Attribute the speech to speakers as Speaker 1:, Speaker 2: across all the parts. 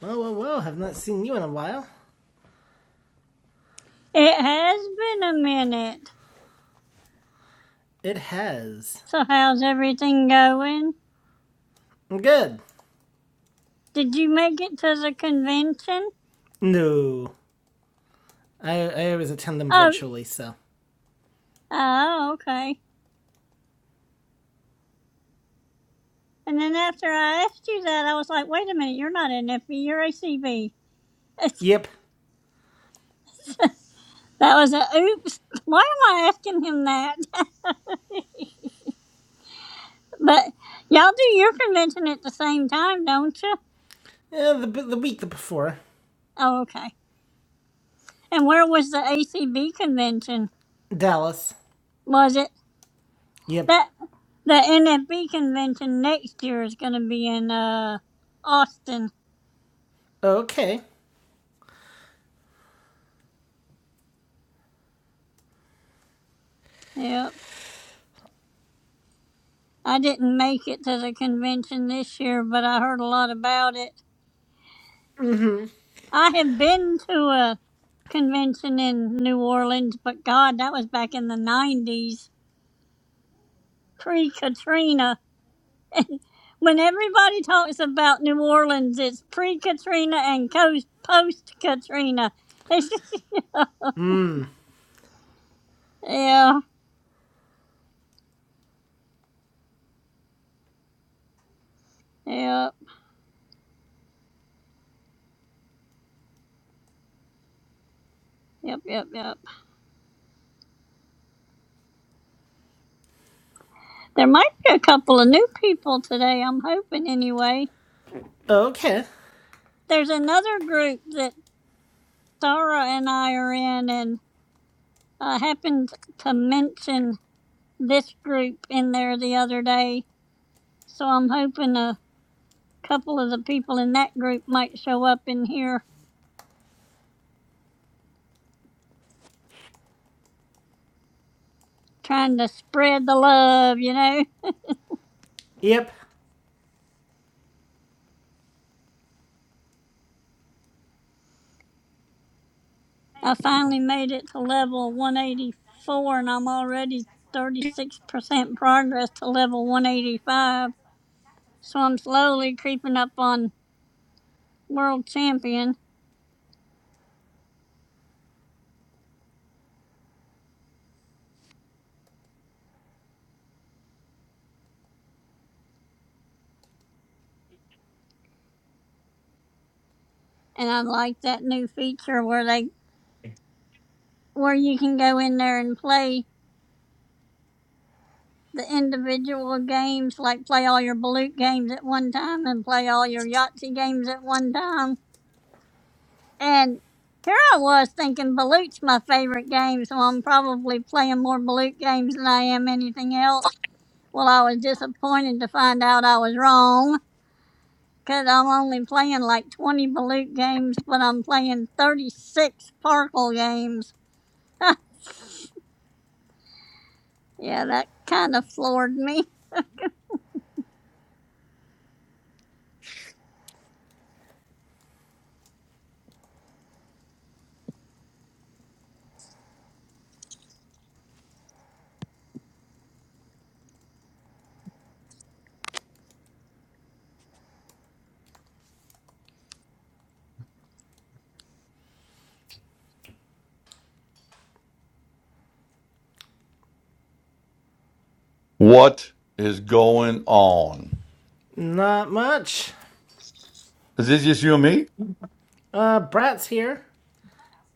Speaker 1: Well, well, well, have not seen you in a while.
Speaker 2: It has been a minute.
Speaker 1: It has.
Speaker 2: So how's everything going?
Speaker 1: Good.
Speaker 2: Did you make it to the convention?
Speaker 1: No. I, I always attend them
Speaker 2: Oh,
Speaker 1: virtually, so.
Speaker 2: oh, okay. And then after I asked you that, I was like, wait a minute, you're not an FB, you're a CB.
Speaker 1: Yep.
Speaker 2: That was a oops. Why am I asking him that? But y'all do your convention at the same time, don't you?
Speaker 1: Yeah, the, the week before.
Speaker 2: Oh, okay. And where was the ACB convention?
Speaker 1: Dallas.
Speaker 2: Was it
Speaker 1: Yep.
Speaker 2: that the NFB convention next year is going to be in uh Austin?
Speaker 1: Okay.
Speaker 2: Yep. I didn't make it to the convention this year, but I heard a lot about it. I have been to a convention in New Orleans, but God, that was back in the 90s, pre Katrina. When everybody talks about New Orleans, it's pre Katrina and post Katrina. yeah, yeah, yep, yep, yep. There might be a couple of new people today, I'm hoping anyway.
Speaker 1: Okay.
Speaker 2: There's another group that Sarah and I are in, and I happened to mention this group in there the other day, so I'm hoping a couple of the people in that group might show up in here trying to spread the love, you know.
Speaker 1: Yep.
Speaker 2: I finally made it to level 184 and I'm already 36% progress to level 185, so I'm slowly creeping up on world champion and I like that new feature where they where you can go in there and play the individual games, like play all your Balut games at one time and play all your Yahtzee games at one time. And here I was thinking Balut's my favorite game, so I'm probably playing more Balut games than I am anything else. Well, I was disappointed to find out I was wrong because I'm only playing like 20 Balut games, but I'm playing 36 Farkle games. Yeah, that kind of floored me.
Speaker 3: What is going on?
Speaker 1: Not much.
Speaker 3: Is this just you and me?
Speaker 1: Uh, Brat's here.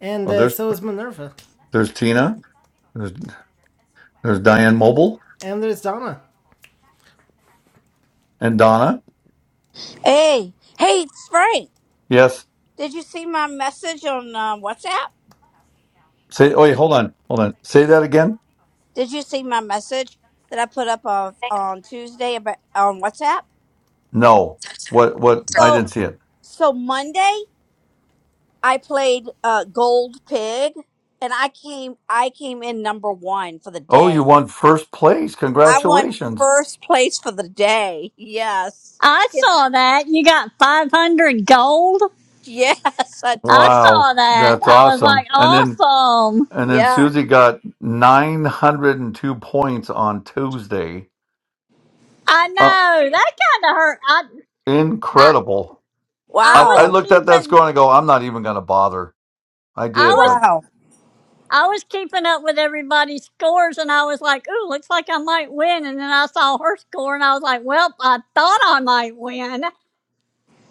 Speaker 1: And
Speaker 3: Oh,
Speaker 1: uh,
Speaker 3: there's
Speaker 1: so is Minerva.
Speaker 3: there's Tina. There's there's Diane Mobile
Speaker 1: And there's Donna.
Speaker 3: and Donna.
Speaker 4: Hey, hey, it's Frank.
Speaker 3: Yes.
Speaker 4: Did you see my message on uh, WhatsApp?
Speaker 3: Say oh wait, hold on. Hold on. Say that again.
Speaker 4: Did you see my message that I put up on on Tuesday about on WhatsApp?
Speaker 3: No. What what I
Speaker 4: So,
Speaker 3: didn't see it.
Speaker 4: so Monday I played uh, Gold Pig, and I came I came in number one for the
Speaker 3: Oh, you
Speaker 4: day.
Speaker 3: won first place.
Speaker 4: I won
Speaker 3: Congratulations.
Speaker 4: first place for the day. Yes,
Speaker 2: I
Speaker 4: It-
Speaker 2: saw that. You got 500 gold?
Speaker 4: yes, I
Speaker 2: I
Speaker 4: did.
Speaker 3: Wow.
Speaker 2: saw that.
Speaker 3: That's
Speaker 2: I was like,
Speaker 3: awesome. And then
Speaker 2: awesome.
Speaker 3: and then
Speaker 4: Yeah.
Speaker 3: Susie got nine hundred and two points on Tuesday.
Speaker 2: I
Speaker 3: Uh,
Speaker 2: know that kind of hurt. I, I,
Speaker 3: incredible.
Speaker 2: I
Speaker 3: I, I
Speaker 2: was
Speaker 4: Wow.
Speaker 3: looked at that
Speaker 2: keeping,
Speaker 3: score and I go, I'm not even gonna bother. I
Speaker 2: I
Speaker 3: did,
Speaker 2: was,
Speaker 3: but
Speaker 4: Wow.
Speaker 2: I was keeping up with everybody's scores, and I was like, ooh, looks like I might win. And then I saw her score, and I was like, well, I thought I might win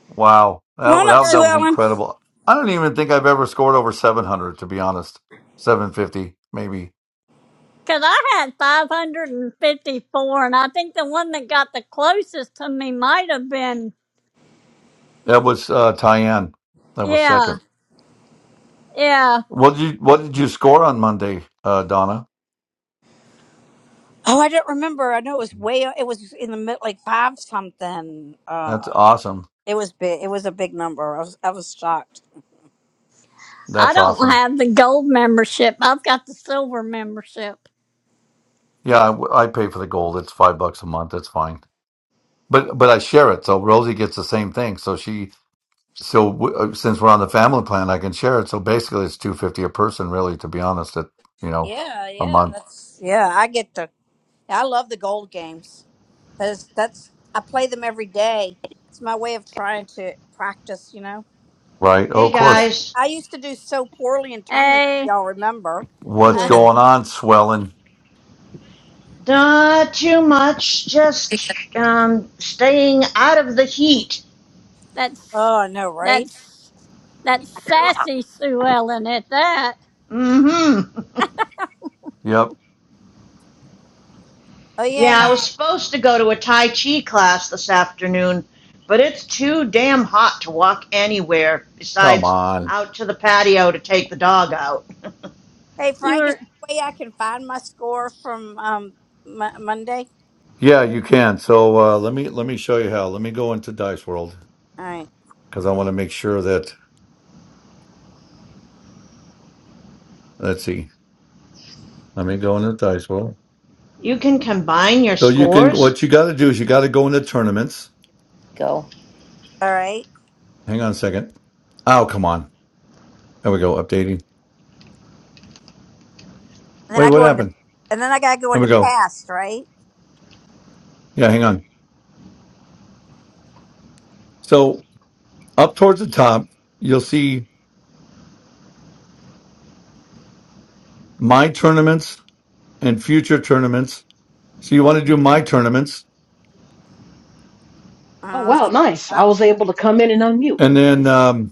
Speaker 3: Wow,
Speaker 4: Come
Speaker 3: that,
Speaker 4: on up,
Speaker 3: well, that
Speaker 4: Sue
Speaker 3: that was
Speaker 4: Ellen.
Speaker 3: incredible. I don't even think I've ever scored over 700, to be honest. 750, maybe.
Speaker 2: because I had 554, and fifty-four, and I think the one that got the closest to me might have been,
Speaker 3: That was uh, Tyann. That was
Speaker 2: yeah,
Speaker 3: second.
Speaker 2: yeah.
Speaker 3: What did you What did you score on Monday, uh, Donna?
Speaker 4: Oh, I don't remember. I know it was way. It was in the mid, like five something.
Speaker 3: That's
Speaker 4: Uh,
Speaker 3: awesome.
Speaker 4: it was big. It was a big number. I was, I was shocked.
Speaker 2: I
Speaker 3: That's
Speaker 2: don't
Speaker 3: awesome.
Speaker 2: have the gold membership. I've got the silver membership.
Speaker 3: Yeah, I, w- I pay for the gold. It's five bucks a month. That's fine. But but I share it, so Rosie gets the same thing. So she so w- uh, since we're on the family plan, I can share it. So basically, it's two fifty a person, really, to be honest. At you know
Speaker 4: Yeah,
Speaker 3: a
Speaker 4: yeah,
Speaker 3: month,
Speaker 4: that's yeah. I get to. I love the gold games because that's I play them every day. It's my way of trying to practice. You know,
Speaker 3: right? Oh,
Speaker 5: Hey
Speaker 3: of
Speaker 4: so
Speaker 3: course.
Speaker 5: guys,
Speaker 4: I used to do so poorly in tournaments. if
Speaker 2: Hey,
Speaker 4: Y'all remember?
Speaker 3: What's
Speaker 4: oh,
Speaker 1: Hello.
Speaker 3: going on, swelling?
Speaker 5: not too much, just um, staying out of the heat.
Speaker 2: that's
Speaker 4: I know, right?
Speaker 2: that's that's sassy Sue Ellen at that.
Speaker 5: Mm-hmm.
Speaker 3: Yep.
Speaker 4: Oh yeah, and
Speaker 5: Yeah, I was
Speaker 4: uh,
Speaker 5: supposed to go to a Tai Chi class this afternoon, but it's too damn hot to walk anywhere
Speaker 3: Come
Speaker 5: besides
Speaker 3: on.
Speaker 5: out to the patio to take the dog out.
Speaker 4: hey,
Speaker 2: You
Speaker 4: Frank, is
Speaker 2: were
Speaker 4: there a way I can find my score from um Mo- Monday?
Speaker 3: Yeah, you can. So uh, let me let me show you how. Let me go into Dice World
Speaker 4: All right,
Speaker 3: because I want to make sure that let's see. Let me go into Dice World.
Speaker 5: You can combine your
Speaker 3: So you can
Speaker 5: scores?
Speaker 3: what you got to do is you got to go into tournaments.
Speaker 4: all right.
Speaker 3: Hang on a second. Oh, come on. There we go. Updating.
Speaker 4: And then
Speaker 3: Wait,
Speaker 4: I
Speaker 3: what
Speaker 4: go into,
Speaker 3: happened?
Speaker 4: and then I gotta go
Speaker 3: Let me
Speaker 4: into
Speaker 3: go.
Speaker 4: past, right?
Speaker 3: Yeah, hang on. So up towards the top, you'll see my tournaments and future tournaments. So you want to do my tournaments,
Speaker 6: Oh
Speaker 4: Oh,
Speaker 6: wow,
Speaker 4: shit.
Speaker 6: nice. I
Speaker 4: Uh,
Speaker 6: was able to come in and unmute.
Speaker 3: and then
Speaker 6: Nice.
Speaker 3: um,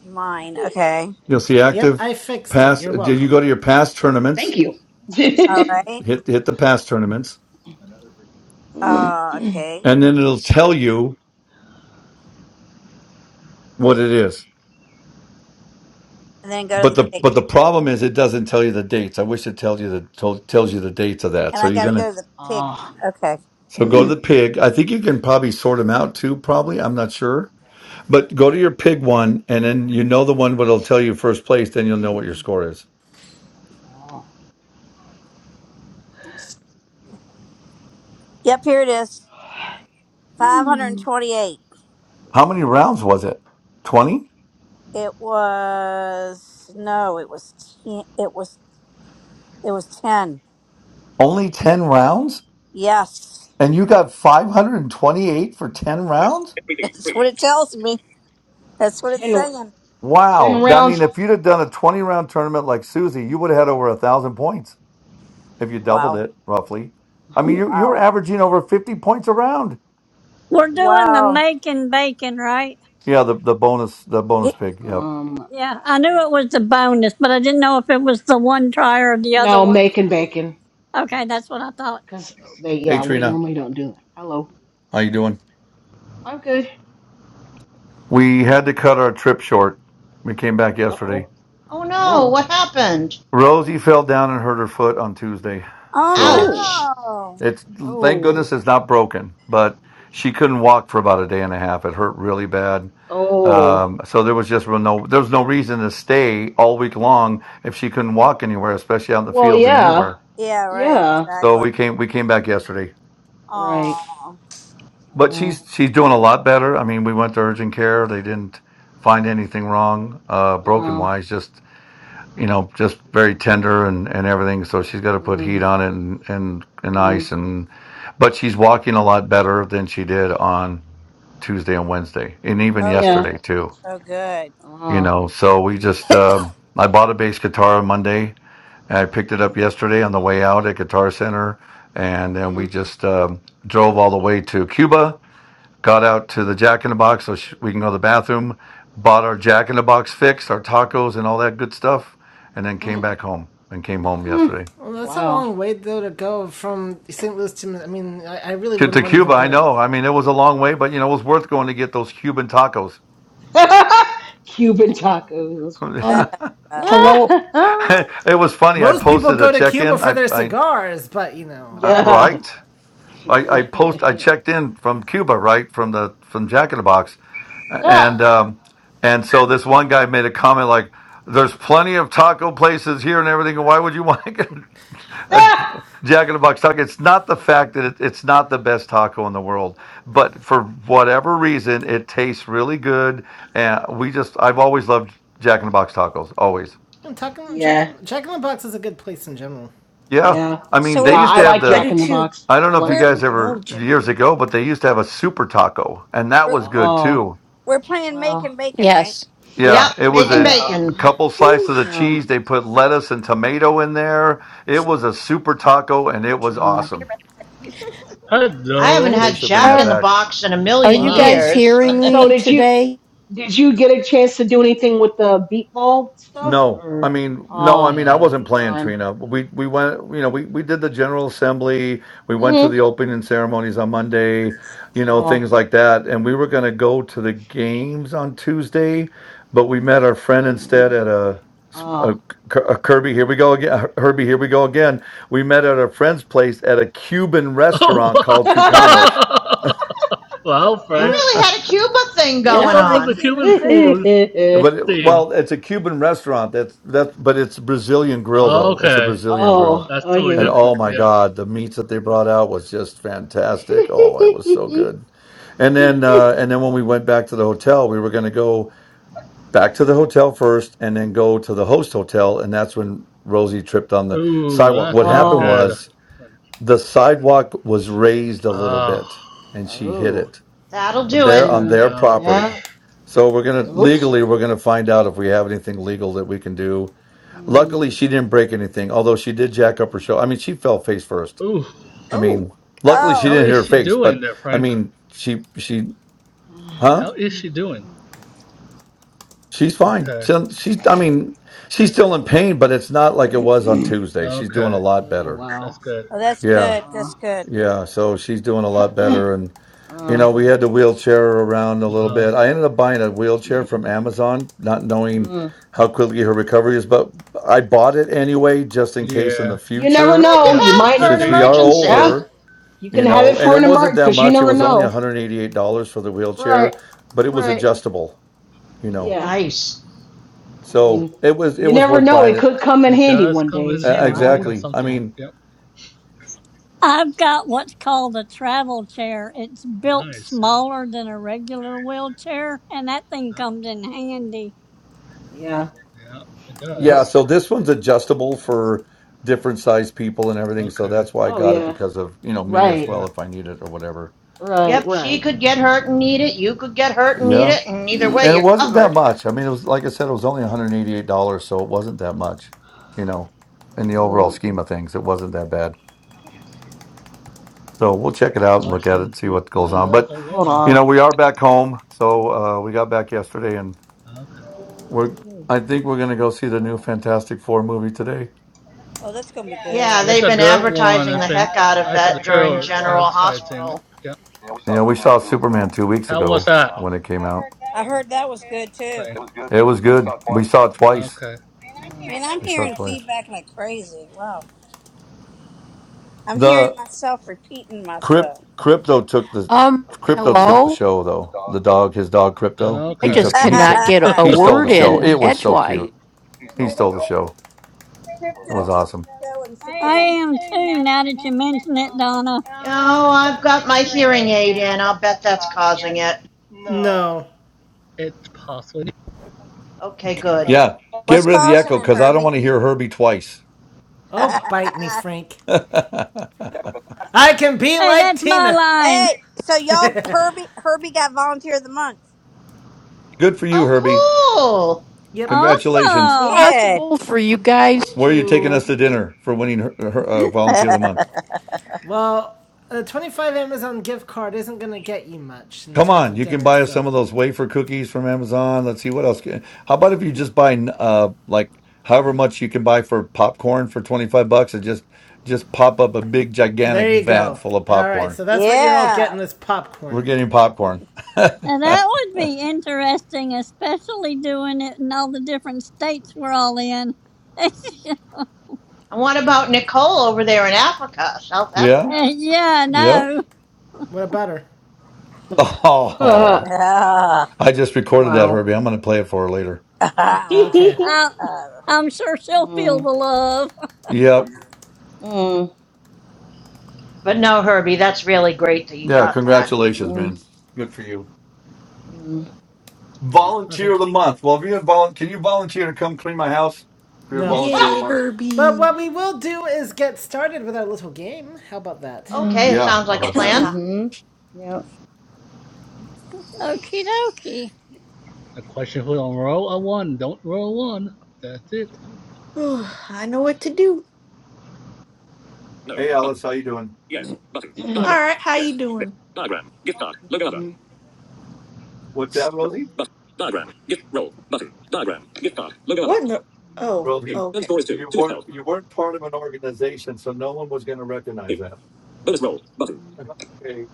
Speaker 4: mine. Okay.
Speaker 3: You'll see
Speaker 1: Yep,
Speaker 3: active
Speaker 1: I fixed it.
Speaker 3: past.
Speaker 1: You're
Speaker 3: Did you
Speaker 1: welcome.
Speaker 3: go to your past tournaments?
Speaker 6: Thank you.
Speaker 4: All right.
Speaker 3: Hit hit the past tournaments,
Speaker 4: Uh, okay.
Speaker 3: and then it'll tell you what it is.
Speaker 4: And then go to
Speaker 3: But
Speaker 4: the
Speaker 3: the
Speaker 4: pig.
Speaker 3: but the problem is it doesn't tell you the dates. I wish it tells you the told, tells you the dates of that.
Speaker 4: And
Speaker 3: So
Speaker 4: I
Speaker 3: you're
Speaker 4: gotta
Speaker 3: gonna
Speaker 4: go to the pig
Speaker 6: Ah.
Speaker 4: one. Okay.
Speaker 3: so go to the pig. I think you can probably sort them out too. Probably I'm not sure, but go to your pig one, and then you know the one what'll tell you first place. Then you'll know what your score is.
Speaker 6: Ah.
Speaker 4: Yep, here it is.
Speaker 6: Hmm.
Speaker 4: 528.
Speaker 3: How many rounds was it? Twenty?
Speaker 4: It was, no, it was 10. It was, it was 10.
Speaker 3: Only ten rounds,
Speaker 4: Yes.
Speaker 3: and you got five hundred and twenty eight for ten rounds.
Speaker 4: That's what it tells me. That's what it's
Speaker 6: Ten,
Speaker 4: saying.
Speaker 6: ten
Speaker 3: Wow. I mean,
Speaker 6: rounds.
Speaker 3: if you'd have done a 20 round tournament like Susie, you would have had over a thousand points if you doubled
Speaker 4: Wow.
Speaker 6: Wow.
Speaker 3: it roughly. I mean, you you were
Speaker 4: Wow.
Speaker 3: averaging over 50 points a round.
Speaker 2: we're doing the
Speaker 4: Wow.
Speaker 2: making bacon, right?
Speaker 3: Yeah, the, the bonus the bonus
Speaker 4: It,
Speaker 3: pig. Yep.
Speaker 6: Um.
Speaker 2: Yeah, I
Speaker 6: Uh,
Speaker 2: knew it was the bonus, but I didn't know if it was the one try or the other
Speaker 6: no,
Speaker 2: one.
Speaker 6: making bacon.
Speaker 2: Okay, that's what I thought.
Speaker 6: Cause they,
Speaker 3: Hey
Speaker 6: yeah, we
Speaker 3: Trina,
Speaker 6: normally don't do that. Hello.
Speaker 3: how you doing?
Speaker 6: I'm good.
Speaker 3: We had to cut our trip short. We came back
Speaker 6: Uh
Speaker 3: yesterday.
Speaker 6: oh.
Speaker 5: Oh no,
Speaker 6: Oh.
Speaker 5: what happened?
Speaker 3: Rosie fell down and hurt her foot on Tuesday.
Speaker 4: oh
Speaker 3: So
Speaker 6: Oh.
Speaker 5: Ouch.
Speaker 4: no.
Speaker 3: it's thank goodness
Speaker 6: Oh.
Speaker 3: it's not broken, but she couldn't walk for about a day and a half. It hurt really bad
Speaker 6: Oh.
Speaker 3: Um, so there was just real no there was no reason to stay all week long if she couldn't walk anywhere, especially out in the
Speaker 6: Well,
Speaker 3: fields and
Speaker 6: yeah.
Speaker 3: anywhere.
Speaker 4: Yeah, right.
Speaker 6: Yeah.
Speaker 3: So
Speaker 4: Exactly.
Speaker 3: we came we came back yesterday,
Speaker 6: Right.
Speaker 4: Oh.
Speaker 3: but she's
Speaker 6: Well.
Speaker 3: she's doing a lot better. I mean, we went to urgent care; they didn't find anything wrong, uh, broken
Speaker 6: Uh.
Speaker 3: wise. Just you know, just very tender and and everything. So she's got to put heat
Speaker 6: Mm.
Speaker 3: on it and and and ice
Speaker 6: Mm.
Speaker 3: and, but she's walking a lot better than she did on Tuesday and Wednesday, and even
Speaker 4: Oh, good.
Speaker 6: Yeah.
Speaker 3: yesterday too
Speaker 4: Oh, good.
Speaker 3: you
Speaker 6: Ah,
Speaker 3: know so we just um i bought a bass guitar on monday and i picked it up yesterday on the way out at guitar center and then we
Speaker 6: mm,
Speaker 3: just um, drove all the way to cuba got out to the jack in the box so sh- we can go to the bathroom bought our jack in the box fix our tacos and all that good stuff and then came
Speaker 6: mm,
Speaker 3: back home and came home
Speaker 6: mm.
Speaker 3: yesterday
Speaker 1: Well, that's a
Speaker 6: Wow.
Speaker 1: long way, though, to go from St. Louis to. I mean, I, I really
Speaker 3: to, to
Speaker 1: wouldn't want to
Speaker 3: cuba
Speaker 1: even go
Speaker 3: i
Speaker 1: to
Speaker 3: know i mean it was a long way but you know it was worth going to get those cuban tacos
Speaker 6: Cuban tacos. That's funny.
Speaker 4: Uh,
Speaker 7: Um,
Speaker 3: it
Speaker 4: uh,
Speaker 7: hello.
Speaker 3: was funny i
Speaker 1: Most people
Speaker 3: posted a
Speaker 1: go to Cuba
Speaker 3: check-in
Speaker 1: for
Speaker 3: i,
Speaker 1: their
Speaker 3: I
Speaker 1: cigars, but you know,
Speaker 3: uh,
Speaker 1: uh,
Speaker 6: yeah.
Speaker 3: right I, I post I checked in from Cuba, right from the from Jack in the Box,
Speaker 6: Ah,
Speaker 3: and um, and so this one guy made a comment like, "There's plenty of taco places here and everything. Why would you want to get a
Speaker 6: ah.
Speaker 3: Jack in the Box taco?" It's not the fact that it, it's not the best taco in the world, but for whatever reason, it tastes really good, and we just I've always loved Jack in the Box tacos. Always,
Speaker 1: Tucking,
Speaker 6: yeah.
Speaker 1: chucking, the box is a good place in general.
Speaker 3: yeah.
Speaker 6: Yeah.
Speaker 3: I mean,
Speaker 4: so
Speaker 6: Yeah.
Speaker 3: they
Speaker 4: we're
Speaker 3: used
Speaker 6: I
Speaker 3: to
Speaker 4: we're
Speaker 3: have
Speaker 6: like
Speaker 3: the
Speaker 8: I
Speaker 6: Jack
Speaker 8: do
Speaker 6: in the
Speaker 8: too.
Speaker 6: Box.
Speaker 3: I don't
Speaker 6: I
Speaker 3: know if you
Speaker 6: like
Speaker 4: we're
Speaker 3: guys
Speaker 6: them.
Speaker 8: I
Speaker 3: ever
Speaker 8: love
Speaker 3: years
Speaker 8: Jennifer.
Speaker 3: ago, but they used to have a super taco, and that
Speaker 4: we're
Speaker 3: was good
Speaker 6: Oh,
Speaker 3: too.
Speaker 4: we're playing making
Speaker 6: well,
Speaker 4: bacon, right?
Speaker 7: Yes.
Speaker 1: Yep.
Speaker 5: Yep,
Speaker 3: Yeah, it was
Speaker 5: making
Speaker 6: I,
Speaker 3: a
Speaker 6: um,
Speaker 5: bacon.
Speaker 3: couple slices
Speaker 8: Ooh,
Speaker 3: of the cheese.
Speaker 6: um,
Speaker 3: They put lettuce and tomato in there. It was a super taco, and it was
Speaker 6: um.
Speaker 3: awesome.
Speaker 5: I haven't
Speaker 3: They
Speaker 9: Hello.
Speaker 5: had
Speaker 3: should bring
Speaker 5: Jack
Speaker 3: that
Speaker 5: in
Speaker 7: Are
Speaker 5: the
Speaker 3: back.
Speaker 5: Box in a
Speaker 7: are
Speaker 5: million
Speaker 7: you
Speaker 9: Wow.
Speaker 7: guys
Speaker 5: years.
Speaker 9: I
Speaker 7: hearing
Speaker 6: So
Speaker 7: me
Speaker 6: did you,
Speaker 7: today?
Speaker 6: did you get a chance to do anything with the beatball stuff
Speaker 3: No, I
Speaker 6: or?
Speaker 3: mean, no, I
Speaker 6: Oh,
Speaker 3: mean, I
Speaker 9: um.
Speaker 3: wasn't playing
Speaker 6: darn.
Speaker 3: Trina. We we went, you know, we we did the general assembly. We went to
Speaker 6: Mm.
Speaker 3: the opening ceremonies on Monday, you know,
Speaker 6: Oh,
Speaker 3: things like that. And we were going to go to the games on Tuesday, but we met our friend instead at a, a,
Speaker 6: oh.
Speaker 3: a Kirby. Here we go again. Herbie. Here we go again. We met at a friend's place at a Cuban restaurant
Speaker 9: Oh
Speaker 3: called Tucano's.
Speaker 9: wow. wow,
Speaker 5: You
Speaker 9: Frank.
Speaker 5: really had a Cuba thing
Speaker 9: What's
Speaker 5: going
Speaker 4: Y'all
Speaker 9: up with the
Speaker 4: like
Speaker 5: on.
Speaker 4: Cuban
Speaker 9: human
Speaker 4: food?
Speaker 9: food
Speaker 6: Oh,
Speaker 3: But
Speaker 9: theme?
Speaker 3: well, it's a Cuban restaurant. That's that's but it's a Brazilian grill though. It's a
Speaker 9: Okay,
Speaker 3: Brazilian grill.
Speaker 9: that's totally
Speaker 3: And
Speaker 6: okay.
Speaker 3: oh
Speaker 9: different.
Speaker 3: my
Speaker 9: Yeah.
Speaker 3: God, the meats that they brought out was just fantastic. Oh, it was so good. And then uh and then when we went back to the hotel, we were gonna go back to the hotel first and then go to the host hotel, and that's when Rosie tripped on the
Speaker 9: Ooh,
Speaker 3: sidewalk.
Speaker 9: that's
Speaker 3: What
Speaker 9: not
Speaker 3: happened
Speaker 6: Oh,
Speaker 9: good.
Speaker 3: was the sidewalk was raised a little
Speaker 9: Oh,
Speaker 3: bit and she hit
Speaker 6: oh.
Speaker 3: it
Speaker 5: That'll do it.
Speaker 3: there
Speaker 9: man,
Speaker 3: on
Speaker 6: Mm,
Speaker 3: their
Speaker 9: ouch.
Speaker 3: property.
Speaker 6: yeah.
Speaker 3: So we're gonna
Speaker 6: Oops.
Speaker 3: legally we're gonna find out if we have anything legal that we can do.
Speaker 6: Mm,
Speaker 3: Luckily she didn't break anything, although she did jack up her show. I mean she fell face first.
Speaker 9: Ooh,
Speaker 3: I mean
Speaker 6: oh.
Speaker 3: luckily she
Speaker 9: how
Speaker 3: didn't
Speaker 4: Oh,
Speaker 3: hit
Speaker 9: is
Speaker 3: her
Speaker 9: she
Speaker 3: face,
Speaker 9: doing
Speaker 3: but
Speaker 9: there,
Speaker 3: I
Speaker 9: Frank?
Speaker 3: mean she she
Speaker 6: Ah,
Speaker 3: huh?
Speaker 9: How
Speaker 6: how
Speaker 9: is
Speaker 6: much
Speaker 9: she
Speaker 6: is
Speaker 9: doing?
Speaker 6: it?
Speaker 3: She's fine.
Speaker 9: Okay,
Speaker 3: She, she's I mean she's still in pain, but it's not like it was on Tuesday. She's doing
Speaker 9: okay,
Speaker 3: a lot
Speaker 6: Oh,
Speaker 3: better.
Speaker 6: wow.
Speaker 9: that's good.
Speaker 4: oh, that's
Speaker 3: Yeah.
Speaker 4: good.
Speaker 6: Uh,
Speaker 4: That's good.
Speaker 3: Yeah. So she's doing a lot better and. You
Speaker 6: uh,
Speaker 3: know, we had the wheelchair around a
Speaker 9: Uh
Speaker 3: little
Speaker 9: huh.
Speaker 3: bit. I ended up buying a wheelchair from Amazon, not knowing
Speaker 6: mm.
Speaker 3: how quickly her recovery is, but I bought it anyway, just in case in the
Speaker 9: Yeah,
Speaker 6: You
Speaker 5: It's
Speaker 6: never
Speaker 3: future,
Speaker 5: good
Speaker 6: know.
Speaker 5: to
Speaker 9: yep.
Speaker 6: You
Speaker 9: It's a
Speaker 5: have for
Speaker 6: might,
Speaker 9: good
Speaker 5: an
Speaker 3: since we
Speaker 9: thing.
Speaker 3: are
Speaker 6: yeah.
Speaker 5: emergency.
Speaker 3: older,
Speaker 6: You can
Speaker 3: you
Speaker 6: have
Speaker 3: know,
Speaker 6: it
Speaker 3: and
Speaker 6: for
Speaker 3: it
Speaker 6: an
Speaker 3: wasn't
Speaker 6: emergency
Speaker 3: that
Speaker 6: because you
Speaker 3: much. It
Speaker 6: never
Speaker 3: was only
Speaker 9: Yep,
Speaker 6: know.
Speaker 3: $188 for the
Speaker 6: Right,
Speaker 3: wheelchair, but it was
Speaker 6: right.
Speaker 3: adjustable, you know.
Speaker 6: Yeah.
Speaker 5: Nice.
Speaker 6: I
Speaker 3: So
Speaker 6: mean,
Speaker 3: it was it
Speaker 6: you
Speaker 3: was
Speaker 6: never
Speaker 3: worth
Speaker 6: know.
Speaker 3: buying
Speaker 6: It
Speaker 3: it.
Speaker 6: could come in
Speaker 9: it
Speaker 6: handy
Speaker 9: does
Speaker 6: one
Speaker 9: come
Speaker 6: day.
Speaker 9: in
Speaker 3: Uh,
Speaker 6: So
Speaker 9: handy
Speaker 6: I
Speaker 9: when you
Speaker 6: would,
Speaker 9: have
Speaker 3: exactly. I
Speaker 9: something.
Speaker 3: mean,
Speaker 9: Yep.
Speaker 2: I've got what's called a travel chair. It's built
Speaker 9: Nice. It's
Speaker 2: smaller than a regular wheelchair, and that thing
Speaker 9: not,
Speaker 2: comes in handy.
Speaker 6: yeah.
Speaker 9: yeah, it
Speaker 6: Yep.
Speaker 3: yeah,
Speaker 9: does.
Speaker 3: so this one's adjustable for different size people and everything. So
Speaker 9: Okay.
Speaker 3: that's why I
Speaker 6: Oh
Speaker 3: got it
Speaker 6: yeah.
Speaker 3: because of, you know, me as
Speaker 6: Right.
Speaker 9: Yeah.
Speaker 3: well if I need it or whatever.
Speaker 6: Right.
Speaker 5: Yep, she
Speaker 6: Right.
Speaker 5: could get hurt and need it. You could get hurt and need
Speaker 3: Yeah.
Speaker 5: it. And either
Speaker 6: Mm,
Speaker 5: way,
Speaker 3: And it
Speaker 5: you're
Speaker 3: wasn't that
Speaker 5: covered.
Speaker 3: much. I mean, it was like I said, it was only $188, so it wasn't that much, you know, in the overall
Speaker 6: mm.
Speaker 3: scheme of things. It wasn't that bad. So we'll check it out and look at it and
Speaker 9: Question.
Speaker 3: see
Speaker 9: who-
Speaker 3: what goes
Speaker 9: Oh,
Speaker 3: on.
Speaker 9: roll
Speaker 3: But,
Speaker 9: a
Speaker 6: Hold
Speaker 9: one.
Speaker 3: you know,
Speaker 6: on.
Speaker 3: we are back home. So uh, we got back yesterday and
Speaker 9: Okay.
Speaker 3: we're,
Speaker 6: Okay.
Speaker 3: I think we're going to go see the new
Speaker 6: Wow.
Speaker 3: Fantastic Four movie today.
Speaker 4: Oh, that's gonna be
Speaker 5: Yeah,
Speaker 4: good.
Speaker 9: It's
Speaker 5: they've
Speaker 9: a
Speaker 5: been
Speaker 9: good one.
Speaker 5: advertising the
Speaker 9: If in,
Speaker 5: heck out of
Speaker 9: I saw the
Speaker 5: that during
Speaker 9: trailer
Speaker 5: General
Speaker 9: advertising.
Speaker 5: Hospital.
Speaker 9: Yeah.
Speaker 3: You know, we saw Superman two weeks
Speaker 9: How was
Speaker 3: ago
Speaker 9: that?
Speaker 3: when it came out.
Speaker 4: I heard that was good too.
Speaker 9: Right.
Speaker 3: It was good. We saw it twice.
Speaker 6: Mm,
Speaker 4: Man, I'm
Speaker 3: We saw it
Speaker 4: hearing
Speaker 3: twice.
Speaker 4: feedback like crazy. Wow, I'm hearing
Speaker 3: The
Speaker 4: myself repeating
Speaker 3: Crypt,
Speaker 4: myself.
Speaker 3: crypto took the
Speaker 7: Um,
Speaker 3: crypto took
Speaker 6: mm.
Speaker 3: the
Speaker 7: hello.
Speaker 3: show though. The dog, his dog,
Speaker 9: Okay.
Speaker 3: crypto.
Speaker 7: I
Speaker 3: He
Speaker 9: Okay.
Speaker 7: just
Speaker 4: you
Speaker 3: took he took
Speaker 7: cannot get a, a
Speaker 3: he stole the
Speaker 7: word
Speaker 3: show.
Speaker 6: Yeah.
Speaker 7: in
Speaker 3: It was so
Speaker 7: edgewise.
Speaker 3: cute. He
Speaker 4: know,
Speaker 3: stole the show. It
Speaker 4: crypto takes
Speaker 3: was
Speaker 4: the
Speaker 3: awesome.
Speaker 4: show and
Speaker 2: I
Speaker 4: Superman.
Speaker 2: am too, now that you mention it, Donna.
Speaker 5: Oh, I've got my hearing aid in. I'll bet that's causing it.
Speaker 1: No.
Speaker 9: It's possibly.
Speaker 5: Okay, good.
Speaker 3: Yeah, get
Speaker 4: What's
Speaker 3: rid of the
Speaker 4: causing
Speaker 3: echo
Speaker 4: it,
Speaker 3: because I don't
Speaker 4: Herbie?
Speaker 3: want to hear Herbie twice.
Speaker 1: Oh, bite me, Frank.
Speaker 3: Good
Speaker 1: I can be
Speaker 2: Hey,
Speaker 1: like
Speaker 2: that's my
Speaker 1: Tina.
Speaker 2: line.
Speaker 4: hey, so y'all, Herbie, Herbie got volunteer of the month.
Speaker 3: for you,
Speaker 5: Oh,
Speaker 3: Herbie.
Speaker 5: cool.
Speaker 1: yep.
Speaker 4: He
Speaker 3: Congratulations.
Speaker 2: Awesome.
Speaker 4: did.
Speaker 7: Possible for you guys
Speaker 3: Where are you taking us to
Speaker 7: to
Speaker 3: dinner for winning her, her, uh, volunteer of the month?
Speaker 1: Well, a 25 Amazon gift card isn't going to get you much in
Speaker 3: Come
Speaker 1: terms
Speaker 3: on,
Speaker 1: of
Speaker 3: you can
Speaker 1: dinners,
Speaker 3: buy us
Speaker 1: so.
Speaker 3: some of those wafer cookies from Amazon. Let's see what else. Can, how about if you just buy uh like however much you can buy for popcorn for 25 bucks and just just pop up a big gigantic
Speaker 1: There you
Speaker 3: vat
Speaker 1: go.
Speaker 3: full of
Speaker 1: All right,
Speaker 3: popcorn.
Speaker 1: so that's what you're all getting
Speaker 4: yeah.
Speaker 1: is
Speaker 3: We're
Speaker 1: popcorn.
Speaker 3: getting popcorn.
Speaker 2: Now that would be interesting, especially doing it in all the different states we're all in.
Speaker 5: And what about Nicole over there in Africa, South
Speaker 3: yeah?
Speaker 5: Africa?
Speaker 2: yeah,
Speaker 3: Yeah.
Speaker 2: no,
Speaker 1: What about her?
Speaker 6: Huh.
Speaker 3: Oh.
Speaker 4: Ah.
Speaker 3: I just recorded that,
Speaker 6: wow.
Speaker 3: Herbie. I'm going to play it for her later.
Speaker 1: Okay.
Speaker 4: Ah.
Speaker 6: mm,
Speaker 2: I,
Speaker 4: Ah.
Speaker 2: I'm sure she'll feel the love.
Speaker 3: Yep.
Speaker 6: mm,
Speaker 5: But no, Herbie, that's really great that you
Speaker 3: Yeah,
Speaker 5: got that.
Speaker 3: congratulations,
Speaker 6: mm,
Speaker 3: man. Good for you.
Speaker 6: mm.
Speaker 1: Well,
Speaker 3: Volunteer of
Speaker 1: thank you.
Speaker 3: the month. Well, if you have volun- can you volunteer to come clean my house? If you're a
Speaker 1: No.
Speaker 3: volunteer of the
Speaker 8: yay,
Speaker 3: month.
Speaker 1: But
Speaker 8: Herbie.
Speaker 1: what we will do is get started with our little game. How about that?
Speaker 5: Okay,
Speaker 6: mm-hmm.
Speaker 5: it
Speaker 3: Yeah,
Speaker 5: sounds
Speaker 3: how
Speaker 5: like a
Speaker 3: about that?
Speaker 5: plan.
Speaker 6: Yep.
Speaker 2: Okie dokie.
Speaker 9: The question Who don't roll a one. Don't roll one. That's it.
Speaker 8: Ooh, I know what to do.
Speaker 3: Hey, Alice, how you doing?
Speaker 6: Weird.
Speaker 8: All right, how you doing?
Speaker 3: What's that, Rosie?
Speaker 8: What in the? Oh,
Speaker 3: Rosie,
Speaker 8: okay.
Speaker 3: you weren't you weren't part of an organization, so no one was going to recognize that. Okay,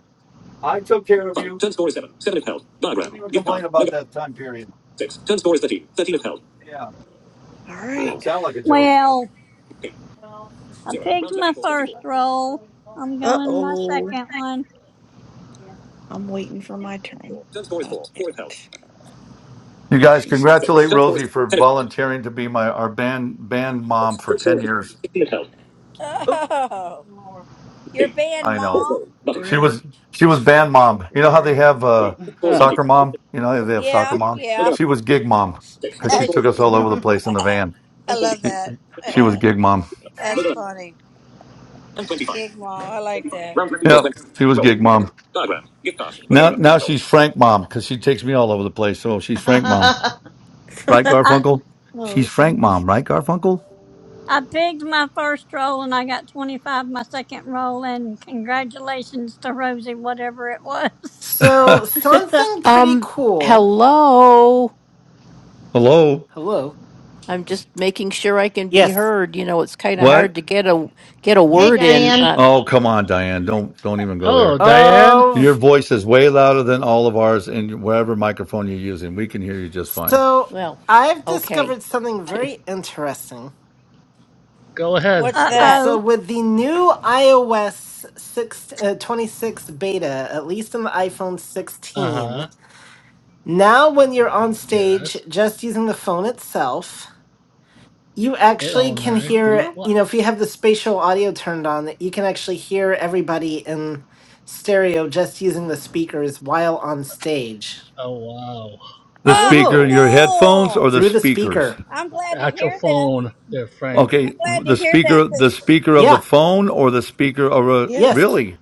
Speaker 3: I took care of you. Don't even complain about that time period. Yeah,
Speaker 8: All right.
Speaker 3: didn't sound like a joke.
Speaker 2: Well, I pigged my first roll. I'm
Speaker 8: Uh
Speaker 2: going my
Speaker 8: oh.
Speaker 2: second one.
Speaker 8: I'm waiting for my turn. I'll get it.
Speaker 3: You guys,
Speaker 8: She
Speaker 3: congratulate
Speaker 8: starts.
Speaker 3: Rosie for volunteering to be my our band band mom for ten years.
Speaker 8: Oh,
Speaker 4: Oh, your band,
Speaker 3: I know
Speaker 4: Mom?
Speaker 3: she
Speaker 8: Brad
Speaker 3: was she
Speaker 8: is
Speaker 3: was band
Speaker 8: for
Speaker 3: mom. You know how they
Speaker 8: sure.
Speaker 3: have uh,
Speaker 6: Mhm.
Speaker 3: soccer mom. You know how they have soccer
Speaker 4: Yeah, Sorry.
Speaker 3: mom.
Speaker 4: yeah.
Speaker 3: She was gig mom
Speaker 8: What's the pick?
Speaker 3: because she took
Speaker 4: She's
Speaker 3: us
Speaker 4: Gig
Speaker 3: all over the
Speaker 4: Mom.
Speaker 3: place in the van.
Speaker 4: I love
Speaker 3: She
Speaker 4: that.
Speaker 3: she was gig mom.
Speaker 8: Wait for
Speaker 4: That's
Speaker 8: you.
Speaker 4: funny. Gig Mom, I like that.
Speaker 3: Yep, she was gig mom.
Speaker 8: She
Speaker 3: Now, now
Speaker 8: knows.
Speaker 3: she's Frank mom because she takes me all over the place. So she's Frank mom, right,
Speaker 2: I
Speaker 3: Garfunkel?
Speaker 8: oh,
Speaker 3: She's
Speaker 8: gee.
Speaker 3: Frank mom, right, Garfunkel?
Speaker 2: I pigged my first roll and I got 25 my second roll and congratulations to Rosie, whatever it was.
Speaker 10: So something pretty
Speaker 7: um
Speaker 10: cool.
Speaker 7: hello.
Speaker 3: Hello,
Speaker 10: Hello.
Speaker 7: I'm just making sure I can be
Speaker 10: Yes.
Speaker 7: heard. You know, it's kind of
Speaker 3: what?
Speaker 7: hard to get a get a
Speaker 5: hey,
Speaker 7: word in.
Speaker 5: Diane.
Speaker 7: Uh,
Speaker 3: Oh, come on, Diane. Don't don't even go
Speaker 9: Hello,
Speaker 3: there.
Speaker 9: Diane.
Speaker 3: Your
Speaker 10: Of
Speaker 3: voice is way louder than all of ours, and wherever microphone you're using, we can hear you just fine.
Speaker 10: so
Speaker 7: well,
Speaker 10: I've
Speaker 7: okay.
Speaker 10: discovered something very interesting.
Speaker 9: Go ahead,
Speaker 4: What's
Speaker 2: Uh
Speaker 8: what?
Speaker 9: hurry.
Speaker 4: that?
Speaker 10: So
Speaker 2: oh.
Speaker 10: with the new iOS 6 uh, 26 beta, at least in the iPhone
Speaker 9: Uh huh.
Speaker 10: 16, now when you're on stage
Speaker 9: Yes.
Speaker 10: just using the phone itself, You
Speaker 9: It
Speaker 10: actually can
Speaker 8: Uh
Speaker 9: automatic do
Speaker 10: hear,
Speaker 8: huh.
Speaker 9: what?
Speaker 10: you know, if you have the spatial audio turned on, you can actually hear everybody in stereo just using the speakers while on stage
Speaker 9: Oh wow.
Speaker 3: The
Speaker 4: Oh,
Speaker 3: speaker,
Speaker 8: Whoa.
Speaker 3: your headphones,
Speaker 4: cool.
Speaker 3: or the
Speaker 10: through the
Speaker 3: speakers?
Speaker 10: speaker.
Speaker 4: I'm
Speaker 9: The
Speaker 4: glad to
Speaker 9: actual
Speaker 4: hear that.
Speaker 9: phone there, Frank.
Speaker 3: Okay,
Speaker 4: I'm glad to
Speaker 3: the
Speaker 4: hear that
Speaker 3: speaker, the
Speaker 4: because.
Speaker 3: speaker of the
Speaker 10: Yeah.
Speaker 3: phone, or the speaker, or a,
Speaker 8: Yeah.
Speaker 10: Yes.
Speaker 3: really,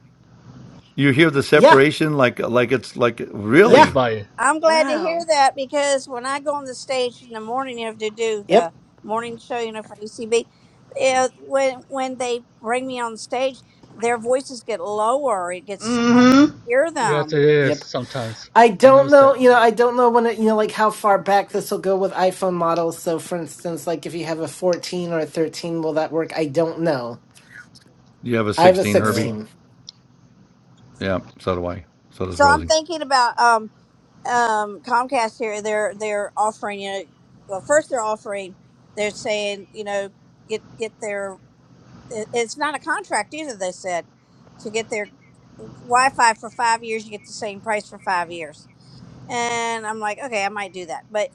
Speaker 3: you hear the
Speaker 10: Yeah.
Speaker 3: separation like, like it's like
Speaker 10: Yeah.
Speaker 3: really.
Speaker 9: Everybody.
Speaker 4: I'm glad to hear
Speaker 8: Wow.
Speaker 4: that because when I go on the stage in the morning, you know, to do
Speaker 10: Yep.
Speaker 4: the morning show, you know, for ECB, it, when when they bring me on stage, their voices get lower. It gets harder to
Speaker 5: Mm-hmm.
Speaker 4: hear
Speaker 9: Yes it
Speaker 4: them.
Speaker 10: Yep.
Speaker 9: is sometimes.
Speaker 10: I
Speaker 9: I
Speaker 10: don't
Speaker 9: noticed
Speaker 10: know,
Speaker 9: that.
Speaker 10: you know, I don't know when it, you know, like how far back this will go with iPhone models. So, for instance, like if you have a 14 or a 13, will that work? I don't know.
Speaker 3: You have a
Speaker 10: I have a
Speaker 3: sixteen, Herbie.
Speaker 9: No.
Speaker 10: 16.
Speaker 3: Yeah, so do I. So does
Speaker 4: So I'm
Speaker 3: Rosie.
Speaker 4: thinking about um, um, Comcast here. They're they're offering you know, well, first they're offering, they're saying you know, get get their. it- It's not a contract either. They said to get their Wi-Fi for five years, you get the same price for five years. and I'm like, okay, I might do that. But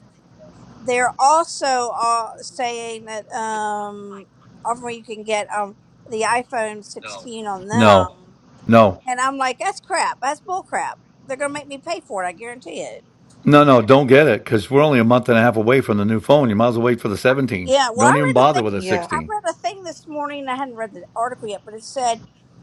Speaker 4: they're also all saying that um, offering you can get um the iPhone 16 on
Speaker 3: No,
Speaker 4: them,
Speaker 3: no,
Speaker 4: and I'm like, that's crap. That's bull crap. They're gonna make me pay for it. I guarantee it.
Speaker 3: no, no. Don't get it because we're only a month and a half away from the new phone. You might as well wait for the seventeen.
Speaker 4: Yeah. Well,
Speaker 3: Don't
Speaker 4: I
Speaker 3: even
Speaker 4: read a thing.
Speaker 3: bother with a
Speaker 8: Yeah.
Speaker 4: I
Speaker 3: sixteen.
Speaker 4: read a thing this morning. I hadn't read the article yet, but it said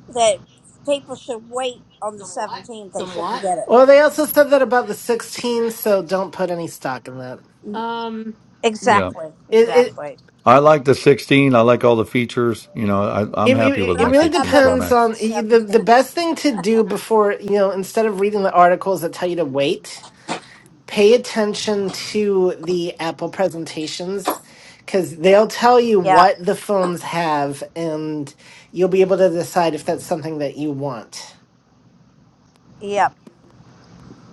Speaker 4: that people should wait on the 17th. They
Speaker 7: Some
Speaker 4: shouldn't
Speaker 7: what?
Speaker 4: get
Speaker 10: Well,
Speaker 4: it.
Speaker 10: they also said
Speaker 7: Want some
Speaker 10: that about the
Speaker 7: chips with your
Speaker 10: 16, so
Speaker 7: sandwich?
Speaker 10: don't put any stock in that.
Speaker 7: Um,
Speaker 3: Yeah,
Speaker 7: no.
Speaker 4: Exactly.
Speaker 10: It it
Speaker 4: Exactly.
Speaker 3: I like the sixteen. I like all the features. You know, I, I'm
Speaker 10: it,
Speaker 3: happy
Speaker 4: Yeah,
Speaker 10: re-
Speaker 3: with
Speaker 4: but
Speaker 10: it
Speaker 4: I
Speaker 3: my
Speaker 10: really
Speaker 4: might not
Speaker 3: sixteen
Speaker 4: be able to
Speaker 3: Pro
Speaker 10: depends
Speaker 3: Max.
Speaker 4: afford
Speaker 10: on the
Speaker 4: the
Speaker 10: the
Speaker 4: 17th.
Speaker 10: best thing to do before you know instead of reading the articles that tell you to wait. pay attention to the Apple presentations because they'll tell you
Speaker 4: Yeah.
Speaker 10: what the phones have, and you'll be able to decide if that's something that you want.
Speaker 4: Yep.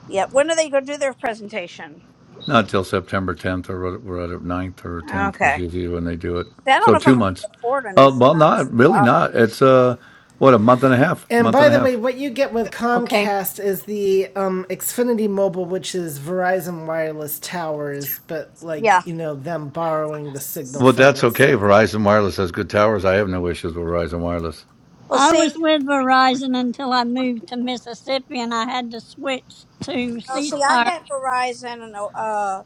Speaker 4: Yeah. When are they going to do their presentation?
Speaker 3: Not till September 10th or what- we're at ninth or 10th is
Speaker 4: Okay.
Speaker 3: usually when they do it.
Speaker 4: See, I don't
Speaker 3: So
Speaker 4: know if
Speaker 3: two
Speaker 4: I'm going
Speaker 3: months.
Speaker 4: to afford a new
Speaker 3: Uh,
Speaker 4: phone.
Speaker 3: well,
Speaker 4: That's
Speaker 3: not
Speaker 4: the
Speaker 3: really
Speaker 4: problem.
Speaker 3: not. It's uh, what a month and a half,
Speaker 1: And
Speaker 3: month
Speaker 1: by
Speaker 3: and a
Speaker 1: the way,
Speaker 3: half.
Speaker 1: what you get with
Speaker 7: Okay.
Speaker 1: Comcast is the um, Xfinity Mobile, which is Verizon Wireless Towers, but
Speaker 4: Yeah.
Speaker 1: like, you know, them borrowing the signal
Speaker 3: But
Speaker 1: from
Speaker 3: that's
Speaker 1: it.
Speaker 3: okay.
Speaker 1: So,
Speaker 3: Verizon Wireless has good towers. I have no issues with Verizon Wireless.
Speaker 4: Well,
Speaker 2: I was
Speaker 4: see,
Speaker 2: with Verizon until I moved to Mississippi and I had to switch to
Speaker 4: well,
Speaker 2: C
Speaker 4: see, I
Speaker 2: Spire.
Speaker 4: had Verizon and uh,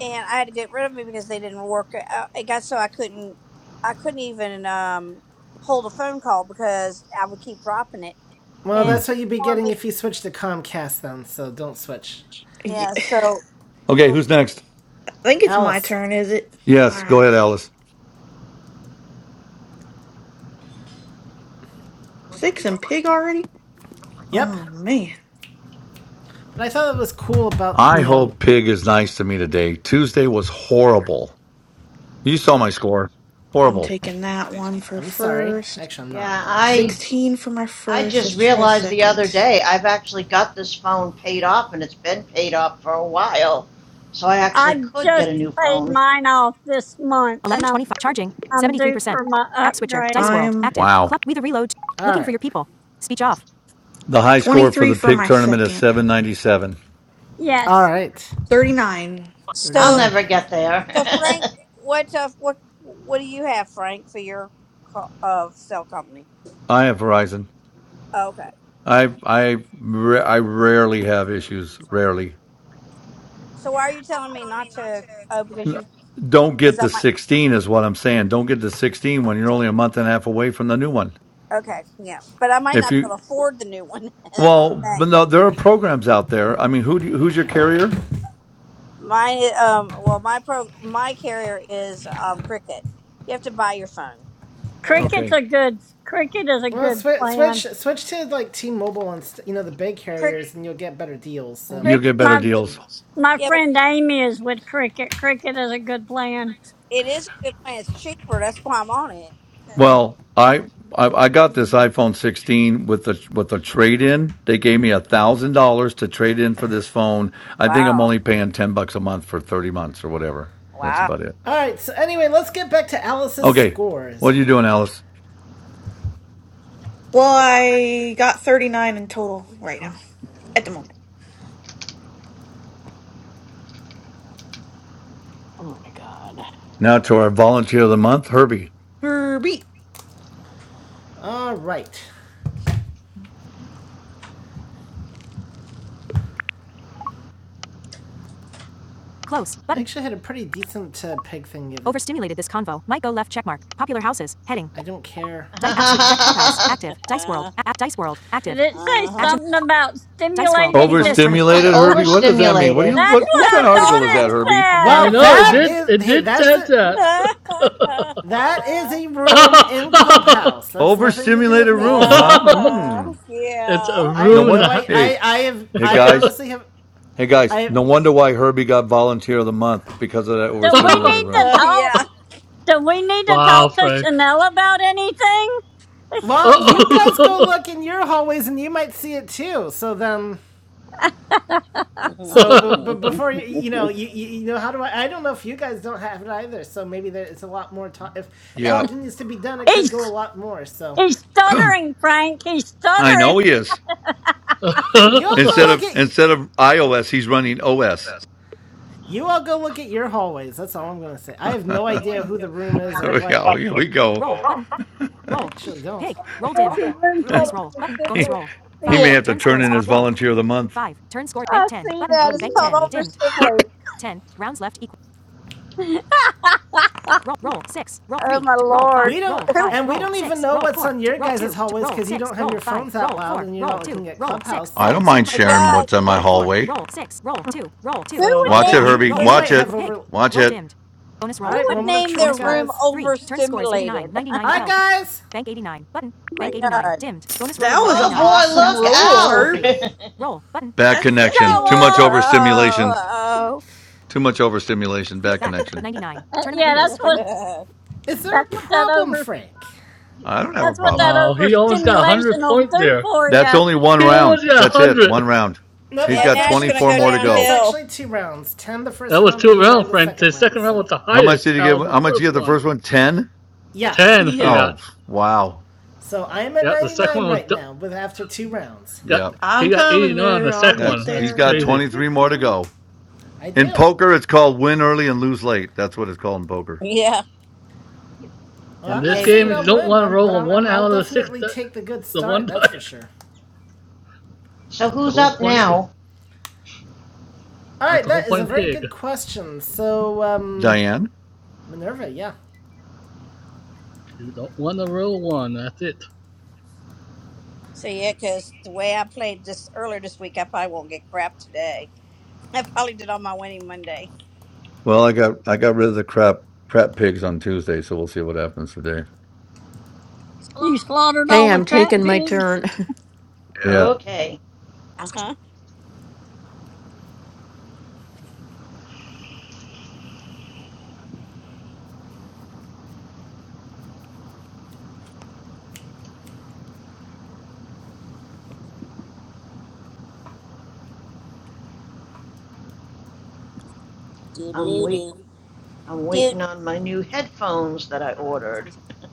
Speaker 4: and I had to get rid of it because they didn't work. Uh, It got so I couldn't, I couldn't even um hold a phone call because I would keep dropping it
Speaker 1: well,
Speaker 3: Hmm.
Speaker 4: and
Speaker 1: that's
Speaker 4: it
Speaker 1: what you'd
Speaker 4: kept
Speaker 1: be
Speaker 4: telling
Speaker 1: getting
Speaker 4: me.
Speaker 1: if you switch to Comcast then, so don't switch.
Speaker 4: Yeah.
Speaker 8: Ye-
Speaker 4: So,
Speaker 3: Okay, who's next?
Speaker 8: I think it's my
Speaker 1: Alice.
Speaker 8: turn, is it? All
Speaker 3: Yes, go
Speaker 8: right.
Speaker 3: ahead, Alice.
Speaker 8: Six and pig already?
Speaker 1: Yep.
Speaker 8: Oh, man.
Speaker 1: But I thought it was cool about, you
Speaker 3: I
Speaker 1: know,
Speaker 3: hope Pig is nice to me today. Tuesday was horrible. You saw my score.
Speaker 8: I'm
Speaker 3: Horrible.
Speaker 8: taking that one for
Speaker 1: I'm sorry.
Speaker 8: first.
Speaker 1: Actually, I'm not,
Speaker 5: Yeah,
Speaker 1: but, you
Speaker 5: I
Speaker 1: know.
Speaker 8: 16 for my
Speaker 5: I
Speaker 8: first.
Speaker 5: just
Speaker 8: Let's try
Speaker 5: realized the other
Speaker 8: second.
Speaker 5: day I've actually got this phone paid off, and it's been paid off for a while, so I actually
Speaker 2: I
Speaker 5: could get
Speaker 2: just
Speaker 5: a new
Speaker 2: paid
Speaker 5: phone.
Speaker 2: mine off this month and I'm I'm due for my upgrade.
Speaker 8: I'm
Speaker 3: Wow.
Speaker 1: All right. right.
Speaker 3: The high score for
Speaker 8: 23
Speaker 3: the
Speaker 8: for
Speaker 3: Pig
Speaker 8: my
Speaker 3: tournament is
Speaker 8: second.
Speaker 3: 797.
Speaker 1: All
Speaker 2: Yes.
Speaker 1: right,
Speaker 8: 39.
Speaker 1: thirty
Speaker 5: I'll
Speaker 4: so,
Speaker 1: nine.
Speaker 5: never get there.
Speaker 4: so Frank, what, uh, what, what do you have, Frank, for your co- uh, cell company?
Speaker 3: I have Verizon.
Speaker 4: Okay.
Speaker 3: I I I rarely have issues. Rarely.
Speaker 4: So why are you telling me not to? Oh, because you,
Speaker 3: Don't
Speaker 4: because
Speaker 3: get
Speaker 4: I
Speaker 3: the
Speaker 4: might.
Speaker 3: 16 is what I'm saying. Don't get the 16 when you're only a month and a half away from the new one.
Speaker 4: Okay, yeah, but I might
Speaker 3: If
Speaker 4: not be
Speaker 3: you
Speaker 4: able to afford the new one. That's the
Speaker 3: well, but
Speaker 4: thing.
Speaker 3: no, there are programs out there. I mean, who do you, who's your carrier?
Speaker 4: My um, well, my pro, my carrier is um Cricket. You have to buy your phone right up.
Speaker 2: Cricket's
Speaker 3: Okay,
Speaker 2: a good cricket is a
Speaker 1: Well,
Speaker 2: good
Speaker 1: swi switch
Speaker 2: plan.
Speaker 1: switch to like T-Mobile and st- you know the big
Speaker 4: Cric-
Speaker 1: carriers, and you'll get better deals. So,
Speaker 3: you'll
Speaker 4: Cricket
Speaker 3: get
Speaker 4: is
Speaker 3: better
Speaker 2: My
Speaker 3: deals.
Speaker 2: my
Speaker 4: yeah, but
Speaker 2: friend Amy is with cricket. Cricket is a good plan.
Speaker 4: it is a good plan. It's cheaper. That's why I'm on it.
Speaker 3: Well, I, I I got this iPhone 16 with the with the trade in. They gave me a thousand dollars to trade in for this phone. I think I'm
Speaker 4: Wow,
Speaker 3: only paying ten bucks a month for 30 months or whatever. That's
Speaker 4: wow.
Speaker 3: about it.
Speaker 1: all right. So anyway, let's get back to Alice's
Speaker 3: Okay,
Speaker 1: scores.
Speaker 3: what are you doing, Alice?
Speaker 8: Well, I got 39 in total right now at the moment.
Speaker 7: Oh my God.
Speaker 3: Now to our volunteer of the month, Herbie.
Speaker 8: Herbie.
Speaker 1: All right, I actually had a pretty decent uh, pig thing given. I don't care.
Speaker 4: Uh,
Speaker 2: Did it say
Speaker 4: uh,
Speaker 2: something about stimulating this?
Speaker 5: it said
Speaker 3: Overstimulated, Herbie. What does that mean? What do
Speaker 5: overstimulated.
Speaker 3: you
Speaker 2: That's
Speaker 3: what
Speaker 2: what
Speaker 3: what
Speaker 2: I
Speaker 3: kind of article is
Speaker 2: thought
Speaker 3: that, Herbie?
Speaker 2: it
Speaker 1: Well,
Speaker 9: I
Speaker 2: said.
Speaker 9: know it
Speaker 1: that
Speaker 4: damn.
Speaker 9: did
Speaker 1: heading. is
Speaker 9: it
Speaker 1: hey,
Speaker 9: did
Speaker 1: that's
Speaker 9: said
Speaker 1: it.
Speaker 9: that.
Speaker 4: uh,
Speaker 1: That is a room in Clubhouse. That's nothing to do with
Speaker 3: Overstimulated
Speaker 1: me.
Speaker 3: room,
Speaker 1: So
Speaker 3: huh? Hmm.
Speaker 9: it's a
Speaker 4: yeah.
Speaker 1: I have
Speaker 3: No
Speaker 9: room in
Speaker 3: wonder.
Speaker 9: the
Speaker 1: no. I
Speaker 9: house.
Speaker 3: Hey,
Speaker 1: I I have.
Speaker 3: hey
Speaker 1: I
Speaker 3: guys,
Speaker 1: honestly have.
Speaker 3: hey guys.
Speaker 1: I. have,
Speaker 3: No wonder why Herbie got volunteer of the month because of that
Speaker 2: Do we
Speaker 3: overstimulated
Speaker 2: need
Speaker 3: room.
Speaker 2: to
Speaker 4: Uh,
Speaker 2: talk?
Speaker 4: yeah.
Speaker 2: Do we need to
Speaker 9: wow,
Speaker 2: talk to
Speaker 9: Frank.
Speaker 2: Chanel about anything?
Speaker 1: Well, you guys go
Speaker 9: Uh-oh.
Speaker 1: look in your hallways and you might see it too. So then.
Speaker 4: There's a
Speaker 1: So, but, but before you, you know, you, you you know, how do I? I don't know if you guys don't have it either. So maybe there it's a lot more talk. If
Speaker 3: Yeah,
Speaker 1: talking is to be done, it could go a
Speaker 2: He's
Speaker 1: lot more. So
Speaker 2: he's stuttering, Frank. He's
Speaker 3: I
Speaker 2: stuttering.
Speaker 3: know he is.
Speaker 1: you all go
Speaker 3: Instead
Speaker 1: look
Speaker 3: of
Speaker 1: at
Speaker 3: instead of iOS, he's running OS.
Speaker 1: you all go look at your hallways. That's all I'm gonna say. I have no idea who the room is or what
Speaker 3: yeah, here we go.
Speaker 1: actually don't.
Speaker 4: room
Speaker 1: Really?
Speaker 4: called
Speaker 3: he,
Speaker 4: overstimulated. I
Speaker 3: he
Speaker 4: see
Speaker 3: may
Speaker 4: it.
Speaker 3: have to turn in his volunteer of the month.
Speaker 4: I see that. It's called overstimulated. Oh my lord.
Speaker 1: 'cause do
Speaker 3: I don't
Speaker 1: so-
Speaker 3: mind
Speaker 4: Oh my
Speaker 3: sharing
Speaker 4: god.
Speaker 3: what's on my hallway.
Speaker 4: Who would
Speaker 3: Watch it,
Speaker 4: name their
Speaker 3: Herbie.
Speaker 4: room?
Speaker 3: Watch it. Watch it.
Speaker 4: Who would name their room overstimulated?
Speaker 1: guys.
Speaker 4: my god.
Speaker 8: That was an
Speaker 5: Oh boy,
Speaker 8: awesome
Speaker 5: look
Speaker 8: roll,
Speaker 5: out!
Speaker 8: Herbie.
Speaker 3: Bad
Speaker 8: That
Speaker 3: connection.
Speaker 8: second
Speaker 2: Show
Speaker 3: Too
Speaker 8: one.
Speaker 3: much
Speaker 2: off.
Speaker 8: What?
Speaker 3: overstimulation.
Speaker 4: Oh.
Speaker 3: Too much overstimulation. Bad connection.
Speaker 2: Uh, yeah, that's what
Speaker 4: oh.
Speaker 1: Is there a
Speaker 2: that's what that
Speaker 1: problem,
Speaker 2: over
Speaker 1: Frank?
Speaker 3: I don't have a
Speaker 2: that's what
Speaker 3: problem.
Speaker 2: that
Speaker 9: Wow, he almost got 100
Speaker 2: overstimulation will
Speaker 9: point
Speaker 2: do
Speaker 9: there.
Speaker 2: for
Speaker 3: That's
Speaker 2: you.
Speaker 3: only one
Speaker 9: He
Speaker 3: round.
Speaker 9: almost got
Speaker 3: That's it.
Speaker 9: 100.
Speaker 3: One round.
Speaker 1: Nope,
Speaker 3: He's
Speaker 1: that
Speaker 4: yeah.
Speaker 1: was
Speaker 3: got
Speaker 4: Now it's
Speaker 1: actually
Speaker 4: gonna
Speaker 1: two,
Speaker 3: 24
Speaker 4: go
Speaker 3: more to
Speaker 1: that. That's
Speaker 3: go.
Speaker 4: downhill.
Speaker 1: actually two rounds. Ten the
Speaker 9: That
Speaker 1: first
Speaker 9: was
Speaker 1: round,
Speaker 9: two
Speaker 1: eighty nine
Speaker 9: rounds,
Speaker 1: the
Speaker 9: Frank.
Speaker 1: second
Speaker 9: The
Speaker 1: round.
Speaker 9: second round
Speaker 1: So,
Speaker 9: was the
Speaker 3: How much
Speaker 9: highest
Speaker 3: did you give?
Speaker 9: out of the
Speaker 3: How much did you give
Speaker 9: first
Speaker 3: the
Speaker 9: one.
Speaker 3: first one? 10?
Speaker 1: yeah.
Speaker 9: 10 he
Speaker 8: Yeah.
Speaker 3: Oh,
Speaker 9: got.
Speaker 3: wow.
Speaker 1: So I am at
Speaker 9: Yeah, the
Speaker 1: ninety
Speaker 9: second
Speaker 1: nine
Speaker 9: one was
Speaker 1: right now with after two rounds.
Speaker 9: got
Speaker 3: Yeah.
Speaker 9: he
Speaker 8: I'm
Speaker 9: got
Speaker 8: coming
Speaker 9: 89 on the
Speaker 8: there. I'll
Speaker 9: second
Speaker 8: get
Speaker 9: one.
Speaker 3: That's
Speaker 9: That's
Speaker 3: he's
Speaker 8: there.
Speaker 3: got
Speaker 8: I'll
Speaker 9: crazy.
Speaker 8: get
Speaker 3: 23 more to
Speaker 8: there.
Speaker 3: go.
Speaker 1: I
Speaker 3: In
Speaker 1: do.
Speaker 3: poker, it's called win early and lose late. That's what it's called in poker.
Speaker 4: Yeah.
Speaker 1: Well,
Speaker 9: In
Speaker 1: I'm not
Speaker 9: this
Speaker 5: okay,
Speaker 9: game,
Speaker 1: saying
Speaker 5: who's
Speaker 9: you
Speaker 1: I'll
Speaker 9: don't
Speaker 1: win,
Speaker 9: want to
Speaker 1: I'm, but
Speaker 9: roll a
Speaker 1: I'm,
Speaker 9: 1
Speaker 1: I'm, I'll
Speaker 9: out of the 6
Speaker 1: definitely
Speaker 9: di-
Speaker 1: take the good
Speaker 9: the
Speaker 1: start.
Speaker 9: one
Speaker 1: That's for
Speaker 9: dice.
Speaker 1: sure.
Speaker 5: so
Speaker 9: The
Speaker 5: who's
Speaker 9: whole
Speaker 5: up
Speaker 9: point
Speaker 5: now?
Speaker 1: All
Speaker 9: that's
Speaker 1: right,
Speaker 9: the whole
Speaker 1: that is a
Speaker 9: point
Speaker 1: very
Speaker 9: pig.
Speaker 1: good question. So, um,
Speaker 3: Diane.
Speaker 1: Minerva, yeah.
Speaker 9: You don't want to roll 1. That's it.
Speaker 4: So yeah, because the way I played this earlier this week, I probably won't get crap today. I probably did all my winning Monday.
Speaker 3: Well, I got I got rid of the crap crap pigs on Tuesday, so we'll see what happens today.
Speaker 2: You slaughtered
Speaker 7: Okay,
Speaker 2: all the
Speaker 7: I'm
Speaker 2: crap
Speaker 7: taking my
Speaker 2: pigs.
Speaker 7: turn.
Speaker 3: Yeah.
Speaker 5: Okay,
Speaker 4: Uh huh. Do
Speaker 5: I'm
Speaker 4: do
Speaker 5: wait.
Speaker 4: do
Speaker 5: I'm
Speaker 4: do.
Speaker 5: waiting on my new headphones that I ordered.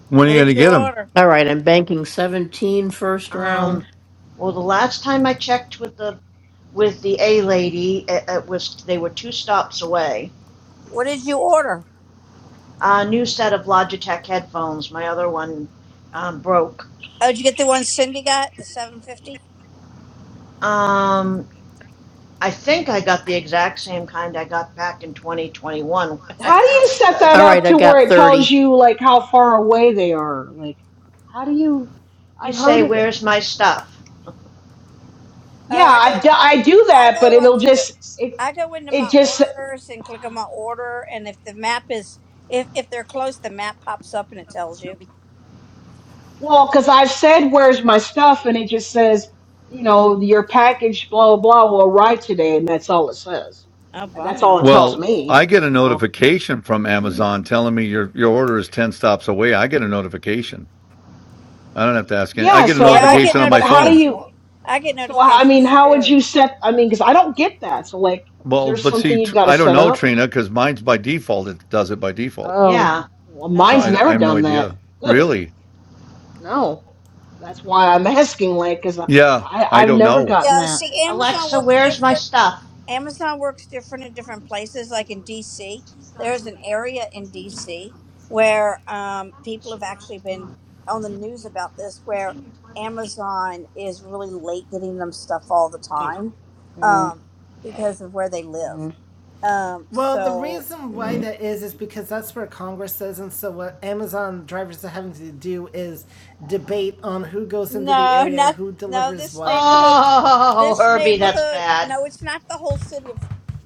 Speaker 3: When are
Speaker 4: What
Speaker 3: you
Speaker 4: did
Speaker 3: gonna
Speaker 4: you
Speaker 3: get them?
Speaker 4: order?
Speaker 7: All right, I'm banking 17 first
Speaker 5: Um,
Speaker 7: round.
Speaker 5: well, the last time I checked with the with the A lady, it, it was they were two stops away.
Speaker 4: What did you order?
Speaker 5: A new set of Logitech headphones. My other one um, broke.
Speaker 4: Oh, did you get the one Cindy got, the seven fifty?
Speaker 5: Um, I think I got the exact same kind I got back in 2021. When I
Speaker 6: How do
Speaker 5: got
Speaker 6: you set that
Speaker 7: All
Speaker 5: the,
Speaker 6: up
Speaker 7: right, I
Speaker 6: to where
Speaker 7: got
Speaker 6: it tells
Speaker 7: 30.
Speaker 6: you like how far away they are? Like, how do you?
Speaker 5: you
Speaker 6: I've
Speaker 5: say,
Speaker 6: heard of it.
Speaker 5: "Where's my stuff?"
Speaker 6: Yeah,
Speaker 4: Oh, I
Speaker 6: I,
Speaker 4: go,
Speaker 6: do- I do
Speaker 4: I
Speaker 6: that, but
Speaker 4: go
Speaker 6: it'll
Speaker 4: onto the,
Speaker 6: just it
Speaker 4: I go into
Speaker 6: it
Speaker 4: my
Speaker 6: just
Speaker 4: orders and click on my order, and if the map is, if if they're close, the map pops up and it tells you.
Speaker 6: well because I've said where's my stuff, and it just says you know your package blah blah blah will arrive today, and that's all it says.
Speaker 4: Oh,
Speaker 6: And that's all
Speaker 4: bummer.
Speaker 6: it tells
Speaker 3: Well,
Speaker 6: me.
Speaker 3: I get a
Speaker 6: So
Speaker 3: notification from Amazon telling me your your order is 10 stops away. I get a notification. I don't have to ask any. I
Speaker 6: yeah,
Speaker 3: get a
Speaker 6: so I
Speaker 4: Yeah, I
Speaker 6: don't.
Speaker 4: get
Speaker 3: notification on my
Speaker 6: But how do
Speaker 3: phone.
Speaker 4: notifications.
Speaker 6: you?
Speaker 4: I get
Speaker 6: So I mean,
Speaker 4: notifications
Speaker 6: how would
Speaker 4: too.
Speaker 6: you set? I mean, because I don't get that. So like, is
Speaker 3: Well,
Speaker 6: there
Speaker 3: but
Speaker 6: something
Speaker 3: see,
Speaker 6: you've
Speaker 3: tr-
Speaker 6: got to
Speaker 3: I don't
Speaker 6: set
Speaker 3: know,
Speaker 6: up?
Speaker 3: Trina, because mine's by default. It does it by default.
Speaker 6: Oh,
Speaker 5: Yeah.
Speaker 6: well,
Speaker 3: So
Speaker 6: mine's
Speaker 3: I,
Speaker 4: Um,
Speaker 3: I
Speaker 6: never
Speaker 3: have no
Speaker 6: done that.
Speaker 3: idea. Really?
Speaker 6: no, that's why I'm asking, like, 'cause I,
Speaker 3: Yeah,
Speaker 6: I
Speaker 3: I
Speaker 6: I've
Speaker 3: don't
Speaker 6: never
Speaker 3: know.
Speaker 6: gotten
Speaker 4: Yeah,
Speaker 6: that.
Speaker 4: see, Amazon
Speaker 5: Alexa,
Speaker 4: works
Speaker 5: where's my
Speaker 4: different.
Speaker 5: stuff?
Speaker 4: Amazon works different in different places. Like in DC, there's an area in DC where um, people have actually been on the news about this, where Amazon is really late getting them stuff all the time
Speaker 6: Mm,
Speaker 4: um, because of where they live.
Speaker 6: mm,
Speaker 4: Um,
Speaker 1: Well, the
Speaker 4: so
Speaker 1: reason why that is is because that's where Congress is, and so what Amazon drivers are having to do is debate on who goes into the
Speaker 4: no,
Speaker 1: area,
Speaker 4: not
Speaker 1: who
Speaker 4: no.
Speaker 1: delivers
Speaker 4: This
Speaker 1: what,
Speaker 4: neighborhood,
Speaker 5: Oh,
Speaker 4: this
Speaker 5: Herbie, that's
Speaker 4: neighborhood.
Speaker 5: bad.
Speaker 4: No, it's not the whole city of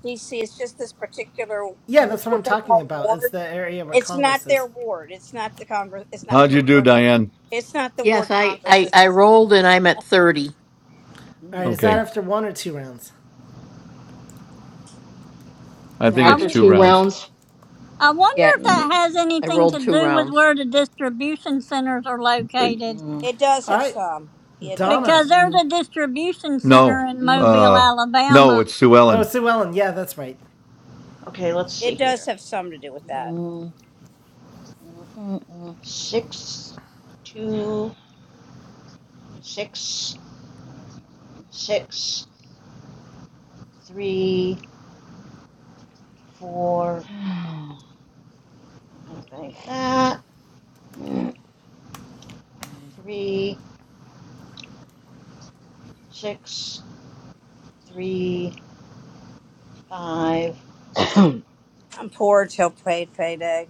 Speaker 4: DC. It's just this particular
Speaker 1: Yeah,
Speaker 4: w-
Speaker 1: that's what I'm
Speaker 4: what they
Speaker 1: talking
Speaker 4: call
Speaker 1: about. It's
Speaker 4: ward
Speaker 1: the area where
Speaker 4: It's not
Speaker 1: Congress
Speaker 4: their
Speaker 1: is.
Speaker 4: ward. It's not the Congress. It's not
Speaker 3: How'd
Speaker 4: what the
Speaker 3: you do,
Speaker 4: ward.
Speaker 3: Diane?
Speaker 4: It's not the
Speaker 7: Yes,
Speaker 4: ward
Speaker 7: I,
Speaker 4: Congress
Speaker 7: I,
Speaker 4: is.
Speaker 7: I rolled and I'm at 30.
Speaker 1: All right,
Speaker 6: mm.
Speaker 1: is that
Speaker 3: Okay.
Speaker 1: after one or two rounds?
Speaker 3: I
Speaker 6: Is that
Speaker 3: think
Speaker 2: I,
Speaker 3: it's
Speaker 6: after
Speaker 2: w-
Speaker 3: two
Speaker 6: two
Speaker 3: rounds.
Speaker 6: rounds?
Speaker 2: I wonder
Speaker 7: Yeah,
Speaker 2: if that
Speaker 6: Mm,
Speaker 2: has
Speaker 7: I
Speaker 2: anything to
Speaker 7: rolled two
Speaker 2: do with
Speaker 7: rounds.
Speaker 2: where the distribution centers are
Speaker 3: Uh,
Speaker 2: located
Speaker 6: mm,
Speaker 4: It does
Speaker 1: All
Speaker 4: have
Speaker 1: right,
Speaker 4: some. It
Speaker 1: Donna.
Speaker 2: because
Speaker 4: does.
Speaker 2: there's
Speaker 6: mm, mm,
Speaker 2: a distribution center
Speaker 3: No.
Speaker 2: in Mobile,
Speaker 3: Uh no,
Speaker 2: Alabama.
Speaker 3: it's Sue
Speaker 1: Oh,
Speaker 3: Ellen.
Speaker 1: Sue Ellen. Yeah, that's right.
Speaker 5: Okay, let's see
Speaker 4: It
Speaker 5: here.
Speaker 4: does have some to do with that.
Speaker 6: mm, mm, mm,
Speaker 5: six two six six three four
Speaker 6: mm.
Speaker 5: like that three six three five
Speaker 4: I'm poor till paid payday.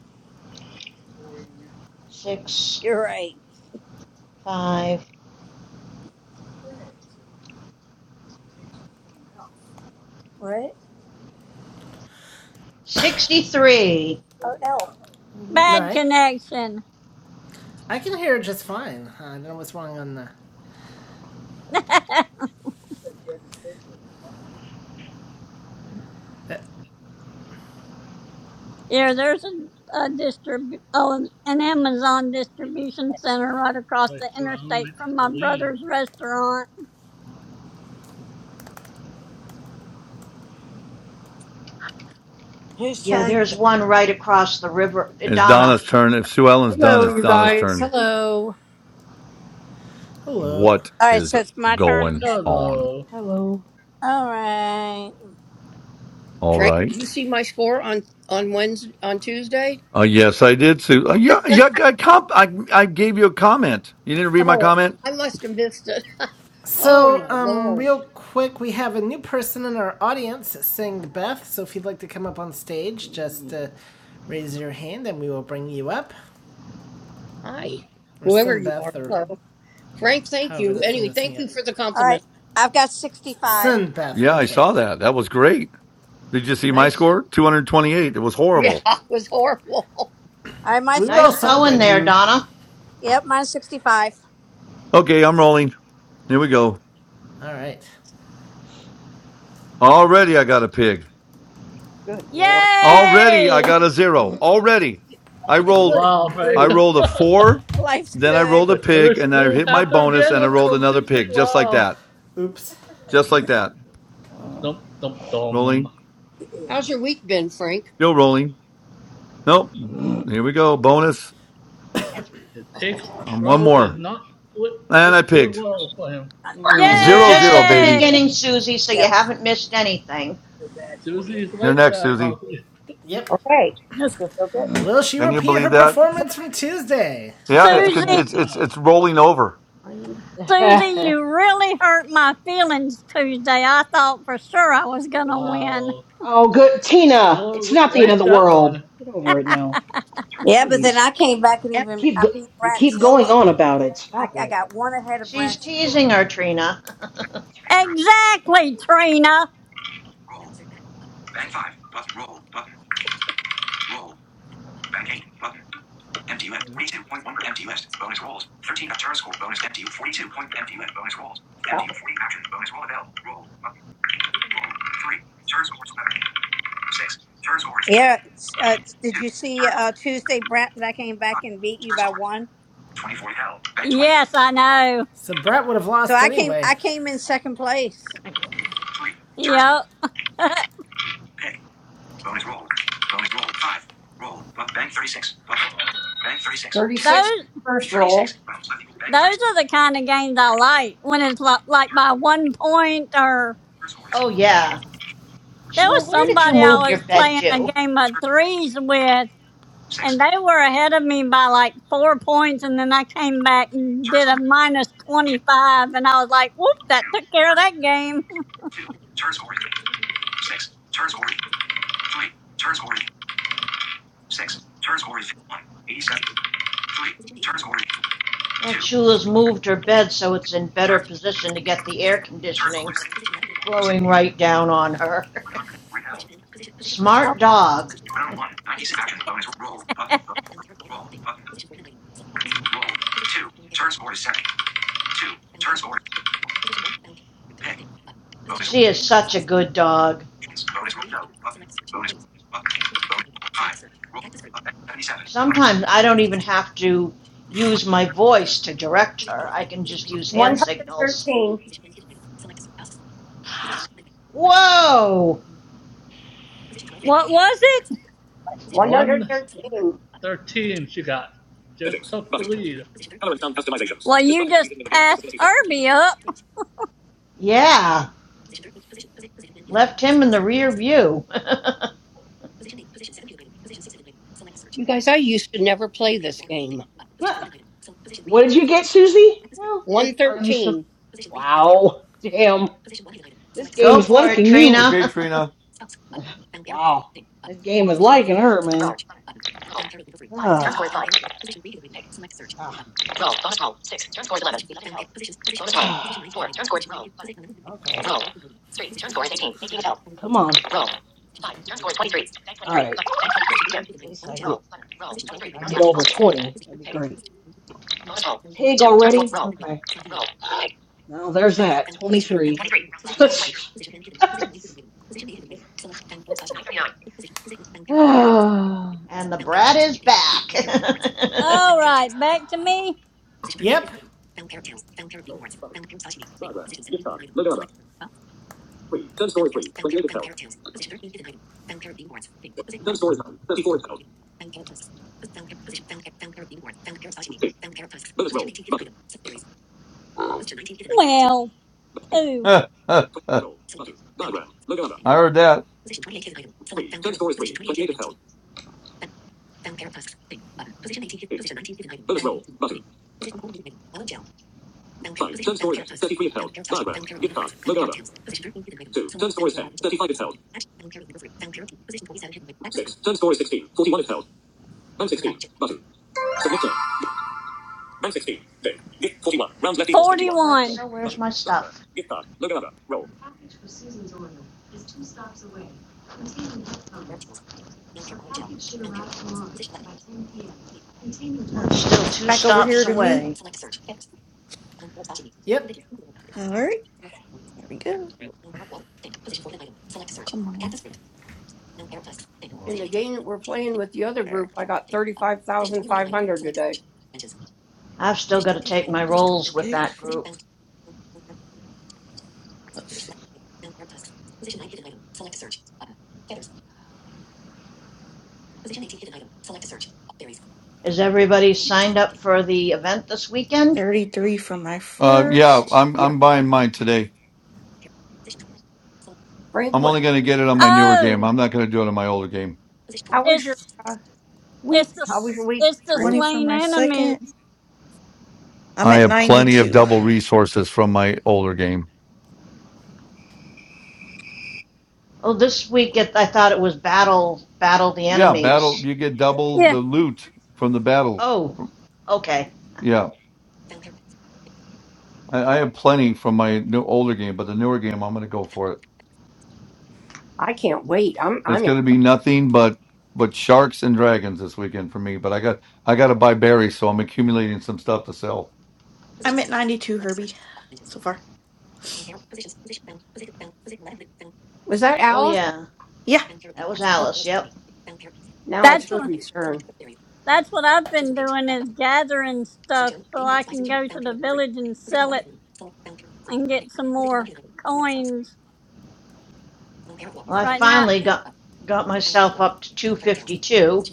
Speaker 5: six
Speaker 4: You're right.
Speaker 5: five
Speaker 4: Right?
Speaker 5: sixty three.
Speaker 4: Oh, elf. hmm
Speaker 1: All
Speaker 2: Bad
Speaker 1: right.
Speaker 2: connection.
Speaker 1: I can hear it just fine. I don't know what's wrong on the. uh,
Speaker 2: Yeah, there's a, a distrib- oh, an Amazon distribution center right across
Speaker 9: Wait,
Speaker 2: the
Speaker 9: so I don't
Speaker 2: interstate
Speaker 9: like to
Speaker 2: from my
Speaker 9: believe.
Speaker 2: brother's restaurant.
Speaker 4: Whose
Speaker 5: Yeah,
Speaker 4: turn is
Speaker 5: there's
Speaker 4: it?
Speaker 5: one right across the river. Uh,
Speaker 3: It's
Speaker 5: Donna.
Speaker 3: Donna's turn. If Sue Ellen's done,
Speaker 11: Hello,
Speaker 3: it's
Speaker 11: you
Speaker 3: Donna's
Speaker 11: guys.
Speaker 3: turn.
Speaker 11: Hello.
Speaker 1: hello.
Speaker 3: What
Speaker 4: All right,
Speaker 3: is
Speaker 4: so it's my turn.
Speaker 3: going
Speaker 4: Okay.
Speaker 3: on?
Speaker 9: Hello.
Speaker 6: Hello.
Speaker 4: All right.
Speaker 3: All
Speaker 11: Frank,
Speaker 3: right.
Speaker 11: did you see my score on on Wednesday on Tuesday?
Speaker 3: Uh yes, I did, Sue. Uh, yeah, yeah, I, comp- I I gave you a comment. You didn't read my
Speaker 11: Oh,
Speaker 3: comment?
Speaker 11: I must have missed it. Oh
Speaker 1: So,
Speaker 11: my
Speaker 1: um,
Speaker 11: lord!
Speaker 1: real quick, we have a new person in our audience saying Beth. So, if you'd like to come up on
Speaker 6: Mm,
Speaker 1: stage, just uh,
Speaker 6: mm,
Speaker 1: raise your hand and we will bring you up.
Speaker 11: Hi,
Speaker 1: Or
Speaker 11: whoever
Speaker 1: send
Speaker 11: you are.
Speaker 1: Beth, or
Speaker 11: Hello, Frank. Thank
Speaker 1: however
Speaker 11: you.
Speaker 1: that's going
Speaker 11: Anyway,
Speaker 1: to sing
Speaker 11: thank you
Speaker 1: it.
Speaker 11: for the
Speaker 4: All right.
Speaker 11: compliment.
Speaker 4: I've got 65.
Speaker 1: Send Beth.
Speaker 3: Yeah, I
Speaker 1: Okay.
Speaker 3: saw that. That was great. Did you see
Speaker 6: mm,
Speaker 3: my
Speaker 5: Nice
Speaker 3: score? 228. It was
Speaker 11: Yeah,
Speaker 3: horrible.
Speaker 11: it was horrible.
Speaker 4: All right, my
Speaker 1: We were
Speaker 4: score
Speaker 1: all
Speaker 5: nice
Speaker 4: is six.
Speaker 5: going
Speaker 1: celebrating.
Speaker 5: there,
Speaker 6: mm,
Speaker 5: Donna.
Speaker 4: Yep, mine's 65.
Speaker 3: Okay, I'm rolling. Here we go.
Speaker 1: All right.
Speaker 3: Already I got a pig.
Speaker 11: Good lord. Hey,
Speaker 3: Already I
Speaker 2: Yay!
Speaker 3: got a zero. Already. I rolled
Speaker 11: good
Speaker 9: Wow,
Speaker 3: I
Speaker 9: Frank.
Speaker 11: grief.
Speaker 3: rolled a four,
Speaker 4: Life's
Speaker 3: then I
Speaker 4: good.
Speaker 3: rolled a
Speaker 9: The
Speaker 3: pig,
Speaker 9: curse
Speaker 3: and I
Speaker 9: will
Speaker 3: hit my
Speaker 9: happen
Speaker 3: bonus
Speaker 9: again
Speaker 3: and I
Speaker 9: on
Speaker 3: rolled
Speaker 9: from
Speaker 3: another
Speaker 9: Tuesday.
Speaker 3: pig. Just like
Speaker 9: Wow.
Speaker 3: that.
Speaker 1: Oops.
Speaker 3: Just like that.
Speaker 9: Dum dum
Speaker 3: Rolling.
Speaker 9: dum.
Speaker 11: How's your week been, Frank?
Speaker 3: Still rolling. Nope.
Speaker 6: mm,
Speaker 3: Here we go. Bonus.
Speaker 9: His pig
Speaker 11: Oh,
Speaker 3: Um, one
Speaker 9: row is
Speaker 3: more.
Speaker 9: not w-
Speaker 4: I
Speaker 3: And I
Speaker 9: w- doing
Speaker 3: pigged.
Speaker 9: well for him.
Speaker 4: got it.
Speaker 5: And
Speaker 6: mm,
Speaker 5: we're
Speaker 3: Zero
Speaker 5: just
Speaker 3: zero,
Speaker 5: at the
Speaker 3: baby.
Speaker 2: Yay!
Speaker 5: beginning, Susie, so you
Speaker 4: Yep.
Speaker 5: haven't missed anything.
Speaker 9: Susie's
Speaker 3: You're
Speaker 9: like
Speaker 3: next,
Speaker 9: that,
Speaker 3: Susie.
Speaker 9: Hoppy.
Speaker 1: Yep.
Speaker 11: okay.
Speaker 6: mm.
Speaker 1: Will she
Speaker 3: Can you
Speaker 1: repeat
Speaker 3: believe
Speaker 1: her
Speaker 3: that?
Speaker 1: performance from Tuesday?
Speaker 3: Yeah, it's con-
Speaker 2: Susie,
Speaker 3: it's it's
Speaker 9: Wow.
Speaker 3: it's rolling over.
Speaker 11: I need
Speaker 2: Susie, you really hurt my feelings Tuesday. I thought for sure I was gonna win.
Speaker 9: Wow.
Speaker 6: oh, good Tina. It's
Speaker 9: Still
Speaker 6: not the end of
Speaker 9: laced
Speaker 6: the
Speaker 9: that
Speaker 6: world.
Speaker 9: one.
Speaker 6: Get over it now.
Speaker 4: Yeah, but then
Speaker 6: Jeez,
Speaker 4: I came back and
Speaker 6: you
Speaker 4: even
Speaker 6: keep
Speaker 4: I
Speaker 6: go-
Speaker 4: beat
Speaker 6: you keep going
Speaker 4: Bratzilla.
Speaker 6: on about it.
Speaker 4: I,
Speaker 6: Stop
Speaker 4: I
Speaker 6: it.
Speaker 4: got one ahead of
Speaker 5: She's
Speaker 4: Brent. Solo.
Speaker 5: teasing her, Trina.
Speaker 11: Bank zero.
Speaker 2: Exactly, Trina.
Speaker 11: Roll. Bank five. Button. Roll. Button. Roll. Bank eight. Button. Empty list. 42.1 empty list. Bonus rolls. 13 of turn score. Bonus empty. 42 point empty list. Bonus rolls. Empty 40 actions. Bonus roll available. Roll. Button. Roll. 3. Turn score is 11. 6. Turn score is
Speaker 4: Yeah. it's, Uh, it's- did
Speaker 11: 2.
Speaker 4: you see
Speaker 11: Turn score is
Speaker 4: uh, Tuesday, Brent, that I came back
Speaker 11: 5.
Speaker 4: and beat you
Speaker 11: Turn
Speaker 4: by
Speaker 11: score is
Speaker 4: one?
Speaker 11: 24 held. Bank 20. 3.
Speaker 2: Yes, I know.
Speaker 1: So Brett would have
Speaker 4: So
Speaker 1: lost
Speaker 4: I came
Speaker 1: anyway.
Speaker 4: I came in second place. Oh,
Speaker 11: Turn score.
Speaker 2: Yep.
Speaker 11: Pick. Bonus roll. Bonus roll. 5. Roll. But bank 36. Button. Bank 36. 36
Speaker 2: those
Speaker 11: first roll. 36. Rounds left equal
Speaker 2: those
Speaker 11: bank 36.
Speaker 2: are the kind of games I like when it's like, like
Speaker 11: Turn
Speaker 2: by one point or
Speaker 11: score is
Speaker 5: oh yeah.
Speaker 2: There
Speaker 5: well
Speaker 2: was
Speaker 5: where did you
Speaker 2: somebody I
Speaker 5: move your
Speaker 2: was
Speaker 5: bed,
Speaker 2: playing a
Speaker 5: Jew?
Speaker 2: game of
Speaker 11: turn
Speaker 2: threes with, and
Speaker 11: 6.
Speaker 2: they were ahead of me by like four points and then i came back and
Speaker 11: Turn
Speaker 2: did a
Speaker 11: score is
Speaker 2: minus
Speaker 11: 2.
Speaker 2: 25 and i was like whoop
Speaker 11: 2.
Speaker 2: that took care of that game
Speaker 11: 2. Turn score is Six. Turn score is three. Turn score is six. Turn score is one. Eighty-seven. Three. Turn score is
Speaker 5: Aunt
Speaker 11: two.
Speaker 5: Shula's moved her bed so it's in better
Speaker 11: Turn
Speaker 5: position to get the air
Speaker 11: turn score
Speaker 5: conditioning
Speaker 11: is six.
Speaker 5: blowing right down on her.
Speaker 11: One hundred. Repel.
Speaker 2: Oh,
Speaker 5: Smart dog.
Speaker 11: Round one. Ninety-six. Action. Bonus. Roll. Button. Roll. Button. Roll. Two. Turn score is seven. Two. Turn score is pick. Bonus. roll.
Speaker 5: She is such a good dog.
Speaker 11: Bonus. roll. No. Button. Bonus. Button. Bonus. Five. Roll. Seventy-seven.
Speaker 5: Sometimes I don't even have to use my voice to direct her. I can just use hand
Speaker 11: One hundred
Speaker 5: signals.
Speaker 11: thirteen.
Speaker 5: Whoa!
Speaker 2: what was it
Speaker 11: One hundred
Speaker 9: One
Speaker 11: thirteen.
Speaker 9: thirteen she got. Just took the lead.
Speaker 2: Well, you just passed Irby up.
Speaker 5: Yeah, left him in the rear view.
Speaker 11: You guys, I used to never play this game.
Speaker 6: Huh. What did you get, Susie? No. What are you so?
Speaker 11: 113.
Speaker 6: Wow. Damn. This game
Speaker 5: Go
Speaker 6: is
Speaker 5: for it,
Speaker 6: liking you.
Speaker 3: Okay,
Speaker 5: Trina.
Speaker 3: Trina.
Speaker 6: Wow. This game is liking her, man. Ah. Ah. Ah. Okay. Come on. All right. At least I get, if I get over 20. That'd be great. Pig already? Okay. Well, there's that. 23. All
Speaker 5: and
Speaker 6: right.
Speaker 5: the brat is back. I
Speaker 2: All right, back to me.
Speaker 1: Yep.
Speaker 2: Well, who? 41.
Speaker 3: I heard that.
Speaker 5: was like, so where's my stuff? I'm still two
Speaker 8: Back over here
Speaker 5: stops
Speaker 8: to me.
Speaker 5: away.
Speaker 1: Yep.
Speaker 8: All right, there we go. Come on.
Speaker 11: In the game that we're playing with the other
Speaker 8: There,
Speaker 11: group, I got 35,500 today.
Speaker 5: I've still got to take my rolls with
Speaker 8: six,
Speaker 5: that
Speaker 8: four,
Speaker 5: group.
Speaker 8: let's see.
Speaker 5: Is everybody signed up for the event this weekend?
Speaker 8: 33 for my
Speaker 3: Uh, yeah,
Speaker 8: first,
Speaker 3: I'm
Speaker 11: Yep.
Speaker 3: I'm buying mine today.
Speaker 11: Frank,
Speaker 3: I'm
Speaker 11: what,
Speaker 3: only going to get it on my newer game.
Speaker 2: Oh,
Speaker 3: I'm not going to do it on my older game.
Speaker 11: how was your
Speaker 2: it's
Speaker 11: uh,
Speaker 2: it's
Speaker 11: week?
Speaker 2: the
Speaker 11: How was your week,
Speaker 2: it's the
Speaker 11: Frank?
Speaker 8: 20 for
Speaker 2: slain
Speaker 8: my second.
Speaker 2: enemies.
Speaker 8: I'm
Speaker 3: I
Speaker 8: at
Speaker 3: have plenty of
Speaker 8: 92.
Speaker 3: double resources from my older game.
Speaker 5: Oh, this week it, I thought it was battle battle the
Speaker 3: Yeah, battle.
Speaker 5: enemies.
Speaker 3: You get double the
Speaker 2: Yeah,
Speaker 3: loot from the battle.
Speaker 5: Oh, okay.
Speaker 3: Yeah, I, I have plenty from my new older game, but the newer game, I'm going to go for it.
Speaker 11: I can't wait. I'm,
Speaker 3: It's
Speaker 11: I'm,
Speaker 3: going
Speaker 11: ex-
Speaker 3: to be nothing but but sharks and dragons this weekend for me. But I got I got to buy berries, so I'm accumulating some stuff to sell.
Speaker 8: I'm at 92, Herbie, so far.
Speaker 11: was that
Speaker 5: Oh
Speaker 11: Alice?
Speaker 5: yeah,
Speaker 8: Yeah.
Speaker 5: that was
Speaker 11: Oh,
Speaker 5: Alice. Yep.
Speaker 11: now it's
Speaker 2: that's what
Speaker 11: Herbie's turn.
Speaker 2: that's what I've been doing is gathering stuff so I can go to the village and sell it and get some more coins.
Speaker 5: Well, I
Speaker 2: Right now,
Speaker 5: finally got got myself up to 252.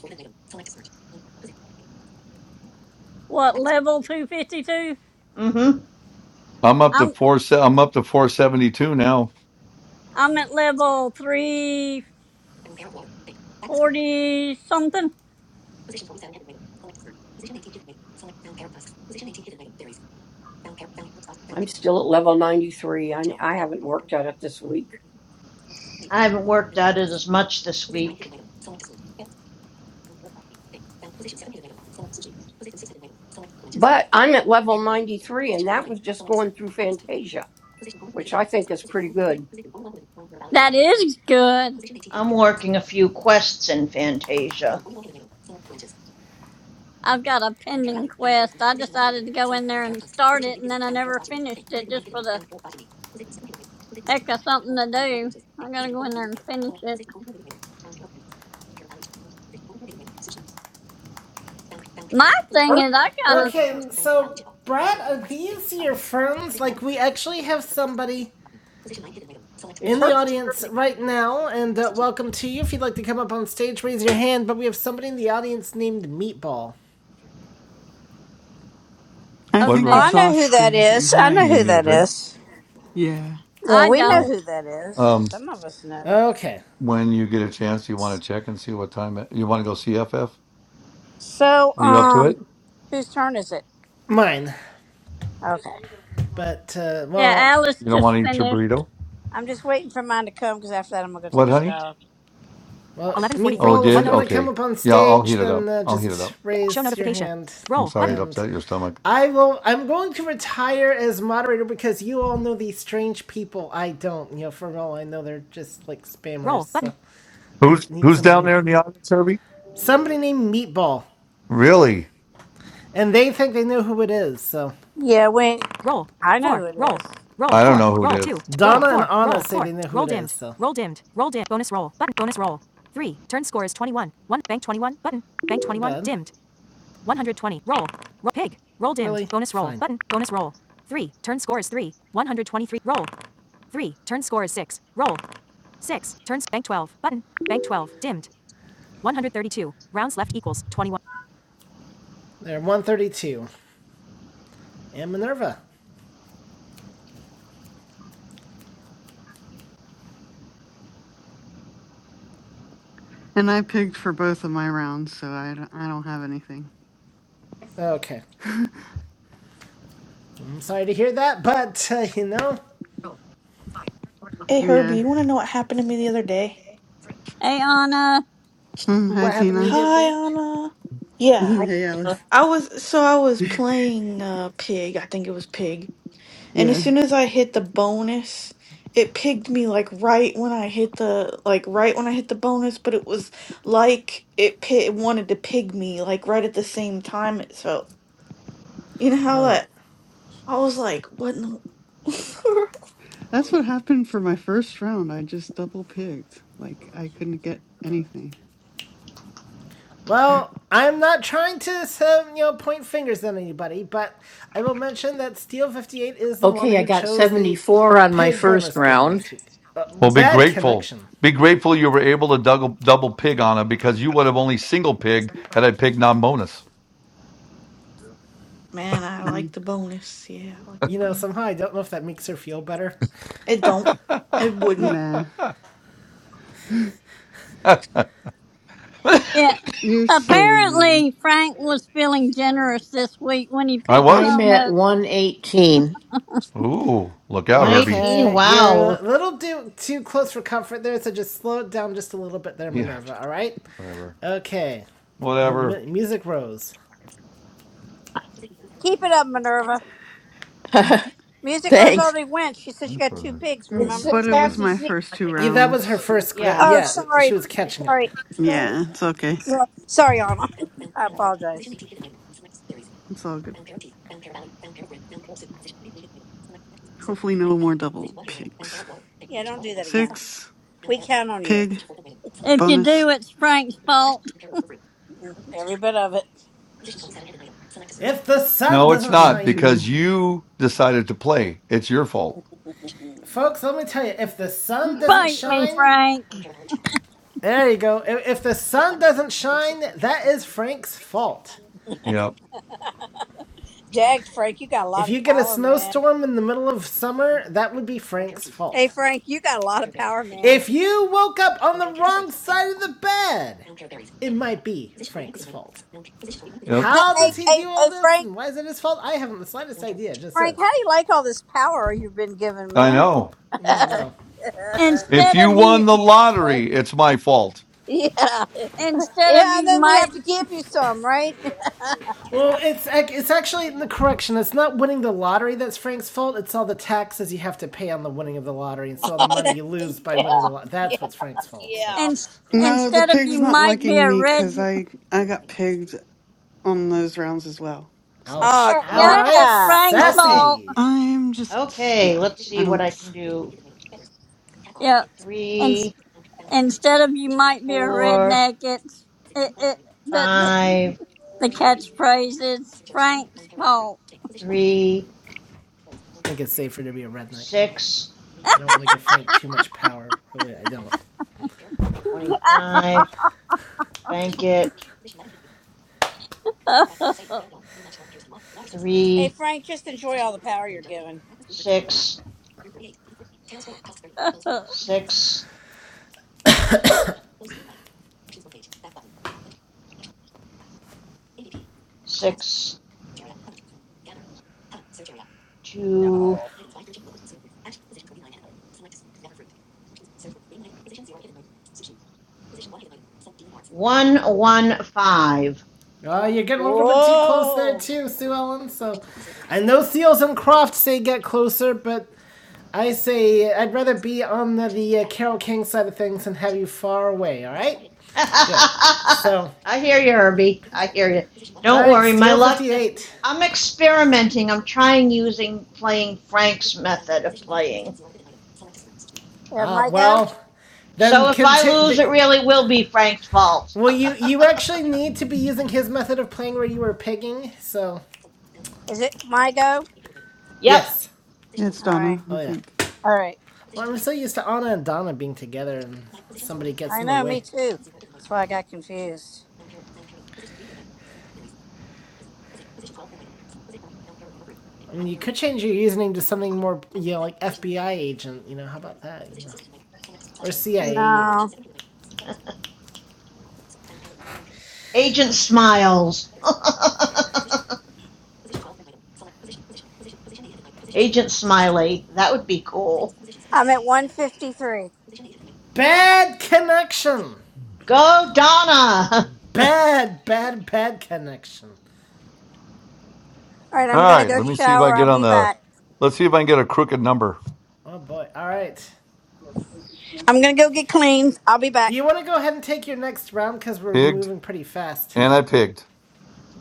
Speaker 2: what level 252?
Speaker 5: Mm-hmm.
Speaker 3: I'm up to
Speaker 2: I'm
Speaker 3: four. se- I'm up to four seventy two now.
Speaker 2: I'm at level three. 40 something.
Speaker 11: I'm still at level 93. I, I haven't worked at it this week,
Speaker 5: I haven't worked at it as much this week.
Speaker 11: but I'm at level 93 and that was just going through Fantasia, which I think is pretty good.
Speaker 2: That is good.
Speaker 5: I'm working a few quests in Fantasia.
Speaker 2: I've got a pending quest. I decided to go in there and start it, and then I never finished it just for the heck of something to do. I gotta go in there and finish it. My thing
Speaker 11: Her,
Speaker 2: is, I gotta
Speaker 1: Okay,
Speaker 2: finish.
Speaker 1: so Brett, are these your friends? Like, we actually have somebody
Speaker 11: it's
Speaker 1: in the
Speaker 11: her,
Speaker 1: audience right now, and uh, welcome to you. If you'd like to come up on stage, raise your hand, but we have somebody in the audience named Meatball.
Speaker 12: I
Speaker 3: What,
Speaker 12: think
Speaker 2: Okay,
Speaker 4: I
Speaker 12: that's
Speaker 3: Rosie?
Speaker 4: know who that
Speaker 12: Austin and
Speaker 4: is. I
Speaker 3: You
Speaker 4: know
Speaker 12: hi.
Speaker 3: gonna
Speaker 4: who
Speaker 3: get a
Speaker 4: that
Speaker 3: drink?
Speaker 4: is.
Speaker 12: Yeah.
Speaker 4: Yeah,
Speaker 2: I
Speaker 4: we know
Speaker 3: Oh,
Speaker 2: don't.
Speaker 4: who that is.
Speaker 3: um.
Speaker 4: Some of us know.
Speaker 1: Okay.
Speaker 3: when you get a chance, you want to check and see what time it, you want to go CFF.
Speaker 4: So,
Speaker 3: Are you up to
Speaker 4: um,
Speaker 3: it?
Speaker 4: whose turn is it?
Speaker 1: Mine.
Speaker 4: Okay.
Speaker 1: But, uh,
Speaker 2: Yeah,
Speaker 1: well,
Speaker 2: Alice
Speaker 3: You don't want
Speaker 2: just
Speaker 3: to eat your
Speaker 2: finished.
Speaker 3: burrito?
Speaker 4: I'm just waiting for mine to come because after that I'm gonna go take
Speaker 3: What,
Speaker 4: a
Speaker 3: honey?
Speaker 4: shower.
Speaker 1: Well,
Speaker 3: Oh, it
Speaker 1: Meatball, if you want
Speaker 3: did?
Speaker 1: to come
Speaker 3: Okay.
Speaker 1: up on
Speaker 3: Yeah, I'll
Speaker 1: stage,
Speaker 3: heat it
Speaker 1: then
Speaker 3: up.
Speaker 1: uh,
Speaker 3: I'll heat it
Speaker 1: just
Speaker 3: up.
Speaker 1: raise your hand.
Speaker 3: I'm sorry it
Speaker 1: And
Speaker 3: upset your stomach.
Speaker 1: I will. I'm going to retire as moderator because you all know these strange people. I don't. You know, for all I know, they're just like spammers. So So they
Speaker 3: Who's
Speaker 1: need
Speaker 3: who's down
Speaker 1: somebody.
Speaker 3: there in the audience, Herbie?
Speaker 1: Somebody named Meatball,
Speaker 3: Really?
Speaker 1: and they think they know who it is. So
Speaker 4: Yeah, we. I know who it is.
Speaker 3: I don't know who it is.
Speaker 1: Donna and Anna say they know who it is. So Really? Fine. There, 132. And Minerva.
Speaker 12: And I pigged for both of my rounds, so I don't, I don't have anything.
Speaker 1: Okay. I'm sorry to hear that, but uh, you know
Speaker 8: Hey, Herbie,
Speaker 12: Yeah.
Speaker 8: you want to know what happened to me the other day?
Speaker 2: Hey, Anna.
Speaker 12: Hmm, hi,
Speaker 1: what happened to you
Speaker 12: Tina.
Speaker 1: the other
Speaker 8: Hi,
Speaker 1: day?
Speaker 8: Anna. Yeah.
Speaker 11: I-
Speaker 12: hey, Alice.
Speaker 8: I was, so I was playing uh, Pig. I think it was Pig. And as
Speaker 12: yeah.
Speaker 8: soon as I hit the bonus, it pigged me like right when I hit the like right when I hit the bonus, but it was like it pi- it wanted to pig me like right at the same time it felt. You know how
Speaker 1: Oh, yeah.
Speaker 8: that I was like, what in the
Speaker 12: That's what happened for my first round. I just double pigged. Like, I couldn't get anything.
Speaker 1: well, I'm not trying to um, you know point fingers at anybody, but I will mention that Steel 58 is the one
Speaker 7: Okay, I
Speaker 1: who
Speaker 7: got
Speaker 1: chose the
Speaker 7: 74 on my
Speaker 1: pig
Speaker 7: first
Speaker 1: bonus game
Speaker 7: round.
Speaker 1: last week. Uh,
Speaker 3: Well, be
Speaker 1: bad
Speaker 3: grateful.
Speaker 1: connection.
Speaker 3: Be grateful you were able to double, double pig on him because you would have only single pigged had I pigged non bonus.
Speaker 8: Man, I like
Speaker 12: Mm,
Speaker 8: the bonus. Yeah, I like
Speaker 1: You
Speaker 8: the
Speaker 1: know,
Speaker 8: bonus.
Speaker 1: somehow I don't know if that makes her feel better.
Speaker 8: It don't. It wouldn't.
Speaker 12: nah.
Speaker 3: I
Speaker 2: Yeah.
Speaker 12: You're silly, man.
Speaker 2: Apparently, Frank was feeling generous this week when he picked
Speaker 3: was.
Speaker 7: I'm at
Speaker 2: bonus.
Speaker 7: 118.
Speaker 3: Ooh, look out, Herbie.
Speaker 5: 118.
Speaker 1: Okay, you're a
Speaker 5: Wow.
Speaker 1: little too too close for comfort there, so just slow it down just a little bit there,
Speaker 3: Yeah,
Speaker 1: Minerva. All right.
Speaker 3: whatever.
Speaker 1: Okay,
Speaker 3: Whatever.
Speaker 1: M- music rose.
Speaker 4: Keep it up, Minerva. Music Rose
Speaker 7: Thanks.
Speaker 4: already went. She said she
Speaker 3: That's
Speaker 4: got
Speaker 3: what
Speaker 4: two
Speaker 3: I-
Speaker 4: pigs.
Speaker 3: yeah,
Speaker 12: Mm,
Speaker 11: it's
Speaker 3: that's
Speaker 4: Remember?
Speaker 12: But it
Speaker 3: what I-
Speaker 12: was
Speaker 11: Sassy
Speaker 12: my
Speaker 11: Sue.
Speaker 12: first two
Speaker 1: Yeah, that was her
Speaker 12: rounds.
Speaker 1: first.
Speaker 5: Yeah,
Speaker 1: That,
Speaker 4: Oh,
Speaker 1: yeah, she
Speaker 4: sorry,
Speaker 1: was catching up.
Speaker 4: sorry, sorry,
Speaker 12: Yeah, it's okay.
Speaker 4: sorry, sorry, Anna. I apologize.
Speaker 12: It's all good. Hopefully, no more double pigs.
Speaker 4: Yeah, don't do that again.
Speaker 12: Six,
Speaker 4: We count on you,
Speaker 12: pig,
Speaker 2: If you
Speaker 12: bonus.
Speaker 2: do, it's Frank's fault.
Speaker 4: Mm, every bit of it.
Speaker 1: If the sun
Speaker 3: No, it's
Speaker 1: doesn't
Speaker 12: Mm,
Speaker 3: not
Speaker 1: shine,
Speaker 12: Two.
Speaker 3: because you decided to play. It's your fault.
Speaker 1: folks, let me tell you, if the sun doesn't
Speaker 2: Bite me,
Speaker 1: shine,
Speaker 2: Frank.
Speaker 1: there you go. If, if the sun doesn't shine, that is Frank's fault.
Speaker 3: Yep.
Speaker 4: Dag, Frank, you got a
Speaker 1: If
Speaker 4: lot of
Speaker 1: you get a
Speaker 4: power, man.
Speaker 1: snowstorm in the middle of summer, that would be Frank's
Speaker 4: Hey,
Speaker 1: fault.
Speaker 4: Frank, you got a lot of power, man.
Speaker 1: If you woke up on the wrong side of the bed, it might be Frank's fault.
Speaker 3: Yep.
Speaker 4: Pa-
Speaker 1: How
Speaker 4: Hey,
Speaker 1: does he
Speaker 4: hey,
Speaker 1: do all
Speaker 4: hey,
Speaker 1: this,
Speaker 4: Frank,
Speaker 1: and why is it his fault? I haven't the slightest idea. It just
Speaker 4: Frank, how
Speaker 1: says,
Speaker 4: do you like all this power you've been given,
Speaker 3: I
Speaker 4: man?
Speaker 3: know.
Speaker 1: yeah,
Speaker 4: yeah,
Speaker 1: no.
Speaker 3: If
Speaker 2: Instead
Speaker 3: you
Speaker 2: of
Speaker 3: won
Speaker 2: you,
Speaker 3: the lottery, it's my fault.
Speaker 4: yeah,
Speaker 2: instead of
Speaker 4: and
Speaker 2: you
Speaker 4: then we
Speaker 2: might
Speaker 4: have to give you some, right?
Speaker 1: Well, it's it's actually in the correction. It's not winning the lottery that's Frank's fault. It's all the taxes you have to pay on the winning of the lottery, and so all the
Speaker 4: Oh
Speaker 1: money
Speaker 4: that-
Speaker 1: you lose by winning the lottery.
Speaker 4: yeah.
Speaker 1: That's what's Frank's fault. So,
Speaker 2: and
Speaker 12: No, the
Speaker 2: instead of you
Speaker 12: pig's not
Speaker 2: might be
Speaker 12: liking
Speaker 2: a
Speaker 12: me
Speaker 2: red
Speaker 12: because I I got pigged on those rounds as well. So
Speaker 1: ouch.
Speaker 4: Oh,
Speaker 2: uh,
Speaker 1: All
Speaker 2: yep
Speaker 1: right,
Speaker 5: Ouch.
Speaker 2: it's
Speaker 4: crap!
Speaker 2: frank's
Speaker 5: Okay.
Speaker 2: fault
Speaker 1: sassy.
Speaker 12: I'm just
Speaker 5: Okay.
Speaker 12: yeah.
Speaker 5: Let's
Speaker 12: I
Speaker 5: see what I
Speaker 12: don't.
Speaker 5: can do.
Speaker 2: yep and
Speaker 5: Three,
Speaker 2: instead of you might be a
Speaker 5: four,
Speaker 2: redneck it's it, it the, the
Speaker 5: five,
Speaker 2: the catchphrase is frank's fault
Speaker 5: three,
Speaker 1: I think it's safer to be a redneck.
Speaker 5: six,
Speaker 1: I don't want to give Frank too much power. Really, I don't.
Speaker 5: twenty-five. Bank it.
Speaker 4: Hey,
Speaker 5: Three,
Speaker 4: Frank, just enjoy all the power you're given.
Speaker 5: six,
Speaker 2: come
Speaker 5: six, six, two,
Speaker 4: No.
Speaker 5: one, one, five.
Speaker 1: Oh, you're getting a little bit too close there
Speaker 4: Whoa.
Speaker 1: too, Sue Ellen. So, I know Seals and Croft say get closer, but I say I'd rather be on the, the uh, Carol King side of things and have you far away. All right, good. So,
Speaker 5: I hear you, Herbie. I hear you.
Speaker 1: all
Speaker 5: Don't
Speaker 1: right,
Speaker 5: worry, my
Speaker 1: Steel
Speaker 5: luck.
Speaker 1: Fifty Eight.
Speaker 5: I'm experimenting. I'm trying using playing Frank's method of playing.
Speaker 4: Yeah,
Speaker 1: Uh,
Speaker 4: my go?
Speaker 1: well, then
Speaker 5: So if I
Speaker 1: conti-
Speaker 5: lose,
Speaker 1: the,
Speaker 5: it really will be Frank's fault.
Speaker 1: Well, you you actually need to be using his method of playing where you were pigging. So,
Speaker 4: Is it my go?
Speaker 5: Yep.
Speaker 1: yes.
Speaker 12: Yeah, it's
Speaker 4: All right.
Speaker 12: Donna. I
Speaker 1: Oh yeah.
Speaker 12: think
Speaker 4: All right.
Speaker 1: Well, I'm so used to Anna and Donna being together, and somebody gets
Speaker 4: I
Speaker 1: in the
Speaker 4: know, me
Speaker 1: way.
Speaker 4: too. That's why I got confused.
Speaker 1: I mean, you could change your username to something more, you know, like FBI agent. You know, how about that? You know, or CIA.
Speaker 4: No.
Speaker 5: Agent Smiles. Agent Smiley. That would be cool.
Speaker 4: I'm at 153. All
Speaker 1: Bad connection.
Speaker 5: Go, Donna.
Speaker 1: Bad, bad, bad connection.
Speaker 4: right,
Speaker 3: All
Speaker 4: I'm going to
Speaker 3: right,
Speaker 4: go
Speaker 3: let me see if I
Speaker 4: shower.
Speaker 3: get
Speaker 4: I'll
Speaker 3: on
Speaker 4: be
Speaker 3: the.
Speaker 4: back.
Speaker 3: Let's see if I can get a crooked number.
Speaker 1: Oh boy. All right.
Speaker 4: I'm going to go get cleaned. I'll be
Speaker 1: Do
Speaker 4: back.
Speaker 1: you want to go ahead and take your next round? Because we're
Speaker 3: Pigged,
Speaker 1: moving pretty fast.
Speaker 3: and I pigged.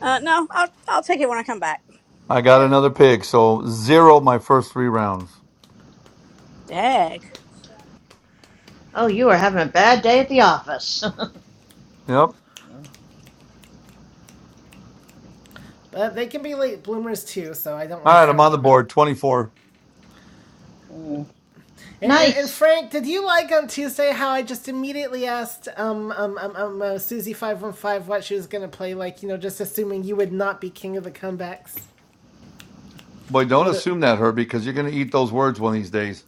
Speaker 4: Uh, no, I'll, I'll take it when I come back.
Speaker 3: I got
Speaker 1: Okay.
Speaker 3: another pig, so zero my first three rounds.
Speaker 4: Dag.
Speaker 5: Oh, you are having a bad day at the office.
Speaker 3: Yep. All
Speaker 1: But they can be late bloomers too, so I don't want
Speaker 3: right,
Speaker 1: to
Speaker 3: I'm
Speaker 1: count
Speaker 3: on the
Speaker 1: them out.
Speaker 3: board. Twenty-four.
Speaker 6: Ooh.
Speaker 1: And, and, and
Speaker 5: nice.
Speaker 1: Frank, did you like on Tuesday how I just immediately asked um um um, um uh, Susie five one five what she was gonna play? Like you know, just assuming you would not be king of the comebacks.
Speaker 3: Boy, don't
Speaker 1: With it,
Speaker 3: assume that, Herbie, because you're gonna eat those words one of these days.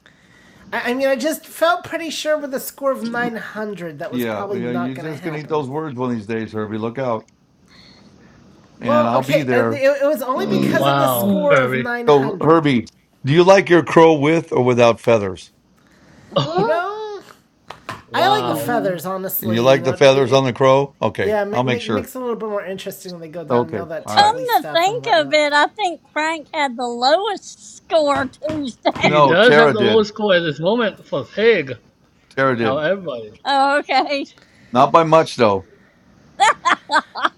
Speaker 1: I, I mean, I just felt pretty sure with a score of nine hundred that was
Speaker 3: Yeah, well,
Speaker 1: probably
Speaker 3: yeah,
Speaker 1: not
Speaker 3: you're
Speaker 1: gonna
Speaker 3: just gonna eat
Speaker 1: happen.
Speaker 3: those words one of these days, Herbie. Look out, and
Speaker 1: Well,
Speaker 3: I'll be
Speaker 1: okay, uh,
Speaker 3: there.
Speaker 1: it, it was only because of the
Speaker 9: Wow,
Speaker 1: score of
Speaker 9: Herbie.
Speaker 1: nine
Speaker 3: So,
Speaker 1: hundred.
Speaker 3: Herbie, do you like your crow with or without feathers?
Speaker 1: You
Speaker 9: Oh,
Speaker 1: know, I like the
Speaker 9: wow.
Speaker 1: feathers,
Speaker 3: You
Speaker 1: honestly. You
Speaker 3: like
Speaker 1: know,
Speaker 3: the
Speaker 1: it,
Speaker 3: feathers on the
Speaker 1: it
Speaker 3: crow? Okay,
Speaker 1: yeah,
Speaker 3: I'll
Speaker 1: make,
Speaker 3: make sure.
Speaker 1: makes it a little bit more interesting when they go down and
Speaker 3: Okay.
Speaker 1: all that
Speaker 3: All right.
Speaker 1: tickly
Speaker 2: to
Speaker 1: stuff and
Speaker 2: think of
Speaker 1: whatnot.
Speaker 2: it i think frank had the lowest score tuesday
Speaker 9: He
Speaker 3: No,
Speaker 9: does
Speaker 3: Tara
Speaker 9: have the
Speaker 3: did.
Speaker 9: lowest score at this moment for Pig
Speaker 3: Tara
Speaker 9: out
Speaker 3: did.
Speaker 9: of everybody.
Speaker 2: oh, okay
Speaker 3: Not by much, though.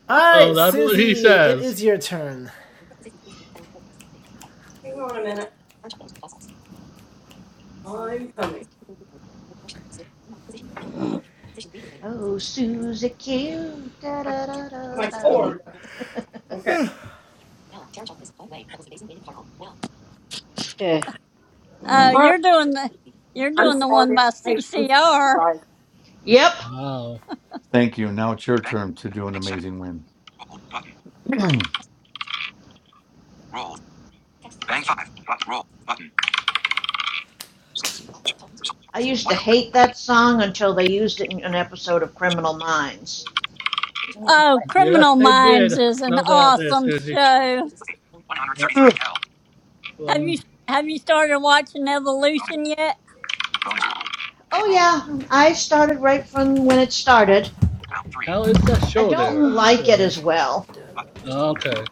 Speaker 1: All
Speaker 9: Oh,
Speaker 1: right,
Speaker 9: that's what he
Speaker 1: Susie, it
Speaker 9: says.
Speaker 1: is your turn.
Speaker 5: Oh, Susie Q. Da, da, da, da,
Speaker 11: My
Speaker 5: da.
Speaker 11: cord. Okay.
Speaker 2: uh
Speaker 11: All right.
Speaker 2: you're doing the you're
Speaker 11: I'm
Speaker 2: doing the one
Speaker 11: sorry.
Speaker 2: by
Speaker 11: I'm I'm sorry, you
Speaker 2: ccr
Speaker 11: guys.
Speaker 5: Yep,
Speaker 11: Seven,
Speaker 9: Wow.
Speaker 3: Thank you. Now it's your
Speaker 11: bank,
Speaker 3: turn to do an
Speaker 11: bank seven,
Speaker 3: amazing win.
Speaker 11: roll, button, roll, bank five, button, roll, button, six, two, result,
Speaker 5: I used to
Speaker 11: 130,
Speaker 5: hate that song until they used it in an episode of Criminal Minds.
Speaker 2: Oh,
Speaker 9: Yes,
Speaker 2: Criminal
Speaker 9: they
Speaker 2: Minds
Speaker 9: did.
Speaker 2: is an
Speaker 9: No doubt there,
Speaker 2: awesome
Speaker 9: Susie.
Speaker 2: show.
Speaker 9: Yeah.
Speaker 11: 133,
Speaker 3: Ugh,
Speaker 11: L,
Speaker 9: Sue
Speaker 2: Have you have you started watching
Speaker 11: bonus,
Speaker 2: Evolution yet?
Speaker 11: bonus, roll,
Speaker 5: Oh,
Speaker 11: hit, roll,
Speaker 5: yeah, I started right from when it
Speaker 11: round one,
Speaker 5: started.
Speaker 11: round three,
Speaker 9: How is
Speaker 11: round,
Speaker 9: that
Speaker 5: I don't
Speaker 9: shoulder,
Speaker 5: like
Speaker 9: Sue
Speaker 5: it as well.
Speaker 11: button,
Speaker 9: Oh, Okay.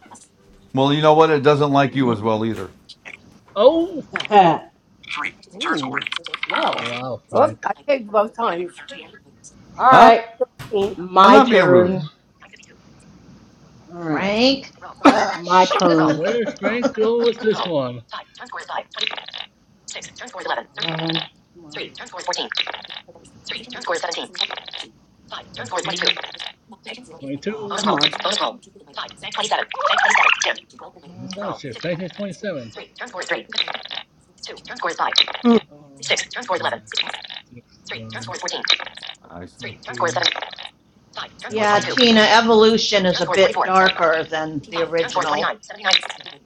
Speaker 3: well, you know what? It doesn't like you as well either.
Speaker 11: hit,
Speaker 9: Oh!
Speaker 11: three, turn score, hit.
Speaker 6: Well,
Speaker 9: Wow,
Speaker 11: Oop,
Speaker 9: Frank.
Speaker 11: I gave both times. 13.
Speaker 6: all
Speaker 3: Huh?
Speaker 6: right.
Speaker 3: I'm
Speaker 6: My
Speaker 3: not being
Speaker 6: turn.
Speaker 3: rude.
Speaker 6: All right.
Speaker 5: Frank,
Speaker 6: My
Speaker 5: hush.
Speaker 6: turn.
Speaker 9: Where's Frank going with this one?
Speaker 6: Six. Turn score is eleven. Turn score- Um, come on. Three. Turn score is fourteen.
Speaker 9: Seventeen, twenty-two.
Speaker 6: Oh, Bonus come roll. on. Bonus roll. Okay.
Speaker 9: It's no shift. Frank is 27.
Speaker 3: ugh.
Speaker 6: Oh. Six. Turn score is
Speaker 9: 5,
Speaker 6: eleven.
Speaker 9: 6, eleven,
Speaker 3: I,
Speaker 9: fourteen, seventeen,
Speaker 5: yeah, Tina, Evolution is a bit darker than the original.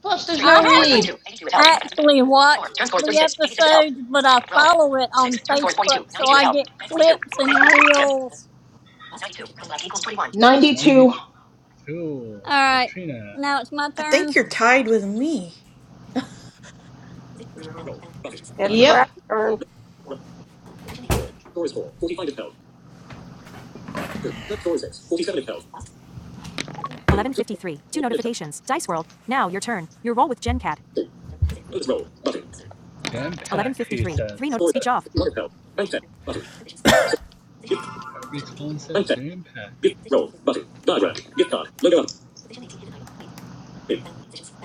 Speaker 5: Plus, there's no
Speaker 2: I
Speaker 5: Reed.
Speaker 2: have actually watched the episodes, but I follow it on Facebook, so I get clips and reels.
Speaker 6: 92. Rows left equals 21.
Speaker 9: ninety-two.
Speaker 6: 92.
Speaker 2: All
Speaker 9: for
Speaker 2: right,
Speaker 9: Trina.
Speaker 2: now it's my
Speaker 8: I think
Speaker 2: turn.
Speaker 8: you're tied with me.
Speaker 11: It's
Speaker 5: Yep.
Speaker 11: Blackburn.
Speaker 9: Jam pack, he says. Herbie's phone says jam pack.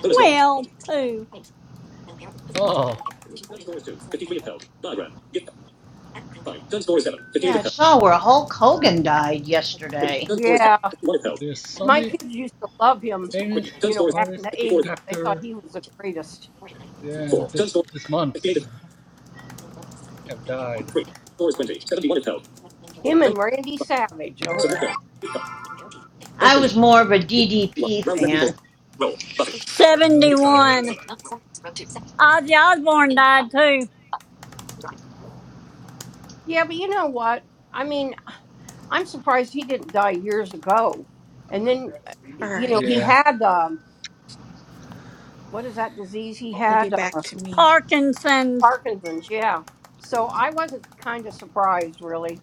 Speaker 2: Well, poo.
Speaker 9: Oh,
Speaker 5: Yeah, I saw where Hulk Hogan died yesterday.
Speaker 11: Yeah.
Speaker 9: there's so
Speaker 11: My
Speaker 9: many
Speaker 11: kids used to love him,
Speaker 9: famous
Speaker 11: you know, back in
Speaker 9: artists,
Speaker 11: the 80s. They thought
Speaker 9: actor.
Speaker 11: he was the greatest.
Speaker 9: Yeah, this this month have died.
Speaker 11: Him and Randy Savage. Oh.
Speaker 5: I was more of a DDP fan.
Speaker 9: Okay.
Speaker 2: Seventy-one. Ozzy Osbourne died too.
Speaker 11: Yeah, but you know what? I mean, I'm surprised he didn't die years ago. And then, uh,
Speaker 8: All
Speaker 11: you know,
Speaker 8: right.
Speaker 11: he
Speaker 9: Yeah.
Speaker 11: had, um, what is that disease? He
Speaker 8: It'll be
Speaker 11: had
Speaker 8: back
Speaker 11: uh,
Speaker 8: to me.
Speaker 2: Parkinson's.
Speaker 11: Parkinson's. Yeah. So I wasn't kind of surprised, really.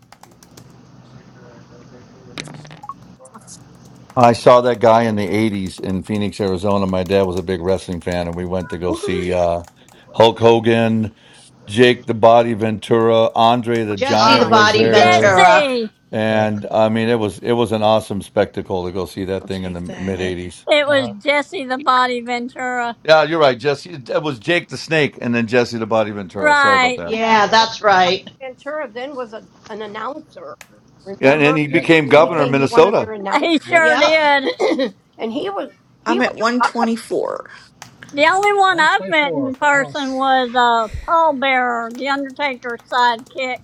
Speaker 3: I saw that guy in the 80s in Phoenix, Arizona. My dad was a big wrestling fan, and we went to go
Speaker 8: What?
Speaker 3: see uh, Hulk Hogan, Jake the Body Ventura, Andre the
Speaker 5: Jesse
Speaker 3: Giant
Speaker 5: the
Speaker 11: Ah,
Speaker 3: was
Speaker 5: Body
Speaker 9: Oh,
Speaker 3: there.
Speaker 9: nice,
Speaker 5: Ventura.
Speaker 2: Jesse.
Speaker 9: Frank.
Speaker 3: And I mean, it was it was an awesome spectacle to go see that
Speaker 8: I'll
Speaker 3: thing in the
Speaker 8: take
Speaker 3: mid
Speaker 8: that.
Speaker 3: '80s.
Speaker 2: It
Speaker 9: Uh
Speaker 2: was
Speaker 9: huh.
Speaker 2: Jesse the Body Ventura.
Speaker 3: Yeah, you're right, Jesse. That was Jake the Snake, and then Jesse the Body Ventura. Sorry about
Speaker 2: Right.
Speaker 3: that.
Speaker 11: yeah.
Speaker 5: Yeah,
Speaker 11: yeah.
Speaker 5: that's
Speaker 11: The Bob
Speaker 5: right.
Speaker 11: Ventura then was a, an announcer.
Speaker 3: Yeah, and then
Speaker 11: Remember?
Speaker 3: he
Speaker 9: Yes,
Speaker 3: became
Speaker 9: it
Speaker 11: He
Speaker 3: governor of
Speaker 11: became
Speaker 9: was.
Speaker 11: one of
Speaker 3: Minnesota.
Speaker 11: their
Speaker 2: He
Speaker 11: announcers.
Speaker 9: Yeah.
Speaker 2: sure
Speaker 5: Yep.
Speaker 2: did.
Speaker 11: and he was he
Speaker 8: I'm
Speaker 11: was
Speaker 8: at
Speaker 11: uh,
Speaker 8: 124.
Speaker 2: The only one
Speaker 9: One
Speaker 2: I've met
Speaker 9: twenty-four
Speaker 2: in
Speaker 9: for
Speaker 2: person
Speaker 9: us.
Speaker 2: was uh, Paul Bearer, the Undertaker's sidekick.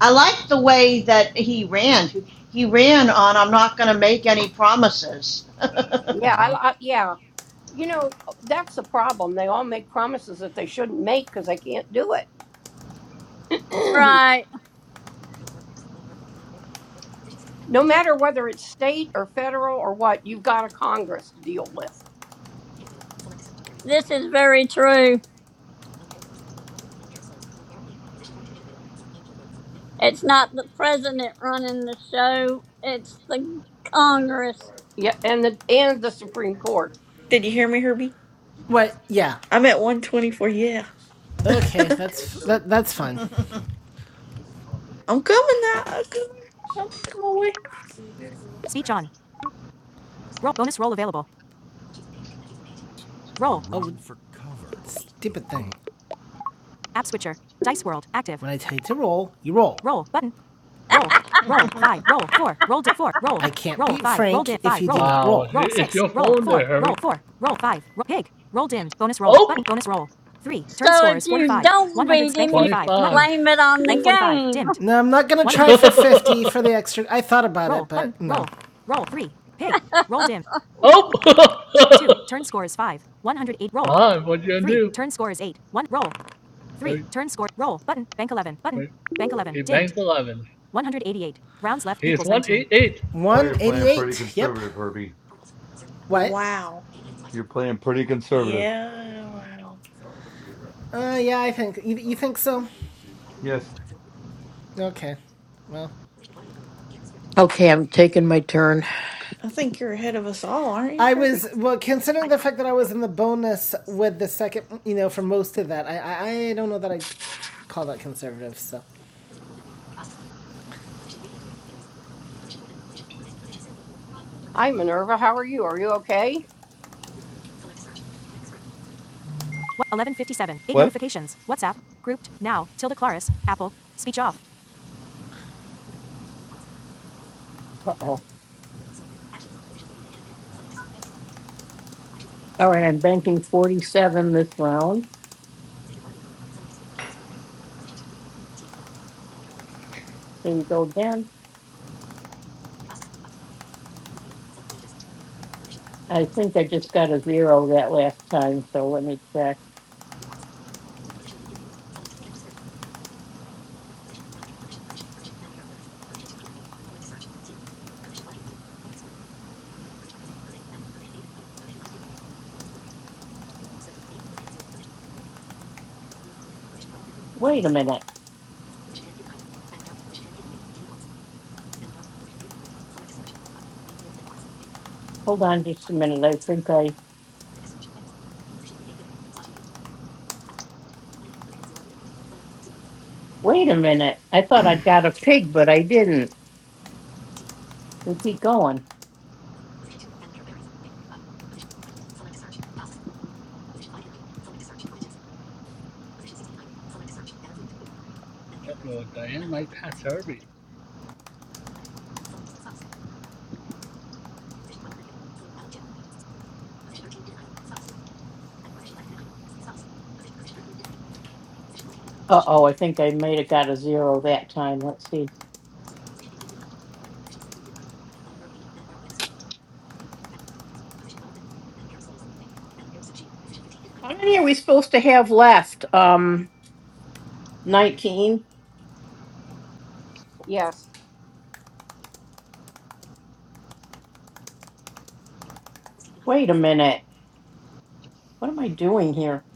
Speaker 5: I liked the way that he ran. He ran on, I'm not going to make any promises.
Speaker 11: yeah
Speaker 9: Uh huh.
Speaker 11: I, I yeah you know that's the problem they all make promises that they shouldn't make because they can't do it
Speaker 2: Right.
Speaker 11: no matter whether it's state or federal or what you've got a congress to deal with
Speaker 2: This is very true. It's not the president running the show, it's the Congress.
Speaker 11: yeah and the and the supreme court
Speaker 8: Did you hear me, Herbie?
Speaker 1: Wait, yeah.
Speaker 8: I'm at 124. Yeah. I'm
Speaker 1: Okay,
Speaker 8: coming
Speaker 1: that's that, that's fine.
Speaker 8: now. I'm coming. I'm making my way.
Speaker 1: Stupid thing. When I tell you to roll, you roll.
Speaker 9: Wow, i- it's your phone there, Harry. Oh,
Speaker 2: So if you don't beat him, you can
Speaker 9: 25.
Speaker 2: blame it on the game.
Speaker 1: No, I'm not gonna for fifty for the extra. I thought about
Speaker 9: oh, five. What you gonna do? Wait, wait. He banks eleven. He is one eight eight.
Speaker 3: Oh, you're playing pretty
Speaker 1: 188. Yep.
Speaker 3: conservative, Herbie.
Speaker 1: What?
Speaker 8: Wow.
Speaker 3: You're playing pretty conservative.
Speaker 8: Yeah. Wow.
Speaker 1: Uh, yeah, I think. You, you think so?
Speaker 3: Yes.
Speaker 1: Okay. Well,
Speaker 7: Okay, I'm taking my turn.
Speaker 8: I think you're ahead of us all, aren't you,
Speaker 1: I
Speaker 8: Herbie?
Speaker 1: was, well, considering the fact that I was in the bonus with the second, you know, for most of that, I, I, I don't know that I call that conservative, so.
Speaker 11: hi minerva how are you are you okay
Speaker 3: What?
Speaker 7: Uh-oh. All right, I'm banking 47 this round. Here we go again. I think I just got a zero that last time, so let me check. Wait a minute. Hold on just a minute. I think I. Wait a minute. I thought I'd got a pig, but I didn't. We keep going.
Speaker 9: Uh oh, Diane might pass Herbie.
Speaker 7: Uh oh, I think I may have got a zero that time. Let's see. How many are we supposed to have left? Um, 19?
Speaker 11: yes
Speaker 7: Wait a minute. What am I doing here?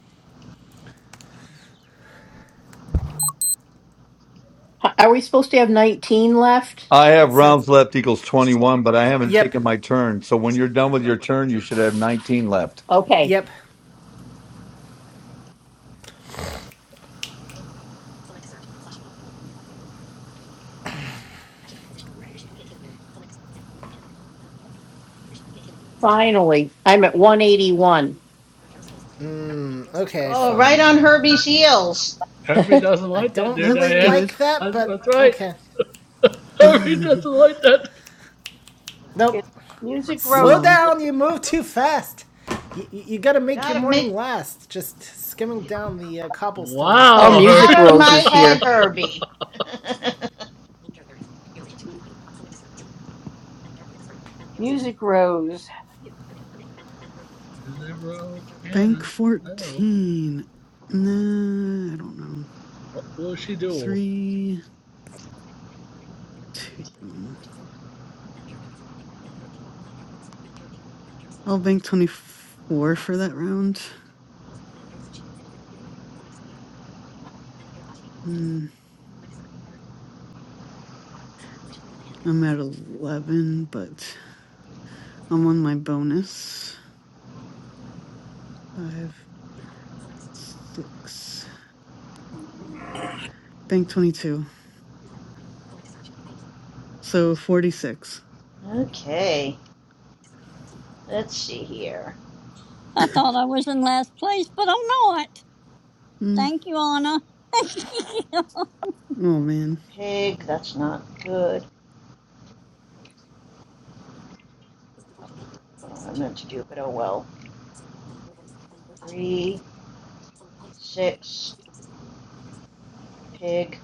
Speaker 7: H- Are we supposed to have 19 left?
Speaker 3: I
Speaker 1: That
Speaker 3: have
Speaker 1: sounds.
Speaker 3: rounds left equals 21, but I haven't
Speaker 1: Yep.
Speaker 3: taken my turn. So when you're done with your turn, you should have 19 left.
Speaker 7: Okay,
Speaker 1: Yep.
Speaker 7: Finally, I'm at 181.
Speaker 1: Mm, okay,
Speaker 5: oh, right
Speaker 1: fine.
Speaker 5: on Herbie's heels.
Speaker 9: Herbie doesn't
Speaker 1: I
Speaker 9: like that,
Speaker 1: don't
Speaker 9: dear
Speaker 1: really
Speaker 12: that's
Speaker 9: Diane.
Speaker 12: good.
Speaker 1: like that,
Speaker 9: That's,
Speaker 1: but
Speaker 9: that's right.
Speaker 1: okay.
Speaker 9: Herbie
Speaker 12: no,
Speaker 9: doesn't like that.
Speaker 1: Nope.
Speaker 11: it's music rose
Speaker 1: Slow down. You move too fast. You, you, you got to make your
Speaker 5: Gotta
Speaker 1: morning
Speaker 5: make,
Speaker 1: last. Just skimming down the uh, cobblestones
Speaker 7: Oh,
Speaker 1: there,
Speaker 9: Wow,
Speaker 5: get
Speaker 1: and uh,
Speaker 9: Herbie.
Speaker 7: Music
Speaker 5: out of
Speaker 7: Rose
Speaker 5: my
Speaker 7: is here.
Speaker 5: head, Herbie.
Speaker 11: music rose
Speaker 9: you never understand.
Speaker 12: bank
Speaker 9: I don't know.
Speaker 12: fourteen. No, I don't know.
Speaker 9: What will she do?
Speaker 12: Three two. um, I'll bank twenty four for that round. Mm, I'm at eleven, but I'm on my bonus. Five, six. Bank 22. So 46.
Speaker 5: okay, let's see here.
Speaker 2: I thought I was in last place, but I'm not.
Speaker 12: Mm.
Speaker 2: Thank you, Anna.
Speaker 12: Oh man.
Speaker 5: Pig, that's not good. I I meant to do, but oh well. Three, six, Pig.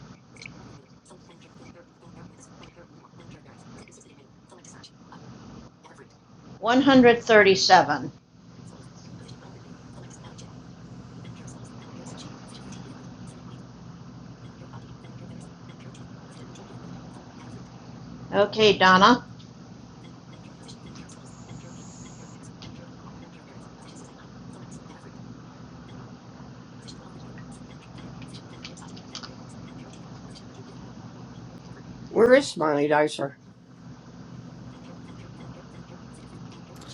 Speaker 5: 137. Okay, Donna.
Speaker 11: where is smiley dicer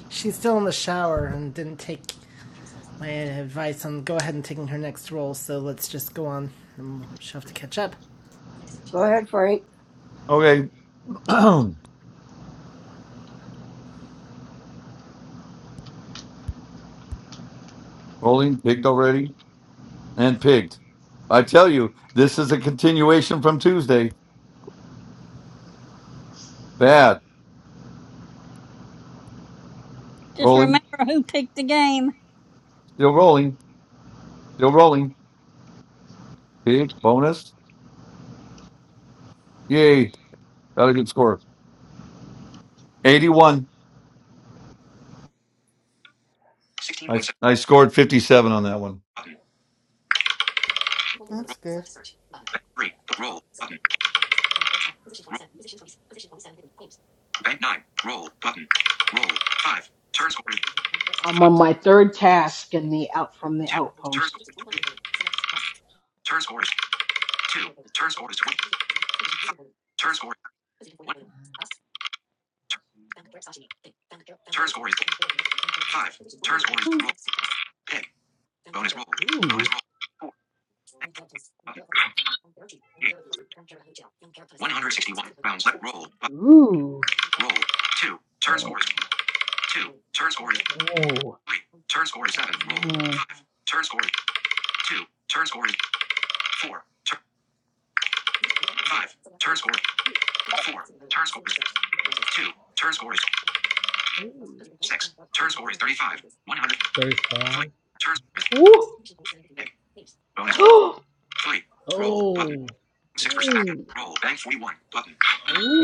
Speaker 1: she's still in the shower and didn't take my advice on go ahead and taking her next role. So let's just go on. And she'll have to catch up.
Speaker 11: go ahead frank
Speaker 3: Okay. Rolling, pigged already, and pigged. I tell you, this is a continuation from Tuesday. Bad.
Speaker 2: Just
Speaker 3: Rolling,
Speaker 2: remember who picked the game.
Speaker 3: still rolling, still rolling. See, bonus. Yay. Got a good score. 81. I,
Speaker 11: 16.7
Speaker 3: I scored 57 on that one.
Speaker 11: button.
Speaker 12: That's good.
Speaker 11: Roll. Three. Roll. Button. Bank nine. Roll button. Roll five. Turn score is
Speaker 6: I'm
Speaker 11: five.
Speaker 6: on my third task in the out from the
Speaker 11: Two. Turn score
Speaker 6: outpost.
Speaker 11: is twenty. Turn score is two. Turn score is twenty. Five. Turn score is one. Turn, turn score is five. Turn score is
Speaker 6: Hmm.
Speaker 11: roll. Pig. Bonus roll. Bonus
Speaker 6: Ooh.
Speaker 11: roll. Four. Bank four. Button. Eight. One hundred sixty-one rounds left. Roll. Button.
Speaker 6: Ooh.
Speaker 11: Roll. Two. Turn score is two. Turn score is
Speaker 6: Ooh.
Speaker 11: three. Turn score is seven. Roll.
Speaker 6: Ooh.
Speaker 11: Five. Turn score is two. Turn score is four. Turn five. Turn score is four. Turn score is two. Turn score is Six. Turn score is 35. 100. Three.
Speaker 9: 35?
Speaker 11: Turn score is
Speaker 6: Ooh. Ooh.
Speaker 11: bank. Bonus. Three. Roll. Button.
Speaker 9: Oh,
Speaker 11: 6% action.
Speaker 6: Ooh.
Speaker 11: Roll. Bank 41. Button.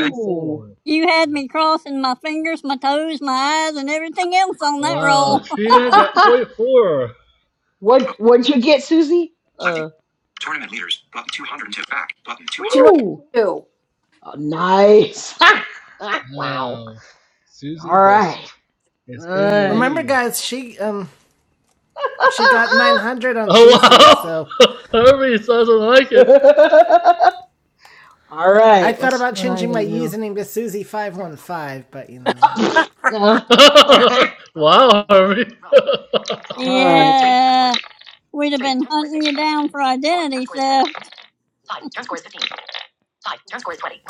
Speaker 11: Bank.
Speaker 2: You had me crossing my fingers, my toes, my eyes, and everything else on that
Speaker 9: Wow,
Speaker 2: roll.
Speaker 9: Trina got 44.
Speaker 6: what
Speaker 11: Bo-
Speaker 6: what'd you get, Susie?
Speaker 11: Left.
Speaker 6: Uh
Speaker 11: Tournament leaders. Button 202. Back. Button 200.
Speaker 6: ooh.
Speaker 11: 202.
Speaker 6: Oh, nice. wow.
Speaker 9: Wow. Susie
Speaker 6: All
Speaker 9: just
Speaker 6: right. All
Speaker 9: is in the
Speaker 6: right.
Speaker 1: Remember,
Speaker 9: lead.
Speaker 1: guys, she um she got 900 on
Speaker 9: Oh,
Speaker 1: Tuesday,
Speaker 9: wow.
Speaker 1: so
Speaker 9: Herbie doesn't like it.
Speaker 6: All
Speaker 1: I
Speaker 6: right.
Speaker 1: thought
Speaker 6: Let's see
Speaker 1: about
Speaker 6: what I
Speaker 1: changing
Speaker 6: can
Speaker 1: my
Speaker 6: do.
Speaker 1: username to Susie 515, but you know, uh,
Speaker 6: No.
Speaker 9: wow, Herbie.
Speaker 6: All right.
Speaker 2: Yeah, we'd have been hunting you down for identity theft.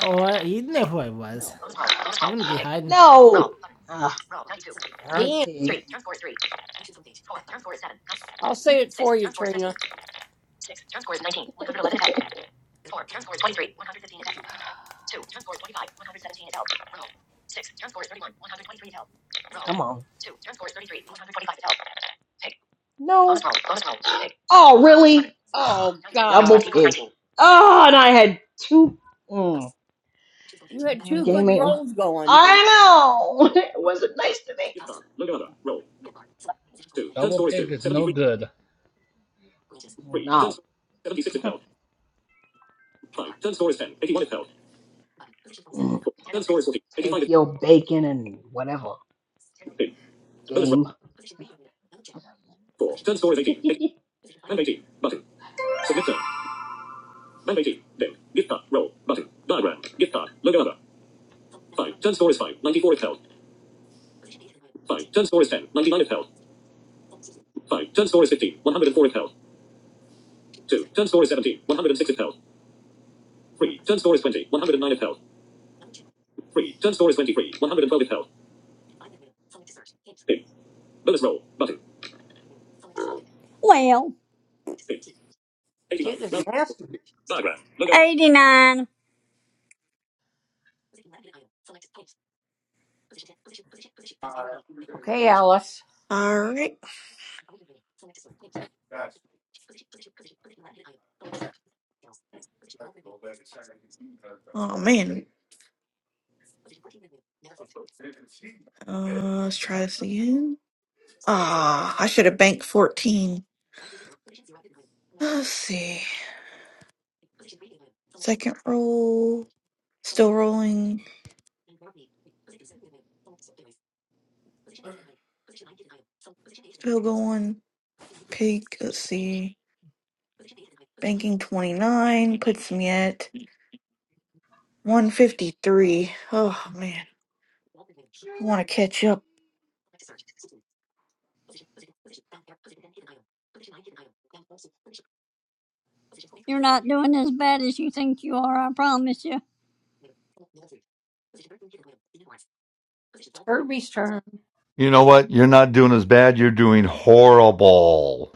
Speaker 1: oh, I- you'd know who I was.
Speaker 6: No.
Speaker 1: I wouldn't be hiding.
Speaker 6: No. Ah, darn
Speaker 11: Damn.
Speaker 6: pig.
Speaker 11: I'll say it for you, Trina.
Speaker 6: Come on. No. Oh, really? Ugh,
Speaker 11: Oh, God.
Speaker 6: Double pig. Oh, and I had two. Mm.
Speaker 11: You had
Speaker 6: Now the
Speaker 11: two
Speaker 6: game
Speaker 11: good
Speaker 6: ain't.
Speaker 11: rolls going.
Speaker 6: I know. It wasn't nice to me.
Speaker 9: Double pick is no good.
Speaker 6: No. Mm, Take your bacon and whatever game.
Speaker 2: Well, 89.
Speaker 11: Pig is
Speaker 2: No,
Speaker 11: nasty.
Speaker 2: diagram. Look at- eighty-nine.
Speaker 11: Okay, Alice.
Speaker 8: All right. Oh, man. Uh, let's try this again. Ah, I should have banked 14. Let's see. Second roll. Still rolling. Still going. Pig, let's see. Banking 29 puts me at 153. Oh, man. I want to catch up.
Speaker 2: You're not doing as bad as you think you are, I promise you.
Speaker 11: Turby's turn.
Speaker 3: You know what? You're not doing as bad. You're doing horrible.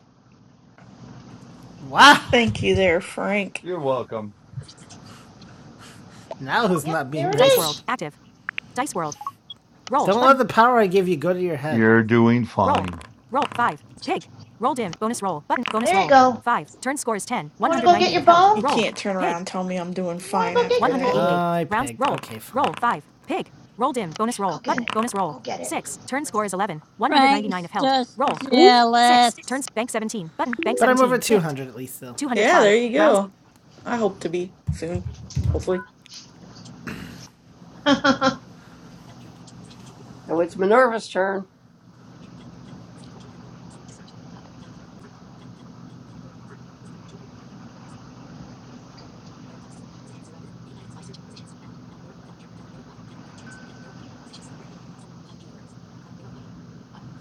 Speaker 1: Wow.
Speaker 8: Thank you there, Frank.
Speaker 3: You're welcome.
Speaker 1: Now who's
Speaker 5: Yep,
Speaker 1: not being
Speaker 5: there it
Speaker 1: nice?
Speaker 5: is.
Speaker 1: Don't one. let the power I give you go to your head.
Speaker 3: You're doing fine.
Speaker 5: There you go. You want to go get your
Speaker 8: You
Speaker 5: bone?
Speaker 8: can't turn around and tell me I'm doing
Speaker 5: You want to
Speaker 8: fine
Speaker 5: go get
Speaker 8: after
Speaker 5: your
Speaker 8: that.
Speaker 5: bone?
Speaker 1: I Okay,
Speaker 5: Go get it. Go get it.
Speaker 2: Frank's just
Speaker 8: Ooh,
Speaker 2: jealous.
Speaker 1: seventeen. But I'm over 200 at least, though.
Speaker 8: Yeah, there you go. I hope to be soon, hopefully.
Speaker 11: So it's Minerva's turn.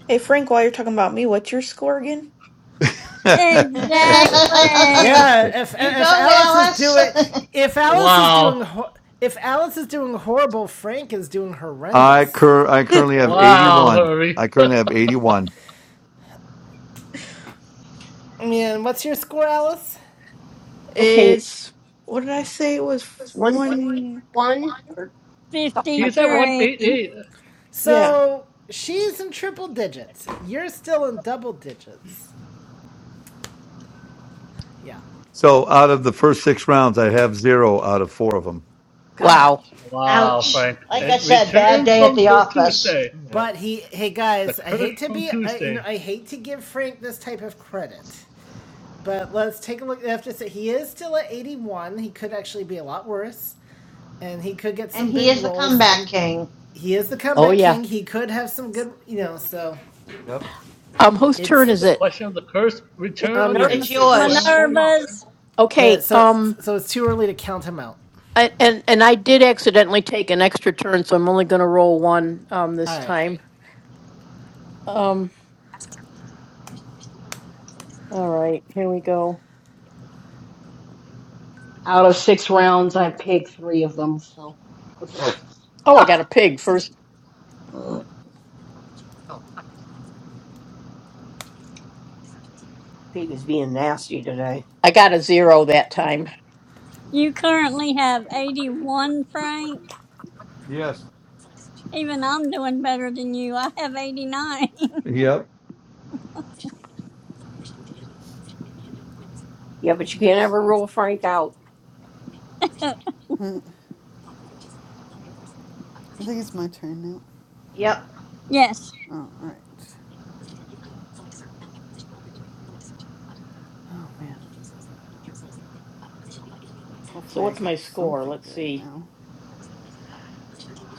Speaker 8: Hey, Frank, while you're talking about me, what's your score again?
Speaker 2: Exactly.
Speaker 1: Yeah, if
Speaker 5: you
Speaker 1: if
Speaker 5: go,
Speaker 1: Alice is
Speaker 5: Alice.
Speaker 1: doing if Alice is doing
Speaker 9: Wow.
Speaker 1: if Alice is doing horrible, Frank is doing
Speaker 3: I
Speaker 1: horrendous.
Speaker 3: cur- I currently have
Speaker 9: Wow,
Speaker 3: 81.
Speaker 9: Herbie.
Speaker 3: I currently have 81.
Speaker 1: Man, what's your score, Alice?
Speaker 7: Okay.
Speaker 8: It's, what did I say? It was
Speaker 11: 151
Speaker 8: one.
Speaker 11: or something like
Speaker 9: He's at
Speaker 11: that.
Speaker 2: 53.
Speaker 9: 188.
Speaker 8: Yeah.
Speaker 1: So she's in triple digits. You're still in double digits. Yeah.
Speaker 3: So out of the first six rounds, I have zero out of four of them.
Speaker 11: God.
Speaker 7: Wow.
Speaker 9: Wow,
Speaker 5: Ouch.
Speaker 9: Frank.
Speaker 5: Like
Speaker 3: Yeah.
Speaker 5: I
Speaker 9: It
Speaker 5: said, bad
Speaker 9: returns
Speaker 5: day at
Speaker 9: from
Speaker 5: the
Speaker 9: the
Speaker 5: office.
Speaker 9: Tuesday.
Speaker 3: Yep.
Speaker 1: But he, hey
Speaker 9: The
Speaker 1: guys, I
Speaker 9: curse
Speaker 1: hate to
Speaker 9: from
Speaker 1: be, I, you know,
Speaker 9: Tuesday.
Speaker 1: I hate to give Frank this type of credit. But let's take a look. I have to say, he is still at 81. He could actually be a lot worse. And he could get
Speaker 5: And
Speaker 1: some
Speaker 5: he
Speaker 1: big
Speaker 5: is the
Speaker 1: roles.
Speaker 5: comeback
Speaker 1: And
Speaker 5: king.
Speaker 1: he is the
Speaker 7: Oh
Speaker 1: comeback
Speaker 7: yeah.
Speaker 1: king. He could have some good, you know, so
Speaker 3: Yep.
Speaker 7: Um, whose turn
Speaker 1: it's,
Speaker 9: Or
Speaker 7: is
Speaker 9: the
Speaker 7: it?
Speaker 9: question of the curse
Speaker 11: It's
Speaker 9: return
Speaker 1: I'm
Speaker 11: Minerva.
Speaker 9: on
Speaker 5: It's
Speaker 1: yours.
Speaker 9: Tuesday for him
Speaker 5: yours.
Speaker 9: or not.
Speaker 2: Minerva's,
Speaker 1: But
Speaker 7: Okay.
Speaker 1: so,
Speaker 7: Um,
Speaker 1: so it's too early to count him out.
Speaker 7: I, and and I did accidentally take an extra turn, so I'm only going to roll one um
Speaker 1: All
Speaker 7: this
Speaker 1: right.
Speaker 7: time. Um. All right. Here we go.
Speaker 6: Out of six rounds, I picked three of them. So.
Speaker 7: Oh, I got a pig first.
Speaker 6: Uh,
Speaker 11: Pete is being nasty today.
Speaker 7: I got a zero that time.
Speaker 2: you currently have 81, Frank.
Speaker 3: Yes.
Speaker 2: Even I'm doing better than you. I have 89.
Speaker 3: Yep.
Speaker 11: Yeah,
Speaker 12: I
Speaker 11: but you
Speaker 12: think
Speaker 11: can't
Speaker 12: it's
Speaker 11: ever rule Frank out.
Speaker 12: I think it's my turn now.
Speaker 5: Yep.
Speaker 2: Yes.
Speaker 12: Oh, all right. Oh man.
Speaker 7: So
Speaker 12: Hopefully I
Speaker 7: what's
Speaker 12: get
Speaker 7: my score?
Speaker 12: something
Speaker 7: Let's
Speaker 12: good
Speaker 7: see.
Speaker 12: now.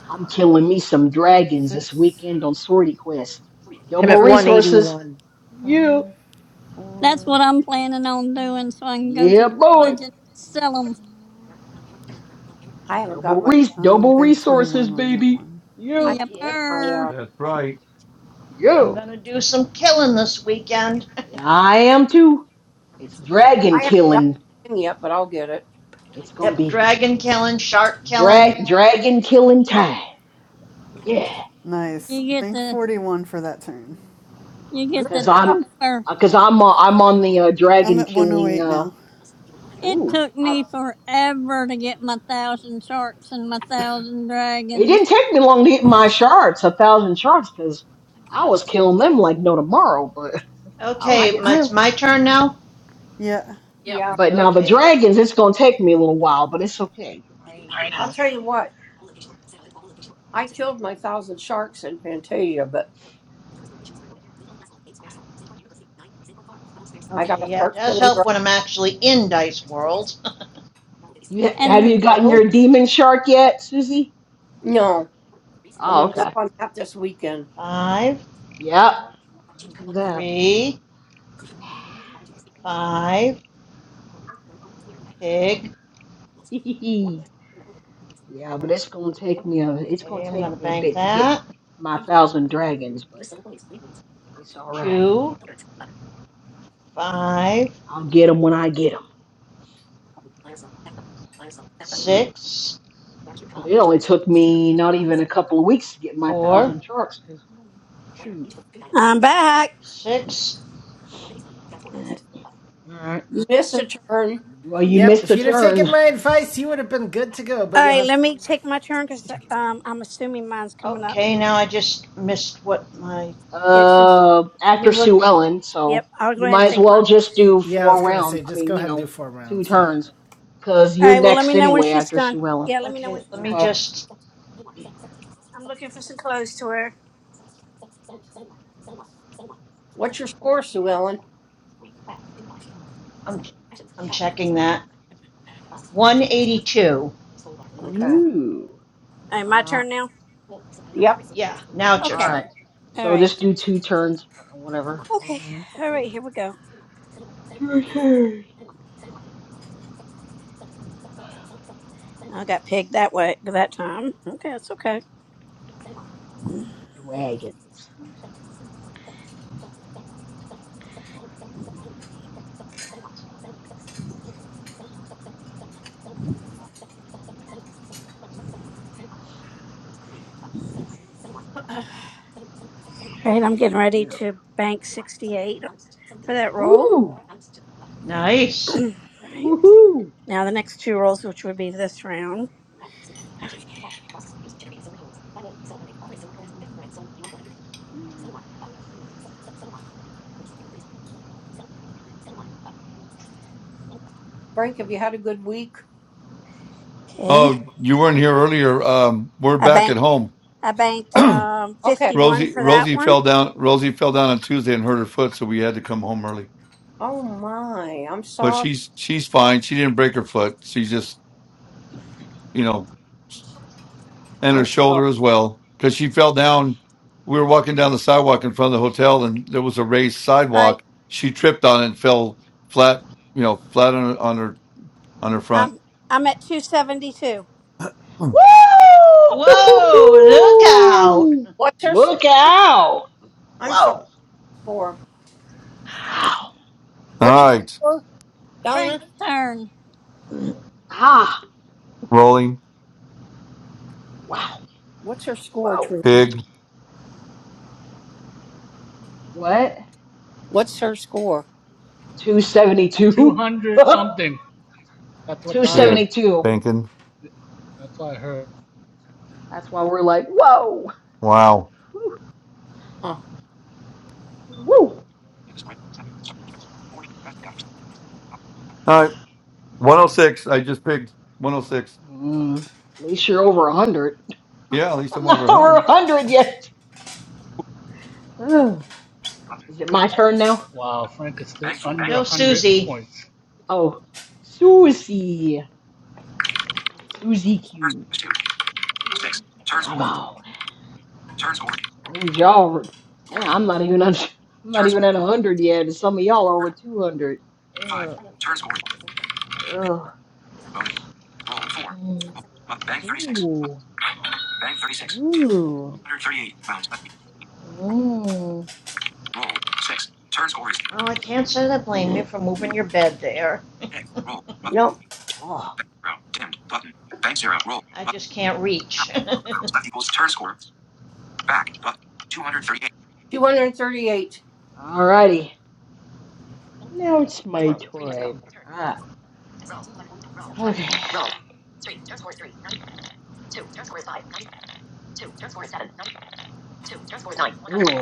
Speaker 6: I'm killing me some dragons this
Speaker 12: Six,
Speaker 6: weekend on Swordy Quest.
Speaker 7: I'm
Speaker 6: Double
Speaker 7: at
Speaker 5: Yeah.
Speaker 6: resources.
Speaker 7: 181.
Speaker 6: Yeah.
Speaker 12: five,
Speaker 2: That's
Speaker 12: four.
Speaker 2: what I'm planning on doing so I can go to
Speaker 6: Yeah,
Speaker 2: the
Speaker 6: boy.
Speaker 2: village and sell sell 'em.
Speaker 11: I haven't got
Speaker 6: Double
Speaker 11: my
Speaker 6: res,
Speaker 12: Uh,
Speaker 6: double
Speaker 12: bank twenty
Speaker 6: resources,
Speaker 12: one on that
Speaker 6: baby.
Speaker 12: one.
Speaker 11: I
Speaker 6: Yeah.
Speaker 11: haven't
Speaker 5: Yep.
Speaker 11: got my
Speaker 2: Yepper.
Speaker 11: uh
Speaker 3: That's right.
Speaker 5: I'm
Speaker 6: Yeah.
Speaker 5: going to do some killing this weekend.
Speaker 6: I am too. It's
Speaker 11: I
Speaker 6: dragon
Speaker 11: haven't got
Speaker 6: killing.
Speaker 11: my thing yet, but I'll get it.
Speaker 6: It's gonna
Speaker 5: yep.
Speaker 6: be
Speaker 5: Dragon killing, shark killing,
Speaker 6: drag dragon killing time. Yeah.
Speaker 12: Nice.
Speaker 2: You get
Speaker 12: Bank
Speaker 2: the,
Speaker 12: forty one for that turn.
Speaker 2: you
Speaker 11: Good
Speaker 2: get
Speaker 6: Cause
Speaker 2: the
Speaker 11: job.
Speaker 6: I'm,
Speaker 2: twofer.
Speaker 6: uh, cause I'm, uh, I'm on the uh,
Speaker 12: I'm
Speaker 6: dragon
Speaker 12: at one oh
Speaker 6: killing.
Speaker 12: eight
Speaker 6: Uh,
Speaker 12: now.
Speaker 2: It
Speaker 6: ooh.
Speaker 2: took
Speaker 6: uh,
Speaker 2: me forever to get my thousand sharks and my thousand
Speaker 6: It didn't
Speaker 2: dragons
Speaker 6: take me long to hit my sharks, a thousand sharks, because I was killing them like no tomorrow, but I was
Speaker 11: I,
Speaker 5: Okay,
Speaker 6: getting
Speaker 11: I
Speaker 5: it's
Speaker 6: them.
Speaker 5: my turn now?
Speaker 12: Yeah,
Speaker 7: Yep.
Speaker 11: yeah.
Speaker 6: But now the
Speaker 5: Okay,
Speaker 6: dragons, it's gonna take me a little while, but it's okay. I, you
Speaker 11: I'll
Speaker 6: know,
Speaker 11: tell you what, I killed my thousand sharks in Fantasia, but I
Speaker 5: okay,
Speaker 11: gotta
Speaker 5: yeah, it
Speaker 11: start
Speaker 5: does
Speaker 11: killing
Speaker 5: help
Speaker 11: dra-
Speaker 5: when I'm actually in Dice World.
Speaker 6: you ha-
Speaker 2: and
Speaker 5: there
Speaker 6: have
Speaker 5: we
Speaker 6: you
Speaker 2: the
Speaker 6: gotten
Speaker 5: go.
Speaker 6: your demon shark yet, Susie?
Speaker 11: No. I'm
Speaker 6: Oh,
Speaker 11: gonna work
Speaker 6: okay.
Speaker 11: on that this weekend.
Speaker 5: Five,
Speaker 6: Yep, I do that.
Speaker 5: three, five, pig.
Speaker 6: yeah, but it's gonna take me a, it's gonna
Speaker 5: Okay, I'm going
Speaker 6: take
Speaker 5: to
Speaker 6: me a
Speaker 5: bank
Speaker 6: bit to get
Speaker 5: that.
Speaker 6: my thousand dragons, but it's all right.
Speaker 5: Two, five,
Speaker 6: I'll get them when I get them.
Speaker 5: six,
Speaker 6: But it only took me not even a couple of weeks to get my
Speaker 5: four,
Speaker 6: thousand sharks. Cause shoot,
Speaker 4: I'm back.
Speaker 5: six.
Speaker 6: all right.
Speaker 11: You missed a
Speaker 4: All
Speaker 11: turn.
Speaker 6: Well, you
Speaker 1: Yep,
Speaker 6: missed
Speaker 1: if
Speaker 6: a
Speaker 1: you'd have
Speaker 6: turn.
Speaker 1: taken my advice, you would have been good to go, but you'll
Speaker 4: right,
Speaker 1: have
Speaker 4: let
Speaker 1: to.
Speaker 4: me take my turn because um, I'm assuming mine's coming up.
Speaker 5: Okay, now I just missed what my.
Speaker 4: Yeah, since,
Speaker 6: Uh,
Speaker 5: Let
Speaker 6: after
Speaker 5: me look.
Speaker 6: Sue Ellen, so
Speaker 4: yep, I'll go
Speaker 6: you
Speaker 4: ahead
Speaker 6: might
Speaker 4: and
Speaker 6: as
Speaker 4: take
Speaker 6: well
Speaker 4: mine.
Speaker 6: just do
Speaker 1: Yeah, I was
Speaker 6: four
Speaker 1: gonna say,
Speaker 6: rounds. I
Speaker 1: just go
Speaker 6: mean, you
Speaker 1: ahead and do
Speaker 6: know,
Speaker 1: four
Speaker 6: two
Speaker 1: rounds.
Speaker 6: turns, cause
Speaker 4: All
Speaker 6: you're
Speaker 4: right, well, let
Speaker 6: next
Speaker 4: me know when
Speaker 6: anyway
Speaker 4: she's
Speaker 6: after
Speaker 4: done.
Speaker 6: Sue
Speaker 5: uh,
Speaker 6: Ellen.
Speaker 4: Yeah, let me know when
Speaker 5: Okay,
Speaker 4: she's
Speaker 5: let me
Speaker 4: done.
Speaker 6: Okay.
Speaker 5: just.
Speaker 4: I'm looking for some clothes to wear.
Speaker 11: What's your score, Sue Ellen?
Speaker 5: I'm, I'm checking
Speaker 6: I,
Speaker 5: that. 182.
Speaker 11: Okay.
Speaker 6: ooh.
Speaker 4: All right,
Speaker 6: All
Speaker 4: my
Speaker 6: right.
Speaker 4: turn now.
Speaker 11: Yep.
Speaker 5: Yeah, now it's your
Speaker 6: All
Speaker 4: Okay.
Speaker 5: turn.
Speaker 6: right.
Speaker 4: All
Speaker 6: So
Speaker 4: right.
Speaker 6: just do two turns or whatever, four
Speaker 4: Okay.
Speaker 6: rounds.
Speaker 4: All right, here we go.
Speaker 6: Two turns.
Speaker 4: I got pegged that way that time. Okay, that's okay.
Speaker 6: Dragons.
Speaker 4: All right, I'm getting ready
Speaker 6: Yeah.
Speaker 4: to bank 68 for that roll.
Speaker 6: Woo!
Speaker 4: All
Speaker 5: Nice.
Speaker 4: right.
Speaker 6: Woo-hoo!
Speaker 4: Now the next two rolls, which would be this round.
Speaker 11: Frank, have you had a good week?
Speaker 4: Okay.
Speaker 3: Oh, you weren't here earlier. Um, we're
Speaker 4: I
Speaker 3: back at
Speaker 4: banked
Speaker 3: home.
Speaker 4: I banked
Speaker 11: Oh you
Speaker 4: um,
Speaker 11: okay.
Speaker 4: 51
Speaker 3: Rosie
Speaker 4: for that
Speaker 3: Rosie fell
Speaker 4: one.
Speaker 3: down Rosie fell down on Tuesday and hurt her foot, so we had to come home early.
Speaker 11: Oh my, I'm
Speaker 3: But
Speaker 11: sorry.
Speaker 3: she's she's fine. She didn't break her foot. She just you know and her
Speaker 11: I'm sorry.
Speaker 3: shoulder as well because she fell down. We were walking down the sidewalk in front of the hotel, and there was a raised
Speaker 4: All right.
Speaker 3: sidewalk. She tripped on it and fell flat, you know, flat on, on her on her front.
Speaker 4: I'm I'm at 272.
Speaker 5: Whoa, look out!
Speaker 6: Woo!
Speaker 11: What's her score?
Speaker 6: Look out!
Speaker 11: I'm sorry.
Speaker 6: Whoa!
Speaker 11: score?
Speaker 6: Wow!
Speaker 3: Hmm.
Speaker 11: What's
Speaker 3: All
Speaker 11: your
Speaker 3: right,
Speaker 11: score, Donna?
Speaker 2: Frank's turn.
Speaker 6: Ah!
Speaker 3: rolling
Speaker 6: Wow!
Speaker 11: What's her score,
Speaker 6: Whoa!
Speaker 11: Trina?
Speaker 3: pig
Speaker 6: What?
Speaker 11: What's her score?
Speaker 6: 272?
Speaker 9: 200 something. That's what Don is.
Speaker 3: head
Speaker 6: 272.
Speaker 3: banking.
Speaker 9: That's what I heard.
Speaker 6: That's why we're like, whoa!
Speaker 3: Wow.
Speaker 7: Huh.
Speaker 6: Woo!
Speaker 11: News break. Sorry, County. 40 West after
Speaker 3: All right, one hundred six. I just pigged one hundred six.
Speaker 6: Mm, at least you're over 100.
Speaker 3: Yeah, at least
Speaker 6: I'm
Speaker 3: I'm over
Speaker 6: not
Speaker 3: one
Speaker 6: over
Speaker 3: hundred
Speaker 6: 100 yet. Ugh.
Speaker 11: five years. Button.
Speaker 6: Is it my turn now?
Speaker 9: Wow, Frank is still
Speaker 11: Bank for bank.
Speaker 9: under
Speaker 5: No,
Speaker 9: 100
Speaker 5: Susie.
Speaker 9: points.
Speaker 6: Oh, Susie. Susie
Speaker 11: Turns
Speaker 6: Q.
Speaker 11: two. Six. Turns
Speaker 6: Come
Speaker 11: or
Speaker 6: on,
Speaker 11: turns or
Speaker 6: please, y'all. were-
Speaker 11: or
Speaker 6: Man, I'm not even under, I'm not
Speaker 11: turns
Speaker 6: even at a hundred yet, and some of y'all are over two hundred.
Speaker 11: five.
Speaker 6: Uh,
Speaker 11: Turns or
Speaker 6: uh,
Speaker 11: bonus. Roll four.
Speaker 6: mm,
Speaker 11: Roll. Up. Bank 36.
Speaker 6: ooh,
Speaker 11: Bank 36. Dim.
Speaker 6: ooh,
Speaker 11: 138 rounds left.
Speaker 6: mm.
Speaker 11: Roll. Roll. Six. Turns or is
Speaker 5: Well, I can't say that I blame you for moving your bed there.
Speaker 11: egg. Roll. Up. No.
Speaker 6: Oh,
Speaker 11: Bank zero. Dimmed. Button. Bank zero. Roll.
Speaker 5: I
Speaker 11: Button.
Speaker 5: just can't reach.
Speaker 11: Rounds left equals turn score. Back button. 238. 238.
Speaker 6: alrighty. Now it's my turn. Ah, okay. Ooh,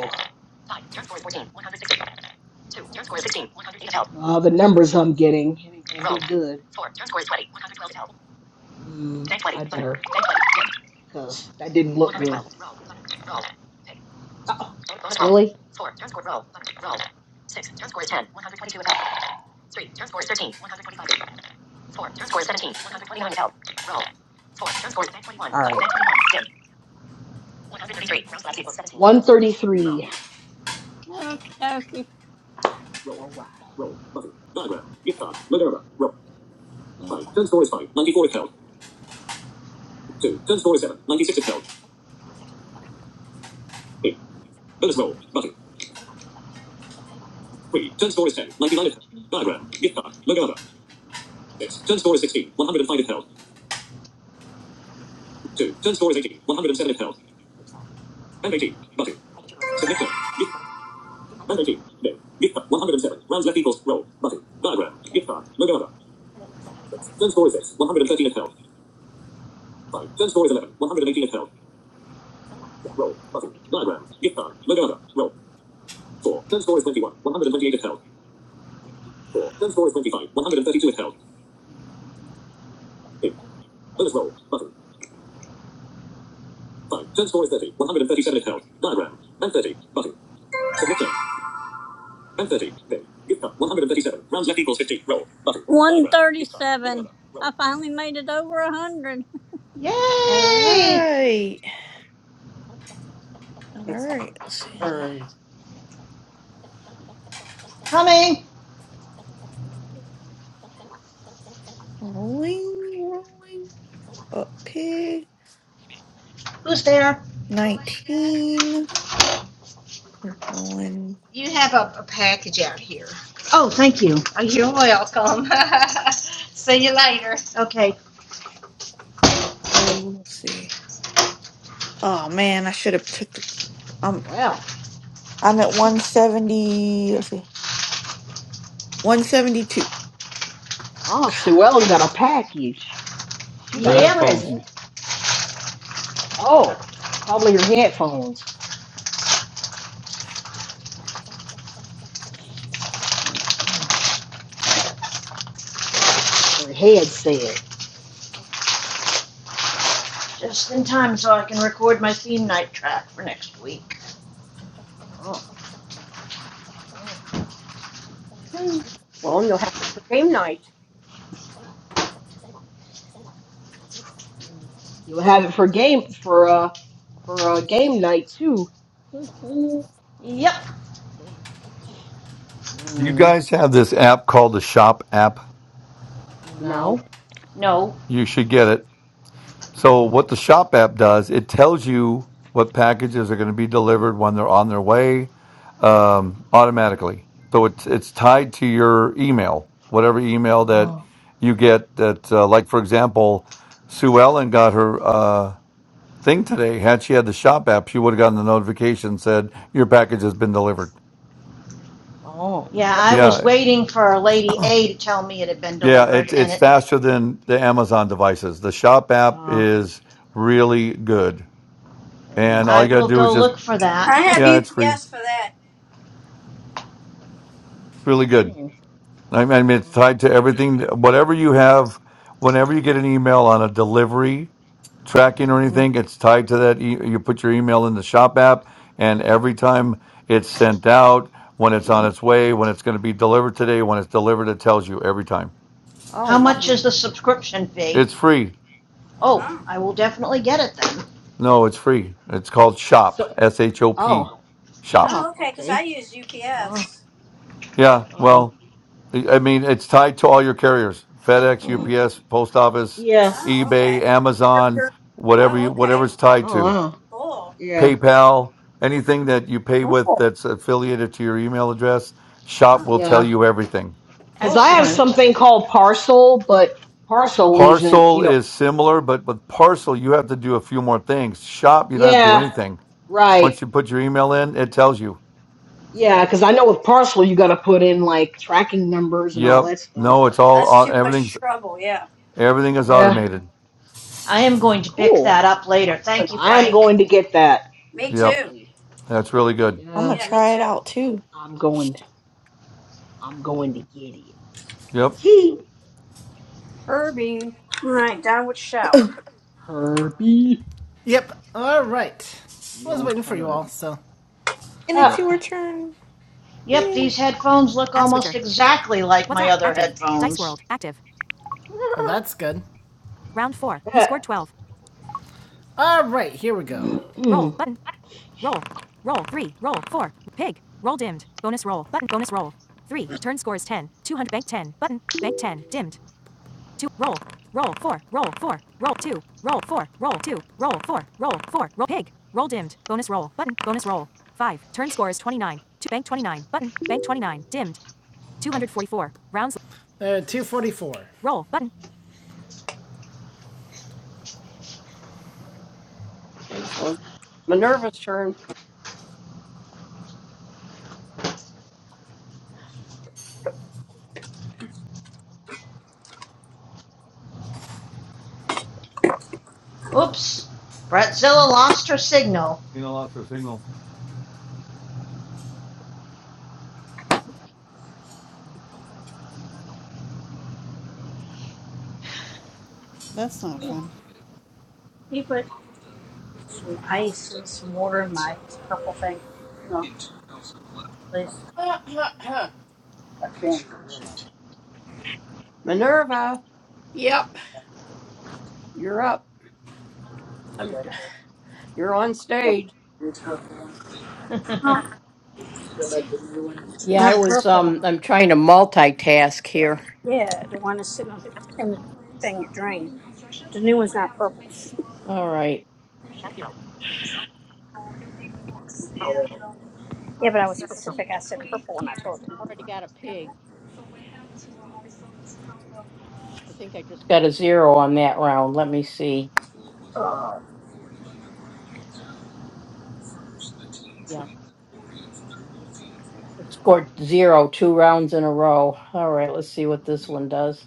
Speaker 6: uh, the numbers I'm getting it ain't gonna be good. Mm, I better, cause that didn't look good. Oh, really? All right. 133.
Speaker 2: Okay, okay.
Speaker 6: All right.
Speaker 2: 130. Big. Gift card. 137. Rounds left equals 50. Roll. Button. 137. I finally made it over 100.
Speaker 8: All
Speaker 5: Yay!
Speaker 8: right. All
Speaker 11: It's
Speaker 8: right. Let's see.
Speaker 11: or
Speaker 5: Coming!
Speaker 8: Rolling, rolling. Up pig.
Speaker 5: Who's there?
Speaker 8: 19. We're going.
Speaker 5: Oh, thank you. Okay.
Speaker 8: Oh, let's see. Oh man, I should have took the. I'm
Speaker 6: Well,
Speaker 8: I'm at 170. Let's see. 172.
Speaker 6: oh, Sue Ellen got a package. She
Speaker 3: for
Speaker 6: got a
Speaker 5: Yep.
Speaker 3: headphones.
Speaker 6: present. Oh, probably her headphones. Her headset.
Speaker 5: Just in time so I can record my theme night track for next week.
Speaker 6: Oh. oh.
Speaker 11: well, you'll have it for game night.
Speaker 6: You'll have it for game for uh for uh game night too. Mm-hmm.
Speaker 5: Yep.
Speaker 3: You
Speaker 6: Mm,
Speaker 3: guys have this app called the Shop app.
Speaker 11: No.
Speaker 6: no.
Speaker 5: No.
Speaker 3: You should get it. So, what the Shop app does, it tells you what packages are going to be delivered when they're on their way um, automatically. So, it's, it's tied to your email, whatever email that
Speaker 6: Oh.
Speaker 3: you get. That, uh, like, for example, Sue Ellen got her uh, thing today. Had she had the Shop app, she would have gotten the notification said, Your package has been delivered.
Speaker 6: Oh.
Speaker 5: Yeah,
Speaker 11: That,
Speaker 5: I was
Speaker 3: Yeah.
Speaker 5: waiting for Lady A to tell me it had been
Speaker 3: Yeah,
Speaker 5: delivered,
Speaker 3: it's
Speaker 5: and
Speaker 3: it's
Speaker 5: it.
Speaker 3: faster than the Amazon devices. The Shop app
Speaker 6: Uh.
Speaker 3: is really good,
Speaker 6: Mm,
Speaker 3: and all
Speaker 5: I
Speaker 3: you got to
Speaker 5: will
Speaker 3: do
Speaker 5: go
Speaker 3: is just
Speaker 5: look for that.
Speaker 4: I
Speaker 6: mm,
Speaker 4: have
Speaker 3: yeah, it's free,
Speaker 4: UPS for that.
Speaker 3: really good.
Speaker 6: mm,
Speaker 3: I mean, I mean, it's tied to everything, whatever you have. Whenever you get an email on a delivery tracking
Speaker 6: mm,
Speaker 3: or
Speaker 6: mm.
Speaker 3: anything, it's tied to that. E- you put your email in the Shop app, and every time it's sent out, when it's on its way, when it's going to be delivered today, when it's delivered, it tells you every time.
Speaker 11: oh,
Speaker 5: How
Speaker 11: wow.
Speaker 5: much
Speaker 6: Oh,
Speaker 5: is the subscription fee?
Speaker 3: It's free.
Speaker 5: Oh,
Speaker 4: Oh.
Speaker 5: I will definitely get it then.
Speaker 3: No, it's free. It's called
Speaker 6: so,
Speaker 3: Shop, S H O P,
Speaker 6: oh,
Speaker 3: Shop.
Speaker 4: Oh,
Speaker 6: shop.
Speaker 4: okay, because I
Speaker 6: Okay.
Speaker 4: use
Speaker 6: Oh,
Speaker 4: UPS.
Speaker 3: Yeah,
Speaker 6: oh,
Speaker 3: well, I I mean, it's tied to all your carriers: FedEx, UPS, Post Office,
Speaker 6: yeah.
Speaker 4: Oh, okay.
Speaker 3: eBay,
Speaker 11: Your
Speaker 3: Amazon,
Speaker 11: turn.
Speaker 3: whatever
Speaker 4: Oh,
Speaker 3: you, whatever
Speaker 4: okay.
Speaker 3: it's tied
Speaker 6: Oh,
Speaker 3: to.
Speaker 6: wow.
Speaker 4: Cool.
Speaker 6: Yeah,
Speaker 3: PayPal, anything that you pay with
Speaker 11: Cool.
Speaker 3: that's affiliated to your email address, Shop
Speaker 4: Oh,
Speaker 3: will tell
Speaker 6: yeah.
Speaker 3: you everything.
Speaker 6: Because I
Speaker 4: cool.
Speaker 6: have
Speaker 5: Excellent.
Speaker 6: something called parcel, but parcel leaves in,
Speaker 3: Parcel
Speaker 6: you know,
Speaker 3: is similar, but with Parcel, you have to do a few more things. Shop, you don't have to do
Speaker 6: yeah,
Speaker 3: anything.
Speaker 6: right.
Speaker 3: Once you put your email in, it tells you.
Speaker 6: Yeah, because I know with parcel, you got to put in like tracking numbers and all
Speaker 3: Yep.
Speaker 6: that stuff.
Speaker 3: No, it's
Speaker 6: And
Speaker 3: all
Speaker 4: That's
Speaker 3: on
Speaker 4: too
Speaker 3: everything's
Speaker 4: much trouble. Yeah.
Speaker 3: Everything is
Speaker 6: yeah,
Speaker 3: automated.
Speaker 5: I am going to pick
Speaker 6: cool.
Speaker 5: that up later. Thank you,
Speaker 6: I am
Speaker 5: Frank.
Speaker 6: going to get that.
Speaker 4: Me
Speaker 3: Yep.
Speaker 4: too.
Speaker 6: Definitely.
Speaker 3: That's really good.
Speaker 8: I'm gonna
Speaker 6: Yeah,
Speaker 4: Yeah, me
Speaker 8: try
Speaker 4: too.
Speaker 8: it out too.
Speaker 6: I'm going. I'm going to get it.
Speaker 3: Yep.
Speaker 6: He,
Speaker 11: Kirby.
Speaker 4: All right, downward shower.
Speaker 6: Herbie.
Speaker 1: Yep, alright. I was
Speaker 6: Your
Speaker 1: waiting for you all,
Speaker 6: turn.
Speaker 1: so.
Speaker 8: And it's
Speaker 3: Yep.
Speaker 6: Ah,
Speaker 8: your turn.
Speaker 5: Yep,
Speaker 8: Yay.
Speaker 5: these headphones look almost exactly like my other headphones.
Speaker 1: Well, that's good.
Speaker 6: ah,
Speaker 1: Alright, here we go. Uh, 244.
Speaker 11: Okay, so Minerva's turn.
Speaker 5: Oops, Bretzilla lost her signal.
Speaker 3: Trina lost her signal.
Speaker 12: that's not fun.
Speaker 11: Minerva,
Speaker 7: yep.
Speaker 11: you're up.
Speaker 7: I'm
Speaker 11: You're on stage.
Speaker 7: Yeah, I was um I'm trying to multitask here.
Speaker 4: Yeah, the one that's sitting on in the thing you drain. The new one's not purple.
Speaker 7: All right.
Speaker 4: Yeah, but I was specific. I said purple when I told you.
Speaker 7: Already got a pig. I think I just got a zero on that round. Let me see. Yeah. I scored zero two rounds in a row. All right, let's see what this one does.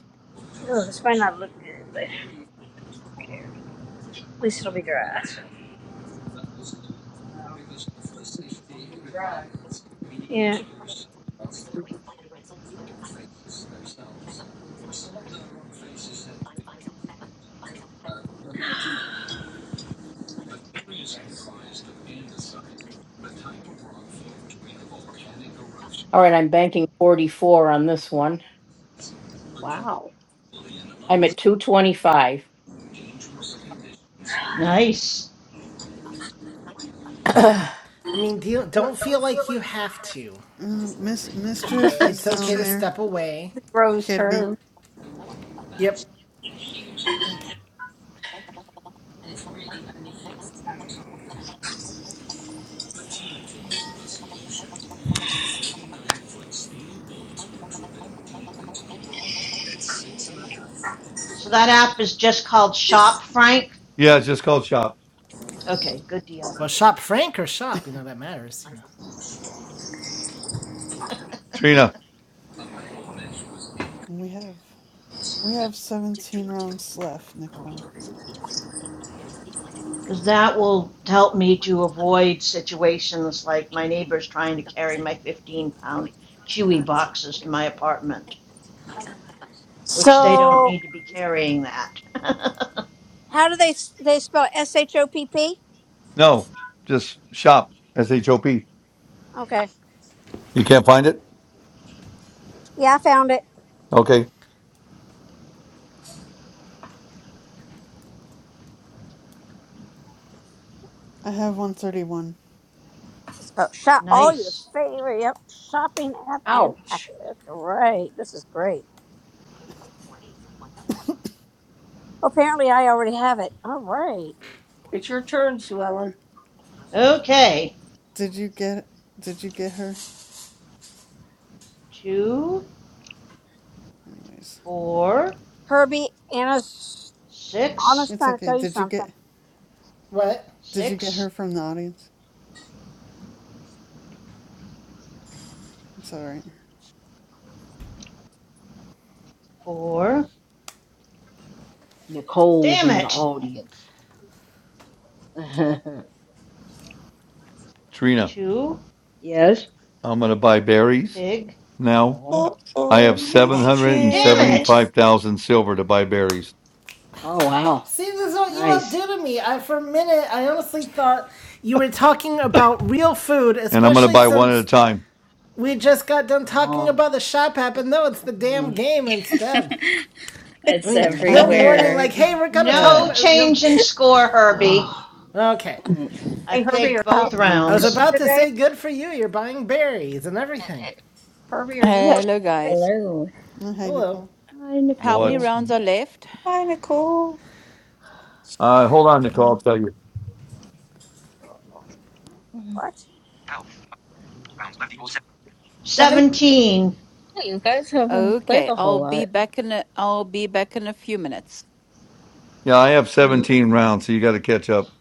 Speaker 4: Yeah.
Speaker 7: All right, I'm banking 44 on this one.
Speaker 11: Wow.
Speaker 7: I'm at 225.
Speaker 5: nice.
Speaker 1: I mean, do you, don't feel like you have to.
Speaker 12: Uh, Miss mischief is
Speaker 1: It's okay
Speaker 12: down
Speaker 1: to
Speaker 12: there.
Speaker 1: step away.
Speaker 11: It's Rose's
Speaker 12: Kirby.
Speaker 11: turn.
Speaker 1: Yep.
Speaker 12: Yeah.
Speaker 5: So that app is just called Shop, Frank?
Speaker 3: Yeah, it's just called shop.
Speaker 5: Okay, good deal.
Speaker 1: Well, shop Frank or shop, you know, that matters, you know.
Speaker 3: Trina.
Speaker 12: And we have we have seventeen rounds left, Nicole.
Speaker 5: Because that will help me to avoid situations like my neighbors trying to carry my 15 pound Chewy boxes to my apartment. which they don't
Speaker 4: So
Speaker 5: need to be carrying that.
Speaker 4: how do they they spell S H O P P?
Speaker 3: No, just shop. S H O P.
Speaker 4: Okay.
Speaker 3: You can't find it?
Speaker 4: Yeah, I found it.
Speaker 3: Okay.
Speaker 12: I have 131.
Speaker 4: So shop all your
Speaker 5: nice.
Speaker 4: favorite yep, shopping app and
Speaker 11: Ouch.
Speaker 4: package. Great. This is great. Apparently I already have it. All right.
Speaker 11: It's your turn, Sue Ellen.
Speaker 5: Okay.
Speaker 12: Did you get did you get her?
Speaker 5: Two,
Speaker 12: Anyways,
Speaker 5: four,
Speaker 4: Herbie, Anna's
Speaker 5: six,
Speaker 4: Anna's
Speaker 12: it's
Speaker 4: trying to
Speaker 12: okay.
Speaker 4: tell you
Speaker 12: Did you
Speaker 4: something.
Speaker 12: get
Speaker 1: What?
Speaker 12: did you get her
Speaker 5: six,
Speaker 12: from the audience? It's all right.
Speaker 5: four.
Speaker 6: Nicole's
Speaker 5: Damn
Speaker 6: in the
Speaker 5: it.
Speaker 6: audience.
Speaker 3: Trina,
Speaker 5: Two,
Speaker 6: yes.
Speaker 3: I'm going to buy berries
Speaker 5: pig.
Speaker 3: now.
Speaker 6: Oh.
Speaker 3: I
Speaker 8: Uh-oh,
Speaker 3: have
Speaker 6: Oh.
Speaker 5: Damn it.
Speaker 8: mischief.
Speaker 3: 775,000 silver to buy berries,
Speaker 6: Oh wow.
Speaker 1: See, this is what you all
Speaker 6: Nice.
Speaker 1: do to me. I, for a minute, I honestly thought you were talking
Speaker 3: and
Speaker 1: about real food,
Speaker 3: I'm going to
Speaker 1: especially
Speaker 3: buy one at a
Speaker 1: since
Speaker 3: time.
Speaker 1: We just got done talking
Speaker 6: Oh.
Speaker 1: about the shop app, and no, it's the damn
Speaker 6: Mm,
Speaker 1: game instead. I
Speaker 13: It's
Speaker 1: mean,
Speaker 6: mm,
Speaker 12: I
Speaker 1: no
Speaker 8: Hi,
Speaker 12: know,
Speaker 1: warning,
Speaker 13: everywhere.
Speaker 1: like,
Speaker 12: right?
Speaker 1: hey, we're gonna talk
Speaker 5: No
Speaker 6: yeah.
Speaker 1: about, you
Speaker 5: change in score, Herbie.
Speaker 6: Ugh.
Speaker 1: know. Okay.
Speaker 6: Mm,
Speaker 5: I
Speaker 11: Hey, Herbie,
Speaker 5: pigged
Speaker 11: are
Speaker 5: both
Speaker 14: How?
Speaker 1: I
Speaker 6: mm.
Speaker 1: was
Speaker 5: rounds.
Speaker 1: about
Speaker 11: you
Speaker 1: to
Speaker 11: today?
Speaker 1: say, good for you, you're buying berries and
Speaker 13: Uh,
Speaker 1: everything.
Speaker 13: uh,
Speaker 11: Herbie, are you
Speaker 6: Yeah.
Speaker 11: cooking
Speaker 14: Hello,
Speaker 11: today?
Speaker 14: guys.
Speaker 13: Hello.
Speaker 12: Hi,
Speaker 1: Hello.
Speaker 12: Nicole.
Speaker 6: Hi,
Speaker 14: How many
Speaker 3: What?
Speaker 6: Nicole.
Speaker 14: rounds are left?
Speaker 8: Nicole.
Speaker 3: Uh, hold on, Nicole.
Speaker 12: Hi.
Speaker 3: I'll tell you.
Speaker 6: Mm,
Speaker 4: What?
Speaker 11: Help.
Speaker 6: do, do,
Speaker 11: Rounds
Speaker 6: do,
Speaker 11: left
Speaker 6: do.
Speaker 11: equals seven. Seven.
Speaker 5: 17.
Speaker 13: Oh, you guys haven't played
Speaker 14: Okay,
Speaker 13: a
Speaker 14: I'll
Speaker 13: whole
Speaker 14: be
Speaker 13: lot.
Speaker 14: back in a, I'll be back in a few minutes.
Speaker 3: Yeah, I have 17 rounds, so you got to catch up.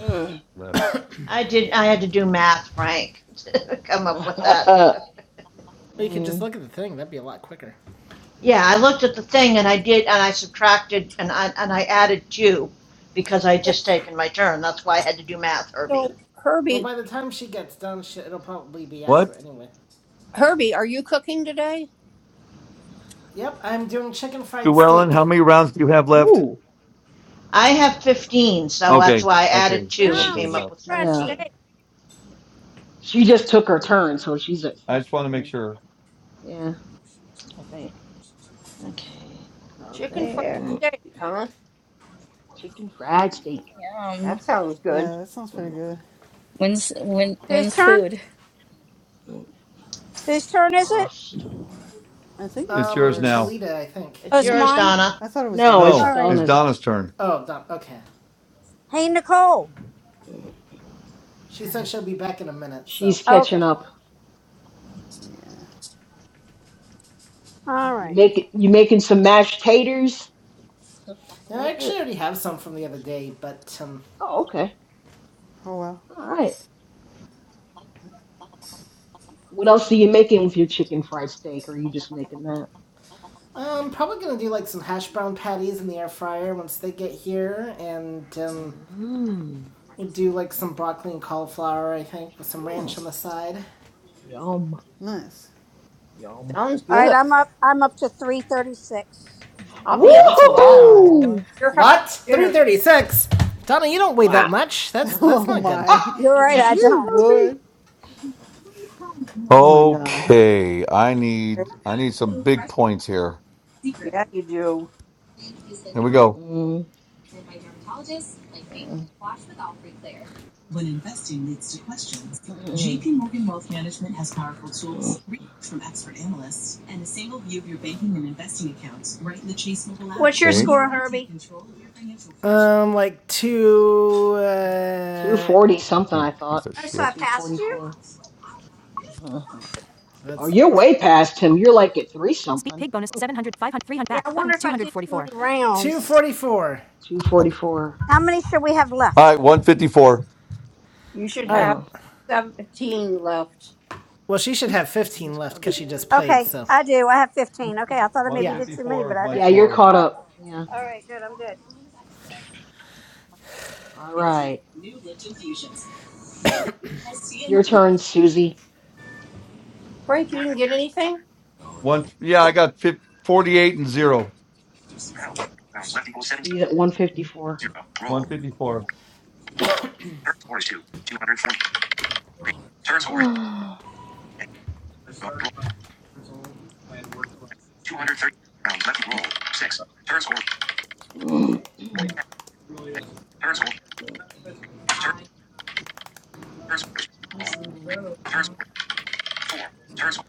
Speaker 6: Mm, mm.
Speaker 3: Left.
Speaker 5: I did. I had to do math, Frank, to come up with that. So.
Speaker 1: Or you could just
Speaker 6: Mm.
Speaker 1: look at the thing, that'd be a lot quicker.
Speaker 5: Yeah, I looked at the thing and I did, and I subtracted and I, and I added two because I had just taken my turn. That's why I had to do math,
Speaker 11: So
Speaker 5: Herbie.
Speaker 1: Well,
Speaker 11: Herbie,
Speaker 1: by the time she gets done, she, it'll probably be
Speaker 3: What?
Speaker 1: accurate anyway.
Speaker 11: Herbie, are you cooking today?
Speaker 1: Yep, I'm doing chicken fried
Speaker 3: Llewellyn,
Speaker 1: steak.
Speaker 3: how many rounds do you have left?
Speaker 6: Ooh.
Speaker 5: I have 15, so that's
Speaker 3: Okay.
Speaker 5: why I
Speaker 3: Okay.
Speaker 5: added
Speaker 6: Cause
Speaker 5: two and
Speaker 4: No,
Speaker 6: she,
Speaker 4: I'm
Speaker 3: Okay.
Speaker 5: came
Speaker 4: sick
Speaker 5: up
Speaker 3: Yeah.
Speaker 5: with
Speaker 4: of fried
Speaker 6: yeah.
Speaker 5: 17.
Speaker 4: steak.
Speaker 6: She just took her turn, so she's at
Speaker 3: I just want to
Speaker 6: 50.
Speaker 3: make sure.
Speaker 6: Yeah, I think.
Speaker 5: Okay, go
Speaker 11: Chicken fried
Speaker 5: there.
Speaker 11: steak, huh?
Speaker 6: Chicken fried steak.
Speaker 13: Yum.
Speaker 11: That sounds good.
Speaker 12: Yeah, that sounds pretty good.
Speaker 13: When's when
Speaker 4: Whose
Speaker 13: when's
Speaker 4: turn?
Speaker 13: food?
Speaker 4: Whose turn is
Speaker 5: App
Speaker 6: Uh,
Speaker 4: it?
Speaker 5: Store.
Speaker 12: I think
Speaker 3: It's
Speaker 12: it's
Speaker 3: yours
Speaker 1: Um,
Speaker 3: now.
Speaker 12: yours.
Speaker 1: Trelita, I think.
Speaker 4: Oh,
Speaker 5: It's
Speaker 12: Or
Speaker 4: it's
Speaker 12: no,
Speaker 5: yours,
Speaker 4: mine.
Speaker 5: Donna.
Speaker 12: I thought it was
Speaker 6: no,
Speaker 1: Oh,
Speaker 6: it's
Speaker 4: All
Speaker 1: Don.
Speaker 3: No,
Speaker 12: Donna's.
Speaker 4: right.
Speaker 3: it's
Speaker 6: Donna's.
Speaker 3: Donna's turn.
Speaker 1: Oh, Don. Okay.
Speaker 4: Hey Nicole.
Speaker 1: She said she'll be back in a minute, so.
Speaker 6: She's catching
Speaker 4: Okay.
Speaker 6: up.
Speaker 12: Yeah.
Speaker 4: All
Speaker 6: You
Speaker 4: right.
Speaker 6: make it, you making some mashed taters
Speaker 1: Yeah, I
Speaker 6: with
Speaker 1: actually
Speaker 6: it?
Speaker 1: already have some from the other day, but, um.
Speaker 6: Oh, okay.
Speaker 12: Oh wow.
Speaker 6: All right. What else are you making with your chicken fried steak? Or are you just making that?
Speaker 1: I'm probably gonna do like some hash brown patties in the air fryer once they get here, and um,
Speaker 6: Mm.
Speaker 1: we'll do like some broccoli and cauliflower, I think, with some ranch
Speaker 6: Mm.
Speaker 1: on the side.
Speaker 6: Yum.
Speaker 12: Nice.
Speaker 6: Yum.
Speaker 11: Sounds
Speaker 4: All right,
Speaker 11: good.
Speaker 4: I'm up I'm up to three thirty six.
Speaker 11: I'll
Speaker 1: Oh,
Speaker 11: be up
Speaker 1: that's a
Speaker 12: Oh
Speaker 1: lot.
Speaker 12: my.
Speaker 6: Woohoo!
Speaker 13: Wow.
Speaker 11: at your house
Speaker 1: What?
Speaker 11: for
Speaker 1: Three
Speaker 11: dinner.
Speaker 1: thirty-six. Donna, you don't weigh
Speaker 6: Wow.
Speaker 1: that much. That's that's
Speaker 12: Oh
Speaker 1: not good.
Speaker 12: my.
Speaker 6: Ah!
Speaker 4: You're right, I
Speaker 12: You
Speaker 4: don't.
Speaker 6: Herbie.
Speaker 12: would.
Speaker 6: Oh my god.
Speaker 3: Okay. I need I need some big points here.
Speaker 11: Yeah, you do.
Speaker 3: Here we go.
Speaker 6: Mm, mm, mm, mm, mm,
Speaker 4: What's your
Speaker 3: Okay.
Speaker 4: score,
Speaker 6: mm.
Speaker 4: Herbie?
Speaker 1: Um, like two. Uh,
Speaker 6: 240 something,
Speaker 3: You
Speaker 6: I
Speaker 3: Piece
Speaker 6: thought.
Speaker 3: of
Speaker 4: Oh, so I
Speaker 3: shit.
Speaker 4: passed you?
Speaker 6: 244. oh,
Speaker 1: let's
Speaker 6: you're
Speaker 1: look.
Speaker 6: way past him. You're like at 3 something.
Speaker 4: Yeah, I wonder if I did too many
Speaker 1: Two
Speaker 4: rounds.
Speaker 1: forty-four.
Speaker 3: All
Speaker 6: 244.
Speaker 4: How many should we have left?
Speaker 3: right, 154.
Speaker 11: You should
Speaker 1: All right.
Speaker 11: have
Speaker 6: Mm.
Speaker 11: 17 left.
Speaker 1: Well, she should
Speaker 11: You-
Speaker 1: have fifteen
Speaker 7: Just
Speaker 1: left
Speaker 7: come
Speaker 1: because
Speaker 7: back.
Speaker 1: she just played.
Speaker 4: Okay,
Speaker 1: So,
Speaker 4: I do. I have 15. Okay, I thought I maybe
Speaker 1: yeah.
Speaker 4: did too many,
Speaker 3: 154
Speaker 4: but
Speaker 3: is
Speaker 4: I
Speaker 3: my
Speaker 6: Yeah,
Speaker 4: didn't.
Speaker 6: you're
Speaker 3: score.
Speaker 6: caught
Speaker 4: All right,
Speaker 6: up. Yeah.
Speaker 4: All right good. I'm good.
Speaker 6: All right. It's your turn, Susie.
Speaker 11: Frank, you didn't get anything?
Speaker 3: One yeah, I got fif- 48 and 0.
Speaker 11: Help. Rounds left equals 17.
Speaker 6: He's at 154.
Speaker 11: Zero. Roll.
Speaker 3: 154.
Speaker 11: Turn score is 2. 243. Turn score is
Speaker 6: All
Speaker 11: 230. Rounds left. Roll. 6. Turn score. Roll. 6. Turn score. Turn, turn score is roll. 3. Turn score. 4. Turn score.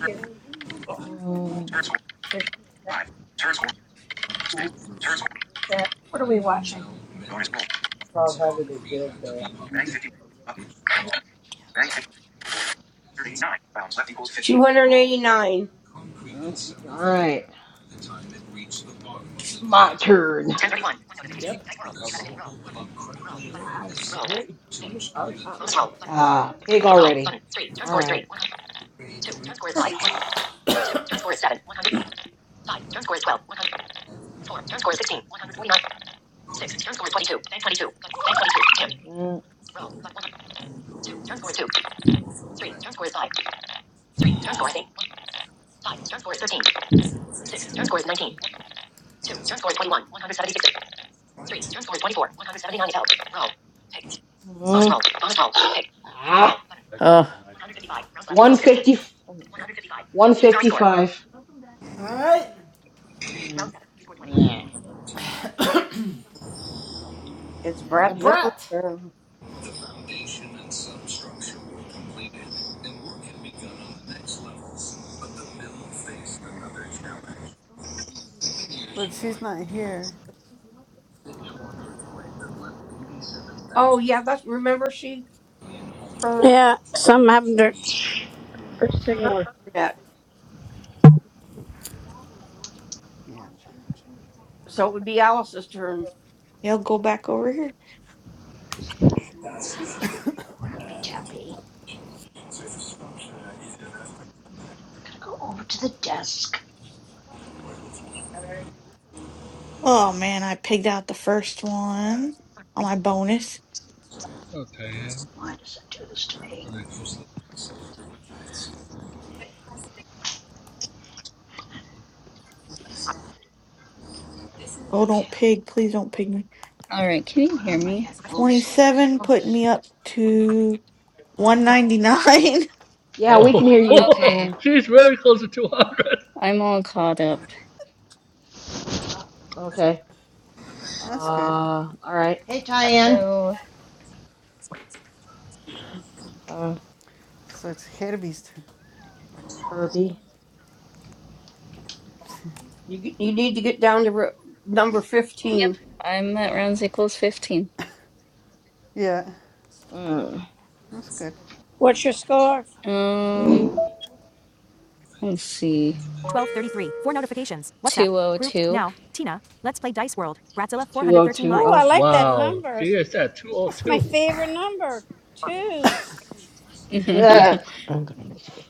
Speaker 11: Turn, turn score. 5. Turn score. 6. Turn score. Bonus roll. Up. Bank 50. Button. Bank 289. Rounds left equals 50. 289.
Speaker 6: right. My turn.
Speaker 1: Yep.
Speaker 6: Ah, pig already. All right. Six. Turn score is 22. Bank 22. Bank 22. Dim. Mm. Six. Turn score is 19. Bonus Mm. roll. Bonus roll. Pick. Ah.
Speaker 7: uh,
Speaker 6: 155. 150. 155.
Speaker 1: All right.
Speaker 6: Mm. Round seven. You scored 20. Yeah.
Speaker 11: It's
Speaker 1: And the
Speaker 11: Bratzilla's
Speaker 1: brat.
Speaker 11: turn.
Speaker 12: But she's not here.
Speaker 11: Oh, yeah. That's, remember she, her,
Speaker 4: Yeah, some haven't. done-
Speaker 11: her internet.
Speaker 12: Yeah.
Speaker 11: So it would be Alice's turn.
Speaker 8: Y'all go back over here.
Speaker 5: Oh, Crappy tappy. I'm gonna go over to the desk.
Speaker 8: Oh man, I pigged out the first one on my bonus.
Speaker 9: Okay,
Speaker 5: Why does it do this to me?
Speaker 9: really cool.
Speaker 8: Oh, don't
Speaker 5: Okay, let me
Speaker 8: pig. Please don't pig me.
Speaker 13: All right, can you
Speaker 5: put
Speaker 13: hear
Speaker 5: on my
Speaker 13: me?
Speaker 5: headphones so I can
Speaker 8: 27
Speaker 5: do
Speaker 8: put
Speaker 5: this.
Speaker 8: me up to 199.
Speaker 6: yeah, we can hear you,
Speaker 9: Oh,
Speaker 13: Okay.
Speaker 6: Tyan.
Speaker 9: she's very close to 200.
Speaker 13: I'm all caught up.
Speaker 6: Okay.
Speaker 12: That's good.
Speaker 6: Uh, all right.
Speaker 5: Hey, Tyann.
Speaker 13: Hello.
Speaker 6: Uh,
Speaker 12: So it's Herbie's turn.
Speaker 6: Herbie.
Speaker 11: You g- you need to get down to ro number
Speaker 13: Yep.
Speaker 11: fifteen.
Speaker 13: I'm at rounds equals 15.
Speaker 12: Yeah.
Speaker 6: Mm.
Speaker 12: That's good.
Speaker 4: What's your score?
Speaker 13: Um, let's see. 202.
Speaker 4: Oh, I
Speaker 6: 2020.
Speaker 4: like that
Speaker 9: Wow,
Speaker 4: number.
Speaker 9: she is at
Speaker 4: That's my
Speaker 9: 202.
Speaker 4: favorite number. Twos.
Speaker 7: I,
Speaker 6: Yeah.
Speaker 7: I'm gonna miss it.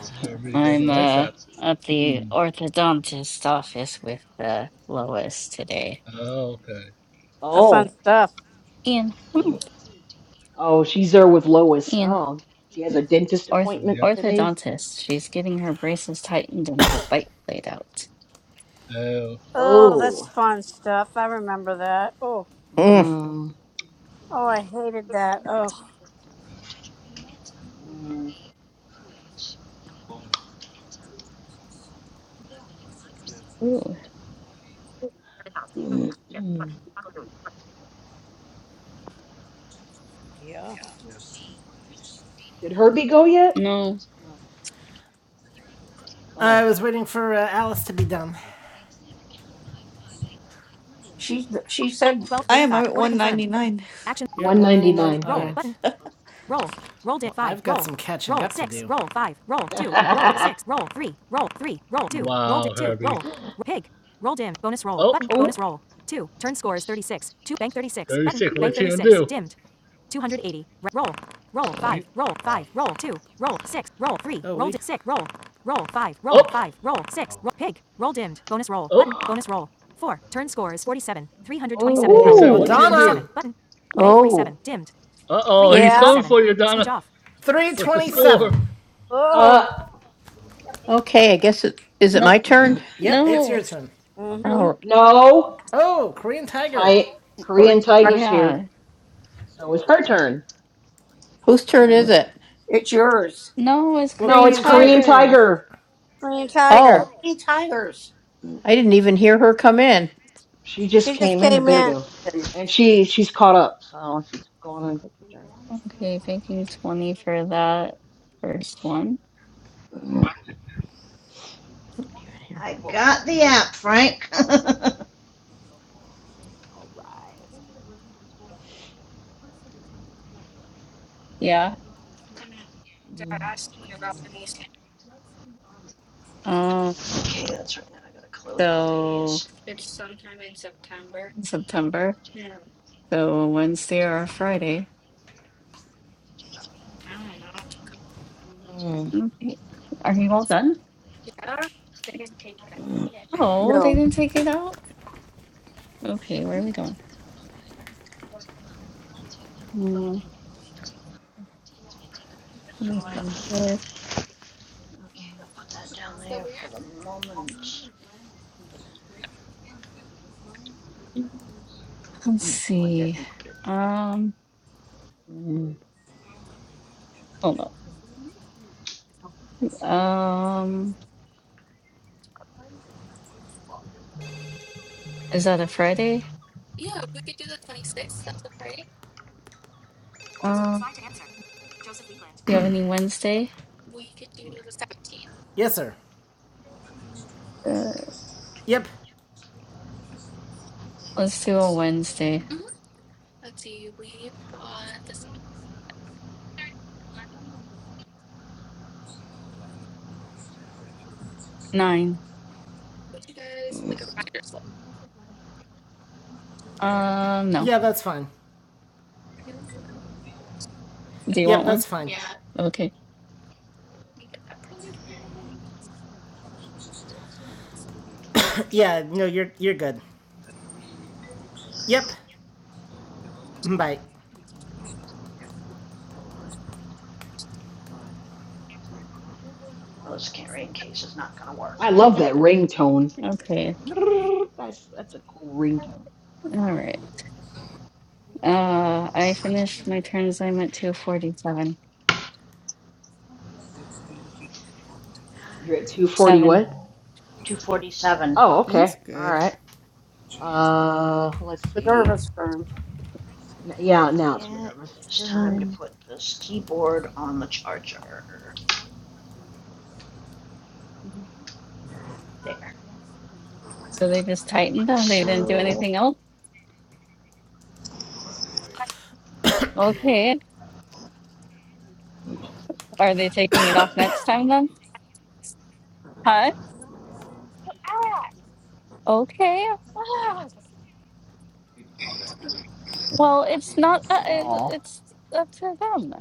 Speaker 9: Herbie doesn't
Speaker 13: I'm
Speaker 9: like
Speaker 13: uh
Speaker 9: that.
Speaker 13: at the
Speaker 9: Hmm.
Speaker 13: orthodontist office with uh, Lois today.
Speaker 9: Okay.
Speaker 4: Uh, fun
Speaker 6: oh. Oh,
Speaker 4: stuff.
Speaker 13: Ian, come here.
Speaker 6: Oh, she's there with Lois.
Speaker 13: Ian.
Speaker 6: Oh, she has a dentist
Speaker 13: Orth
Speaker 6: appointment
Speaker 9: Yep.
Speaker 6: today.
Speaker 13: orthodontist. She's getting her braces tightened and her bite laid out.
Speaker 9: Oh,
Speaker 4: Oh, that's
Speaker 6: Oh.
Speaker 4: fun stuff. I remember that. Oh,
Speaker 7: Mm.
Speaker 6: Mm.
Speaker 4: oh, I hated that. Oh,
Speaker 6: Mm.
Speaker 13: Ooh.
Speaker 6: Did
Speaker 4: yeah.
Speaker 6: Herbie go yet?
Speaker 13: No.
Speaker 1: I
Speaker 6: Oh,
Speaker 1: was waiting for uh, Alice to be done.
Speaker 11: She she said,
Speaker 8: I am I'm at 199.
Speaker 1: You're at
Speaker 6: one ninety
Speaker 1: 199.
Speaker 6: nine.
Speaker 1: All right.
Speaker 6: Yeah.
Speaker 9: wow, Herbie. Oh,
Speaker 6: oh,
Speaker 9: 36. What's he gonna do? He, up, up.
Speaker 13: Ooh.
Speaker 9: 47. What's
Speaker 1: Donna.
Speaker 9: he
Speaker 6: oh.
Speaker 9: gonna do?
Speaker 7: Oh,
Speaker 9: Uh oh, he's
Speaker 4: Yeah.
Speaker 9: coming for you, Donna. What's the score?
Speaker 1: 327.
Speaker 6: Uh,
Speaker 4: Oh.
Speaker 7: okay. I guess it is it
Speaker 13: Nope.
Speaker 7: my turn.
Speaker 1: Yep, it's
Speaker 13: No.
Speaker 1: your turn.
Speaker 4: Mm-hmm.
Speaker 7: Oh,
Speaker 6: no.
Speaker 1: Oh, Korean Tiger.
Speaker 6: Ti-
Speaker 11: "Corrine,
Speaker 6: Korean Tiger's here,
Speaker 13: Yeah.
Speaker 6: so it's her turn.
Speaker 7: whose turn is it?
Speaker 11: it's yours."
Speaker 13: No, it's
Speaker 1: Well,
Speaker 6: No,
Speaker 13: Korean
Speaker 6: it's
Speaker 1: Korean
Speaker 6: Korean
Speaker 1: Tiger.
Speaker 13: Tiger.
Speaker 6: Tiger.
Speaker 4: Green
Speaker 11: It's
Speaker 4: Tiger.
Speaker 7: Oh,
Speaker 11: Corrine Tires.
Speaker 7: I didn't even hear her come in.
Speaker 6: She just
Speaker 4: She just
Speaker 6: came in a
Speaker 4: came
Speaker 6: bit
Speaker 11: Yes,
Speaker 4: in.
Speaker 6: ago,
Speaker 11: and
Speaker 6: and she she's caught up, so she's going on and take her turn.
Speaker 13: Okay, banking 20 for that first one.
Speaker 5: I got the app, Frank.
Speaker 6: All right.
Speaker 13: Yeah.
Speaker 6: Mm,
Speaker 13: Um,
Speaker 5: Okay, that's right. Now I gotta close all
Speaker 13: so
Speaker 5: these.
Speaker 13: September. So Wednesday or Friday.
Speaker 6: mm,
Speaker 13: Okay. Are you all done? Yeah.
Speaker 6: mm,
Speaker 13: Oh, they
Speaker 11: No,
Speaker 13: didn't take it out? Okay, where are we going? Mm, 25.
Speaker 5: Okay, I'll put that down there for the moment.
Speaker 13: Let's
Speaker 5: Unplug it
Speaker 13: see.
Speaker 5: and put it in.
Speaker 13: Um,
Speaker 6: mm, mm.
Speaker 13: hold up. Um, is that a Friday? Um, you have any Wednesday?
Speaker 1: Yes, sir.
Speaker 13: Uh,
Speaker 1: Yep.
Speaker 13: let's do a Wednesday. Nine. Um,
Speaker 1: Yeah, that's fine.
Speaker 13: no. Do you
Speaker 1: Yep,
Speaker 13: want one?
Speaker 1: that's fine.
Speaker 13: Yeah. Okay.
Speaker 1: Yeah, no, you're you're good. Yep. Mm, Bye.
Speaker 5: Oh, this carrying case is not gonna work.
Speaker 6: I love that
Speaker 5: I'll
Speaker 6: ringtone. That
Speaker 13: Okay.
Speaker 6: that's that's a cool ringtone.
Speaker 13: All right. Uh, I
Speaker 5: put that
Speaker 13: finished
Speaker 5: in
Speaker 13: my
Speaker 5: there.
Speaker 13: turns. I'm at 247.
Speaker 6: You're at 240
Speaker 13: Seven.
Speaker 6: what?
Speaker 5: 247.
Speaker 6: Oh,
Speaker 12: That's
Speaker 6: okay. All
Speaker 12: good.
Speaker 6: right. Uh, let's see.
Speaker 11: Minerva's turn.
Speaker 6: N- yeah, now it's
Speaker 5: Yeah, it
Speaker 6: Minerva's
Speaker 5: is time to
Speaker 6: turn.
Speaker 5: put this keyboard on the charger. There.
Speaker 13: So they just
Speaker 5: Put that
Speaker 13: tightened
Speaker 5: like
Speaker 13: them. They didn't do
Speaker 5: so.
Speaker 13: anything else. Okay. Are they taking it off next time then? Huh? Okay. Well, it's not that. It,
Speaker 6: Aw.
Speaker 13: it's up to them.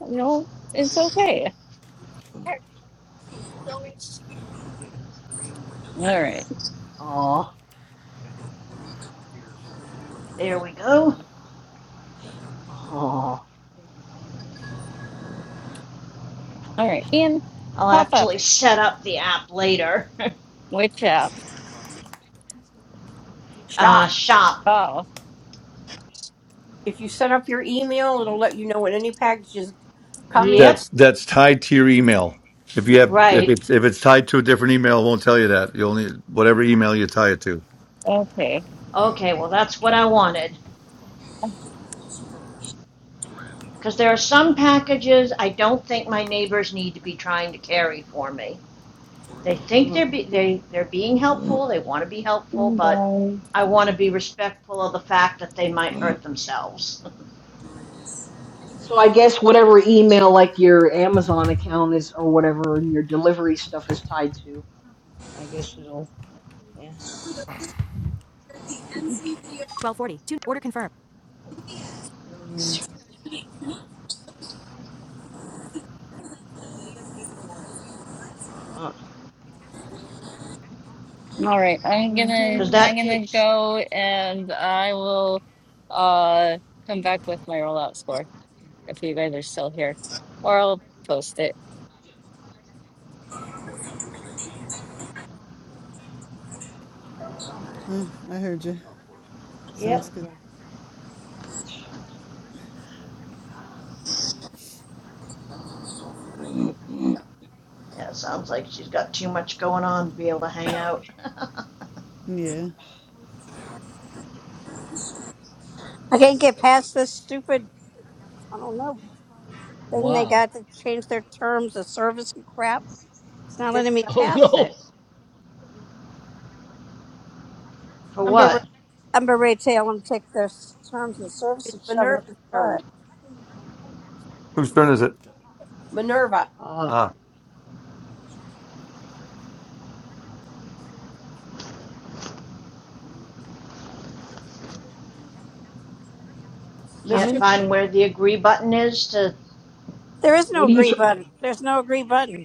Speaker 13: You know, it's okay. All right.
Speaker 6: Aw.
Speaker 5: There we go.
Speaker 6: Aw.
Speaker 13: All right. Ian,
Speaker 5: I'll
Speaker 13: pop up.
Speaker 5: actually set up the app later.
Speaker 13: Witch up.
Speaker 5: uh,
Speaker 11: Shop.
Speaker 5: shop.
Speaker 13: Oh.
Speaker 11: If you set up your email, it'll let you know when any package is coming.
Speaker 5: Yep,
Speaker 3: That's that's tied to your email. If you have if
Speaker 5: right.
Speaker 3: it's if it's tied to a different email, it won't tell you that. You only whatever email you tie it to.
Speaker 13: Okay.
Speaker 5: Okay, well, that's what I wanted. Because there are some packages I don't think my neighbors need to be trying to carry for me. They
Speaker 6: Aw.
Speaker 5: think they're be- they they're being helpful. They want to be helpful,
Speaker 13: And,
Speaker 5: but
Speaker 13: um,
Speaker 5: I want to be respectful of the fact that they might hurt themselves.
Speaker 6: So I guess whatever email like your Amazon account is or whatever and your delivery stuff is tied to, I guess it'll. yeah. Mm, uh,
Speaker 13: All right. I'm gonna
Speaker 5: Because
Speaker 6: hmm
Speaker 13: I'm
Speaker 5: that
Speaker 13: gonna
Speaker 5: takes.
Speaker 13: go and I will uh come back with my rollout score if you guys are still here. Or I'll post it.
Speaker 6: Okay.
Speaker 12: Uh, I heard you.
Speaker 5: Yep.
Speaker 12: Sounds good.
Speaker 6: Okay. Mm.
Speaker 5: Yeah, sounds like she's got too much going on to be able to hang out.
Speaker 12: Yeah.
Speaker 4: I can't get past this stupid, I don't know, thing they
Speaker 9: Wow.
Speaker 4: got to change their terms of service and crap. It's not
Speaker 11: It's
Speaker 4: letting me
Speaker 9: Oh
Speaker 4: past it.
Speaker 9: no.
Speaker 5: for
Speaker 4: I'm berate.
Speaker 5: what?
Speaker 4: I'm berate. Tell them to take their s- terms and service
Speaker 11: it's
Speaker 4: and shove it up
Speaker 11: Minerva's
Speaker 4: their
Speaker 11: turn.
Speaker 4: butt.
Speaker 3: Whose turn is it?
Speaker 11: Minerva,
Speaker 6: Uh,
Speaker 3: Ah,
Speaker 4: I
Speaker 5: Can't
Speaker 11: Mister
Speaker 4: mean,
Speaker 5: find where the agree button is to.
Speaker 4: there is no
Speaker 6: what are you
Speaker 4: agree
Speaker 6: tr-
Speaker 4: button. There's no agree button.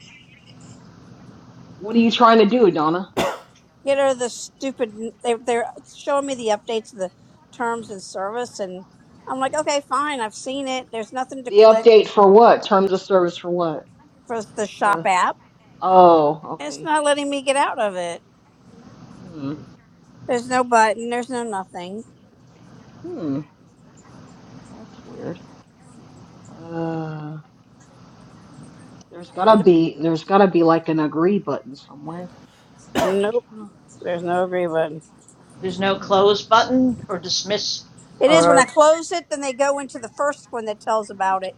Speaker 6: What are you trying to do, Donna?
Speaker 4: Get her the stupid. They, they're showing me the updates of the terms and service, and I'm like, okay, fine. I've seen it. There's nothing to
Speaker 6: The
Speaker 4: click
Speaker 6: update for what? Terms of service for what?
Speaker 4: for the shop
Speaker 6: The
Speaker 4: app.
Speaker 6: oh,
Speaker 4: It's
Speaker 6: okay.
Speaker 4: not letting me get out of it.
Speaker 6: Hmm.
Speaker 4: There's no button. There's no nothing.
Speaker 6: Hmm. That's weird. Uh, there's gotta
Speaker 11: Minerva.
Speaker 6: be there's gotta be like an agree button somewhere.
Speaker 4: Nope.
Speaker 6: Huh.
Speaker 4: There's no agree button.
Speaker 5: There's no
Speaker 6: Hmm.
Speaker 5: close button or dismiss
Speaker 4: It is when I
Speaker 5: or.
Speaker 4: close it, then they go into the first one that tells about it.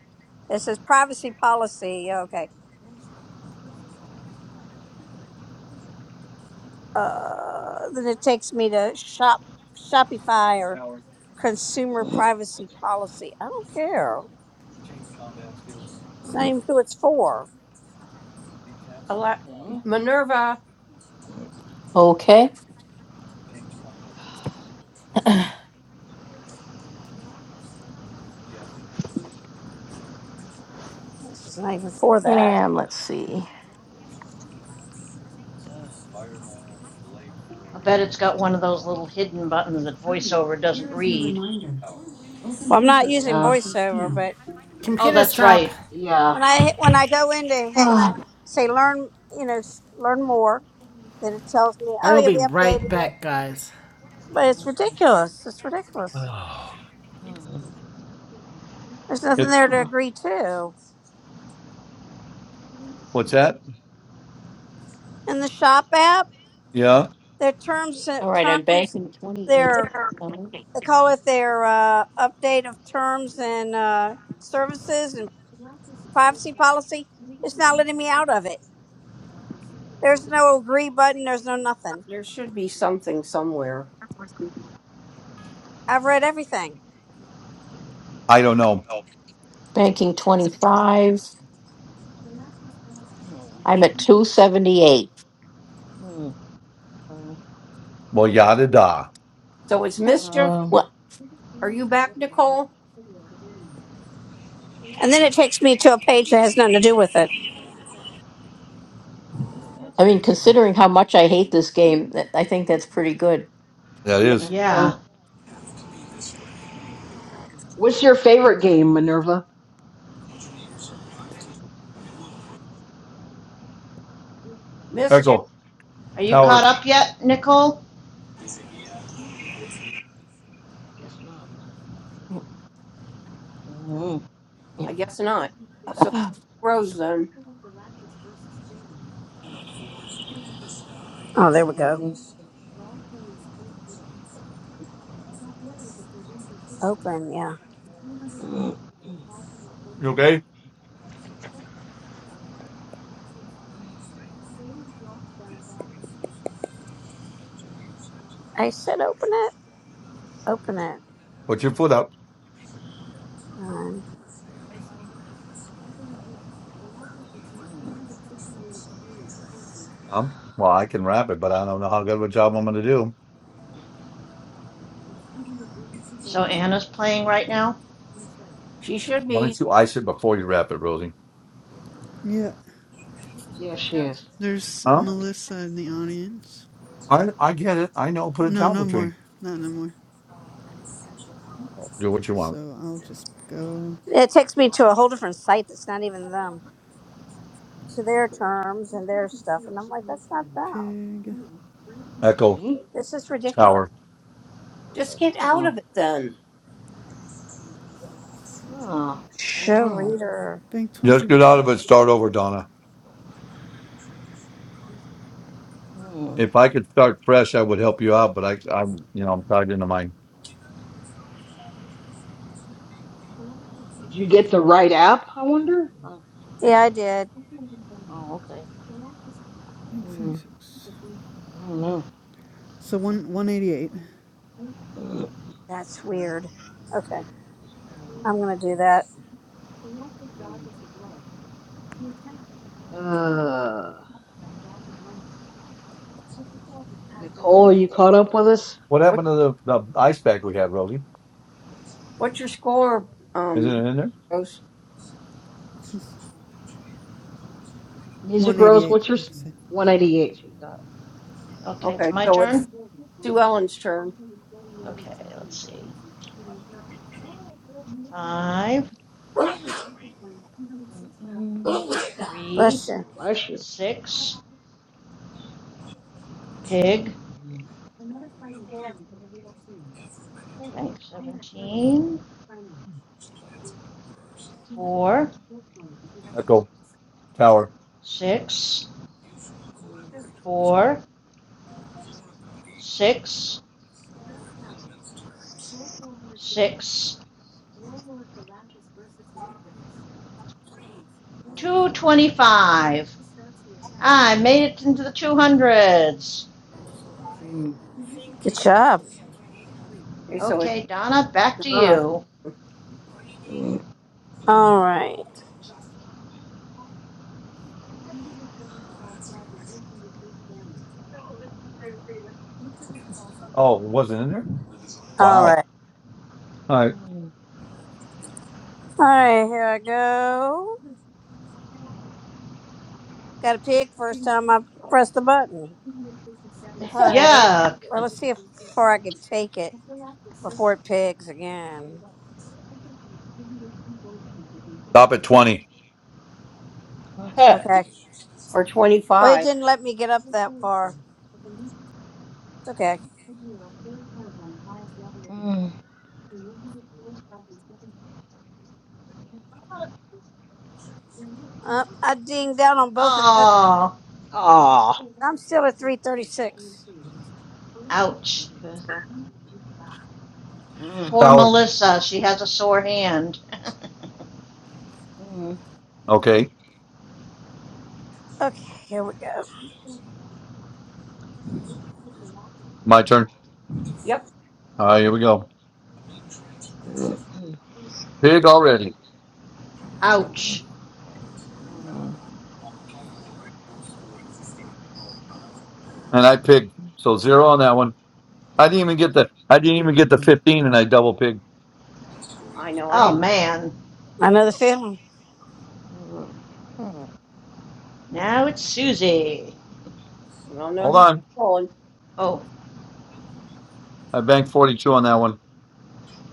Speaker 4: It says privacy policy. Yeah, Okay. Uh, then it takes me to shop Shopify or consumer privacy policy. I don't care. It's not even who it's for.
Speaker 11: Ale-
Speaker 6: Okay.
Speaker 11: Minerva.
Speaker 7: Okay.
Speaker 4: This is not even for that.
Speaker 7: And let's see.
Speaker 6: Uh,
Speaker 5: I bet it's got one of those little hidden buttons that voiceover doesn't
Speaker 1: Here is your
Speaker 5: read.
Speaker 1: reminder. Open
Speaker 4: Well, I'm not
Speaker 1: Comfort
Speaker 4: using
Speaker 6: yeah.
Speaker 4: voiceover, but
Speaker 5: Oh,
Speaker 1: Computer
Speaker 5: that's
Speaker 1: stop.
Speaker 5: right.
Speaker 6: Yeah.
Speaker 4: when I when I go into when
Speaker 7: Ah,
Speaker 4: I say learn, you know, s- learn more, then it tells me,
Speaker 1: I
Speaker 4: oh
Speaker 1: will
Speaker 4: yeah,
Speaker 1: be
Speaker 4: we
Speaker 1: right
Speaker 4: updated it.
Speaker 1: back, guys.
Speaker 4: But it's
Speaker 6: Okay.
Speaker 4: ridiculous. It's ridiculous.
Speaker 6: Hmm.
Speaker 4: There's nothing
Speaker 3: it,
Speaker 4: there to
Speaker 6: Huh.
Speaker 4: agree to.
Speaker 3: what's that?
Speaker 4: In the shop app,
Speaker 3: Yeah,
Speaker 4: their terms uh,
Speaker 7: all right, I'm
Speaker 4: terms
Speaker 7: banking 28.
Speaker 4: their they call it their uh, update of terms and uh, services and privacy policy. It's not letting me out of it. There's no agree button. There's no nothing.
Speaker 11: There should be something somewhere.
Speaker 4: I've read everything.
Speaker 3: I don't know.
Speaker 7: Banking 25.
Speaker 6: Hmm.
Speaker 7: I'm at 278.
Speaker 6: Hmm. Okay.
Speaker 3: Well, yada da.
Speaker 11: So it's mischief.
Speaker 6: Um.
Speaker 7: Well,
Speaker 11: Are you back, Nicole?
Speaker 4: And then it takes me to a page that has nothing to do with it.
Speaker 6: Okay, that's
Speaker 7: I mean,
Speaker 6: strange.
Speaker 7: considering how much I hate this game, that- I think that's pretty good.
Speaker 3: That
Speaker 11: Yeah,
Speaker 3: is
Speaker 6: Uh,
Speaker 5: Yeah.
Speaker 6: what's your favorite game, Minerva?
Speaker 11: mischief.
Speaker 3: Echo
Speaker 5: Are you caught
Speaker 3: Tower.
Speaker 5: up yet, Nicole?
Speaker 6: Uh, guess not. Mm,
Speaker 11: I guess not. So
Speaker 7: Yeah.
Speaker 11: Rose, then
Speaker 4: Oh, there we go.
Speaker 6: mm,
Speaker 4: Open, yeah.
Speaker 6: mm,
Speaker 3: You okay?
Speaker 4: I said open it. Open it.
Speaker 3: Put your foot up.
Speaker 4: Um,
Speaker 6: Mm,
Speaker 3: Um, well, I can wrap it, but I don't know how good of a job I'm going to do.
Speaker 5: So
Speaker 6: mm.
Speaker 5: Anna's playing right now?
Speaker 11: she should
Speaker 3: Why don't
Speaker 11: be.
Speaker 3: you ice it before you wrap it, Rosie?
Speaker 12: Yeah.
Speaker 6: Yes, she is.
Speaker 12: There's
Speaker 3: Huh?
Speaker 5: Okay.
Speaker 12: Melissa in the audience.
Speaker 3: I I get it. I know. Put a
Speaker 6: mm,
Speaker 12: No,
Speaker 3: towel
Speaker 12: no
Speaker 3: between.
Speaker 12: more. Not no more.
Speaker 3: Do what you want.
Speaker 12: So I'll just go
Speaker 4: it takes me to a whole different site that's not even them, to their
Speaker 6: Weird.
Speaker 4: terms and their stuff. And I'm like, that's not them.
Speaker 12: pig.
Speaker 3: Echo
Speaker 6: Okay.
Speaker 4: This is
Speaker 3: Tower.
Speaker 4: ridiculous.
Speaker 11: Just get out of
Speaker 6: Oh,
Speaker 11: it, then.
Speaker 6: Huh. I don't
Speaker 4: Show
Speaker 6: know.
Speaker 4: reader.
Speaker 12: Bank
Speaker 3: Just get out
Speaker 12: 21.
Speaker 3: of it. Start over, Donna.
Speaker 6: Hmm.
Speaker 3: If I could start fresh, I would help you out. But I, I'm, you know, I'm tied into mine.
Speaker 6: Did you get the right app? I wonder. Uh,
Speaker 4: Yeah, I did.
Speaker 6: oh, okay.
Speaker 12: Bank
Speaker 6: Hmm.
Speaker 12: 36.
Speaker 6: I don't know.
Speaker 12: So one, 188.
Speaker 6: Mm,
Speaker 4: That's
Speaker 6: Okay.
Speaker 4: weird. Okay,
Speaker 6: Mm,
Speaker 4: I'm going to do that.
Speaker 6: mm. Uh, Nicole, are you caught up with us?
Speaker 3: What
Speaker 11: What
Speaker 3: happened to the, the ice pack we had, Rosie?
Speaker 11: What's your score,
Speaker 3: Isn't
Speaker 11: um,
Speaker 3: it in there?
Speaker 11: Rose?
Speaker 6: Music Rose,
Speaker 12: 188,
Speaker 6: what's your
Speaker 12: like
Speaker 6: s-
Speaker 12: I said.
Speaker 6: 188 you got?
Speaker 5: Okay, it's
Speaker 11: Okay,
Speaker 5: my
Speaker 11: so
Speaker 6: Okay.
Speaker 11: it's
Speaker 5: turn?
Speaker 11: Sue Ellen's turn.
Speaker 5: Okay, let's see. Five,
Speaker 6: Mm-mm.
Speaker 5: three,
Speaker 4: Bless you.
Speaker 6: Bless you.
Speaker 5: six, pig,
Speaker 6: Mm,
Speaker 5: bank 17, four,
Speaker 3: Echo Tower.
Speaker 5: six,
Speaker 6: mm,
Speaker 5: four, six, six,
Speaker 6: mm,
Speaker 5: 225. I
Speaker 6: Okay.
Speaker 5: made it into the 200s.
Speaker 6: Mm,
Speaker 4: Good job.
Speaker 11: Okay, so it's
Speaker 5: Okay, Donna, back to
Speaker 11: Donna
Speaker 5: you.
Speaker 6: mm, mm,
Speaker 4: All right.
Speaker 3: Oh, it wasn't in there.
Speaker 4: All right.
Speaker 3: Wow. All right.
Speaker 4: All right, here I go. Got a pig first time I press the button. All
Speaker 6: mm.
Speaker 4: right.
Speaker 5: Yuck.
Speaker 4: Well, let's see if before I could take it before it pigs again.
Speaker 3: Stop at twenty.
Speaker 4: Okay.
Speaker 11: or twenty
Speaker 4: Well, it
Speaker 11: five.
Speaker 4: didn't let me get up that far. It's okay.
Speaker 6: Mm.
Speaker 4: Uh, I dinged out on both of those.
Speaker 5: Oh,
Speaker 6: Ah.
Speaker 4: I'm still at 336.
Speaker 5: ouch.
Speaker 6: Okay. Mm,
Speaker 5: Poor
Speaker 3: Tower.
Speaker 5: Melissa, she has a sore hand.
Speaker 6: mm,
Speaker 3: Okay,
Speaker 4: Okay, here we go.
Speaker 3: my turn.
Speaker 11: Yep,
Speaker 3: All right, here we go.
Speaker 6: mm, mm,
Speaker 3: Pig already,
Speaker 6: mm,
Speaker 5: Ouch.
Speaker 6: mm.
Speaker 3: and I pigged. So zero on that one. I didn't even get the. I didn't even get the fifteen, and I double pigged.
Speaker 11: I know. I
Speaker 5: Oh
Speaker 11: hate.
Speaker 5: man.
Speaker 4: Another feeling.
Speaker 6: mm.
Speaker 5: Now it's Susie.
Speaker 11: Well, no,
Speaker 3: Hold
Speaker 11: he's
Speaker 3: on.
Speaker 11: calling.
Speaker 5: Oh.
Speaker 3: I banked forty-two on that one.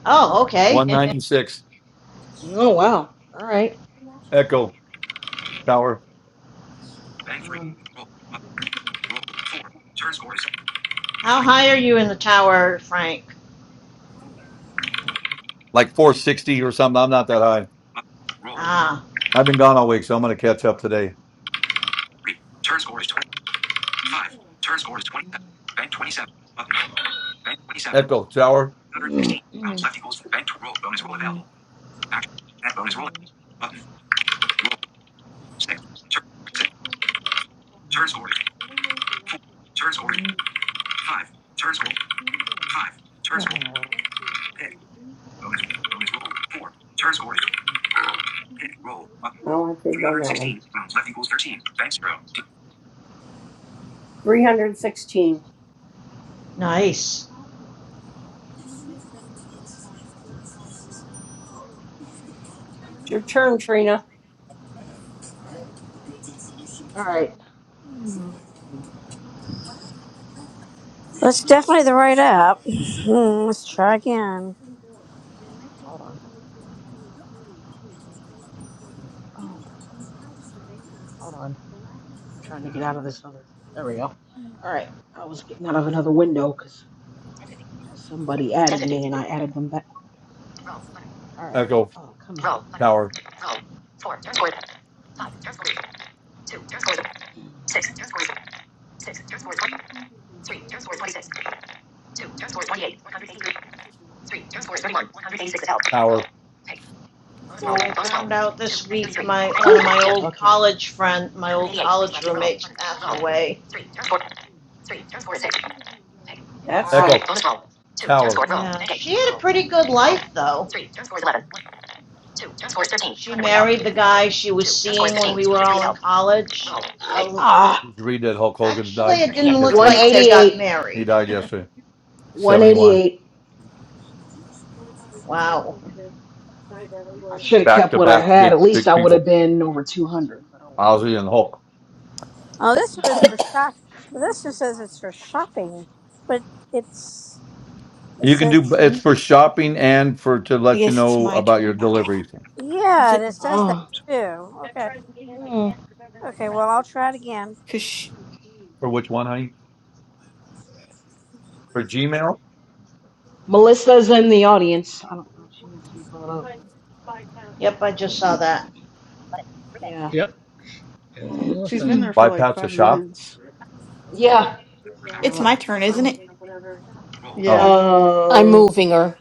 Speaker 5: Oh,
Speaker 3: One
Speaker 5: okay.
Speaker 3: ninety-six.
Speaker 6: Oh wow. All
Speaker 11: Roll.
Speaker 6: right.
Speaker 3: Echo Tower.
Speaker 11: Bang three.
Speaker 6: Um.
Speaker 11: Roll. Up. Roll. Four. Turn score is
Speaker 5: How
Speaker 11: three.
Speaker 5: high are
Speaker 6: mm,
Speaker 5: you in the tower, Frank?
Speaker 3: like 460 or something. I'm not that high.
Speaker 11: Up. Roll.
Speaker 5: Ah,
Speaker 3: I've been gone all week, so I'm going to catch up today.
Speaker 11: Three. Turn score is 20. Five. Turn score is 27.
Speaker 6: mm,
Speaker 11: Bank 27. Button. Bank 27.
Speaker 3: Echo Tower,
Speaker 11: 116 rounds
Speaker 6: mm,
Speaker 11: left equals bank roll. Bonus roll
Speaker 6: um,
Speaker 11: available. Action. Add bonus roll.
Speaker 6: mm,
Speaker 11: Button. Roll. Six. Turn score is six. Turn score is four. Turn score is
Speaker 6: mm.
Speaker 11: five. Turn score five. Turn score pick. Bonus bonus roll four. Turn score is pick roll button. 316 rounds left equals 13. Bank zero. 316.
Speaker 5: nice.
Speaker 11: It's your turn, Trina.
Speaker 6: All right. All right.
Speaker 4: That's definitely the right app. Hmm, let's try again.
Speaker 6: Hold on. Oh, hold on. I'm trying to get out of this other. There we go. All right. I was getting out of another window because because somebody added me and I added them back. All right.
Speaker 3: Echo
Speaker 6: Oh, come on.
Speaker 3: Tower, Tower,
Speaker 5: Yeah, I found out this week my one of my old
Speaker 6: Okay.
Speaker 5: college friend, my old college roommates passed away.
Speaker 11: That's
Speaker 6: Ah.
Speaker 11: sad.
Speaker 3: Echo Tower.
Speaker 5: Yeah, she had a pretty good life though. She married the guy she was seeing when we were all in college. Well,
Speaker 6: Ah.
Speaker 3: Did you read that Hulk Hogan
Speaker 5: actually
Speaker 3: died
Speaker 5: it didn't
Speaker 6: 188.
Speaker 5: look
Speaker 3: yesterday?
Speaker 5: like they got
Speaker 6: 188.
Speaker 3: He
Speaker 5: married.
Speaker 3: died yesterday, 71.
Speaker 6: 188.
Speaker 5: Wow.
Speaker 6: I should have
Speaker 3: Back
Speaker 6: kept
Speaker 3: to
Speaker 6: what I
Speaker 3: back,
Speaker 6: had.
Speaker 3: big,
Speaker 6: At least
Speaker 3: big
Speaker 6: I would
Speaker 3: people,
Speaker 6: have been over 200. But oh
Speaker 3: Ozzy and Hulk.
Speaker 4: Oh, this one is
Speaker 6: well.
Speaker 4: for shop. This just says it's for shopping, but it's it
Speaker 3: You can
Speaker 4: says.
Speaker 3: do
Speaker 6: hmm
Speaker 3: it's for shopping and for to
Speaker 8: I
Speaker 3: let you
Speaker 8: guess it's
Speaker 3: know
Speaker 8: my
Speaker 3: about your
Speaker 8: turn now.
Speaker 3: deliveries.
Speaker 8: Is
Speaker 4: Yeah,
Speaker 8: it?
Speaker 4: this says that
Speaker 6: Oh.
Speaker 4: too. Okay.
Speaker 6: Mm.
Speaker 4: Okay, well, I'll try it again.
Speaker 8: Cause sh
Speaker 3: For which one, honey? For Gmail?
Speaker 6: Melissa's in the audience. I don't know if she wants to be brought up.
Speaker 5: Yep, I just saw that.
Speaker 6: Yeah.
Speaker 9: Yep. It's
Speaker 12: She's been
Speaker 9: Melissa.
Speaker 12: there for like
Speaker 3: Bypass the
Speaker 12: five
Speaker 3: shop?
Speaker 12: minutes.
Speaker 6: yeah.
Speaker 8: it's
Speaker 6: Uh,
Speaker 8: my turn, isn't
Speaker 6: well,
Speaker 8: it?
Speaker 12: Yeah.
Speaker 3: Oh,
Speaker 7: I'm
Speaker 6: uh,
Speaker 7: moving her.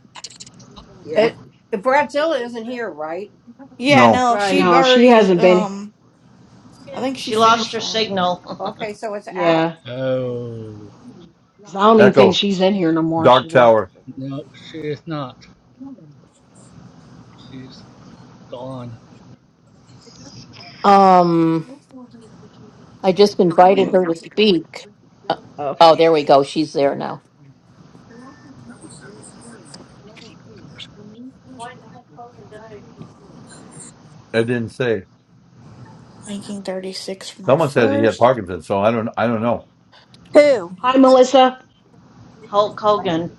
Speaker 6: yeah.
Speaker 11: It, the Bradzilla isn't here, right?
Speaker 8: Yeah,
Speaker 3: no.
Speaker 8: no, she
Speaker 5: Right.
Speaker 6: No, she
Speaker 8: already,
Speaker 6: hasn't been.
Speaker 8: um, I think she
Speaker 5: She lost
Speaker 8: finished
Speaker 5: her
Speaker 8: already.
Speaker 5: signal.
Speaker 11: Okay, so it's Alice.
Speaker 6: Yeah.
Speaker 9: Oh.
Speaker 6: Because I don't even think
Speaker 3: Echo
Speaker 6: she's in here no more.
Speaker 3: Dark
Speaker 6: She lost
Speaker 3: Tower.
Speaker 6: her signal.
Speaker 9: Nope, she is not. She's gone.
Speaker 7: Um, I just invited her to speak. Uh,
Speaker 6: okay.
Speaker 7: oh,
Speaker 6: Okay.
Speaker 7: there we go. She's there now.
Speaker 3: I didn't say.
Speaker 8: Making 36 for my
Speaker 3: Someone said he had
Speaker 8: first.
Speaker 3: Parkinson's, so I don't. I don't know.
Speaker 4: Who?
Speaker 6: Hi, Melissa.
Speaker 5: Hulk Hogan.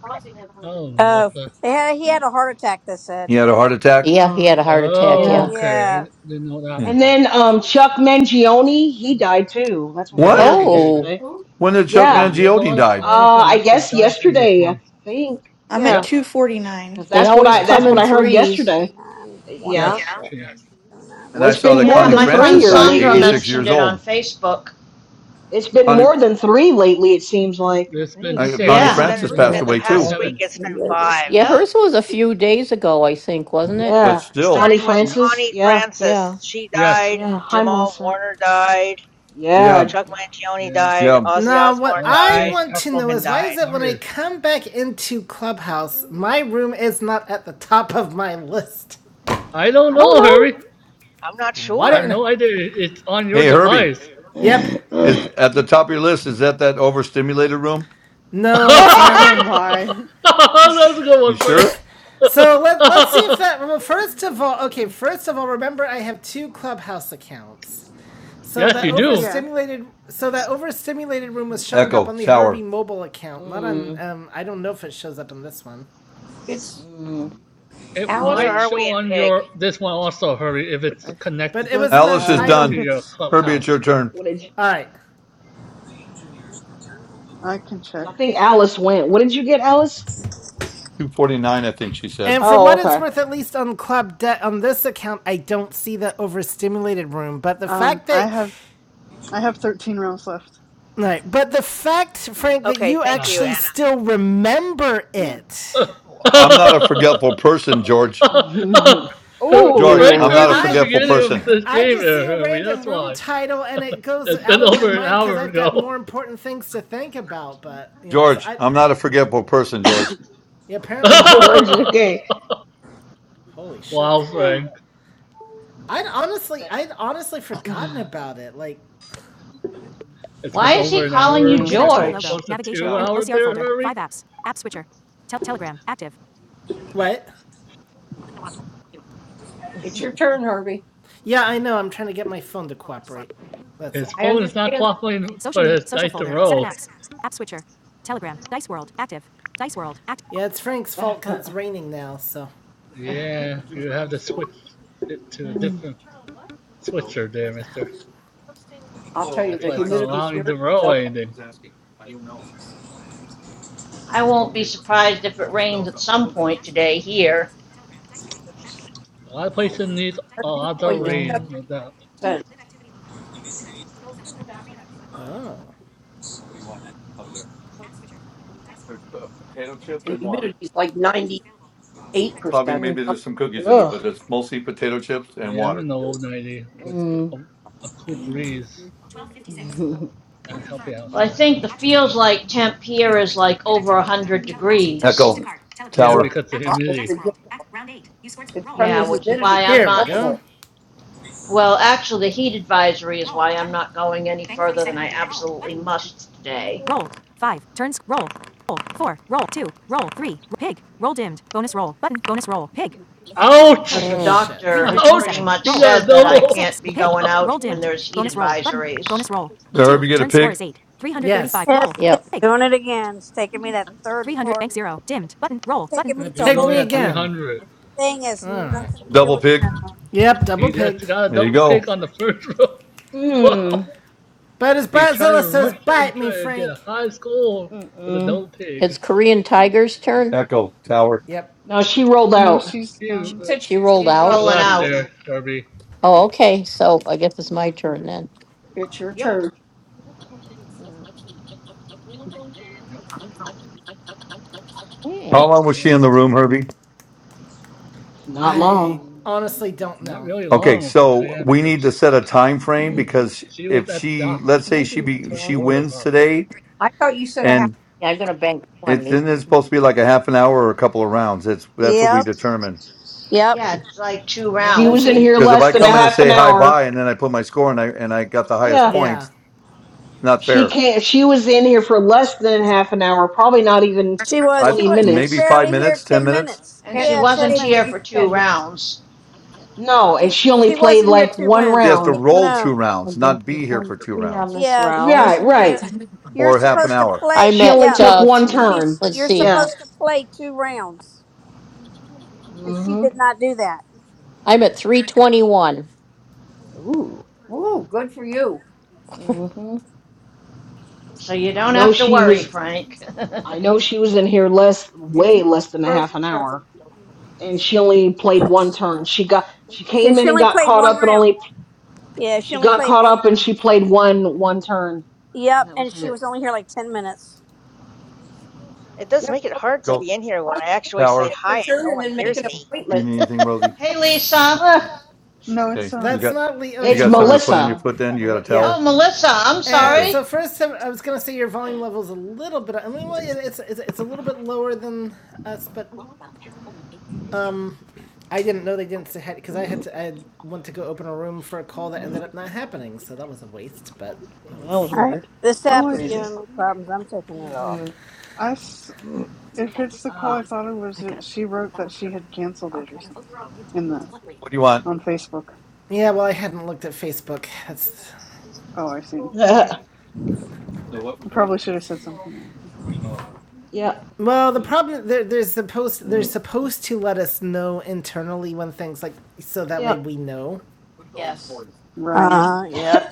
Speaker 9: Oh,
Speaker 4: Oh,
Speaker 9: Melissa.
Speaker 4: they had, he had a heart attack, they said.
Speaker 3: He had a heart attack.
Speaker 7: Yeah, he
Speaker 6: Oh,
Speaker 7: had a heart attack.
Speaker 9: Oh,
Speaker 6: yeah.
Speaker 7: Yeah.
Speaker 9: okay. I
Speaker 4: Yeah.
Speaker 9: didn't know that
Speaker 3: Hmm.
Speaker 6: And
Speaker 9: part.
Speaker 6: then um, Chuck Mangione, he died too. That's what I
Speaker 3: What?
Speaker 9: Yes,
Speaker 5: Yep.
Speaker 6: heard
Speaker 9: he did.
Speaker 7: Oh.
Speaker 6: yesterday.
Speaker 3: When did Chuck
Speaker 9: Yeah,
Speaker 6: Yeah.
Speaker 9: there's a
Speaker 3: Mangione
Speaker 9: lot of
Speaker 3: died?
Speaker 9: artists
Speaker 6: Uh,
Speaker 9: and
Speaker 6: I
Speaker 9: actors
Speaker 6: guess
Speaker 9: died in this
Speaker 6: yesterday, I
Speaker 9: month.
Speaker 6: think.
Speaker 8: I'm at
Speaker 6: Yeah.
Speaker 9: Yep.
Speaker 8: 249.
Speaker 6: Because
Speaker 7: They
Speaker 6: that's what
Speaker 7: always
Speaker 6: I
Speaker 9: Yes, he
Speaker 6: that's
Speaker 7: come
Speaker 6: what
Speaker 7: in
Speaker 6: I
Speaker 9: did.
Speaker 6: heard
Speaker 7: threes.
Speaker 6: yesterday.
Speaker 4: Nine, one
Speaker 6: Yeah.
Speaker 4: oh
Speaker 9: Yes,
Speaker 4: six,
Speaker 9: Trina.
Speaker 3: And
Speaker 6: Well,
Speaker 3: I
Speaker 6: it's
Speaker 3: saw
Speaker 6: been
Speaker 3: that
Speaker 5: Yeah,
Speaker 6: more
Speaker 3: Connie
Speaker 5: my
Speaker 6: than three
Speaker 5: friend
Speaker 3: Francis
Speaker 6: here
Speaker 3: died,
Speaker 5: Sandra
Speaker 6: lately.
Speaker 3: eighty-six
Speaker 6: It's
Speaker 5: mentioned
Speaker 3: years
Speaker 5: it on
Speaker 3: old.
Speaker 5: Facebook.
Speaker 6: it's been
Speaker 3: Connie,
Speaker 6: more than three lately. It seems like I
Speaker 9: There's been
Speaker 6: think it's
Speaker 3: uh,
Speaker 6: been
Speaker 3: Connie
Speaker 6: more
Speaker 9: six,
Speaker 15: It's
Speaker 6: than
Speaker 5: Yeah.
Speaker 15: been
Speaker 9: I
Speaker 3: Francis
Speaker 9: think
Speaker 6: three.
Speaker 3: passed
Speaker 15: in
Speaker 4: zero,
Speaker 15: the
Speaker 3: away
Speaker 9: six or
Speaker 15: past
Speaker 3: too.
Speaker 15: week.
Speaker 4: zero,
Speaker 9: seven.
Speaker 15: It's
Speaker 4: three,
Speaker 15: been
Speaker 4: eight, nine.
Speaker 15: five,
Speaker 7: Yeah,
Speaker 5: Yep.
Speaker 7: hers was a few days ago, I think, wasn't it?
Speaker 3: But
Speaker 6: Yeah,
Speaker 3: still,
Speaker 6: Connie
Speaker 15: starting with
Speaker 9: Yeah.
Speaker 6: Francis.
Speaker 15: Connie
Speaker 6: Yeah,
Speaker 15: Francis.
Speaker 7: Yeah.
Speaker 15: She
Speaker 9: Yes.
Speaker 15: died.
Speaker 6: yeah. Hi,
Speaker 15: Jamal
Speaker 6: Melissa.
Speaker 15: Warner died.
Speaker 3: yeah,
Speaker 6: Yeah,
Speaker 15: Chuck Mangione
Speaker 9: Yeah.
Speaker 15: died.
Speaker 3: yeah.
Speaker 15: Ozzy
Speaker 1: Now,
Speaker 9: A
Speaker 1: what
Speaker 15: Osbourne
Speaker 9: lot of
Speaker 1: I
Speaker 15: died.
Speaker 9: fans,
Speaker 1: want
Speaker 15: Hulk
Speaker 1: to
Speaker 9: actors,
Speaker 1: know
Speaker 15: Hogan
Speaker 9: and
Speaker 1: is why
Speaker 9: a-
Speaker 1: is
Speaker 15: died.
Speaker 1: it when I
Speaker 9: artists.
Speaker 1: come back into Clubhouse, my room is not at the top of my list?
Speaker 9: I don't
Speaker 6: I
Speaker 9: know,
Speaker 6: don't
Speaker 9: Harry.
Speaker 15: I'm not
Speaker 1: Why
Speaker 9: I
Speaker 1: don't
Speaker 9: have
Speaker 1: you
Speaker 15: sure.
Speaker 1: know?
Speaker 9: no idea. It- It's on your
Speaker 3: Hey, Herbie,
Speaker 9: device. That's
Speaker 1: Yep.
Speaker 3: is at the top of your list? Is that that overstimulated room?
Speaker 6: know.
Speaker 1: No, it's
Speaker 12: Oh
Speaker 1: not.
Speaker 12: my.
Speaker 9: a good
Speaker 3: You
Speaker 9: one, Frank.
Speaker 3: sure?
Speaker 1: So let let's see if that. Well, first of
Speaker 6: That's
Speaker 1: all, okay.
Speaker 6: funny.
Speaker 1: First of all, remember I have two Clubhouse accounts. So
Speaker 9: yes,
Speaker 1: that
Speaker 9: you
Speaker 6: Mm.
Speaker 9: do.
Speaker 12: yeah.
Speaker 1: overstimulated. So that overstimulated room was showing
Speaker 6: Mm.
Speaker 1: up
Speaker 3: Echo
Speaker 1: on the Herbie
Speaker 3: Tower.
Speaker 1: mobile account, not on.
Speaker 6: Mm.
Speaker 1: Um, I don't know if it shows up in this one,
Speaker 11: It's
Speaker 6: Mm.
Speaker 9: It
Speaker 12: Oh
Speaker 11: Alice,
Speaker 15: Where
Speaker 9: might
Speaker 12: man.
Speaker 15: are we
Speaker 9: show
Speaker 15: in
Speaker 9: on
Speaker 15: Pig?
Speaker 9: your this one also, Harry, if it's
Speaker 12: I,
Speaker 1: but it
Speaker 9: connected
Speaker 1: was an
Speaker 3: Alice
Speaker 12: let's.
Speaker 3: is
Speaker 12: I
Speaker 6: Um,
Speaker 9: to
Speaker 12: think
Speaker 1: untitled.
Speaker 3: done.
Speaker 9: your
Speaker 12: it's.
Speaker 3: Herbie, it's
Speaker 9: clubhouse.
Speaker 3: your turn.
Speaker 6: what did?
Speaker 1: All right.
Speaker 12: I can check.
Speaker 6: Because I think Alice went. What did you get, Alice?
Speaker 3: Two forty-nine, I think she said.
Speaker 1: And for what
Speaker 6: Oh,
Speaker 1: it's
Speaker 6: okay.
Speaker 1: worth, at least on Club Debt on this account, I don't see the overstimulated room. But the
Speaker 12: Um.
Speaker 1: fact
Speaker 12: I
Speaker 1: that,
Speaker 12: have. I have thirteen rounds left.
Speaker 1: all right, but the fact,
Speaker 12: Yeah.
Speaker 1: Frank, that
Speaker 15: Okay,
Speaker 1: you
Speaker 15: thank
Speaker 9: Uh
Speaker 15: you,
Speaker 1: actually
Speaker 9: huh.
Speaker 15: Anna.
Speaker 1: still remember
Speaker 12: Yeah.
Speaker 1: it
Speaker 3: I'm not a forgetful person, George.
Speaker 1: You
Speaker 3: George,
Speaker 1: know,
Speaker 9: Frank
Speaker 3: I'm not
Speaker 9: heard
Speaker 6: Ooh,
Speaker 3: a
Speaker 9: it in the
Speaker 1: I
Speaker 3: forgetful
Speaker 9: beginning of
Speaker 3: person.
Speaker 9: this
Speaker 1: I
Speaker 9: game,
Speaker 1: just see a
Speaker 9: Harry. That's
Speaker 1: random room
Speaker 9: why.
Speaker 1: title and it goes
Speaker 9: It's
Speaker 1: out
Speaker 9: been
Speaker 1: of my
Speaker 9: over an
Speaker 1: mind because
Speaker 9: hour
Speaker 1: I've got
Speaker 9: ago.
Speaker 1: more important things to think about. But you know, so
Speaker 3: George,
Speaker 1: I
Speaker 3: I'm not a forgetful person, George.
Speaker 1: yeah, apparently not.
Speaker 6: George.
Speaker 1: But
Speaker 6: Okay.
Speaker 1: holy
Speaker 9: wow,
Speaker 1: shit,
Speaker 9: Frank.
Speaker 1: I'd honestly I'd honestly forgotten about it. Like
Speaker 9: It's
Speaker 5: Why
Speaker 9: been
Speaker 5: is
Speaker 9: over
Speaker 5: he
Speaker 9: an
Speaker 5: calling
Speaker 9: hour.
Speaker 5: you
Speaker 9: to
Speaker 6: Mm.
Speaker 5: George?
Speaker 9: close to two hours there, Harry.
Speaker 1: what?
Speaker 11: it's your turn, Herbie.
Speaker 1: Yeah, I know. I'm trying to get my phone to cooperate. That's all.
Speaker 9: His
Speaker 11: I
Speaker 9: phone is not
Speaker 11: understand.
Speaker 9: cooperating for his dice to roll.
Speaker 1: Yeah, it's Frank's fault because it's raining now. So
Speaker 9: Yeah, you have to switch it to a
Speaker 6: Mm.
Speaker 9: different switcher there,
Speaker 1: what the hell?
Speaker 9: mister.
Speaker 11: I'll tell you,
Speaker 9: That's
Speaker 11: the
Speaker 9: why it's not
Speaker 11: humidity
Speaker 9: allowing you
Speaker 11: here is
Speaker 9: to roll
Speaker 11: so
Speaker 9: anything.
Speaker 5: I won't be surprised if it rains at some point today here.
Speaker 9: A lot of places need
Speaker 11: our
Speaker 9: a
Speaker 11: dew
Speaker 9: lot of
Speaker 11: point is seven
Speaker 9: rain,
Speaker 6: Ugh.
Speaker 9: no doubt.
Speaker 11: percent.
Speaker 1: Oh,
Speaker 3: What do you want up there? Uh, Potato chips
Speaker 11: The
Speaker 3: and water.
Speaker 11: humidity is like ninety-eight
Speaker 3: Probably,
Speaker 11: percent.
Speaker 6: Mm.
Speaker 3: maybe there's some cookies in there, but
Speaker 6: Ugh.
Speaker 3: it's mostly potato chips and
Speaker 9: Yeah, I'm
Speaker 3: water.
Speaker 9: an old 90 with a,
Speaker 6: Mm.
Speaker 9: a cool breeze. Not helping
Speaker 5: Well, I
Speaker 9: outside.
Speaker 5: think the feels like temp here is like over 100 degrees.
Speaker 3: Echo,
Speaker 6: Mm.
Speaker 9: Yeah,
Speaker 11: Yeah,
Speaker 3: Tower.
Speaker 9: because of the
Speaker 11: uh, it's
Speaker 9: humidity.
Speaker 11: ridiculous. It's from the
Speaker 5: Yeah, which is
Speaker 11: humidity.
Speaker 5: why I'm
Speaker 1: here we
Speaker 5: not.
Speaker 1: go.
Speaker 6: Mm.
Speaker 11: horrible.
Speaker 5: Well, actually, the heat advisory is why I'm not going any further than I absolutely must today.
Speaker 9: Ouch!
Speaker 5: because the
Speaker 1: Holy
Speaker 7: Mm.
Speaker 1: shit.
Speaker 5: doctor has pretty
Speaker 9: Ouch!
Speaker 5: much
Speaker 9: He got a
Speaker 5: said that I
Speaker 9: double.
Speaker 5: can't be going out
Speaker 9: Ouch!
Speaker 5: when there's heat advisories.
Speaker 3: Did Herbie get a pig?
Speaker 4: Yes,
Speaker 7: Yep.
Speaker 4: it's doing it again. It's taking me that third part. Taking
Speaker 1: And
Speaker 4: me
Speaker 1: it
Speaker 4: to a
Speaker 9: He's
Speaker 1: pigged
Speaker 4: whole
Speaker 9: only
Speaker 1: me
Speaker 9: at
Speaker 4: different
Speaker 1: again.
Speaker 9: 300.
Speaker 4: thing. Has
Speaker 1: Alright.
Speaker 4: nothing to do
Speaker 3: Double
Speaker 4: with
Speaker 3: pig?
Speaker 4: that.
Speaker 1: Yep, double
Speaker 9: He
Speaker 1: pigged.
Speaker 9: just got a
Speaker 3: There you
Speaker 9: double
Speaker 3: go.
Speaker 9: pick on the first row.
Speaker 6: Mm.
Speaker 9: Wow!
Speaker 1: But as
Speaker 9: He tried
Speaker 1: Bratzilla
Speaker 9: to
Speaker 1: says,
Speaker 9: rush it and
Speaker 1: bite
Speaker 9: try
Speaker 1: me,
Speaker 9: to get
Speaker 1: Frank.
Speaker 9: a high score with a
Speaker 6: mm
Speaker 9: double pick.
Speaker 7: It's Korean Tiger's turn.
Speaker 3: Echo, Tower.
Speaker 1: Yep.
Speaker 6: Now she rolled
Speaker 12: No,
Speaker 6: out.
Speaker 12: she's
Speaker 9: She,
Speaker 11: She
Speaker 12: gone.
Speaker 9: uh,
Speaker 11: said, she-
Speaker 7: She rolled
Speaker 5: She's
Speaker 9: she
Speaker 12: She's
Speaker 7: out.
Speaker 5: rolling
Speaker 12: gonna
Speaker 9: left
Speaker 5: out.
Speaker 12: go.
Speaker 9: there, Kirby.
Speaker 7: Oh, okay. So I guess it's my
Speaker 6: Mm.
Speaker 7: turn then.
Speaker 11: "It's your
Speaker 5: Yep.
Speaker 11: turn."
Speaker 6: Mm.
Speaker 9: Yep,
Speaker 7: Hey,
Speaker 3: How long was she in
Speaker 9: Diane
Speaker 3: the room,
Speaker 9: too.
Speaker 3: Herbie?
Speaker 6: Not
Speaker 1: I
Speaker 6: long.
Speaker 12: Um.
Speaker 1: honestly don't
Speaker 9: Not
Speaker 1: know.
Speaker 9: really
Speaker 3: Okay,
Speaker 9: long for
Speaker 3: so
Speaker 9: Diane
Speaker 3: we
Speaker 9: because
Speaker 3: need to set a time frame because
Speaker 9: she was
Speaker 3: if
Speaker 9: at the
Speaker 3: she,
Speaker 9: dock
Speaker 3: let's
Speaker 7: can I
Speaker 3: say she
Speaker 7: do
Speaker 9: with
Speaker 7: one
Speaker 3: be
Speaker 9: her
Speaker 7: more?
Speaker 3: she
Speaker 9: daughter
Speaker 3: wins
Speaker 9: possibly.
Speaker 3: today,
Speaker 11: I thought you said I have
Speaker 3: and
Speaker 7: Yeah, I'm gonna bank
Speaker 3: it
Speaker 7: twenty
Speaker 3: then it's supposed to be like a half an hour or a couple of rounds. It's that's what we
Speaker 4: Yep.
Speaker 3: determine.
Speaker 4: Yep.
Speaker 5: Yeah, it's like two
Speaker 1: Yep,
Speaker 6: She
Speaker 1: that's
Speaker 5: rounds,
Speaker 6: was
Speaker 1: the
Speaker 6: in
Speaker 5: and
Speaker 1: idea.
Speaker 6: here
Speaker 3: Because if
Speaker 6: less
Speaker 3: I
Speaker 6: than a
Speaker 3: come in
Speaker 4: Yep.
Speaker 3: and
Speaker 6: half an
Speaker 3: say hi
Speaker 6: hour.
Speaker 3: bye and then I put my score and I and I got the highest
Speaker 6: Yeah.
Speaker 1: Yeah.
Speaker 3: points, not
Speaker 6: She
Speaker 3: fair.
Speaker 6: can't she was in here for less than half an hour, probably not even
Speaker 4: She was.
Speaker 3: I
Speaker 4: She
Speaker 6: twenty
Speaker 4: was. She's
Speaker 3: maybe
Speaker 6: minutes.
Speaker 3: five
Speaker 4: barely here.
Speaker 3: minutes, ten
Speaker 4: Ten
Speaker 3: minutes.
Speaker 4: minutes.
Speaker 5: and
Speaker 11: ten.
Speaker 5: she
Speaker 4: Yeah, ten
Speaker 5: wasn't
Speaker 11: Maybe
Speaker 5: here
Speaker 11: in
Speaker 4: minutes.
Speaker 5: for two
Speaker 11: ten minutes.
Speaker 5: rounds,
Speaker 6: No, and
Speaker 4: She
Speaker 6: she only
Speaker 4: she
Speaker 6: played
Speaker 4: wasn't here
Speaker 6: like
Speaker 4: two
Speaker 6: one
Speaker 3: He has
Speaker 4: wins.
Speaker 3: to
Speaker 6: round.
Speaker 3: roll
Speaker 4: No.
Speaker 3: two rounds, not be here for two
Speaker 7: on
Speaker 3: rounds
Speaker 7: this
Speaker 4: Yeah, she
Speaker 7: round.
Speaker 6: Right,
Speaker 4: wasn't
Speaker 6: right.
Speaker 4: here. You're
Speaker 3: or half an
Speaker 4: supposed to
Speaker 3: hour.
Speaker 4: play.
Speaker 7: I'm
Speaker 6: She
Speaker 7: at
Speaker 6: only
Speaker 4: Yeah,
Speaker 6: took
Speaker 7: uh,
Speaker 6: one
Speaker 7: th-
Speaker 6: turn.
Speaker 4: she's.
Speaker 7: let's
Speaker 4: You're
Speaker 7: see.
Speaker 6: Yeah.
Speaker 4: supposed to play two rounds, and she
Speaker 6: Mm-hmm.
Speaker 4: did not do that.
Speaker 7: I'm at three twenty-one.
Speaker 6: Ooh.
Speaker 11: Woo, good for you.
Speaker 6: hmm
Speaker 5: so you
Speaker 6: I
Speaker 5: don't
Speaker 6: know
Speaker 5: have to
Speaker 6: she
Speaker 5: worry,
Speaker 6: was.
Speaker 5: Frank.
Speaker 6: I know she was in here less,
Speaker 11: It's
Speaker 6: way
Speaker 11: music
Speaker 6: less than a
Speaker 11: Row's
Speaker 6: half an
Speaker 11: turn.
Speaker 6: hour, and she only played one turn. She got. She
Speaker 4: She,
Speaker 6: came in
Speaker 4: she
Speaker 6: and
Speaker 4: only
Speaker 6: got
Speaker 4: played
Speaker 6: caught
Speaker 4: one
Speaker 6: up, and
Speaker 4: round.
Speaker 6: only
Speaker 4: Yeah, she
Speaker 6: she
Speaker 4: only
Speaker 6: got
Speaker 4: played
Speaker 6: caught
Speaker 4: one
Speaker 6: up, and
Speaker 4: round.
Speaker 6: she played one one turn. And
Speaker 4: Yep,
Speaker 6: that was
Speaker 4: and she
Speaker 6: it.
Speaker 4: was only here like ten minutes.
Speaker 15: It does
Speaker 11: Yep,
Speaker 15: make it hard to
Speaker 11: okay.
Speaker 3: Go
Speaker 15: be in here when
Speaker 11: I'll
Speaker 15: I actually say
Speaker 3: power.
Speaker 11: take your
Speaker 15: hi and
Speaker 11: turn
Speaker 15: no
Speaker 11: and
Speaker 15: one
Speaker 11: then make
Speaker 15: hears
Speaker 11: an
Speaker 7: Okay.
Speaker 15: me.
Speaker 3: You
Speaker 11: appointment.
Speaker 3: need anything, Rosie?
Speaker 5: hey, Lisa.
Speaker 6: Ah,
Speaker 12: No, it's
Speaker 3: Okay.
Speaker 12: um.
Speaker 3: You
Speaker 1: That's
Speaker 3: got
Speaker 1: not le-
Speaker 3: you
Speaker 1: Okay,
Speaker 6: it's
Speaker 12: It's
Speaker 3: got
Speaker 1: hold
Speaker 3: something to
Speaker 1: on.
Speaker 3: put on
Speaker 6: Melissa.
Speaker 3: your
Speaker 12: Melissa.
Speaker 3: foot then? You got a
Speaker 1: Well, yeah.
Speaker 5: Oh,
Speaker 3: towel?
Speaker 5: Melissa. I'm
Speaker 1: Uh,
Speaker 3: Okay.
Speaker 1: so
Speaker 5: sorry.
Speaker 1: first, I I was gonna say your volume level is a little bit. I mean, well, it's, it's it's a little bit lower than us, but I didn't know they didn't say hi, because I had to. I had, went to go open a room for a call that ended up not happening, so that was a waste. But
Speaker 6: Oh,
Speaker 1: that
Speaker 6: that was
Speaker 1: was
Speaker 4: All right,
Speaker 6: weird.
Speaker 4: this
Speaker 6: That's
Speaker 12: Oh,
Speaker 4: app
Speaker 12: I,
Speaker 4: is
Speaker 6: crazy.
Speaker 4: giving me problems. I'm taking it off.
Speaker 6: Mm,
Speaker 12: I.
Speaker 6: mm,
Speaker 12: if it's the call I
Speaker 6: ah.
Speaker 12: thought it was, it, she wrote that she had canceled it or something in the
Speaker 3: What do you want?
Speaker 12: on Facebook.
Speaker 1: yeah. Well, I hadn't looked at Facebook. That's
Speaker 12: Oh, I see. Mhm. I probably should have said something.
Speaker 6: yeah.
Speaker 1: well, the problem they're, they're supposed they're
Speaker 6: mm,
Speaker 1: supposed to let us know internally when things like so that
Speaker 6: Yeah.
Speaker 1: way we know,
Speaker 7: Yes.
Speaker 12: Right.
Speaker 4: Uh, yep.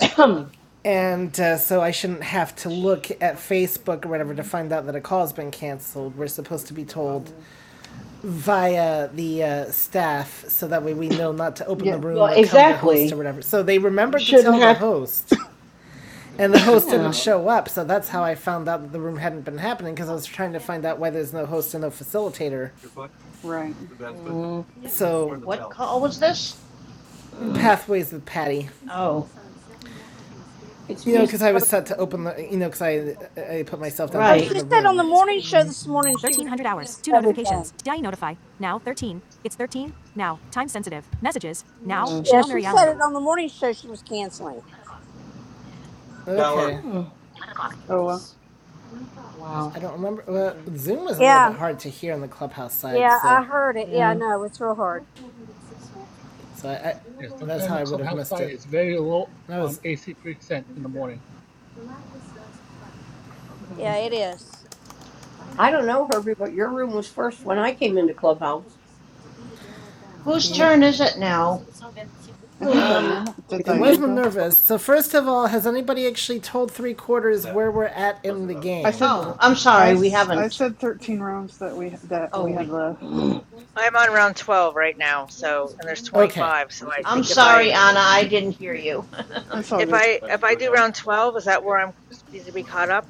Speaker 1: and uh, so I shouldn't have to look at Facebook or whatever to find out that a call's been canceled. We're supposed to be told
Speaker 6: Mm.
Speaker 1: via the uh, staff so that way we know not to open the
Speaker 12: Yeah.
Speaker 1: room
Speaker 6: Well,
Speaker 1: or come to host or
Speaker 6: exactly.
Speaker 1: whatever. So they
Speaker 6: You
Speaker 1: remembered to
Speaker 6: shouldn't
Speaker 1: tell the
Speaker 6: have.
Speaker 1: host, and the host didn't
Speaker 6: Yeah.
Speaker 1: show up. So that's how I found out that the room hadn't been happening because I was trying to find out why there's no host and no facilitator.
Speaker 12: Right.
Speaker 6: Mm.
Speaker 1: So
Speaker 5: What call was this?
Speaker 1: pathways with Patty,
Speaker 5: Oh,
Speaker 11: It's
Speaker 1: you know,
Speaker 11: music.
Speaker 1: because I was set to open the, you know, because I I put myself down to
Speaker 4: Oh,
Speaker 5: right.
Speaker 4: she
Speaker 1: open the
Speaker 4: said on the
Speaker 1: room.
Speaker 4: morning show
Speaker 6: Mm,
Speaker 4: this morning she was going to cancel everything.
Speaker 6: mm,
Speaker 4: Yeah, she said it on the morning show she was canceling.
Speaker 1: Okay,
Speaker 6: hmm.
Speaker 12: Oh well.
Speaker 1: I
Speaker 6: Wow.
Speaker 1: don't remember. Well,
Speaker 6: Okay.
Speaker 1: Zoom was a little bit
Speaker 4: Yeah,
Speaker 1: hard to hear on the clubhouse side,
Speaker 4: yeah,
Speaker 1: so
Speaker 4: I heard it. Yeah, I
Speaker 6: Yeah.
Speaker 4: know it's real hard.
Speaker 1: so I, I
Speaker 9: Yeah,
Speaker 1: that's
Speaker 9: sometimes
Speaker 1: how
Speaker 9: the
Speaker 1: I would have
Speaker 9: clubhouse
Speaker 1: missed
Speaker 9: site
Speaker 1: it.
Speaker 9: is very low
Speaker 1: And I
Speaker 9: on
Speaker 1: was,
Speaker 9: AC percent in the morning.
Speaker 4: Yeah,
Speaker 6: Mm,
Speaker 4: it is.
Speaker 11: I
Speaker 6: okay.
Speaker 11: don't know, Herbie, but your room was first when I came into Clubhouse.
Speaker 5: Whose
Speaker 1: yep,
Speaker 5: turn is it now?
Speaker 12: I think Diane did.
Speaker 1: It
Speaker 11: It's
Speaker 1: was
Speaker 11: music.
Speaker 12: Diane go.
Speaker 1: Minerva's. So first of all, has anybody actually told three quarters where we're at in the
Speaker 12: I
Speaker 1: game?
Speaker 12: said.
Speaker 5: Oh, I'm
Speaker 12: I. I
Speaker 5: sorry. We haven't.
Speaker 12: said thirteen rounds that we that
Speaker 5: Oh,
Speaker 12: we had
Speaker 5: we.
Speaker 12: left.
Speaker 15: I'm on round 12 right now, so and there's
Speaker 1: Okay.
Speaker 15: 25, so I
Speaker 5: I'm
Speaker 15: think if I
Speaker 5: sorry, Anna. I didn't hear you.
Speaker 12: It's all
Speaker 15: if
Speaker 12: good.
Speaker 15: I if I do round 12, is that where I'm supposed to be caught up?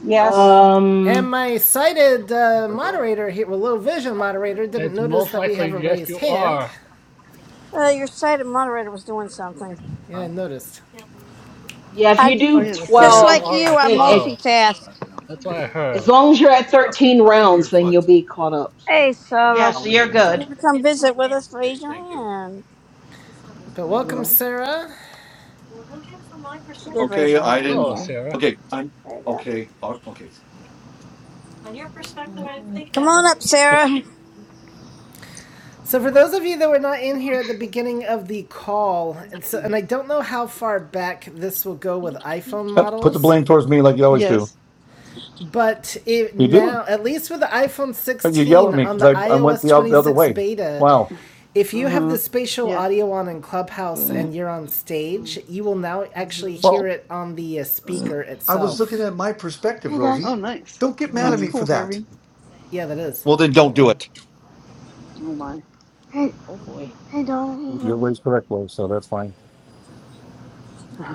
Speaker 11: Yes,
Speaker 1: And
Speaker 6: um.
Speaker 1: my sighted uh, moderator here, well, low vision moderator,
Speaker 9: And
Speaker 1: didn't
Speaker 9: it's
Speaker 1: notice
Speaker 9: most
Speaker 1: that we
Speaker 9: likely
Speaker 1: have a
Speaker 9: yes
Speaker 1: raised
Speaker 9: you
Speaker 1: hand.
Speaker 9: are
Speaker 4: Uh, your site moderator was doing something.
Speaker 1: Yeah, I noticed.
Speaker 6: Yeah. If you
Speaker 4: I
Speaker 12: Oh
Speaker 6: do
Speaker 9: Most
Speaker 12: yeah, it's
Speaker 9: likely
Speaker 4: just
Speaker 9: you
Speaker 12: Sarah.
Speaker 6: twelve,
Speaker 4: like
Speaker 9: are
Speaker 4: you.
Speaker 9: at
Speaker 4: I
Speaker 6: then it,
Speaker 9: twelve.
Speaker 4: multitask.
Speaker 9: That's what I
Speaker 6: as
Speaker 9: heard.
Speaker 6: long as you're at thirteen rounds, then you'll be caught up. So.
Speaker 4: Hey,
Speaker 5: yeah,
Speaker 4: Sarah,
Speaker 5: so you're
Speaker 4: if you
Speaker 5: good.
Speaker 4: want to come visit with us, raise your hand.
Speaker 1: But welcome,
Speaker 6: Mm,
Speaker 1: Sarah.
Speaker 4: She did raise
Speaker 3: Okay,
Speaker 4: her
Speaker 3: I
Speaker 4: hand.
Speaker 3: didn't
Speaker 9: Hello,
Speaker 4: Okay,
Speaker 6: mm,
Speaker 9: Sarah.
Speaker 3: okay, I'm
Speaker 4: there you go.
Speaker 3: okay. uh, Okay.
Speaker 6: mm, mm,
Speaker 4: Come on up, Sarah.
Speaker 1: So for those of you that were not in here at the beginning of the call, and, so, and I don't know how far back this will go with iPhone
Speaker 3: Uh, Put the
Speaker 1: models.
Speaker 3: blame towards me like you always do.
Speaker 12: Yes.
Speaker 1: But it
Speaker 3: You do.
Speaker 1: now, at least with the iPhone
Speaker 3: and You yell
Speaker 1: 16
Speaker 3: at me
Speaker 1: on
Speaker 3: because
Speaker 1: the
Speaker 3: I, I went
Speaker 1: iOS
Speaker 3: the,
Speaker 6: mm,
Speaker 3: oth- the
Speaker 6: mm,
Speaker 3: other
Speaker 1: 26
Speaker 3: way.
Speaker 1: beta,
Speaker 3: Wow.
Speaker 1: if you have the
Speaker 6: mm,
Speaker 1: spatial
Speaker 12: Yeah.
Speaker 1: audio on in Clubhouse
Speaker 6: mm,
Speaker 1: and you're on stage,
Speaker 6: mm,
Speaker 1: you will now actually
Speaker 6: mhm,
Speaker 1: hear it on the uh,
Speaker 6: mm,
Speaker 1: speaker itself.
Speaker 16: Hey
Speaker 12: Oh,
Speaker 16: guys.
Speaker 12: nice. That's
Speaker 6: mm.
Speaker 12: cool, Harvey.
Speaker 1: Yeah, that is.
Speaker 3: Well, then don't do
Speaker 6: Uh-oh.
Speaker 3: it.
Speaker 12: Oh my.
Speaker 16: Hey,
Speaker 6: Oh boy.
Speaker 16: hey Donna. Hey
Speaker 3: Your
Speaker 16: Herbie.
Speaker 3: way's correct, way, so that's fine.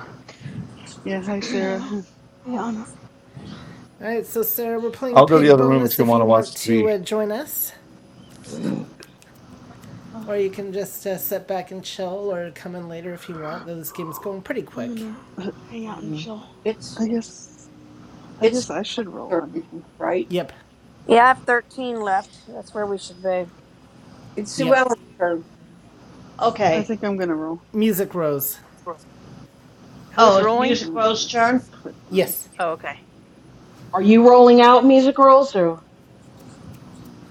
Speaker 12: Yeah, hi Sarah.
Speaker 16: Hello. Hey Anna.
Speaker 1: All right, so Sarah, we're playing
Speaker 3: I'll go to the
Speaker 1: Pig
Speaker 3: other room if
Speaker 1: Bonus
Speaker 3: you
Speaker 1: if
Speaker 16: Yeah.
Speaker 3: want to
Speaker 1: you want
Speaker 3: watch
Speaker 1: to
Speaker 3: TV.
Speaker 1: uh, join us,
Speaker 16: Uh,
Speaker 1: or you can just uh, sit back and chill, or come in later if you want.
Speaker 16: yeah.
Speaker 1: Though this game's going pretty
Speaker 16: I'm
Speaker 1: quick.
Speaker 16: gonna
Speaker 12: I
Speaker 16: hang out and
Speaker 6: Mm.
Speaker 16: chill.
Speaker 11: it's
Speaker 12: guess I
Speaker 11: it's Sue's
Speaker 12: guess I should roll. I
Speaker 11: turn,
Speaker 12: do
Speaker 11: right?
Speaker 1: Yep,
Speaker 4: Yeah, I have thirteen left.
Speaker 11: It's Sue
Speaker 1: yep.
Speaker 11: Ellen's turn
Speaker 5: Okay.
Speaker 12: I think I'm gonna roll.
Speaker 1: Music rose.
Speaker 5: Oh,
Speaker 15: Who's
Speaker 5: it's
Speaker 15: rolling?
Speaker 5: Music
Speaker 12: Uh,
Speaker 5: Row's
Speaker 12: let's
Speaker 5: turn?
Speaker 12: put um.
Speaker 1: Yes.
Speaker 15: Oh, okay.
Speaker 6: Are you rolling out music rolls or?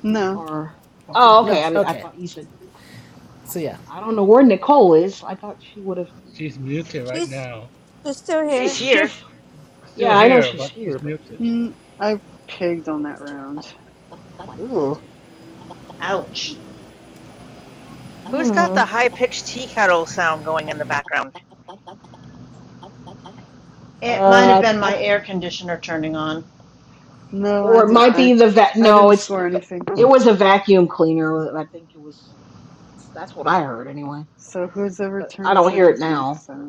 Speaker 12: No,
Speaker 6: Or oh,
Speaker 1: No.
Speaker 6: okay. I mean, I
Speaker 1: Okay.
Speaker 6: thought you said
Speaker 1: So yeah.
Speaker 6: I don't know where Nicole is. I thought she would have
Speaker 9: She's muted right
Speaker 4: She's
Speaker 9: now.
Speaker 4: she's still
Speaker 15: She's
Speaker 4: here.
Speaker 9: She's
Speaker 15: here.
Speaker 6: mischief.
Speaker 9: still
Speaker 6: Yeah, I know
Speaker 9: here,
Speaker 6: she's
Speaker 9: but she's
Speaker 6: here, but
Speaker 9: muted.
Speaker 6: she's
Speaker 12: mm, I pigged on that round.
Speaker 6: ugh.
Speaker 5: Ouch.
Speaker 15: Who's got
Speaker 6: Hmm.
Speaker 15: the high pitched tea kettle sound going in the background?
Speaker 5: It might have
Speaker 6: Uh,
Speaker 5: been my
Speaker 6: I,
Speaker 5: air conditioner turning on.
Speaker 12: No, I
Speaker 6: or it
Speaker 12: did.
Speaker 15: Ah, uh,
Speaker 6: might
Speaker 12: I
Speaker 6: be the vet.
Speaker 12: I
Speaker 6: No,
Speaker 12: didn't
Speaker 6: it's the
Speaker 12: score
Speaker 6: va-
Speaker 12: anything.
Speaker 6: it was a vacuum cleaner. and I think it was. That's what I heard anyway.
Speaker 12: So whoever
Speaker 6: But I
Speaker 12: turns
Speaker 6: don't
Speaker 12: it
Speaker 6: hear it
Speaker 12: is
Speaker 6: now.
Speaker 12: next. I'm
Speaker 6: But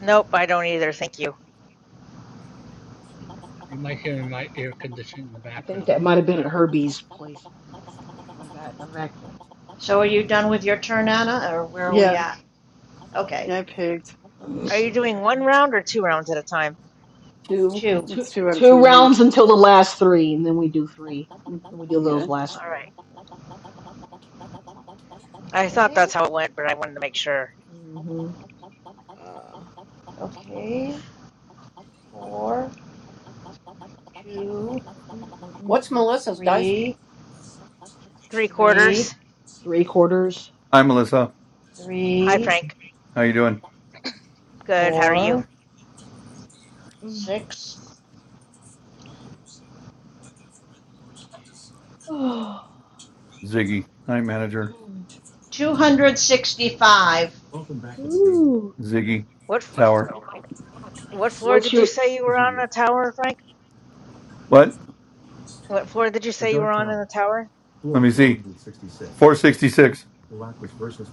Speaker 15: nope, I don't either. Thank you.
Speaker 9: You might hear my air conditioning in the
Speaker 6: I think
Speaker 9: background.
Speaker 6: that might have been
Speaker 9: Uh,
Speaker 6: at Herbie's place. I think the, va- the vacuum.
Speaker 5: So are you done with your turn, Anna, or where are we
Speaker 12: yeah,
Speaker 5: at? Okay,
Speaker 12: yeah, I pigged.
Speaker 5: let me
Speaker 15: Are
Speaker 5: see
Speaker 15: you doing
Speaker 5: here.
Speaker 15: one round or two rounds at a time?
Speaker 11: to.
Speaker 5: Two.
Speaker 6: two
Speaker 12: It's two out of
Speaker 6: two
Speaker 12: ten.
Speaker 6: rounds until the last three, and then we do three.
Speaker 12: Yeah, Mhm.
Speaker 6: And we do
Speaker 12: yeah,
Speaker 6: those
Speaker 15: All
Speaker 6: last 3
Speaker 15: right. I thought
Speaker 5: Okay,
Speaker 15: that's how it went, but I wanted to make sure.
Speaker 6: Mm-hmm. Uh,
Speaker 5: okay. Four, two,
Speaker 6: mm, mm, mm, mm,
Speaker 11: What's
Speaker 6: mm.
Speaker 11: Melissa's dice?
Speaker 5: three,
Speaker 15: Three
Speaker 5: three,
Speaker 15: quarters.
Speaker 6: three quarters.
Speaker 3: Hi, Melissa.
Speaker 15: Hi,
Speaker 5: three,
Speaker 6: Mm,
Speaker 15: Frank.
Speaker 3: How you doing?
Speaker 15: Good. How are you?
Speaker 5: four,
Speaker 6: mm.
Speaker 5: six.
Speaker 3: Ziggy, night
Speaker 6: Oh.
Speaker 3: manager.
Speaker 6: Mm.
Speaker 5: 265.
Speaker 6: Ooh.
Speaker 3: Ziggy,
Speaker 15: What f-
Speaker 3: tower.
Speaker 15: what floor
Speaker 6: What's
Speaker 15: did you
Speaker 6: your?
Speaker 15: say you were on in the tower, Frank?
Speaker 3: What?
Speaker 15: What floor did you say you were on in the tower?
Speaker 3: Let me see. Four sixty six.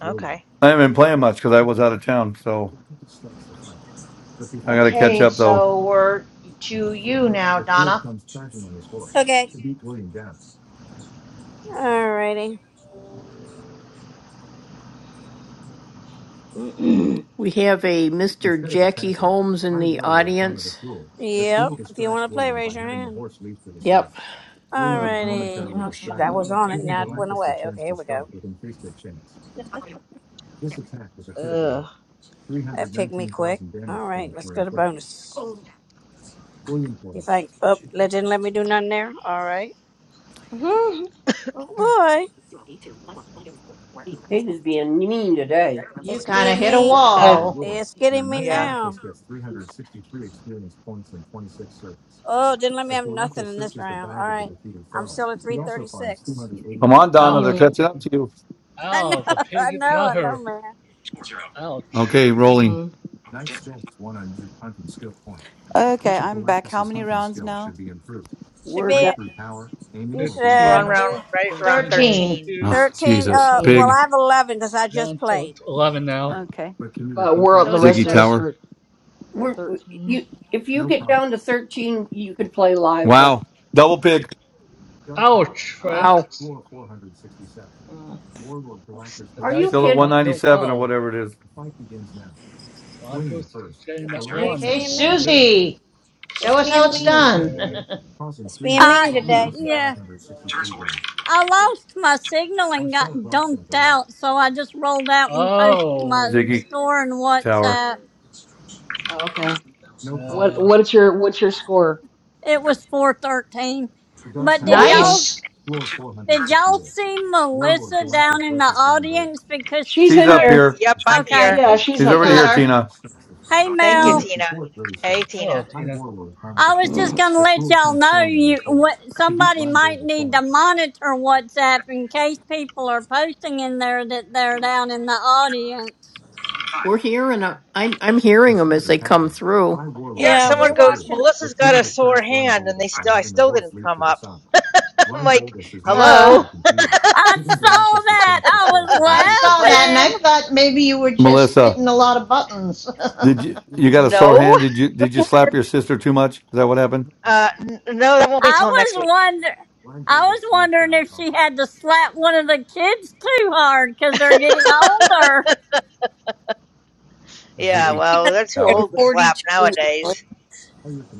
Speaker 15: Okay.
Speaker 3: I haven't been playing much because I was out of town, so I got to catch
Speaker 5: Okay,
Speaker 3: up though.
Speaker 5: so we're to you now, Donna.
Speaker 4: Okay. Alrighty.
Speaker 7: We have a Mr. Jackie Holmes in the audience.
Speaker 4: Yep. If you want to play, raise your hand.
Speaker 7: Yep.
Speaker 6: Mm, mm, mm,
Speaker 4: Alrighty. Oh
Speaker 6: mm,
Speaker 4: shoot, I was
Speaker 9: oh,
Speaker 4: on it and
Speaker 9: Jackie
Speaker 4: that went
Speaker 9: Holmes.
Speaker 4: away. Okay, here we go.
Speaker 6: mm. Ugh.
Speaker 4: That picked me quick. All right, let's go to bonus. If I oh let didn't let me do nothing there. All right.
Speaker 6: Mhm.
Speaker 4: Oh boy.
Speaker 11: Kate is being mean today.
Speaker 5: You
Speaker 4: It's
Speaker 5: kind of
Speaker 4: being
Speaker 5: hit a
Speaker 4: me
Speaker 5: wall.
Speaker 4: it's getting me
Speaker 15: yeah,
Speaker 4: now. Oh, didn't let me have nothing in this round. All right. I'm still at three thirty six.
Speaker 3: Come on, Donna. They're
Speaker 9: Ouch.
Speaker 6: Mm,
Speaker 3: catching
Speaker 9: Jack-
Speaker 3: up to you.
Speaker 4: I know,
Speaker 9: Ow, the
Speaker 4: I
Speaker 9: pig
Speaker 4: know,
Speaker 9: got
Speaker 4: I
Speaker 9: her.
Speaker 4: know, man.
Speaker 11: Score zero.
Speaker 3: Okay,
Speaker 9: Ouch.
Speaker 3: rolling.
Speaker 6: mm,
Speaker 11: Dim.
Speaker 14: Okay, I'm back. How many rounds now?
Speaker 4: Should
Speaker 11: We're down.
Speaker 4: be you should
Speaker 15: we're
Speaker 4: uh,
Speaker 15: on
Speaker 9: 15
Speaker 4: we're
Speaker 15: round right for
Speaker 9: Minus
Speaker 15: round
Speaker 5: 13.
Speaker 15: thirteen.
Speaker 9: 2.
Speaker 3: Oh,
Speaker 4: thirteen
Speaker 3: Jesus,
Speaker 4: uh
Speaker 6: 13.
Speaker 4: well
Speaker 3: pig.
Speaker 4: I have eleven because I just
Speaker 9: Down to
Speaker 4: played.
Speaker 9: 11 now.
Speaker 14: Okay.
Speaker 6: But we're
Speaker 5: So
Speaker 6: the
Speaker 5: it's
Speaker 6: rest
Speaker 3: Ziggy
Speaker 6: of
Speaker 5: thir-
Speaker 6: us
Speaker 3: Tower.
Speaker 6: are
Speaker 11: We're
Speaker 6: 13.
Speaker 11: you. If you get down to thirteen, you could play live then.
Speaker 3: Wow, double pig.
Speaker 9: Ouch,
Speaker 6: Ah.
Speaker 7: Wow.
Speaker 9: Frank.
Speaker 6: Mm,
Speaker 9: The
Speaker 11: Are you
Speaker 9: dice
Speaker 3: Still
Speaker 9: is
Speaker 3: at
Speaker 11: kidding?
Speaker 9: not doing
Speaker 3: 197 or
Speaker 9: well.
Speaker 3: whatever it is,
Speaker 9: A lot of people saying
Speaker 11: Bank
Speaker 9: that
Speaker 11: zero.
Speaker 4: It's
Speaker 9: one.
Speaker 5: Okay,
Speaker 4: being
Speaker 9: No
Speaker 4: mean.
Speaker 9: good.
Speaker 5: Susie, show
Speaker 4: It's
Speaker 5: us how
Speaker 4: being
Speaker 5: it's
Speaker 4: mean.
Speaker 9: Susie
Speaker 5: done.
Speaker 9: turn.
Speaker 4: It's being
Speaker 2: I,
Speaker 4: mean today.
Speaker 6: mhm.
Speaker 4: Yep.
Speaker 2: yeah.
Speaker 11: Turn score is
Speaker 2: I lost my
Speaker 11: two.
Speaker 2: signal and got dunked out, so I just rolled out and posted my
Speaker 9: Oh,
Speaker 3: Ziggy
Speaker 2: store and
Speaker 3: Tower.
Speaker 2: WhatsApp.
Speaker 11: Bonus.
Speaker 6: Okay. What
Speaker 9: uh,
Speaker 11: Roll
Speaker 6: what's your what's your score?
Speaker 2: It
Speaker 11: zero.
Speaker 2: was four thirteen. But did
Speaker 9: oh,
Speaker 6: Okay.
Speaker 2: y'all
Speaker 5: nice.
Speaker 11: Two. Turn
Speaker 2: did
Speaker 11: score
Speaker 2: y'all see Melissa down in the audience because
Speaker 6: She's
Speaker 2: she
Speaker 3: She's
Speaker 6: in
Speaker 3: up
Speaker 6: here.
Speaker 2: posts?
Speaker 3: here.
Speaker 15: Yep, I'm
Speaker 2: Okay,
Speaker 15: here.
Speaker 6: Yeah,
Speaker 5: We
Speaker 6: she's
Speaker 3: She's
Speaker 5: we
Speaker 6: up
Speaker 3: already
Speaker 5: got
Speaker 3: here,
Speaker 6: here.
Speaker 5: her.
Speaker 3: Tina.
Speaker 2: hey
Speaker 11: bonus.
Speaker 15: Thank you,
Speaker 2: Mel,
Speaker 15: Tina. Hey, Tina.
Speaker 9: hello, Tina.
Speaker 2: I was just gonna let y'all know you what somebody might need to monitor WhatsApp in case people are posting in there that they're down in the audience.
Speaker 11: Five.
Speaker 7: We're here, hearing 'em. I'm I'm hearing them as they come through.
Speaker 15: Yeah,
Speaker 11: 300.
Speaker 4: Yeah,
Speaker 15: someone
Speaker 4: we're
Speaker 15: goes,
Speaker 4: watching.
Speaker 15: Melissa's got a sore hand, and they still, I still didn't come up. I'm like,
Speaker 6: Uh,
Speaker 15: hello.
Speaker 2: I saw that. I was
Speaker 5: I
Speaker 15: I'm
Speaker 5: saw
Speaker 15: like,
Speaker 5: that and I
Speaker 2: laughing.
Speaker 5: thought maybe you were just
Speaker 3: Melissa,
Speaker 5: hitting a lot of buttons.
Speaker 3: did you you got a sore
Speaker 15: no,
Speaker 3: hand? Did you did you slap your sister too much? Is that what happened?
Speaker 15: uh, n- no, that won't be
Speaker 2: I
Speaker 15: till next
Speaker 2: was
Speaker 15: week.
Speaker 2: wonder, I was wondering if she had to slap one of the kids too hard because they're getting older.
Speaker 15: Yeah,
Speaker 3: Ziggy
Speaker 11: Three
Speaker 15: well,
Speaker 11: hundred
Speaker 15: they're too
Speaker 3: Tower.
Speaker 11: and
Speaker 15: old to slap
Speaker 11: forty-two.
Speaker 15: nowadays.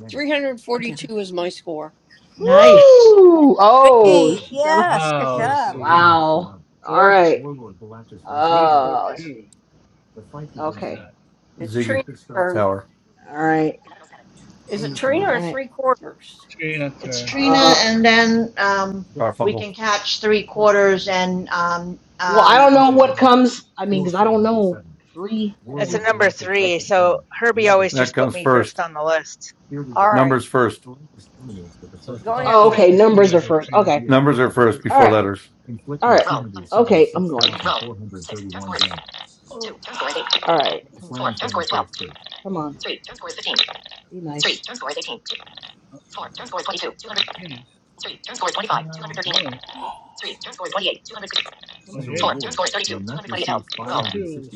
Speaker 11: 342 is my score.
Speaker 5: nice.
Speaker 6: Woo! Oh,
Speaker 4: Beat.
Speaker 6: she gonna.
Speaker 4: Yes, good
Speaker 9: Wow,
Speaker 4: job.
Speaker 9: Susie.
Speaker 6: Wow. All
Speaker 9: Four, t-
Speaker 6: right.
Speaker 9: three, four,
Speaker 6: Uh, let's see.
Speaker 9: two. She's
Speaker 6: Okay.
Speaker 9: at
Speaker 11: It's
Speaker 3: Ziggy
Speaker 11: Trina's turn.
Speaker 3: Tower.
Speaker 6: All right.
Speaker 11: Is it Trina
Speaker 6: All
Speaker 11: or
Speaker 6: right.
Speaker 11: three quarters?
Speaker 9: Trina
Speaker 5: It's
Speaker 9: turn.
Speaker 5: Trina,
Speaker 6: Uh,
Speaker 5: and then um, we
Speaker 3: Garfunkel.
Speaker 5: can catch three quarters and um,
Speaker 6: well, I
Speaker 5: um,
Speaker 6: don't know
Speaker 9: Yeah.
Speaker 6: what comes. I mean, because I don't know three and
Speaker 15: It's a
Speaker 6: then.
Speaker 15: number
Speaker 6: What?
Speaker 15: three, so Herbie always
Speaker 3: That
Speaker 15: just put
Speaker 3: comes
Speaker 15: me
Speaker 3: first.
Speaker 15: first on the list.
Speaker 11: All right.
Speaker 3: Numbers first.
Speaker 9: So
Speaker 11: Go ahead,
Speaker 6: Oh,
Speaker 9: possibly it's
Speaker 11: Trina.
Speaker 6: okay.
Speaker 9: before you
Speaker 6: Numbers are
Speaker 9: have the other
Speaker 6: first.
Speaker 9: Trina.
Speaker 6: Okay.
Speaker 3: Numbers are first
Speaker 6: All
Speaker 3: before
Speaker 6: right.
Speaker 3: letters.
Speaker 6: All right. Okay, I'm going. All right. Come on. Be nice. Come
Speaker 9: Oh, 18, keep going.
Speaker 6: on.
Speaker 9: 28, 32,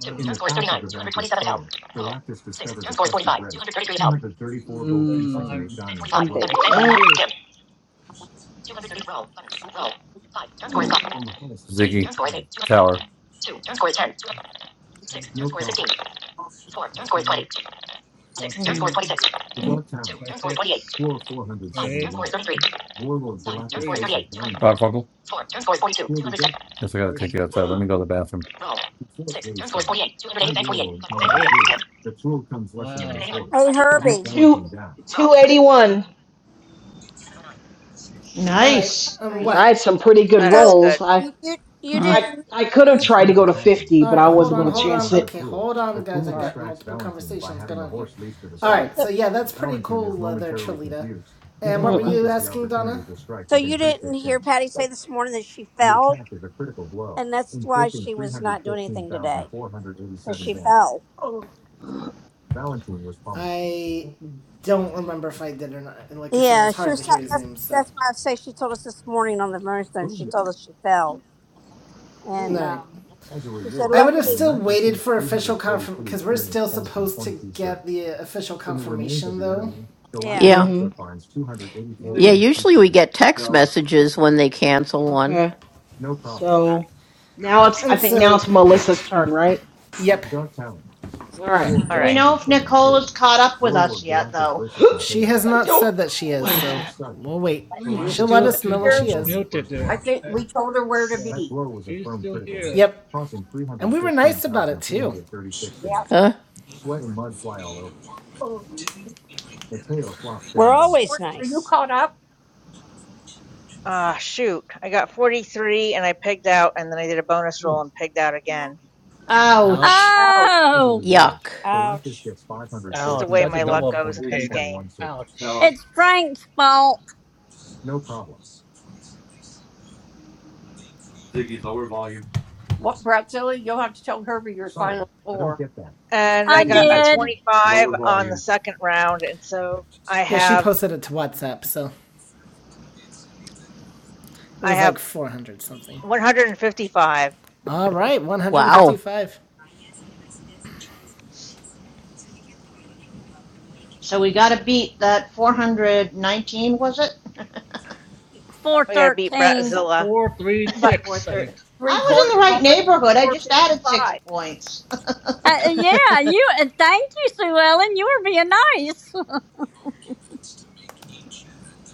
Speaker 9: wow, 45.
Speaker 6: Mm.
Speaker 9: What she gonna do?
Speaker 6: I'm thinking.
Speaker 3: Ziggy Tower.
Speaker 9: 10, 15, 20, 26, 28, 33,
Speaker 3: Garfunkel. Yes, I gotta take you
Speaker 9: 47,
Speaker 3: outside. Let me go to the bathroom.
Speaker 9: 48. Wow,
Speaker 4: Hey Herbie.
Speaker 6: Two, 281,
Speaker 11: You're
Speaker 1: All right.
Speaker 5: nice.
Speaker 1: Um.
Speaker 11: Trina.
Speaker 6: because I
Speaker 1: What?
Speaker 6: had some pretty
Speaker 15: Nah,
Speaker 6: good
Speaker 15: That
Speaker 4: So
Speaker 15: is good.
Speaker 6: rolls. I,
Speaker 4: you you, you
Speaker 7: Mm.
Speaker 6: I,
Speaker 4: didn't
Speaker 6: I could have
Speaker 4: you
Speaker 6: tried to go to 50,
Speaker 1: All
Speaker 6: but
Speaker 1: right.
Speaker 6: I
Speaker 1: Hold
Speaker 6: wasn't
Speaker 1: on.
Speaker 6: going to
Speaker 1: Hold on.
Speaker 6: chance it.
Speaker 1: Okay. Hold on, guys. I
Speaker 6: Sorry.
Speaker 1: got multiple conversations going on here. All
Speaker 6: Sorry.
Speaker 1: right. So
Speaker 4: so
Speaker 1: yeah, that's pretty cool uh, there, Cholita. And what were
Speaker 6: Mm-mm.
Speaker 1: you asking, Donna?
Speaker 4: so you didn't hear Patty say this morning that she fell, and that's why she was not doing anything today because she fell.
Speaker 1: I don't remember if I did or not. And like I said, it
Speaker 4: Yeah,
Speaker 1: was
Speaker 4: she
Speaker 1: hard to
Speaker 4: was. so,
Speaker 1: hear
Speaker 4: That's
Speaker 1: Zoom. So,
Speaker 4: that's why I say she told us this morning on the moonstone. She told us she fell,
Speaker 1: all
Speaker 4: and
Speaker 6: Ooh.
Speaker 1: right.
Speaker 4: um, she said,
Speaker 1: I would have
Speaker 4: "Luckily,
Speaker 1: still waited for official confirm because we're still supposed to get the uh, official confirmation though.
Speaker 4: yeah,
Speaker 7: Yeah,
Speaker 6: Mm-hmm.
Speaker 7: yeah.
Speaker 6: Mm.
Speaker 7: Usually we get text messages when they cancel one.
Speaker 6: Okay. So now
Speaker 11: 340.
Speaker 6: it's, I
Speaker 1: And
Speaker 6: think now
Speaker 1: so,
Speaker 6: it's Melissa's turn, right?
Speaker 1: yep,
Speaker 6: All right.
Speaker 15: All
Speaker 5: Do we
Speaker 15: right.
Speaker 5: know if Nicole is caught up with us yet, though?
Speaker 6: I
Speaker 1: she has not said
Speaker 6: don't
Speaker 1: that she
Speaker 6: know.
Speaker 1: is. So we'll wait.
Speaker 9: she was
Speaker 6: Mm.
Speaker 1: She'll let
Speaker 9: still
Speaker 1: us know
Speaker 9: p-
Speaker 1: when
Speaker 11: Here,
Speaker 1: she
Speaker 11: and she-
Speaker 1: is.
Speaker 9: muted
Speaker 11: I
Speaker 9: there.
Speaker 11: think
Speaker 9: Uh,
Speaker 11: we told her where to
Speaker 9: So
Speaker 11: be.
Speaker 9: she's still here.
Speaker 1: Yep. And we were nice about it too.
Speaker 11: Yeah.
Speaker 7: Huh?
Speaker 4: we're always
Speaker 11: Are you
Speaker 4: nice."
Speaker 11: caught up?
Speaker 15: Ah, shoot. I got 43 and I pigged out, and then I did a bonus roll and pigged out again.
Speaker 5: Ouch.
Speaker 1: Ouch.
Speaker 11: No.
Speaker 2: Oh,
Speaker 7: Yuck.
Speaker 4: Ouch.
Speaker 15: This is the
Speaker 9: Ouch,
Speaker 15: way
Speaker 9: that's a
Speaker 15: my luck
Speaker 9: double
Speaker 15: goes in this
Speaker 9: pig.
Speaker 15: game.
Speaker 9: Ouch.
Speaker 2: it's Frank's fault.
Speaker 11: What, Bratzilla? You'll have to tell Herbie your final score.
Speaker 15: and I
Speaker 2: I
Speaker 15: got a
Speaker 2: did
Speaker 15: 25 on the second round, and so I
Speaker 1: Yeah, she
Speaker 15: have
Speaker 1: posted it to WhatsApp, so it
Speaker 15: I
Speaker 1: was
Speaker 15: have
Speaker 1: like 400 something.
Speaker 15: 155.
Speaker 1: All right,
Speaker 7: Wow.
Speaker 1: 155.
Speaker 5: So we got to beat that 419, was it?
Speaker 2: four
Speaker 15: We got to beat
Speaker 2: thirteen.
Speaker 15: Bratzilla.
Speaker 9: Four, three,
Speaker 5: four
Speaker 9: six, I
Speaker 5: thirty.
Speaker 9: think.
Speaker 5: I was in the right neighborhood. I just added six points.
Speaker 2: Uh, uh, yeah, you. Uh, thank you, Sue Ellen. You were being nice.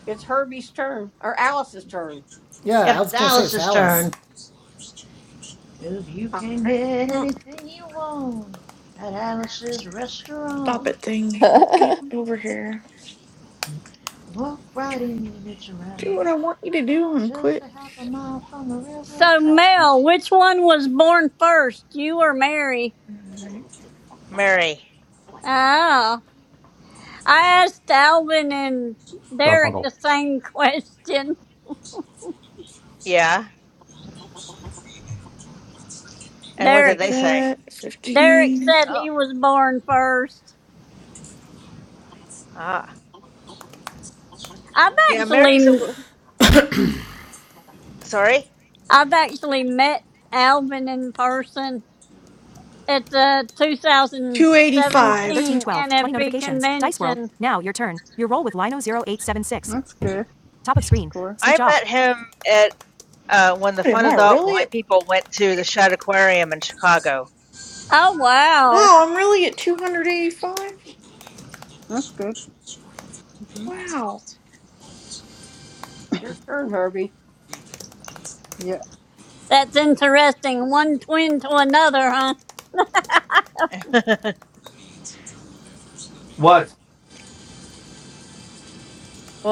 Speaker 11: It's Herbie's turn, or Alice's turn.
Speaker 1: Yeah, I
Speaker 5: yep, it's
Speaker 1: was going to say it's
Speaker 5: Alice's
Speaker 1: Alice.
Speaker 5: turn. 'Cause you can
Speaker 8: Alright.
Speaker 5: get
Speaker 7: Mm.
Speaker 5: anything you want at Alice's
Speaker 8: Stop
Speaker 5: restaurant.
Speaker 8: it thing. Get
Speaker 7: the
Speaker 8: over here.
Speaker 5: Walk right in and it's
Speaker 8: Do
Speaker 5: around,
Speaker 8: what I want you to do and
Speaker 5: just
Speaker 8: quit.
Speaker 5: a half a mile from the railroad
Speaker 2: so, Mel,
Speaker 5: tracks.
Speaker 2: which one was born first, you or Mary?
Speaker 8: Alright,
Speaker 15: Mary,
Speaker 2: Oh, I asked Alvin and Derek the same question.
Speaker 15: yeah. And what did
Speaker 2: Derek
Speaker 8: Take
Speaker 15: they say?
Speaker 8: that.
Speaker 2: Derek
Speaker 8: 15.
Speaker 2: said
Speaker 15: Oh,
Speaker 2: he was born first.
Speaker 15: ah,
Speaker 2: I've
Speaker 15: yeah. Mary's a
Speaker 2: actually
Speaker 15: l- sorry.
Speaker 2: I've actually met Alvin in person at the
Speaker 8: 285.
Speaker 2: 2017 NFP convention.
Speaker 12: that's good. That's a score.
Speaker 15: I met him at uh, when the
Speaker 8: What, am
Speaker 15: Fun
Speaker 8: I
Speaker 15: Adult
Speaker 8: really
Speaker 15: Blind
Speaker 8: at?
Speaker 15: People went to the Shad Aquarium in Chicago.
Speaker 2: Oh wow,
Speaker 8: Wow, I'm really at 285?
Speaker 12: That's good. hmm
Speaker 8: Wow.
Speaker 11: It's your turn, Herbie.
Speaker 12: Yeah,
Speaker 2: that's interesting. One twin to another, huh?
Speaker 15: well,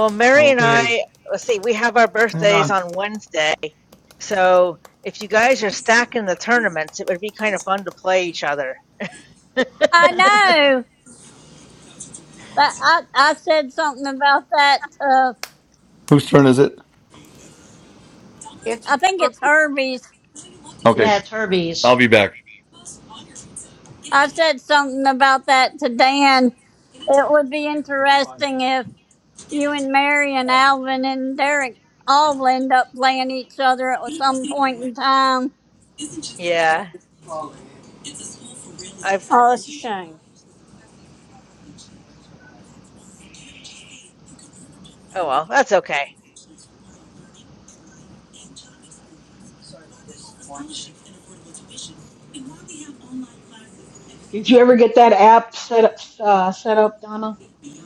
Speaker 15: Mary and I, let's see, we have our birthdays on Wednesday, so if you guys are stacking the tournaments, it would be kind of fun to play each other.
Speaker 2: I know. That I I said something about that. Uh,
Speaker 3: Whose turn is it?
Speaker 11: It's
Speaker 2: I think
Speaker 11: Herbie.
Speaker 2: it's Herbie's.
Speaker 3: Okay.
Speaker 5: yeah, it's
Speaker 3: I'll
Speaker 5: Herbie's.
Speaker 3: be back.
Speaker 2: I said something about that to Dan. It would be interesting if. You and Mary and Alvin and Derek all end up playing each other at some point in time.
Speaker 15: Yeah, I've
Speaker 4: Oh, that's a shame.
Speaker 15: oh well, that's okay.
Speaker 6: Did you ever get that app set up, uh, set up Donna?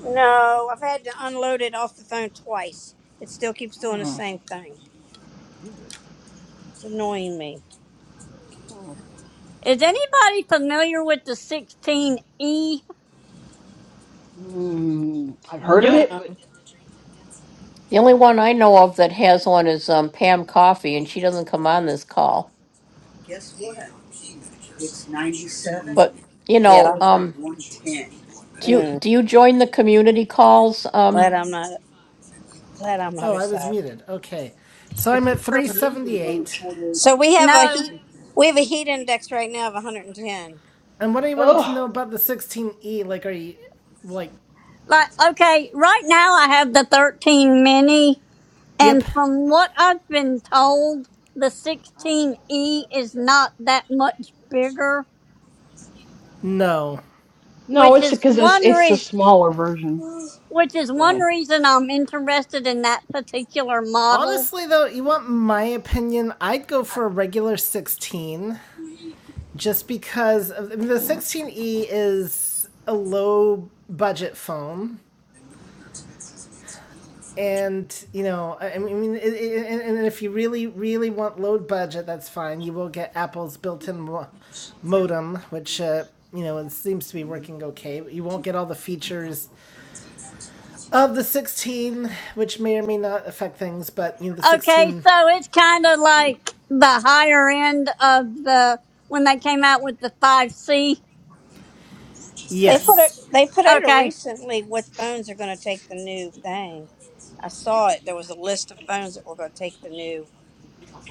Speaker 4: No, I've had to unload it off the phone twice. It still keeps doing the
Speaker 6: Mm.
Speaker 4: same thing.
Speaker 6: Weird.
Speaker 4: It's annoying me.
Speaker 6: Hmm.
Speaker 2: Is anybody familiar with the 16E?
Speaker 6: Mm. I've heard of
Speaker 5: Nope.
Speaker 6: it, but,
Speaker 4: No.
Speaker 7: only
Speaker 6: but.
Speaker 7: one I know of that has one is um, Pam Coffee, and she doesn't come on this call.
Speaker 6: hmm.
Speaker 7: But
Speaker 4: So
Speaker 7: you
Speaker 4: Yeah.
Speaker 7: know, um, do you
Speaker 4: Mm.
Speaker 7: do you join the community calls? Um,
Speaker 4: Glad I'm not. Glad I'm not
Speaker 1: Oh,
Speaker 4: her
Speaker 1: I was
Speaker 4: side.
Speaker 1: muted. Okay. So
Speaker 11: It's
Speaker 1: I'm at
Speaker 11: your turn.
Speaker 1: 378.
Speaker 4: So we have a
Speaker 2: No.
Speaker 4: heat. We have a heat index right now of 110.
Speaker 1: And what are you wanting to know
Speaker 6: Oh
Speaker 1: about the 16E? Like, are you, like,
Speaker 2: Like, okay, right now I have the 13 mini,
Speaker 1: yep,
Speaker 2: and from what I've been told, the 16E is not that much bigger,
Speaker 1: no.
Speaker 6: no,
Speaker 2: which
Speaker 6: it's
Speaker 2: is
Speaker 6: because it's
Speaker 2: one
Speaker 6: it's a
Speaker 2: reason.
Speaker 6: smaller version.
Speaker 2: Which is
Speaker 6: Go
Speaker 2: one
Speaker 6: ahead.
Speaker 2: reason I'm interested in that particular model
Speaker 1: Honestly, though, you want my opinion? I'd go for a regular 16. just because of, I mean, the 16E is a low budget phone. And, you know, I mean, it, it, and- and if you really, really want low budget, that's fine. You will get Apple's built in modem, which, uh, you know, it seems to be
Speaker 6: Mm.
Speaker 1: working okay. You won't get all the features of the 16, which may or may not affect things, but, you know, the
Speaker 2: Okay,
Speaker 1: 16,
Speaker 2: so it's kind of like the higher end of the when they came out with the 5C.
Speaker 4: They put it.
Speaker 1: yes.
Speaker 4: They put out a
Speaker 2: Okay,
Speaker 4: recently what phones are going to take the new thing. I saw it. There was a list of phones that were going to take the new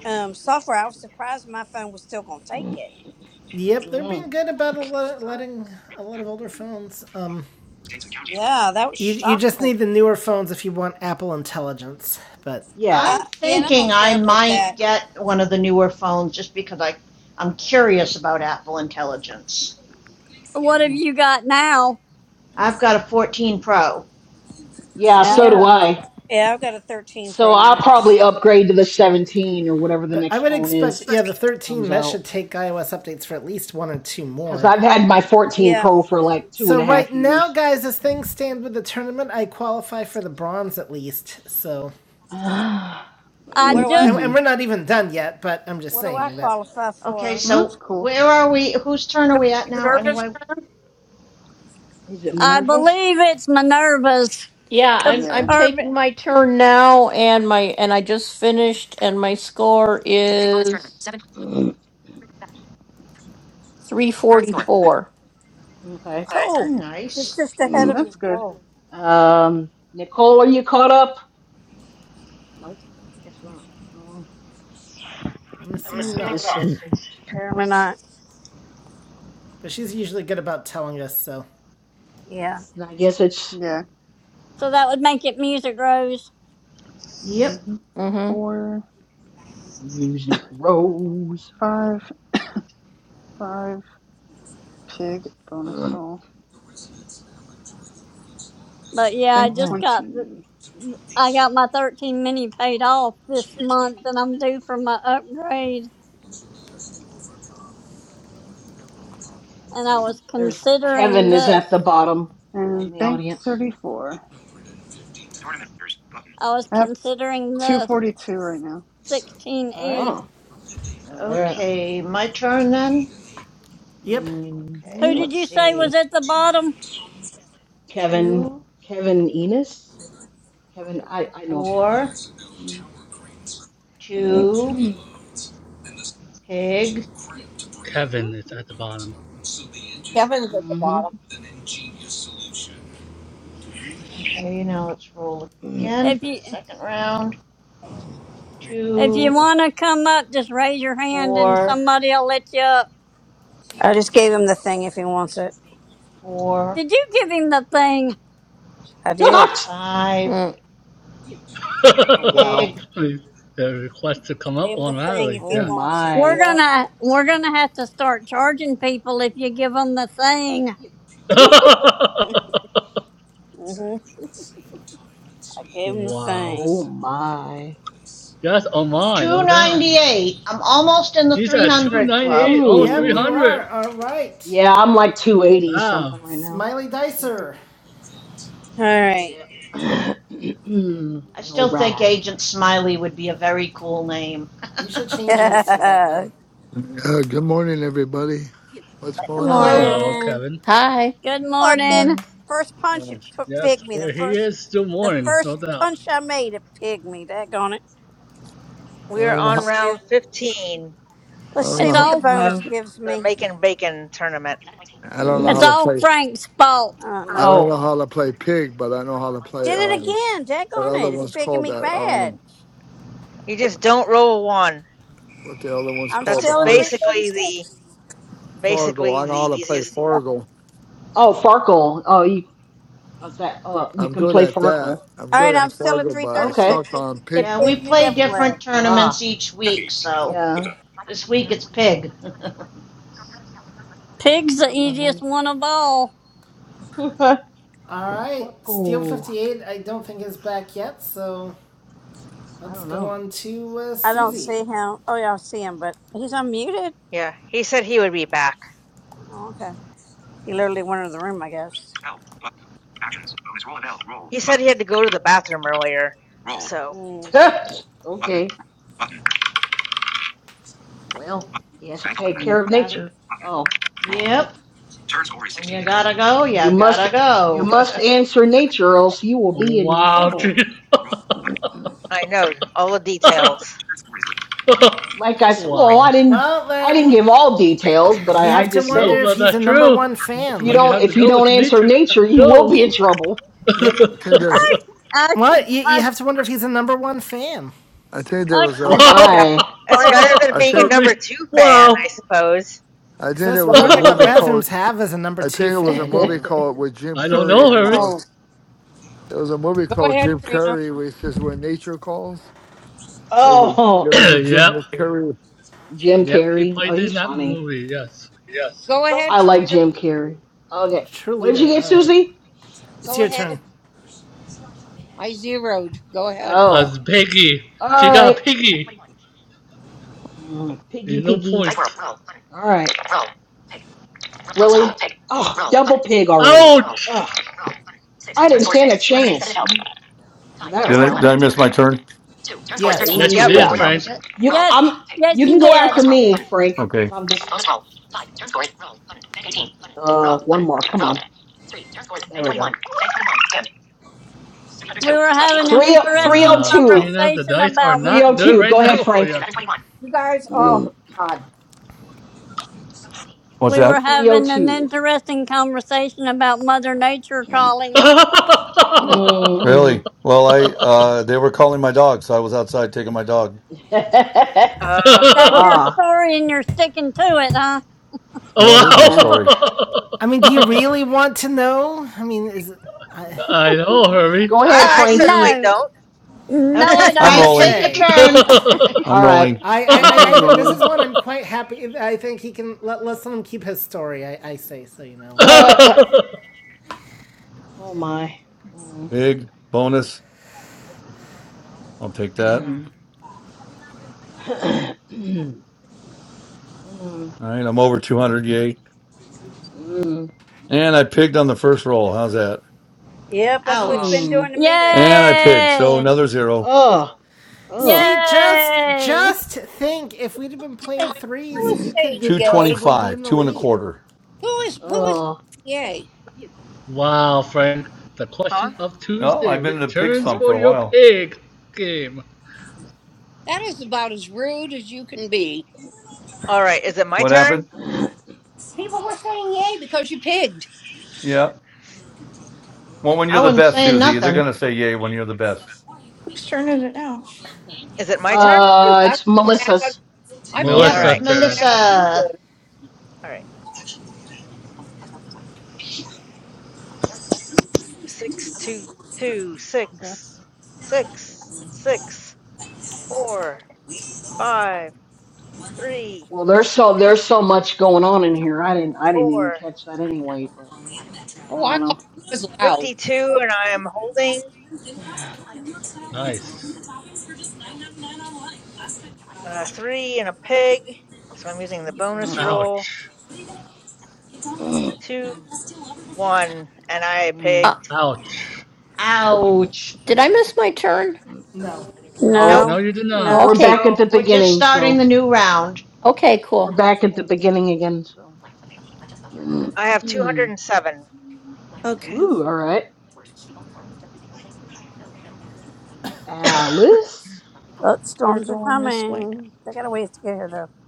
Speaker 4: um, software. I was surprised my phone was still going to take it.
Speaker 1: Yep, they're being
Speaker 6: Mm.
Speaker 1: good about a lot, letting a lot of older phones. Um,
Speaker 11: States and counties with
Speaker 4: Yeah, that was
Speaker 1: You you just
Speaker 4: shocking.
Speaker 1: need the newer phones if you want Apple Intelligence, but
Speaker 6: Yeah,
Speaker 5: I'm
Speaker 4: Uh, yeah, and I
Speaker 5: thinking
Speaker 4: don't care
Speaker 5: I
Speaker 4: about
Speaker 5: might
Speaker 4: that.
Speaker 5: get one of the newer phones just because I, I'm curious about Apple Intelligence.
Speaker 2: what have
Speaker 6: Mm.
Speaker 2: you got now?
Speaker 5: I've got a 14 Pro.
Speaker 6: yeah.
Speaker 4: Yeah,
Speaker 6: So do
Speaker 4: I-
Speaker 2: Yeah.
Speaker 6: I.
Speaker 4: yeah, I've got a 13
Speaker 6: So
Speaker 4: Pro
Speaker 6: I'll
Speaker 4: Max.
Speaker 6: probably upgrade to the 17 or whatever the
Speaker 1: but I
Speaker 6: next
Speaker 1: would
Speaker 6: phone
Speaker 1: expect
Speaker 6: is
Speaker 1: yeah the
Speaker 6: that comes
Speaker 1: 13 that
Speaker 6: out.
Speaker 1: should take iOS updates for at least one or two
Speaker 6: Because
Speaker 1: more.
Speaker 6: I've had my 14
Speaker 4: Yeah.
Speaker 6: Pro for like two
Speaker 1: So
Speaker 6: and a
Speaker 1: right
Speaker 6: half
Speaker 1: now,
Speaker 6: years.
Speaker 1: guys, as
Speaker 6: So.
Speaker 1: things stand with the tournament, I qualify for the bronze at least. So
Speaker 6: Ah.
Speaker 2: I
Speaker 4: What do I?
Speaker 1: and,
Speaker 2: just
Speaker 1: and we're
Speaker 6: is
Speaker 1: not even done yet, but I'm just
Speaker 4: What do I
Speaker 1: saying that
Speaker 4: qualify
Speaker 5: Okay,
Speaker 4: for?
Speaker 12: well,
Speaker 5: so
Speaker 12: that's cool.
Speaker 5: where are we, whose turn are
Speaker 11: So,
Speaker 5: we at now
Speaker 11: nervous
Speaker 5: anyway?
Speaker 6: it
Speaker 2: I
Speaker 6: Minerva's?
Speaker 2: believe
Speaker 6: Yeah.
Speaker 2: it's Minerva's
Speaker 7: yeah, I'm
Speaker 2: cuz
Speaker 12: Yeah,
Speaker 7: I'm taking
Speaker 2: urban
Speaker 7: my turn now, and my and I just finished, and my score is
Speaker 6: Mm.
Speaker 7: three forty four.
Speaker 6: Okay.
Speaker 4: Oh,
Speaker 5: Hmm,
Speaker 4: it's
Speaker 5: Nice.
Speaker 4: just ahead of me.
Speaker 12: that's good.
Speaker 4: Whoa.
Speaker 6: Um, Nicole, are you caught up? Nope, guess not. Oh,
Speaker 1: I'm assuming
Speaker 6: I
Speaker 1: not.
Speaker 6: guess it's
Speaker 4: Apparently not.
Speaker 1: But she's usually good about telling us. So
Speaker 4: Yeah.
Speaker 6: And I guess it's
Speaker 12: Yeah.
Speaker 2: so that would make it Music Rose.
Speaker 5: Yep.
Speaker 12: Mm-hmm.
Speaker 7: Mm-hmm.
Speaker 12: Four,
Speaker 6: music rose.
Speaker 12: five, five, pig bonus
Speaker 6: Ugh.
Speaker 12: roll.
Speaker 2: But yeah, I
Speaker 12: Bank
Speaker 6: Oh,
Speaker 2: just got the,
Speaker 12: 20.
Speaker 2: I got my 13 mini paid off this month and I'm due for my upgrade and I was
Speaker 6: there's
Speaker 2: considering
Speaker 6: Kevin is
Speaker 2: this.
Speaker 6: at the bottom in
Speaker 12: And
Speaker 6: the
Speaker 12: bank
Speaker 6: audience.
Speaker 12: 34.
Speaker 11: tournament leaders. Button.
Speaker 2: I was
Speaker 12: I have
Speaker 2: considering the
Speaker 12: 242 right now.
Speaker 1: all
Speaker 2: 16E
Speaker 1: right.
Speaker 6: Oh, all right.
Speaker 12: Yeah.
Speaker 5: Okay, my turn then?
Speaker 1: Yep.
Speaker 5: Okay,
Speaker 2: Who
Speaker 6: Mm-hmm.
Speaker 2: did
Speaker 5: let's
Speaker 2: you say
Speaker 5: see.
Speaker 2: was at the bottom?
Speaker 6: Kevin,
Speaker 5: Two,
Speaker 6: Kevin Enos. Kevin, I I know of Kevin.
Speaker 5: four,
Speaker 12: Mm,
Speaker 5: two, pig.
Speaker 9: Kevin is at the bottom.
Speaker 11: Kevin's at the bottom.
Speaker 6: mm-hmm.
Speaker 5: Okay, now let's roll again
Speaker 2: If
Speaker 5: for the
Speaker 2: you
Speaker 5: second round.
Speaker 2: if
Speaker 5: Two,
Speaker 2: you
Speaker 6: So.
Speaker 2: want to come up, just raise your hand and
Speaker 5: four,
Speaker 2: somebody'll let you up.
Speaker 4: I just gave him the thing if he wants it.
Speaker 5: four,
Speaker 2: Did you give him the thing?
Speaker 4: I did.
Speaker 6: oh
Speaker 5: five,
Speaker 7: Mm.
Speaker 9: I
Speaker 6: wow.
Speaker 5: pig.
Speaker 9: mean, the request to come up
Speaker 4: Gave him the thing
Speaker 9: automatically,
Speaker 4: if he
Speaker 6: Oh
Speaker 9: yes.
Speaker 4: wants it.
Speaker 2: We're
Speaker 6: my.
Speaker 4: Yeah.
Speaker 2: gonna we're gonna have to start charging people if you give them the thing.
Speaker 4: hmm I gave him the
Speaker 9: wow.
Speaker 4: thing.
Speaker 6: Oh my.
Speaker 9: Yes, on mine, no doubt.
Speaker 5: 298. I'm almost in the
Speaker 9: She's at
Speaker 5: 300 club.
Speaker 9: 298, almost
Speaker 1: Yep,
Speaker 6: Ooh.
Speaker 1: you
Speaker 9: 300.
Speaker 1: are. All right.
Speaker 6: Yeah, I'm like 280
Speaker 9: Wow.
Speaker 6: something right now.
Speaker 1: Smiley Dicer.
Speaker 4: All right.
Speaker 6: Yeah.
Speaker 5: I
Speaker 6: All
Speaker 5: still think
Speaker 6: right.
Speaker 5: Agent Smiley would be a very cool name.
Speaker 1: You should change yours to that then.
Speaker 17: Uh, good morning, everybody. What's
Speaker 4: Good
Speaker 17: going on?
Speaker 5: Hello.
Speaker 15: Hello.
Speaker 1: Good
Speaker 9: Hello,
Speaker 1: morning.
Speaker 4: morning.
Speaker 9: Kevin.
Speaker 7: Hi.
Speaker 2: Good
Speaker 4: Oh, it pig.
Speaker 2: morning.
Speaker 6: Morning.
Speaker 4: First punch,
Speaker 17: Uh,
Speaker 4: it p-
Speaker 9: Yes,
Speaker 4: pigged me. The
Speaker 9: well, he
Speaker 4: first,
Speaker 9: is still
Speaker 4: the
Speaker 9: mourning, no
Speaker 4: first
Speaker 9: doubt.
Speaker 4: punch I made, it pigged me. Daggone it.
Speaker 17: I
Speaker 15: We're
Speaker 17: don't know.
Speaker 15: on
Speaker 17: How,
Speaker 4: Let's see.
Speaker 15: round 15
Speaker 17: I
Speaker 4: Let's
Speaker 17: don't
Speaker 4: see
Speaker 2: It's
Speaker 17: know. How,
Speaker 4: what the
Speaker 2: all
Speaker 15: of
Speaker 4: bonus
Speaker 6: Mm.
Speaker 4: gives
Speaker 15: the
Speaker 4: me.
Speaker 15: Making Bacon tournament.
Speaker 17: I don't know
Speaker 2: it's
Speaker 17: how to
Speaker 2: all
Speaker 17: play.
Speaker 2: Frank's fault.
Speaker 4: Oh
Speaker 17: I
Speaker 4: no.
Speaker 17: don't know
Speaker 6: Oh.
Speaker 17: how to play pig, but I know how to play
Speaker 4: Did it
Speaker 17: um,
Speaker 4: again.
Speaker 17: that
Speaker 4: Daggone
Speaker 17: other
Speaker 4: it. It's
Speaker 17: one's
Speaker 4: pigging
Speaker 17: called
Speaker 4: me
Speaker 17: that.
Speaker 4: bad.
Speaker 17: Um,
Speaker 15: You just don't roll one.
Speaker 17: what the other one's
Speaker 4: I'm
Speaker 17: called?
Speaker 15: That's
Speaker 17: The
Speaker 4: still
Speaker 6: Uh,
Speaker 4: at
Speaker 17: first
Speaker 15: basically the
Speaker 4: 336.
Speaker 17: Fargo.
Speaker 15: basically
Speaker 17: I
Speaker 15: the
Speaker 17: know how to play
Speaker 15: easiest.
Speaker 17: Fargo.
Speaker 6: oh, Farkle. Oh, you. oh, Is that? Oh, you
Speaker 17: I'm
Speaker 6: can
Speaker 17: good
Speaker 6: play
Speaker 17: at that.
Speaker 6: Farkle.
Speaker 17: I'm
Speaker 4: All
Speaker 17: good
Speaker 4: right, I'm
Speaker 17: at
Speaker 4: still at
Speaker 17: Fargo, but I
Speaker 6: Okay.
Speaker 17: suck
Speaker 4: 336. It,
Speaker 17: on pig.
Speaker 4: it
Speaker 5: Yeah, we
Speaker 4: pinged me
Speaker 5: play
Speaker 4: everywhere.
Speaker 5: different tournaments
Speaker 6: Ah.
Speaker 5: each week, so
Speaker 6: Yeah.
Speaker 5: this week
Speaker 15: Hmm?
Speaker 5: it's pig.
Speaker 2: Pig's the
Speaker 6: Eleven.
Speaker 2: easiest one of all.
Speaker 6: Farkle.
Speaker 1: All right, Steel 58, I don't think is back yet, so
Speaker 6: I
Speaker 1: let's
Speaker 6: don't
Speaker 1: go
Speaker 6: know.
Speaker 1: on to uh,
Speaker 4: I don't
Speaker 1: Susie.
Speaker 4: see him. Oh, yeah, I see him, but he's unmuted.
Speaker 15: Yeah, he said he would be back.
Speaker 4: Oh, okay. He literally went into the room, I guess.
Speaker 11: Help. Button. Actions. Bonus roll of L. Roll.
Speaker 15: He said
Speaker 11: Button.
Speaker 15: he had to go to the bathroom earlier.
Speaker 11: Roll.
Speaker 15: So,
Speaker 4: Mm.
Speaker 11: Button.
Speaker 6: okay.
Speaker 11: Button. Roll.
Speaker 6: Well,
Speaker 11: Button.
Speaker 6: he has to
Speaker 11: Bank
Speaker 6: take
Speaker 5: when
Speaker 11: 11.
Speaker 5: you
Speaker 6: care of
Speaker 5: gotta.
Speaker 6: nature.
Speaker 11: Button.
Speaker 6: Oh.
Speaker 11: Roll.
Speaker 5: Yep.
Speaker 11: Turn score is
Speaker 5: When you
Speaker 11: 16.
Speaker 5: gotta go, you
Speaker 6: You must.
Speaker 5: gotta
Speaker 6: You
Speaker 5: go.
Speaker 6: must answer nature, or else you will be in
Speaker 9: Wow,
Speaker 6: trouble.
Speaker 11: Roll. Button.
Speaker 15: I know all the details.
Speaker 11: Turn score is. Turn
Speaker 6: Like I said. Well,
Speaker 9: wow.
Speaker 6: I didn't.
Speaker 1: Well,
Speaker 6: I didn't
Speaker 1: then,
Speaker 6: give all details, but I,
Speaker 1: you
Speaker 6: I
Speaker 1: have to
Speaker 6: just said
Speaker 1: wonder
Speaker 9: No,
Speaker 1: if
Speaker 9: but
Speaker 1: he's a
Speaker 9: that's
Speaker 1: number
Speaker 9: true.
Speaker 1: one
Speaker 6: If
Speaker 1: fan.
Speaker 6: you
Speaker 9: When you
Speaker 6: don't
Speaker 9: have to
Speaker 6: if you
Speaker 9: go with
Speaker 6: don't
Speaker 9: the
Speaker 6: answer
Speaker 9: nature, you have
Speaker 6: nature,
Speaker 9: to
Speaker 6: you will be
Speaker 9: go.
Speaker 6: in trouble.
Speaker 1: Yep.
Speaker 17: I think there's.
Speaker 2: I could
Speaker 1: What? You, you
Speaker 2: I,
Speaker 1: have to wonder if he's a number one fan.
Speaker 17: I think there
Speaker 2: I
Speaker 17: was
Speaker 11: score.
Speaker 6: Oh
Speaker 17: a.
Speaker 11: I picked
Speaker 17: I,
Speaker 9: Wow.
Speaker 11: out.
Speaker 6: my.
Speaker 11: Go
Speaker 15: It's
Speaker 11: ahead.
Speaker 15: better than
Speaker 17: I
Speaker 15: being a
Speaker 17: think.
Speaker 9: Herbie.
Speaker 15: number 2 fan, I
Speaker 9: Wow.
Speaker 15: suppose.
Speaker 17: I
Speaker 1: Because
Speaker 17: think there
Speaker 1: that's
Speaker 17: was
Speaker 11: Go
Speaker 17: a
Speaker 1: really
Speaker 11: ahead,
Speaker 1: what
Speaker 17: movie
Speaker 11: Trina.
Speaker 17: called.
Speaker 9: I
Speaker 1: bathrooms have as a number
Speaker 17: I
Speaker 1: two
Speaker 17: think it was a
Speaker 1: fan, you
Speaker 17: movie
Speaker 1: know.
Speaker 17: called with Jim
Speaker 9: don't
Speaker 17: Curry,
Speaker 9: know,
Speaker 17: and he
Speaker 9: Herbie.
Speaker 17: goes.
Speaker 11: Oh.
Speaker 17: There was a movie
Speaker 11: Go
Speaker 17: called
Speaker 11: ahead,
Speaker 17: Jim
Speaker 11: Trina.
Speaker 17: Carrey where he says "When Nature Calls." There was a, there
Speaker 6: oh
Speaker 17: was a Jim
Speaker 9: yep.
Speaker 17: Carrey
Speaker 6: Jim
Speaker 9: Yep. He
Speaker 6: Carrey. Oh,
Speaker 9: played in
Speaker 6: he's
Speaker 9: that
Speaker 6: funny.
Speaker 9: movie, yes.
Speaker 11: Go ahead,
Speaker 6: I like
Speaker 11: Trina.
Speaker 6: Jim Carrey. Okay. What did you
Speaker 1: Trulita,
Speaker 6: get,
Speaker 1: all right.
Speaker 6: Susie?
Speaker 1: It's
Speaker 11: Go
Speaker 1: your turn.
Speaker 11: ahead. I zeroed. Go ahead.
Speaker 6: Oh.
Speaker 9: As Peggy. She
Speaker 6: All
Speaker 15: Uh,
Speaker 6: right.
Speaker 9: got Piggy.
Speaker 6: Mm, Piggy
Speaker 9: There's no
Speaker 6: piggy.
Speaker 9: points.
Speaker 6: All right. Really? Oh, double pig already.
Speaker 9: Ouch!
Speaker 6: Ugh. I didn't stand a chance. That
Speaker 3: Did I, did
Speaker 6: round.
Speaker 3: I miss my turn?
Speaker 11: Yeah.
Speaker 1: Yes.
Speaker 9: Yes, it
Speaker 15: yep.
Speaker 5: Alexa, what
Speaker 9: is,
Speaker 3: Okay.
Speaker 6: Yeah.
Speaker 5: time
Speaker 9: Frank.
Speaker 5: is it?
Speaker 6: You,
Speaker 2: yes
Speaker 6: I'm,
Speaker 2: yes
Speaker 6: You can
Speaker 2: you
Speaker 6: go
Speaker 2: did.
Speaker 6: after me, Frank,
Speaker 3: Okay.
Speaker 6: because I'm just. is Uh, one more. Come on. is There we go.
Speaker 2: We were having an
Speaker 6: Three
Speaker 2: interesting
Speaker 9: Wow,
Speaker 6: 302.
Speaker 9: Tina, the
Speaker 2: conversation
Speaker 9: dice are
Speaker 2: about
Speaker 9: not good
Speaker 6: 302.
Speaker 9: right
Speaker 6: Go ahead,
Speaker 9: now for
Speaker 6: Frank.
Speaker 9: you.
Speaker 11: You guys. Oh my
Speaker 6: one.
Speaker 11: God.
Speaker 3: What's
Speaker 2: We were
Speaker 3: that?
Speaker 2: having an
Speaker 6: 302.
Speaker 2: interesting conversation about Mother Nature trolling.
Speaker 7: Mm.
Speaker 6: Mm-hmm.
Speaker 3: Really? Well, I uh they were calling my dog, so I was outside taking my dog.
Speaker 15: Oh.
Speaker 2: That's your
Speaker 6: ah.
Speaker 2: story and you're sticking to it, huh?
Speaker 3: No, it is
Speaker 9: wow.
Speaker 3: my
Speaker 6: Uh,
Speaker 3: story.
Speaker 1: I mean, do you
Speaker 15: I
Speaker 1: really want to know? I mean, is. I
Speaker 9: I know, Herbie.
Speaker 6: go ahead,
Speaker 15: I
Speaker 2: Uh,
Speaker 6: Frankie.
Speaker 15: certainly
Speaker 2: no.
Speaker 15: don't.
Speaker 2: No, I
Speaker 1: was
Speaker 5: Okay,
Speaker 3: I'm
Speaker 1: gonna
Speaker 5: Frank,
Speaker 2: don't.
Speaker 5: take
Speaker 3: rolling.
Speaker 5: your
Speaker 1: say.
Speaker 5: turn.
Speaker 6: All
Speaker 3: I'm
Speaker 6: right.
Speaker 3: rolling.
Speaker 1: I, I, I,
Speaker 6: Frankie's
Speaker 1: th- this
Speaker 6: rolling.
Speaker 1: is one I'm quite happy. I think he can let let's let him keep his story. I, I say so, you know.
Speaker 6: Uh, uh, oh, my. Mm,
Speaker 3: Pig bonus. I'll take that.
Speaker 6: mm.
Speaker 3: All right. I'm over 200. Yay.
Speaker 6: Mm, mm,
Speaker 3: And I pigged on the first roll. How's that?
Speaker 4: Yep, that's what
Speaker 15: oh.
Speaker 4: it's
Speaker 6: mm.
Speaker 4: been
Speaker 5: Ouch.
Speaker 4: doing to me lately.
Speaker 3: And I pigged. So
Speaker 2: Yay!
Speaker 3: another zero.
Speaker 6: Oh, oh,
Speaker 1: See, just
Speaker 2: Yay!
Speaker 1: just think, if we'd have been playing
Speaker 11: Who
Speaker 1: threes,
Speaker 11: is
Speaker 1: you could
Speaker 11: saying
Speaker 1: uh,
Speaker 11: yay?
Speaker 1: possibly be
Speaker 3: 225.
Speaker 1: in the
Speaker 3: Two and a
Speaker 1: lead.
Speaker 3: quarter.
Speaker 11: Who is who is
Speaker 6: oh!
Speaker 11: yay?
Speaker 9: wow, Frank. The
Speaker 15: Huh?
Speaker 9: question of
Speaker 3: Oh,
Speaker 9: Tuesday
Speaker 3: I've been in a pig
Speaker 9: returns
Speaker 6: What?
Speaker 3: slump for
Speaker 9: for
Speaker 3: a
Speaker 9: your
Speaker 3: while.
Speaker 9: pig game.
Speaker 11: That is about as rude as you can be.
Speaker 15: All right. Is it my
Speaker 3: What happened?
Speaker 15: turn?
Speaker 11: People were saying yay because you pigged.
Speaker 3: Yeah. Well, when
Speaker 5: I
Speaker 3: you're the
Speaker 5: wasn't
Speaker 3: best,
Speaker 5: saying
Speaker 3: Susie, they're
Speaker 5: nothing.
Speaker 3: going to say yay when you're the best.
Speaker 8: Whose turn is it now?
Speaker 15: Is it my
Speaker 11: Oh, I
Speaker 15: turn?
Speaker 11: proved
Speaker 6: Uh,
Speaker 11: I
Speaker 6: it's
Speaker 11: wasn't
Speaker 1: Yep.
Speaker 11: bad on.
Speaker 6: Melissa's.
Speaker 11: I proved
Speaker 15: All
Speaker 5: Yep,
Speaker 9: Melissa
Speaker 5: it's
Speaker 15: right.
Speaker 8: Okay.
Speaker 9: turn.
Speaker 11: bad on Tuesday.
Speaker 5: Melissa.
Speaker 15: All right. Six, two, two, six,
Speaker 12: that's.
Speaker 15: six,
Speaker 6: mm
Speaker 15: six, four, five, three,
Speaker 6: Well, there's so
Speaker 15: two,
Speaker 6: there's so much going on in here. I didn't I didn't
Speaker 15: four,
Speaker 6: even catch that anyway. But I
Speaker 11: Oh, I
Speaker 6: don't
Speaker 11: called.
Speaker 6: know.
Speaker 11: It was loud.
Speaker 15: fifty-two, and I am holding
Speaker 6: I don't know.
Speaker 9: Nice.
Speaker 15: uh, three and a pig. So I'm using the
Speaker 6: I
Speaker 15: bonus
Speaker 6: don't know.
Speaker 15: roll.
Speaker 9: Ouch.
Speaker 15: Two, one, and I
Speaker 6: Mm.
Speaker 7: Uh,
Speaker 15: pigged.
Speaker 9: Ouch.
Speaker 5: Ouch.
Speaker 7: did I miss my turn?
Speaker 1: No.
Speaker 11: No.
Speaker 6: No,
Speaker 9: No,
Speaker 5: Nope.
Speaker 4: No,
Speaker 9: you did
Speaker 7: Oh,
Speaker 9: not.
Speaker 6: we're
Speaker 4: no.
Speaker 15: So
Speaker 7: okay.
Speaker 6: back at the
Speaker 5: We're just
Speaker 6: beginning.
Speaker 5: starting
Speaker 6: So
Speaker 5: the new round.
Speaker 7: Okay,
Speaker 6: we're
Speaker 7: cool.
Speaker 6: back at the beginning again. So.
Speaker 15: I have two hundred and seven.
Speaker 8: Okay.
Speaker 6: Ooh, all right, Alice.
Speaker 4: Oh,
Speaker 8: We're
Speaker 4: storms are
Speaker 8: going this way now.
Speaker 4: coming. They got a ways to get here, though.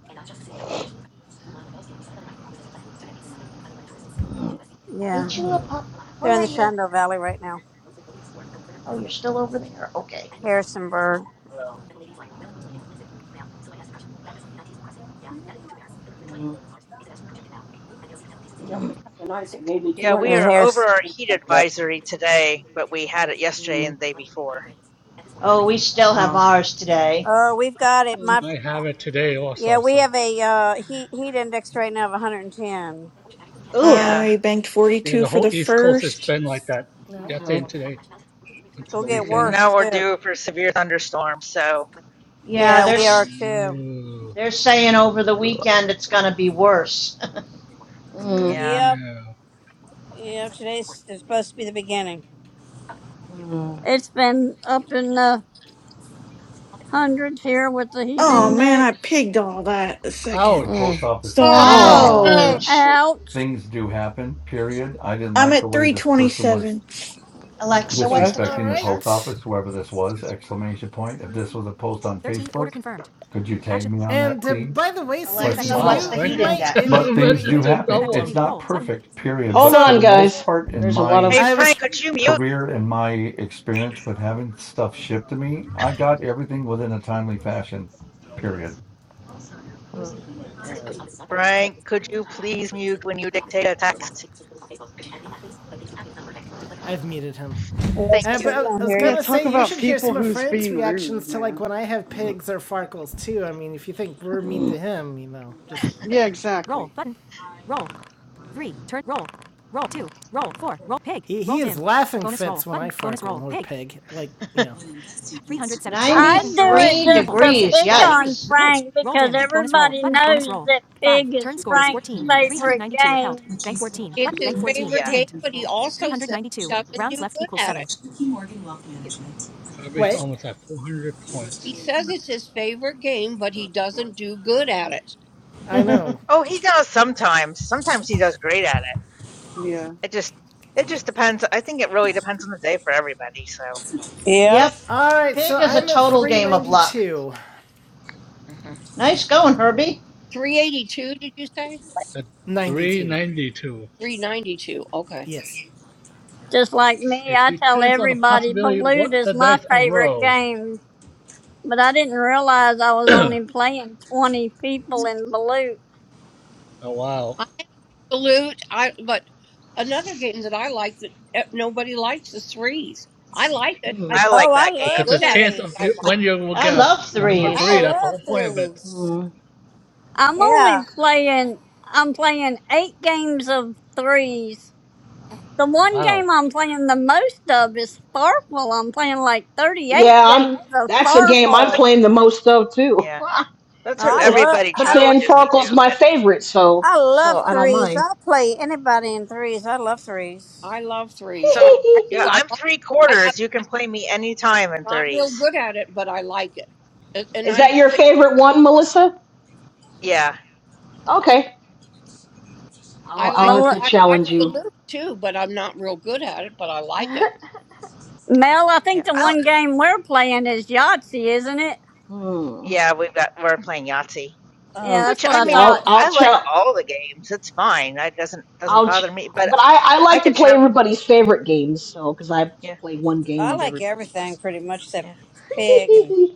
Speaker 4: Yeah.
Speaker 5: Ain't you a
Speaker 6: Mm,
Speaker 5: pup?
Speaker 4: They're
Speaker 5: Where
Speaker 4: in
Speaker 5: are
Speaker 4: the
Speaker 5: you?
Speaker 4: Shenandoah Valley right now.
Speaker 6: mm,
Speaker 5: Oh, you're still over there. Okay.
Speaker 4: Harrisonburg.
Speaker 6: mm,
Speaker 11: Yeah,
Speaker 6: mm.
Speaker 11: it was kind of nice. It gave me
Speaker 15: Yeah, we
Speaker 11: 200.
Speaker 4: Yeah,
Speaker 15: are over
Speaker 4: Harris.
Speaker 15: our heat advisory today, but we had it yesterday
Speaker 6: Mm.
Speaker 15: and the day before.
Speaker 5: Oh, we still have
Speaker 6: Ah.
Speaker 5: ours today.
Speaker 4: Oh, we've got it.
Speaker 6: Mm.
Speaker 4: My,
Speaker 9: I have it today
Speaker 4: yeah,
Speaker 9: also,
Speaker 4: we
Speaker 9: so.
Speaker 4: have a uh, heat heat index right now of 110.
Speaker 6: Ugh.
Speaker 15: Yeah.
Speaker 8: I banked
Speaker 9: Yeah,
Speaker 8: 42
Speaker 9: the
Speaker 8: for
Speaker 9: whole
Speaker 8: the
Speaker 9: East Coast, it's
Speaker 8: first.
Speaker 9: been like that.
Speaker 1: All right.
Speaker 9: Yesterday
Speaker 6: Okay.
Speaker 9: and today, until
Speaker 4: It'll
Speaker 9: the
Speaker 4: get
Speaker 9: weekend.
Speaker 6: Mm.
Speaker 15: No,
Speaker 4: worse
Speaker 15: we're
Speaker 4: too.
Speaker 15: due for severe thunderstorms, so
Speaker 5: Yeah,
Speaker 4: Yeah, we
Speaker 5: there's
Speaker 4: are
Speaker 9: Yeah,
Speaker 4: too.
Speaker 9: no.
Speaker 5: They're saying over the
Speaker 6: Ugh.
Speaker 5: weekend it's going to be worse.
Speaker 6: Mm.
Speaker 9: yeah, I
Speaker 15: yeah.
Speaker 4: Yep.
Speaker 9: know.
Speaker 4: Yep. Today's is supposed to be the beginning.
Speaker 6: Mm.
Speaker 2: It's been up in the hundreds here with the heat
Speaker 8: Oh
Speaker 6: Mm.
Speaker 8: man, I
Speaker 2: index.
Speaker 8: pigged all that the second.
Speaker 7: Mm.
Speaker 9: Ouch.
Speaker 8: So
Speaker 11: Oh
Speaker 8: I'm at
Speaker 6: Oh.
Speaker 11: no,
Speaker 5: Ouch.
Speaker 2: Ouch.
Speaker 8: I'm at 327.
Speaker 5: Alexa, what's
Speaker 6: Okay.
Speaker 5: the
Speaker 1: All
Speaker 5: temperature?
Speaker 1: right.
Speaker 9: Just
Speaker 1: And uh, by the way, Susie, if
Speaker 5: Alexa,
Speaker 1: you
Speaker 5: what's
Speaker 9: Wow,
Speaker 5: the
Speaker 1: you
Speaker 5: heat
Speaker 9: Frankie
Speaker 1: might it
Speaker 9: sent
Speaker 1: be,
Speaker 5: index?
Speaker 9: a
Speaker 1: be, be, you
Speaker 9: message
Speaker 1: know,
Speaker 9: to someone.
Speaker 6: Hold
Speaker 1: so
Speaker 6: on, guys. There's a lot of.
Speaker 15: Hey,
Speaker 1: I
Speaker 15: Frank,
Speaker 1: was
Speaker 15: could you mute?
Speaker 6: Ugh. All right.
Speaker 15: Frank, could you please mute when you dictate a text?
Speaker 1: I've muted him.
Speaker 15: Thank
Speaker 4: Yes,
Speaker 1: Uh,
Speaker 4: that's
Speaker 1: but
Speaker 4: what you
Speaker 1: I-
Speaker 15: you.
Speaker 4: don't
Speaker 1: was
Speaker 4: hear
Speaker 12: Yeah,
Speaker 4: you.
Speaker 1: gonna
Speaker 12: talk
Speaker 1: say you
Speaker 12: about
Speaker 1: should hear
Speaker 12: people
Speaker 1: some of
Speaker 12: who's
Speaker 1: Frank's
Speaker 12: being
Speaker 1: reactions
Speaker 12: rude,
Speaker 1: to like
Speaker 12: man.
Speaker 1: when I have
Speaker 6: Mm.
Speaker 1: pigs or farkles too. I mean, if you think we're mean to
Speaker 6: Mm.
Speaker 1: him, you know, just
Speaker 12: Yeah, exactly.
Speaker 1: he, he is laughing fits when I farkle or pig. Like you know.
Speaker 2: I do it
Speaker 5: 93
Speaker 2: just to
Speaker 5: degrees.
Speaker 2: pick on
Speaker 5: Yikes.
Speaker 2: Frank because everybody knows that pig is Frank's favorite game.
Speaker 11: it's his
Speaker 15: Yeah.
Speaker 11: favorite game, but he also says he doesn't do good at it.
Speaker 9: Herbie's
Speaker 1: Wait,
Speaker 9: almost at 400 points.
Speaker 11: He says it's his favorite game, but he doesn't do good at it.
Speaker 1: I know.
Speaker 15: Oh, he does sometimes. Sometimes he does great at it.
Speaker 12: Yeah.
Speaker 15: It just it just depends. I think it really depends on the day for everybody. So
Speaker 4: Yep.
Speaker 5: yep.
Speaker 1: All right, so
Speaker 5: Pig is a
Speaker 1: I'm at
Speaker 5: total
Speaker 1: three
Speaker 5: game of
Speaker 1: ninety
Speaker 5: luck.
Speaker 1: two.
Speaker 15: Mhm.
Speaker 5: Nice going, Herbie.
Speaker 11: 382, did you say?
Speaker 9: The
Speaker 1: Ninety two.
Speaker 9: 392.
Speaker 11: 392. Okay.
Speaker 1: Yes.
Speaker 2: Just like me,
Speaker 9: It
Speaker 2: I tell
Speaker 9: depends on the
Speaker 2: everybody
Speaker 9: possibility of
Speaker 2: Balut
Speaker 9: what
Speaker 2: is
Speaker 9: the
Speaker 2: my
Speaker 9: dice will
Speaker 2: favorite
Speaker 9: roll.
Speaker 2: game, but I didn't realize I was
Speaker 9: oh
Speaker 2: only playing 20 people in Balut.
Speaker 9: wow.
Speaker 11: I salute. I but another game that I like that eh, nobody likes is threes. I like it. I
Speaker 6: Mm.
Speaker 15: I
Speaker 11: don't
Speaker 4: Oh,
Speaker 15: like
Speaker 4: I
Speaker 15: that
Speaker 9: Because
Speaker 4: love
Speaker 15: game.
Speaker 9: the
Speaker 11: good at it,
Speaker 9: chance
Speaker 11: but
Speaker 9: of
Speaker 11: I
Speaker 9: you,
Speaker 4: threes.
Speaker 11: like.
Speaker 9: when you will
Speaker 5: I
Speaker 9: get
Speaker 5: love
Speaker 9: the number
Speaker 4: I
Speaker 9: three,
Speaker 5: threes.
Speaker 9: that's the
Speaker 4: love
Speaker 9: whole point of it.
Speaker 4: threes.
Speaker 6: Mm.
Speaker 2: I'm only
Speaker 4: Yeah.
Speaker 2: playing, I'm playing eight games of threes. The one
Speaker 9: Wow.
Speaker 2: game I'm playing the most of is Farfel. I'm playing like
Speaker 6: yeah,
Speaker 2: 38
Speaker 6: I'm.
Speaker 2: games of
Speaker 6: That's the game I'm
Speaker 15: That's like
Speaker 2: Farfel.
Speaker 6: playing the most of too.
Speaker 15: yeah. That's
Speaker 4: No,
Speaker 15: what
Speaker 4: I love
Speaker 15: everybody
Speaker 4: I.
Speaker 6: but
Speaker 4: I
Speaker 6: then
Speaker 15: challenges me to.
Speaker 6: Farkle's my
Speaker 15: But
Speaker 6: favorite, so
Speaker 4: love
Speaker 6: so I don't
Speaker 15: yeah.
Speaker 4: threes.
Speaker 6: mind.
Speaker 4: I'll play anybody in threes. I love threes.
Speaker 11: I love threes. I,
Speaker 15: so
Speaker 11: I do.
Speaker 15: yeah,
Speaker 11: I
Speaker 15: I'm
Speaker 11: love.
Speaker 15: three
Speaker 11: I, I'm
Speaker 15: quarters. You can play me anytime in
Speaker 11: not real
Speaker 15: threes.
Speaker 11: good at it, but I like it. And and
Speaker 6: Is that your
Speaker 11: I'm
Speaker 6: favorite one, Melissa?
Speaker 15: Yeah.
Speaker 6: Okay.
Speaker 11: I
Speaker 6: I'll
Speaker 11: like
Speaker 6: I'll have
Speaker 2: Mel,
Speaker 6: to
Speaker 11: I like
Speaker 6: challenge
Speaker 11: the
Speaker 6: you.
Speaker 11: loop too, but I'm not real good at it, but I like it.
Speaker 2: Mel, I
Speaker 15: Yeah.
Speaker 2: think the
Speaker 15: I
Speaker 2: one game we're playing is Yahtzee, isn't it?
Speaker 6: Hmm.
Speaker 15: Yeah, we've got we're playing Yahtzee,
Speaker 2: Yeah,
Speaker 6: Um,
Speaker 2: that's
Speaker 15: which
Speaker 2: what
Speaker 15: I
Speaker 2: I
Speaker 6: yeah,
Speaker 15: mean, I
Speaker 2: thought.
Speaker 6: I'll, I'll
Speaker 15: I like
Speaker 6: try.
Speaker 15: all the games. It's fine. That doesn't doesn't
Speaker 6: I'll, ch-
Speaker 15: bother me. But
Speaker 6: but I, I
Speaker 15: I
Speaker 6: like to
Speaker 15: can
Speaker 6: play
Speaker 15: challenge.
Speaker 6: everybody's favorite games, so because I
Speaker 15: Yeah,
Speaker 6: just play one game
Speaker 4: I
Speaker 6: with
Speaker 4: like
Speaker 6: everybody. But
Speaker 4: everything pretty much except
Speaker 15: yeah.
Speaker 4: pig and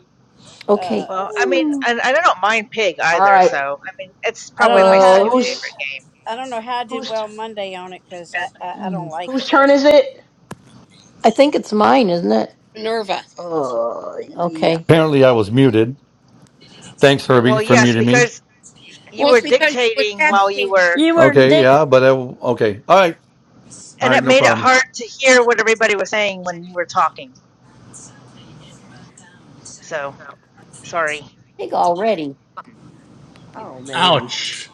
Speaker 7: Okay.
Speaker 4: uh
Speaker 15: Well, I mean,
Speaker 6: Hmm.
Speaker 15: and, and I don't mind Pig
Speaker 6: all
Speaker 15: either. So
Speaker 6: right,
Speaker 15: I mean, it's
Speaker 4: I don't
Speaker 15: probably
Speaker 4: know
Speaker 15: my
Speaker 4: how I
Speaker 6: uh,
Speaker 15: second
Speaker 4: do
Speaker 15: favorite
Speaker 6: Who's.
Speaker 15: game.
Speaker 4: I don't know how I did
Speaker 6: Who's. t-
Speaker 4: well Monday on it because I, I I don't
Speaker 6: hmm,
Speaker 4: like
Speaker 6: whose
Speaker 4: it, but
Speaker 6: turn is it?
Speaker 7: I think it's mine, isn't it?
Speaker 11: Minerva.
Speaker 6: Uh,
Speaker 7: Okay.
Speaker 6: yeah.
Speaker 7: I
Speaker 3: Apparently, I was muted. Thanks, Herbie,
Speaker 15: Well,
Speaker 3: for
Speaker 15: yes,
Speaker 3: muting me.
Speaker 15: because you
Speaker 11: Well,
Speaker 15: were
Speaker 11: it's because
Speaker 6: Well,
Speaker 11: you were
Speaker 15: dictating while you
Speaker 11: texting.
Speaker 15: were,
Speaker 2: You were
Speaker 3: Okay,
Speaker 2: Dick.
Speaker 3: yeah, but I, okay. All right. All
Speaker 15: and it
Speaker 3: right, no
Speaker 15: made it
Speaker 3: problem.
Speaker 15: hard to hear what everybody was saying when you were talking. So sorry.
Speaker 7: think already.
Speaker 11: Oh man,
Speaker 9: Ouch.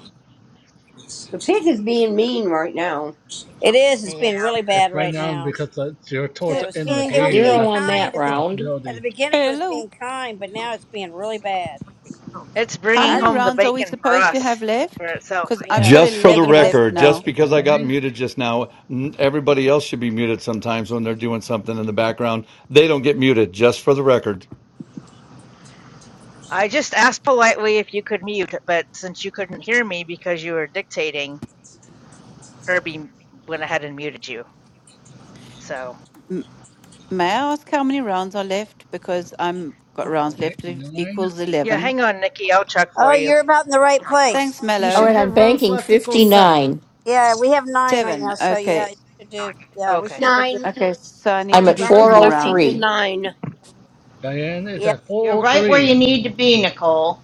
Speaker 11: the pig is being mean right now.
Speaker 4: it is. It's
Speaker 15: Yeah,
Speaker 4: been really bad
Speaker 9: It's right
Speaker 4: right
Speaker 9: now
Speaker 4: now.
Speaker 9: because it's you're towards
Speaker 14: So,
Speaker 4: It
Speaker 9: the
Speaker 4: was
Speaker 9: end of the
Speaker 4: being
Speaker 14: sorry,
Speaker 4: it
Speaker 14: how
Speaker 4: was
Speaker 9: game.
Speaker 4: being
Speaker 7: Zero
Speaker 14: many?
Speaker 9: That's
Speaker 7: on
Speaker 9: the
Speaker 4: kind
Speaker 7: that
Speaker 4: at the
Speaker 7: round.
Speaker 4: at the
Speaker 9: possibility.
Speaker 4: beginning. It was
Speaker 14: Hello.
Speaker 4: being kind, but now it's being really bad.
Speaker 15: it's
Speaker 14: How
Speaker 2: I,
Speaker 15: bringing
Speaker 14: many
Speaker 15: home the
Speaker 14: rounds are we
Speaker 15: bacon for
Speaker 14: supposed to have
Speaker 15: us for
Speaker 14: left?
Speaker 15: itself,
Speaker 14: Because
Speaker 15: I
Speaker 14: I've
Speaker 4: Yeah,
Speaker 14: got
Speaker 3: Just
Speaker 15: guess.
Speaker 4: it's
Speaker 3: for the
Speaker 4: making
Speaker 14: 11
Speaker 4: us
Speaker 14: left
Speaker 4: the
Speaker 3: record, just
Speaker 14: now.
Speaker 4: bacon.
Speaker 3: because I got
Speaker 9: Nine,
Speaker 3: muted just now, n- everybody else should be muted sometimes when they're doing something in the background. They don't get muted, just for the record.
Speaker 15: I just asked politely if you could mute, but since you couldn't hear me because you were dictating, Herbie went ahead and muted you. So,
Speaker 14: M- may I ask how many rounds are left? Because I'm got rounds
Speaker 9: eight,
Speaker 14: left e-
Speaker 9: nine.
Speaker 14: equals
Speaker 15: yeah,
Speaker 14: 11.
Speaker 15: hang on, Nikki. I'll check for
Speaker 4: Oh,
Speaker 15: you.
Speaker 4: you're about in the right place.
Speaker 14: Thanks,
Speaker 1: You
Speaker 7: All
Speaker 1: should
Speaker 7: right,
Speaker 14: Mello.
Speaker 7: I'm
Speaker 1: have rounds
Speaker 7: banking
Speaker 1: left equals seven.
Speaker 7: 59.
Speaker 4: Yeah, we have nine right
Speaker 14: Seven.
Speaker 4: now, so
Speaker 14: Okay.
Speaker 4: yeah, you should do. Yeah, we
Speaker 15: Okay.
Speaker 4: should do.
Speaker 11: Nine.
Speaker 14: Okay, so I need
Speaker 7: I'm
Speaker 11: Well,
Speaker 14: to
Speaker 7: at
Speaker 14: do two
Speaker 11: rounds
Speaker 14: more
Speaker 11: left equal
Speaker 14: rounds.
Speaker 7: 403.
Speaker 11: nine.
Speaker 9: Diane is
Speaker 4: Yeah,
Speaker 9: at
Speaker 5: You're right where you
Speaker 9: 403.
Speaker 5: need to be, Nicole.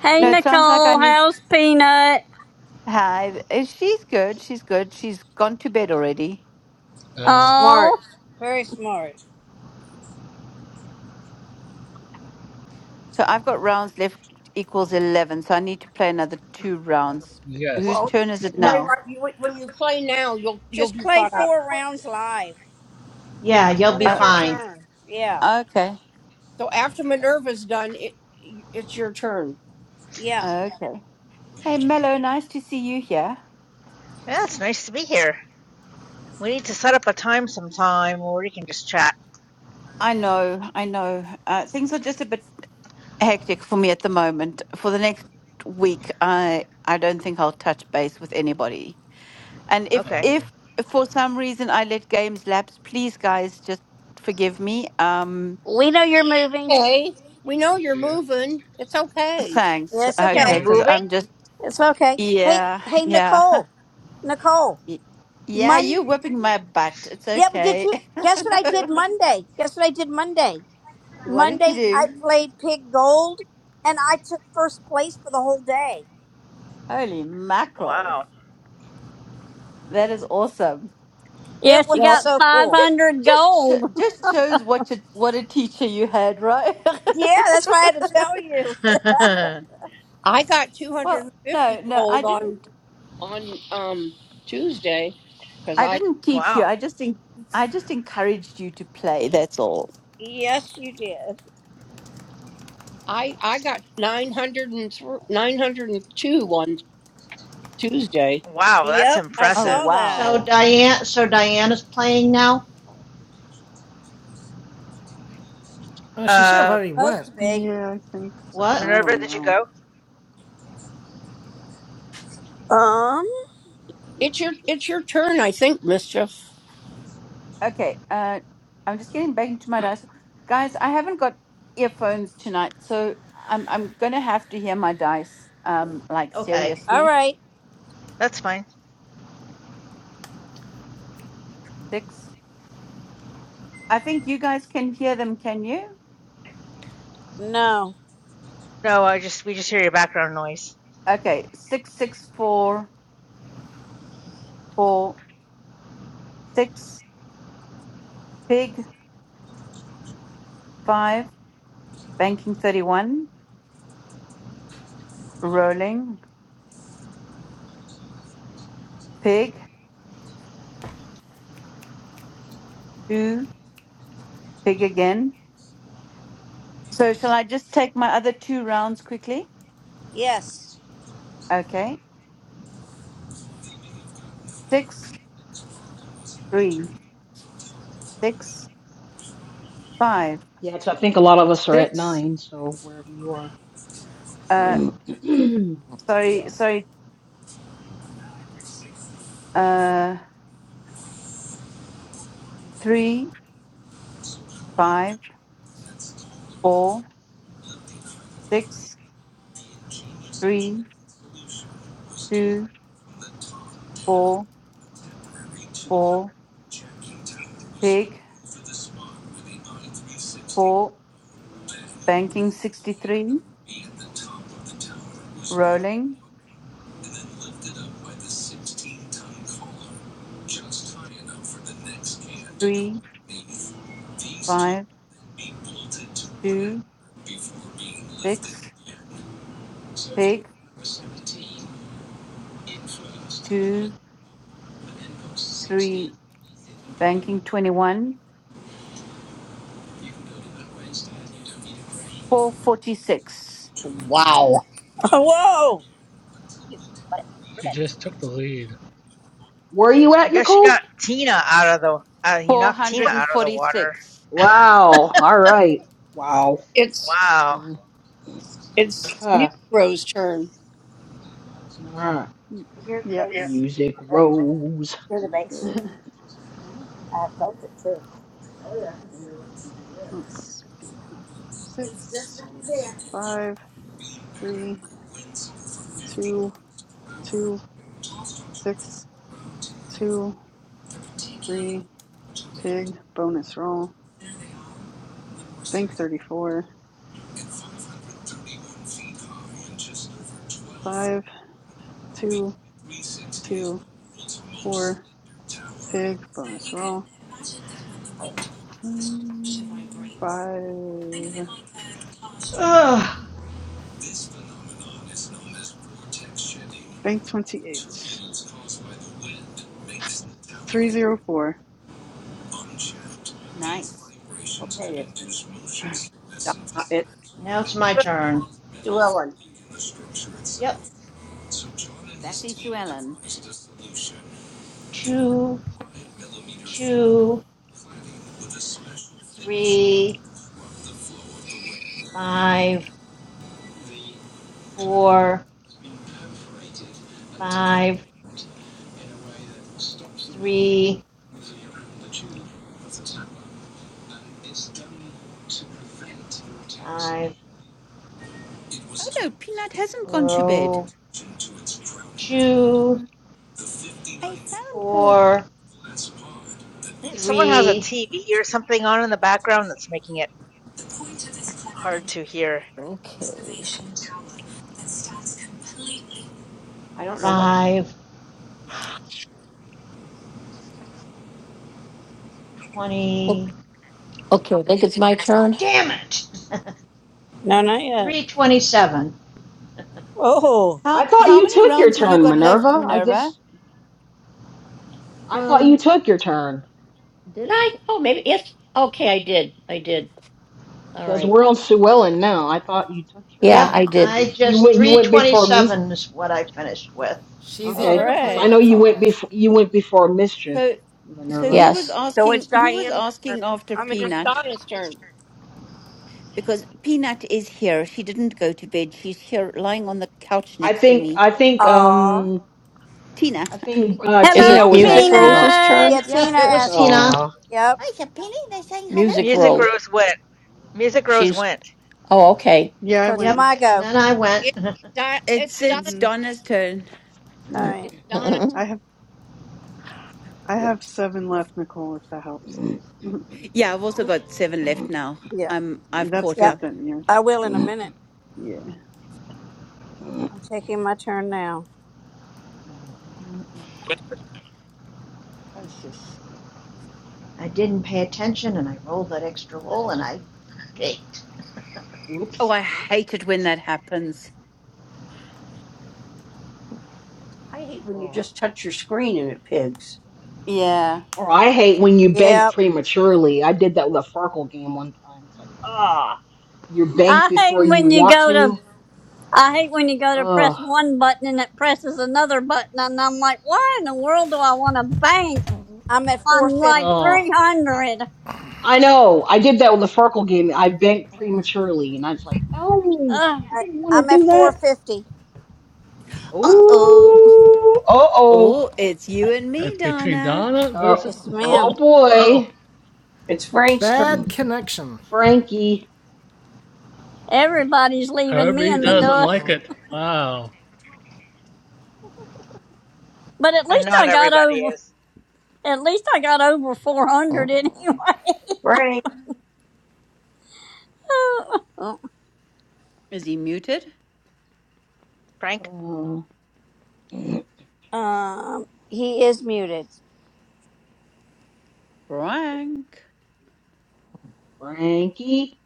Speaker 2: Hey
Speaker 14: No,
Speaker 4: yeah,
Speaker 14: it sounds like I
Speaker 2: Nicole,
Speaker 14: need
Speaker 2: how's Peanut?
Speaker 14: Hi. Uh, She's good. She's good. She's gone to bed already.
Speaker 9: Okay.
Speaker 4: smart,
Speaker 2: Oh,
Speaker 4: very smart.
Speaker 14: So I've got rounds left equals 11. So I need to play another two rounds.
Speaker 9: Yes.
Speaker 14: Whose
Speaker 11: Well, you
Speaker 14: turn is
Speaker 11: can
Speaker 14: it
Speaker 5: no,
Speaker 11: play
Speaker 14: now?
Speaker 11: right. You, when you play now, you'll you'll
Speaker 4: Just
Speaker 11: be
Speaker 4: play
Speaker 11: caught up.
Speaker 4: four rounds live
Speaker 5: yeah, you'll
Speaker 4: when
Speaker 5: be
Speaker 4: it's
Speaker 14: Uh,
Speaker 4: your
Speaker 5: fine.
Speaker 4: turn. Yeah,
Speaker 14: okay.
Speaker 11: So after Minerva's done, it it's your turn.
Speaker 4: yeah.
Speaker 14: Okay. Hey, Mello, nice to see you here.
Speaker 15: Yeah, it's nice to be here. We need to set up a time sometime where we can just chat.
Speaker 14: I know. I know. Uh, things are just a bit hectic for me at the moment. For the next week, I I don't think I'll touch base with anybody. And if
Speaker 15: Okay.
Speaker 14: if
Speaker 9: Um,
Speaker 14: for some reason I let games lapse, please guys just forgive me. Um
Speaker 4: We know you're moving.
Speaker 11: Hey, we know you're
Speaker 9: yeah.
Speaker 11: moving. It's okay.
Speaker 4: Yeah,
Speaker 14: Thanks.
Speaker 4: it's
Speaker 15: You're
Speaker 14: Okay,
Speaker 4: okay.
Speaker 14: because
Speaker 9: already.
Speaker 15: moving?
Speaker 14: I'm just,
Speaker 4: It's okay. Hey,
Speaker 14: yeah,
Speaker 4: hey,
Speaker 14: yeah.
Speaker 4: Nicole, Nicole.
Speaker 14: Y- Yeah, you're whipping my butt. It's
Speaker 4: Yeah, but did
Speaker 14: okay.
Speaker 4: you guess what I did Monday? Guess what I did Monday?
Speaker 14: What did you
Speaker 4: Monday I
Speaker 14: do?
Speaker 4: played Pig Gold and I took first place for the whole day.
Speaker 14: Holy mackerel.
Speaker 15: Wow.
Speaker 14: That is awesome.
Speaker 2: yeah,
Speaker 4: It was
Speaker 2: she
Speaker 11: Well,
Speaker 2: got
Speaker 4: so cool.
Speaker 14: Just
Speaker 2: 500
Speaker 14: just
Speaker 2: gold.
Speaker 14: sh- just shows what you, what a teacher you had, right?
Speaker 4: Yeah, that's why I had to tell you.
Speaker 11: I got
Speaker 14: Well,
Speaker 11: 250
Speaker 14: no, no, I
Speaker 11: gold
Speaker 14: didn't
Speaker 11: on on um Tuesday because
Speaker 14: I
Speaker 11: I
Speaker 14: didn't teach you.
Speaker 15: wow.
Speaker 14: I just en- I just encouraged you to play, that's all.
Speaker 4: Yes, you did.
Speaker 11: I I got 900 and 902 on Tuesday.
Speaker 15: Wow, that's
Speaker 4: Yep, I
Speaker 14: Oh,
Speaker 15: impressive.
Speaker 4: saw
Speaker 5: So
Speaker 4: that.
Speaker 14: wow.
Speaker 5: Diane, so Diana's playing now.
Speaker 1: Oh, she
Speaker 4: I'm
Speaker 1: should have
Speaker 15: Uh,
Speaker 1: already
Speaker 4: supposed
Speaker 1: went.
Speaker 4: to be.
Speaker 12: Yeah, I think so.
Speaker 5: What?
Speaker 12: I
Speaker 15: Minerva,
Speaker 12: don't
Speaker 15: did you
Speaker 12: know.
Speaker 15: go?
Speaker 4: Um.
Speaker 11: It's your it's your turn, I think, mischief.
Speaker 14: Okay, uh, I'm just getting back into my dice. Guys, I haven't got earphones tonight, so I'm I'm gonna have to hear my dice. Um, like
Speaker 5: Okay.
Speaker 4: All
Speaker 14: seriously,
Speaker 4: right.
Speaker 15: That's fine.
Speaker 14: six. I think you guys can hear them. Can you?
Speaker 4: No.
Speaker 15: No, I just we just hear your background noise.
Speaker 14: Okay, six, six, four, four, six. Pig five. Banking thirty-one. Rolling. Pig two. Pig again. So shall I just take my other two rounds quickly?
Speaker 4: Yes.
Speaker 14: Okay, six, three, six, five,
Speaker 6: yeah, 'cause I think a lot of us are at
Speaker 14: six.
Speaker 6: nine, so wherever you are.
Speaker 14: Uh, sorry,
Speaker 6: yeah.
Speaker 14: sorry.
Speaker 6: Oh, sorry.
Speaker 14: Uh, three, five, four, six, three, two, four, four. Pig, four. Banking sixty-three. Rolling three, five, two, six. Pig, two, three. Banking twenty-one. Four forty-six.
Speaker 11: Wow.
Speaker 4: Oh, Whoa.
Speaker 9: She just took the lead.
Speaker 6: Where are you
Speaker 15: I
Speaker 6: at,
Speaker 15: guess you
Speaker 6: Nicole?
Speaker 15: got Tina out of the uh, you
Speaker 14: Four
Speaker 15: knocked Tina
Speaker 14: hundred and
Speaker 15: out of the water.
Speaker 14: forty-six.
Speaker 6: Wow. All right. Wow.
Speaker 11: It's
Speaker 15: Wow.
Speaker 6: Mm,
Speaker 11: it's
Speaker 6: Okay.
Speaker 11: Music Row's turn.
Speaker 6: Alright,
Speaker 12: Mm,
Speaker 4: You're the
Speaker 12: Yeah.
Speaker 4: base. Yeah.
Speaker 6: music rose.
Speaker 4: You're the base.
Speaker 6: I
Speaker 4: I felt it too.
Speaker 12: Let's do six, five, three, two, two, six. two, three, pig, bonus roll, bank thirty four, five, two, two, four, pig, bonus roll, mm, five,
Speaker 5: Ugh.
Speaker 12: bank twenty eight, three zero four.
Speaker 14: Nice,
Speaker 11: Okay, it's Di- it's
Speaker 5: Now it's my turn.
Speaker 11: Sue Ellen.
Speaker 5: Yep.
Speaker 14: sassy Sue Ellen.
Speaker 5: Two, two, three, five, four, five, three, five.
Speaker 14: Oh no, Peanut hasn't gone to bed.
Speaker 5: Row two,
Speaker 14: I found her.
Speaker 5: four,
Speaker 15: Someone has a
Speaker 5: three,
Speaker 15: TV or something on in the background that's making it hard to hear.
Speaker 7: Okay.
Speaker 11: I don't know what.
Speaker 5: five,
Speaker 7: O-
Speaker 5: twenty.
Speaker 7: Okay, I think it's my turn.
Speaker 5: Damn it!
Speaker 4: No, not yet.
Speaker 5: 327.
Speaker 4: Oh.
Speaker 14: How
Speaker 6: thought
Speaker 14: how
Speaker 6: you
Speaker 14: many
Speaker 6: took your
Speaker 14: rounds have you
Speaker 6: turn,
Speaker 14: got left,
Speaker 6: Minerva. I
Speaker 14: Minerva?
Speaker 6: guess I thought you
Speaker 7: Um,
Speaker 6: took your turn
Speaker 7: did I? Oh, maybe. Yes. Okay, I did. I did. All
Speaker 6: because
Speaker 7: right.
Speaker 6: we're on Suellen now. I thought you took your.
Speaker 7: Yeah,
Speaker 5: Yep,
Speaker 7: I
Speaker 1: Yeah.
Speaker 7: did.
Speaker 5: I
Speaker 6: If you
Speaker 5: just
Speaker 6: went, you went before me.
Speaker 5: 327 is what I finished with.
Speaker 1: She's
Speaker 4: All
Speaker 1: eager
Speaker 6: Okay,
Speaker 1: to
Speaker 6: because
Speaker 1: play.
Speaker 6: I
Speaker 4: right.
Speaker 6: know
Speaker 1: That's
Speaker 6: you
Speaker 1: all,
Speaker 6: went
Speaker 1: guys.
Speaker 6: before you went before mischief,
Speaker 14: So so
Speaker 6: Minerva.
Speaker 14: who was
Speaker 6: So
Speaker 7: Yes.
Speaker 11: So
Speaker 14: asking
Speaker 11: it's
Speaker 14: who was
Speaker 11: Diane's turn.
Speaker 14: asking after
Speaker 11: I mean, it's
Speaker 14: Peanut?
Speaker 11: Donna's turn.
Speaker 14: Because Peanut is here. She didn't go to bed. She's here lying on the couch
Speaker 6: I
Speaker 14: next to
Speaker 6: think
Speaker 14: me.
Speaker 6: I think
Speaker 4: Aw.
Speaker 6: um
Speaker 14: Tina.
Speaker 6: I think uh,
Speaker 7: Is
Speaker 6: Tina
Speaker 2: Hello
Speaker 7: it
Speaker 6: was
Speaker 7: Music
Speaker 4: Tina
Speaker 6: asking
Speaker 4: did.
Speaker 6: about.
Speaker 7: Rose's
Speaker 2: Peanut.
Speaker 7: turn?
Speaker 4: Yeah,
Speaker 5: Yep,
Speaker 4: Tina
Speaker 5: it was
Speaker 4: asked.
Speaker 5: Tina.
Speaker 6: Aw.
Speaker 4: Yep.
Speaker 14: Hi, Sapelli. They're saying hello
Speaker 7: Music
Speaker 14: to
Speaker 15: Music
Speaker 14: you.
Speaker 7: Rose.
Speaker 15: Rose went. Music Rose
Speaker 7: She's
Speaker 15: went.
Speaker 7: Oh, okay.
Speaker 12: Yeah, I
Speaker 4: So it's
Speaker 12: went.
Speaker 5: Yep,
Speaker 4: my
Speaker 11: It's
Speaker 5: and
Speaker 4: go.
Speaker 5: then I went.
Speaker 11: it's, Di- it's
Speaker 14: It's
Speaker 11: Donna.
Speaker 14: it's
Speaker 12: hmm
Speaker 14: Donna's turn.
Speaker 4: All right.
Speaker 11: It's Donna.
Speaker 12: I have I
Speaker 14: W-
Speaker 12: have seven left, Nicole, if that helps.
Speaker 14: Yeah, I've also got seven left now.
Speaker 4: Yeah.
Speaker 14: I'm I've
Speaker 12: That's
Speaker 14: caught
Speaker 4: Yep.
Speaker 12: good
Speaker 14: up.
Speaker 12: then,
Speaker 4: I will in a minute.
Speaker 12: yeah, yeah.
Speaker 4: I'm taking my turn now.
Speaker 14: Oh shush.
Speaker 5: I didn't pay attention and I rolled that extra roll and I baked.
Speaker 14: Oh,
Speaker 6: Oops.
Speaker 14: I hate it when that happens.
Speaker 11: I hate when you
Speaker 6: Oh.
Speaker 11: just touch your screen and it pigs.
Speaker 14: Yeah.
Speaker 6: Or I hate when you bank
Speaker 4: Yep.
Speaker 6: prematurely. I did that with a Farkle game one time. It's like, ah, you bank
Speaker 2: I
Speaker 6: before
Speaker 2: hate
Speaker 6: you
Speaker 2: when you
Speaker 6: want
Speaker 2: go to,
Speaker 6: to.
Speaker 2: I hate when you go to press
Speaker 6: Ugh,
Speaker 2: one button and it presses another button and I'm like, why in the world do I want to bank
Speaker 4: I'm at
Speaker 2: on
Speaker 4: 450.
Speaker 2: like
Speaker 6: ugh.
Speaker 2: 300?
Speaker 6: I know. I did that with the Farkle game. I banked prematurely, and I was like, no,
Speaker 2: Ugh,
Speaker 6: I
Speaker 4: I,
Speaker 6: didn't want to
Speaker 4: I'm at
Speaker 6: do that.
Speaker 4: 450.
Speaker 14: Uh oh.
Speaker 6: Ooh, uh oh,
Speaker 14: Oh, it's you and me,
Speaker 9: It's between
Speaker 14: Donna.
Speaker 9: Donna
Speaker 6: uh,
Speaker 9: versus
Speaker 4: Yes,
Speaker 6: oh
Speaker 4: ma'am.
Speaker 9: Nicole. Oh,
Speaker 6: boy,
Speaker 11: It's Frank's turn.
Speaker 1: Bad
Speaker 6: Mm,
Speaker 1: connection.
Speaker 6: Frankie,
Speaker 2: everybody's leaving me
Speaker 9: Herbie
Speaker 2: in the
Speaker 6: Mm,
Speaker 9: doesn't
Speaker 2: dust.
Speaker 9: like it. Wow.
Speaker 2: But at
Speaker 15: And
Speaker 2: least
Speaker 15: not
Speaker 2: I got
Speaker 15: everybody
Speaker 2: over,
Speaker 15: is.
Speaker 2: at least I got over 400 anyway.
Speaker 11: Frank
Speaker 14: Is he muted?
Speaker 15: Frank?
Speaker 6: uh, mm,
Speaker 4: Um, he is muted.
Speaker 14: Frank.
Speaker 6: Frankie.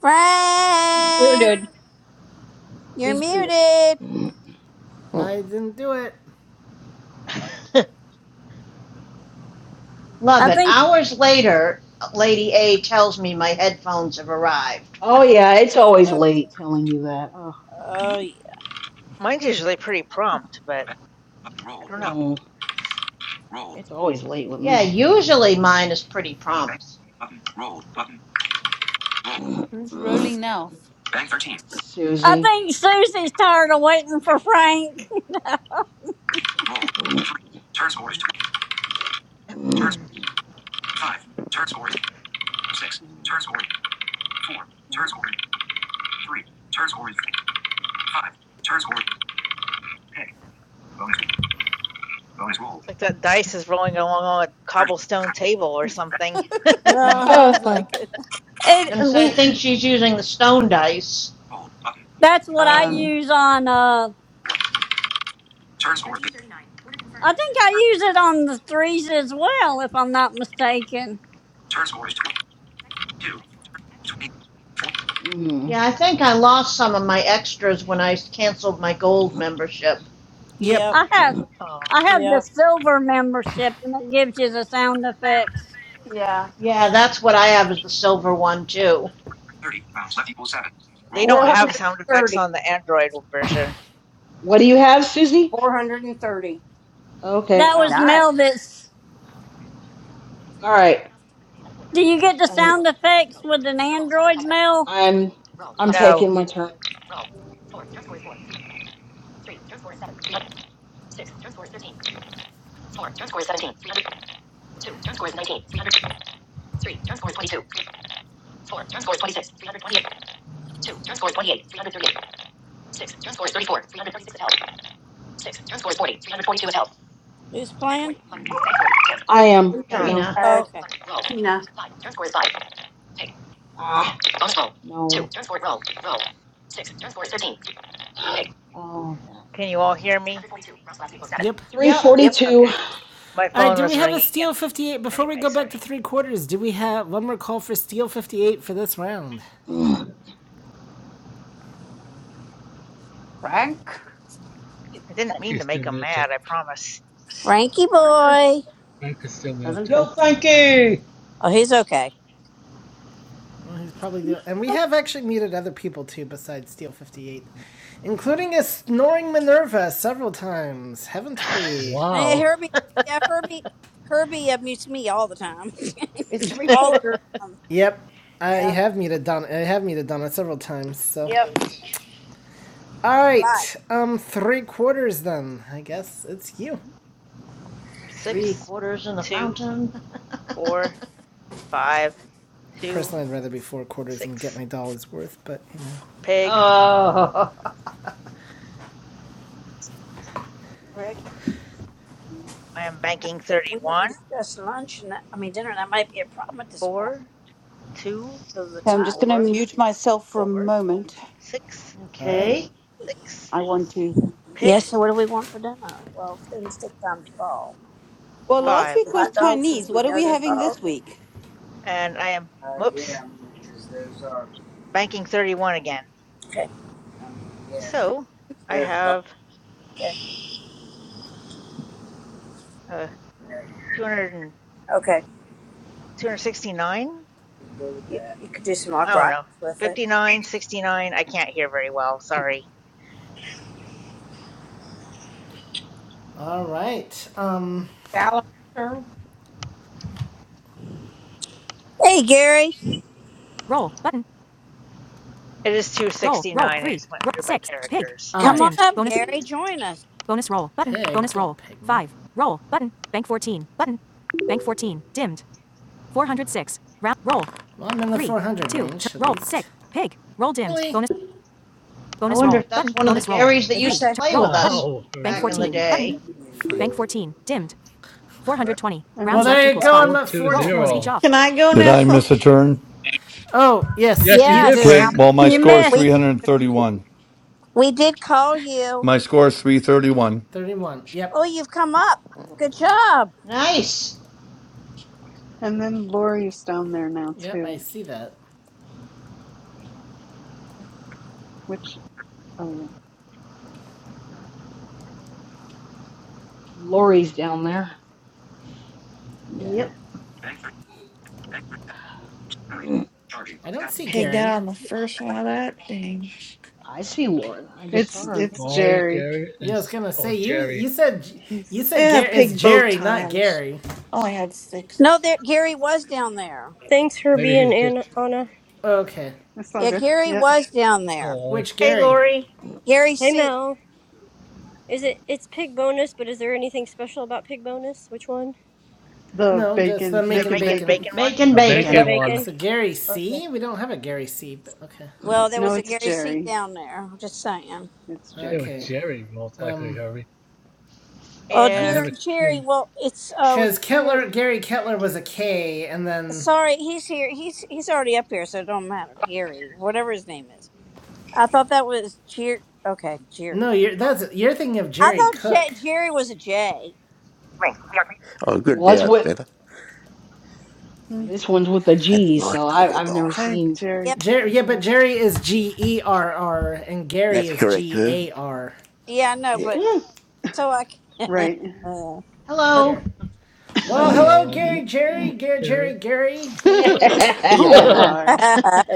Speaker 4: Frank,
Speaker 11: muted.
Speaker 4: you're
Speaker 11: He's muted.
Speaker 4: muted.
Speaker 6: Mm.
Speaker 1: No, I didn't do it.
Speaker 5: Love
Speaker 2: I
Speaker 5: it.
Speaker 2: think
Speaker 5: Hours later, Lady A tells me my headphones have arrived.
Speaker 6: Oh yeah, it's always
Speaker 4: Uh,
Speaker 6: late telling you that.
Speaker 4: oh,
Speaker 15: Mine's usually pretty prompt, but I
Speaker 11: Roll
Speaker 15: don't
Speaker 11: button.
Speaker 15: know.
Speaker 6: Mm,
Speaker 11: Roll.
Speaker 6: it's always late with
Speaker 5: Yeah,
Speaker 6: me.
Speaker 5: usually mine is pretty prompt.
Speaker 11: Button. Roll button. Roll.
Speaker 14: Who's rolling now?
Speaker 11: Bank 13.
Speaker 2: I
Speaker 6: Susie.
Speaker 2: think Susie's tired of waiting for Frank.
Speaker 11: Roll. 3. Turn score is 2. Turn
Speaker 15: it's
Speaker 11: 5. Turn score is 6.
Speaker 6: Mm,
Speaker 11: Turn score is 4. Turn
Speaker 6: no.
Speaker 11: score is 3. Turn score is 5. Turn score is pay. Bonus. Bonus roll.
Speaker 15: like that dice is rolling along on a
Speaker 11: 30.
Speaker 15: cobblestone table or something.
Speaker 14: it
Speaker 4: uh huh.
Speaker 14: sounds like it.
Speaker 5: I was going to say, I
Speaker 2: It
Speaker 5: think she's using the stone dice.
Speaker 11: Roll. Button.
Speaker 2: that's what I
Speaker 15: Uh,
Speaker 6: Mm,
Speaker 2: use on uh
Speaker 11: Turn score is
Speaker 2: I think
Speaker 11: turn,
Speaker 2: I use it on the threes as well, if I'm not mistaken.
Speaker 11: turn score is 2. 2. 20.
Speaker 5: Yeah, I think I lost some of my extras when I canceled my gold membership.
Speaker 1: Yep.
Speaker 4: Yep.
Speaker 2: I have
Speaker 6: mm.
Speaker 15: oh.
Speaker 2: I have the
Speaker 4: Yep.
Speaker 2: silver membership and it gives you the sound effects.
Speaker 14: Yeah.
Speaker 5: Yeah, that's what I have is the silver one, too.
Speaker 11: 4. hundred 30. Rounds left equals 7. Roll.
Speaker 15: They don't have sound effects
Speaker 11: 430.
Speaker 15: on the Android version.
Speaker 6: What do you have, Susie?
Speaker 11: 430.
Speaker 6: Okay.
Speaker 2: That
Speaker 14: Oh,
Speaker 15: Wow.
Speaker 2: was
Speaker 14: nice.
Speaker 2: Mel that's
Speaker 6: All right.
Speaker 2: do you get the
Speaker 6: I'm,
Speaker 2: sound effects with an Android Mel?
Speaker 6: I'm, I'm
Speaker 15: No.
Speaker 6: taking my turn.
Speaker 4: Who's playing?
Speaker 6: I am right
Speaker 11: nine.
Speaker 6: now.
Speaker 5: Trina.
Speaker 14: Uh,
Speaker 4: okay.
Speaker 14: Tina.
Speaker 6: Ah, no. Oh, yeah.
Speaker 15: Can you all hear me?
Speaker 1: Yep.
Speaker 5: Yep.
Speaker 14: Yep.
Speaker 6: 342.
Speaker 15: Okay. My
Speaker 1: All right,
Speaker 15: phone
Speaker 1: do we
Speaker 15: was
Speaker 1: have a
Speaker 15: ringing and
Speaker 1: steel 58? Before
Speaker 15: anyway,
Speaker 1: we go
Speaker 15: sorry.
Speaker 1: back to three quarters, do we have one more call for steel 58 for this round?
Speaker 14: Frank.
Speaker 15: I didn't mean
Speaker 9: He's
Speaker 15: to
Speaker 9: still
Speaker 15: make them mad,
Speaker 9: muted.
Speaker 15: I promise.
Speaker 4: Frankie
Speaker 14: Oh,
Speaker 4: boy.
Speaker 9: Frank is still
Speaker 14: Doesn't
Speaker 9: muted.
Speaker 5: Yo,
Speaker 14: it?
Speaker 5: Frankie!
Speaker 4: Oh, he's okay.
Speaker 1: Well, he's probably doing. And we have actually muted other people too besides steel 58, including a snoring Minerva several times, haven't we?
Speaker 4: Eh,
Speaker 9: Wow.
Speaker 4: Herbie, yeah, Herbie, Herbie abused me all the time,
Speaker 11: It's
Speaker 4: all the
Speaker 11: recorder.
Speaker 4: time.
Speaker 1: Yep. I
Speaker 4: Yeah,
Speaker 1: have muted Donna. I have muted Donna several times, so.
Speaker 4: Yep.
Speaker 1: All
Speaker 4: a lot,
Speaker 1: right. Um, three quarters then. I guess it's you.
Speaker 5: Three
Speaker 15: six,
Speaker 5: quarters in the
Speaker 15: two,
Speaker 5: fountain.
Speaker 15: four, five, two,
Speaker 1: Personally, I'd rather be four quarters and get
Speaker 15: six.
Speaker 1: my dollar's worth, but you know.
Speaker 15: Pig.
Speaker 5: oh.
Speaker 4: Rick.
Speaker 15: I am
Speaker 4: Uh,
Speaker 15: banking
Speaker 4: we didn't
Speaker 15: 31.
Speaker 4: discuss lunch, and that, I mean dinner. That might be a problem at this point
Speaker 15: Four, two,
Speaker 4: because of the
Speaker 14: So I'm
Speaker 4: time.
Speaker 14: just going to
Speaker 15: four,
Speaker 14: mute myself for a
Speaker 15: four,
Speaker 14: moment.
Speaker 15: six,
Speaker 1: All right.
Speaker 5: Okay.
Speaker 15: six.
Speaker 14: I want to.
Speaker 15: Pig.
Speaker 4: Yes. so, what do we want for dinner? Well, things take time to fall.
Speaker 14: Well,
Speaker 4: Want to
Speaker 14: last
Speaker 15: Five.
Speaker 4: just do
Speaker 14: week was
Speaker 4: hot dogs since
Speaker 14: Chinese.
Speaker 4: we
Speaker 14: What are
Speaker 4: know
Speaker 14: we
Speaker 4: they're
Speaker 14: having
Speaker 4: fall?
Speaker 14: this week?
Speaker 15: And I am, whoops, banking 31 again.
Speaker 4: Okay.
Speaker 15: So I have uh, 200
Speaker 4: Okay. You, you could do some
Speaker 15: I
Speaker 4: hot
Speaker 15: don't know.
Speaker 4: rockets with it.
Speaker 15: fifty-nine, sixty-nine. I can't hear very well. Sorry.
Speaker 1: All right. Um.
Speaker 11: Dallas turn.
Speaker 4: Hey, Gary,
Speaker 15: It is 269. I just went through by characters.
Speaker 1: right.
Speaker 4: come on up. Gary, join us.
Speaker 1: Pig. Pig. Well, I'm in the 400 range. Really?
Speaker 5: I wonder if that's one of the Garys that
Speaker 4: What'd you
Speaker 5: used to
Speaker 4: say?
Speaker 5: play with us
Speaker 9: Ow, Herbie.
Speaker 5: back in the day.
Speaker 1: four Well,
Speaker 12: And
Speaker 1: well, there you go, I'm
Speaker 9: Four
Speaker 1: at
Speaker 9: two
Speaker 1: four twenty. 420.
Speaker 9: zero.
Speaker 8: Can I go
Speaker 3: Did
Speaker 8: now?
Speaker 3: I miss a turn?
Speaker 1: Oh yes,
Speaker 9: Yes, you
Speaker 1: you
Speaker 9: did,
Speaker 3: Okay,
Speaker 1: did.
Speaker 4: Yes.
Speaker 9: Frank.
Speaker 3: well, my
Speaker 2: You
Speaker 3: score is
Speaker 4: We
Speaker 2: missed.
Speaker 3: 331.
Speaker 4: we did call you.
Speaker 3: My score is 331.
Speaker 1: Thirty-one.
Speaker 4: Oh,
Speaker 1: Yep.
Speaker 4: you've come up. Good job.
Speaker 5: Nice.
Speaker 12: and then Lori is down there now
Speaker 1: Yep. I
Speaker 12: too,
Speaker 1: see that.
Speaker 12: which, oh yeah,
Speaker 6: Lori's down
Speaker 12: yeah.
Speaker 5: Yep.
Speaker 6: there.
Speaker 1: I don't see
Speaker 8: Pegged out
Speaker 1: Gary.
Speaker 8: on the first one of that. Dang.
Speaker 6: I see Lauren. I just saw
Speaker 12: It's
Speaker 6: her a
Speaker 12: it's
Speaker 6: minute ago.
Speaker 9: Maury,
Speaker 12: Jerry.
Speaker 9: Gary,
Speaker 1: Yeah,
Speaker 9: and
Speaker 1: I was
Speaker 9: S-
Speaker 1: gonna
Speaker 9: or
Speaker 1: say you. You
Speaker 9: Jerry.
Speaker 1: said
Speaker 12: He's
Speaker 1: you said
Speaker 8: Yeah, I
Speaker 1: Gary is
Speaker 8: pigged both
Speaker 1: Jerry, not
Speaker 8: times.
Speaker 1: Gary.
Speaker 8: I only had six.
Speaker 4: No, there Gary was down there.
Speaker 18: Thanks for
Speaker 9: Maybe
Speaker 18: being
Speaker 9: he's
Speaker 18: Anna.
Speaker 9: just
Speaker 18: Anna.
Speaker 1: Okay,
Speaker 12: That's all
Speaker 4: Yeah,
Speaker 12: good.
Speaker 4: Gary
Speaker 12: Yeah.
Speaker 4: was down there.
Speaker 9: oh
Speaker 1: which
Speaker 15: Hey,
Speaker 1: Gary?
Speaker 15: Lori.
Speaker 4: Gary
Speaker 18: Hey
Speaker 4: C.
Speaker 18: Mel. Is it? It's pig bonus, but is there anything special about pig bonus? Which one?
Speaker 12: The
Speaker 1: No, I'm just
Speaker 12: bacon,
Speaker 1: I'm
Speaker 15: the
Speaker 1: making
Speaker 12: making
Speaker 15: making
Speaker 1: bacon.
Speaker 12: bacon.
Speaker 15: bacon one.
Speaker 5: Making
Speaker 9: a
Speaker 18: Making
Speaker 9: bacon
Speaker 5: bacon.
Speaker 9: one.
Speaker 18: bacon.
Speaker 1: So Gary C. We don't have a Gary C. But okay,
Speaker 4: Well, there
Speaker 12: No,
Speaker 4: was a
Speaker 12: it's
Speaker 4: Gary C.
Speaker 12: Jerry.
Speaker 4: down there. Just saying.
Speaker 12: It's
Speaker 9: It
Speaker 12: Jerry
Speaker 9: was
Speaker 1: okay.
Speaker 12: Cook.
Speaker 9: Jerry, most likely,
Speaker 1: Um,
Speaker 9: Herbie.
Speaker 4: Oh,
Speaker 9: I've
Speaker 15: And
Speaker 4: Jerry,
Speaker 9: never
Speaker 4: Jerry.
Speaker 9: seen.
Speaker 4: Well, it's oh,
Speaker 15: shoot,
Speaker 4: it's
Speaker 1: because
Speaker 4: Jerry.
Speaker 1: Kettler Gary Kettler was a K, and then
Speaker 4: Sorry, he's here. He's he's already up here, so it don't matter. Gary, whatever his name is. I thought that was Jerry. Okay, Jerry.
Speaker 1: no, you're that's you're thinking of
Speaker 4: I
Speaker 1: Jerry
Speaker 4: thought
Speaker 1: Cook.
Speaker 4: J- Jerry was a J.
Speaker 19: Oh, good
Speaker 6: Well, that's
Speaker 19: now it's
Speaker 6: what
Speaker 19: better.
Speaker 12: Hmm.
Speaker 6: this one's with a
Speaker 19: Had the
Speaker 6: G, so
Speaker 19: mic
Speaker 6: I,
Speaker 19: toggled
Speaker 6: I've never
Speaker 19: off.
Speaker 12: Hey,
Speaker 6: seen.
Speaker 4: Yep.
Speaker 12: Jerry.
Speaker 1: Jerry, yeah, but
Speaker 12: Yeah.
Speaker 1: Jerry
Speaker 6: I
Speaker 1: is
Speaker 6: just-
Speaker 1: G E R R, and Gary
Speaker 19: That's
Speaker 1: is
Speaker 19: correct,
Speaker 1: G
Speaker 19: Herb.
Speaker 1: A R.
Speaker 4: Yeah, I know,
Speaker 19: Yeah,
Speaker 4: but
Speaker 6: oh
Speaker 4: so I. c-
Speaker 12: Right.
Speaker 1: Oh dear.
Speaker 5: Hello.
Speaker 1: Well,
Speaker 19: yeah.
Speaker 1: hello,
Speaker 9: Hello,
Speaker 1: Gary, Jerry, Gary, Jerry,
Speaker 9: Jerry.
Speaker 1: Gary, you.
Speaker 19: you know,
Speaker 12: oh,
Speaker 19: Herbie.
Speaker 12: my.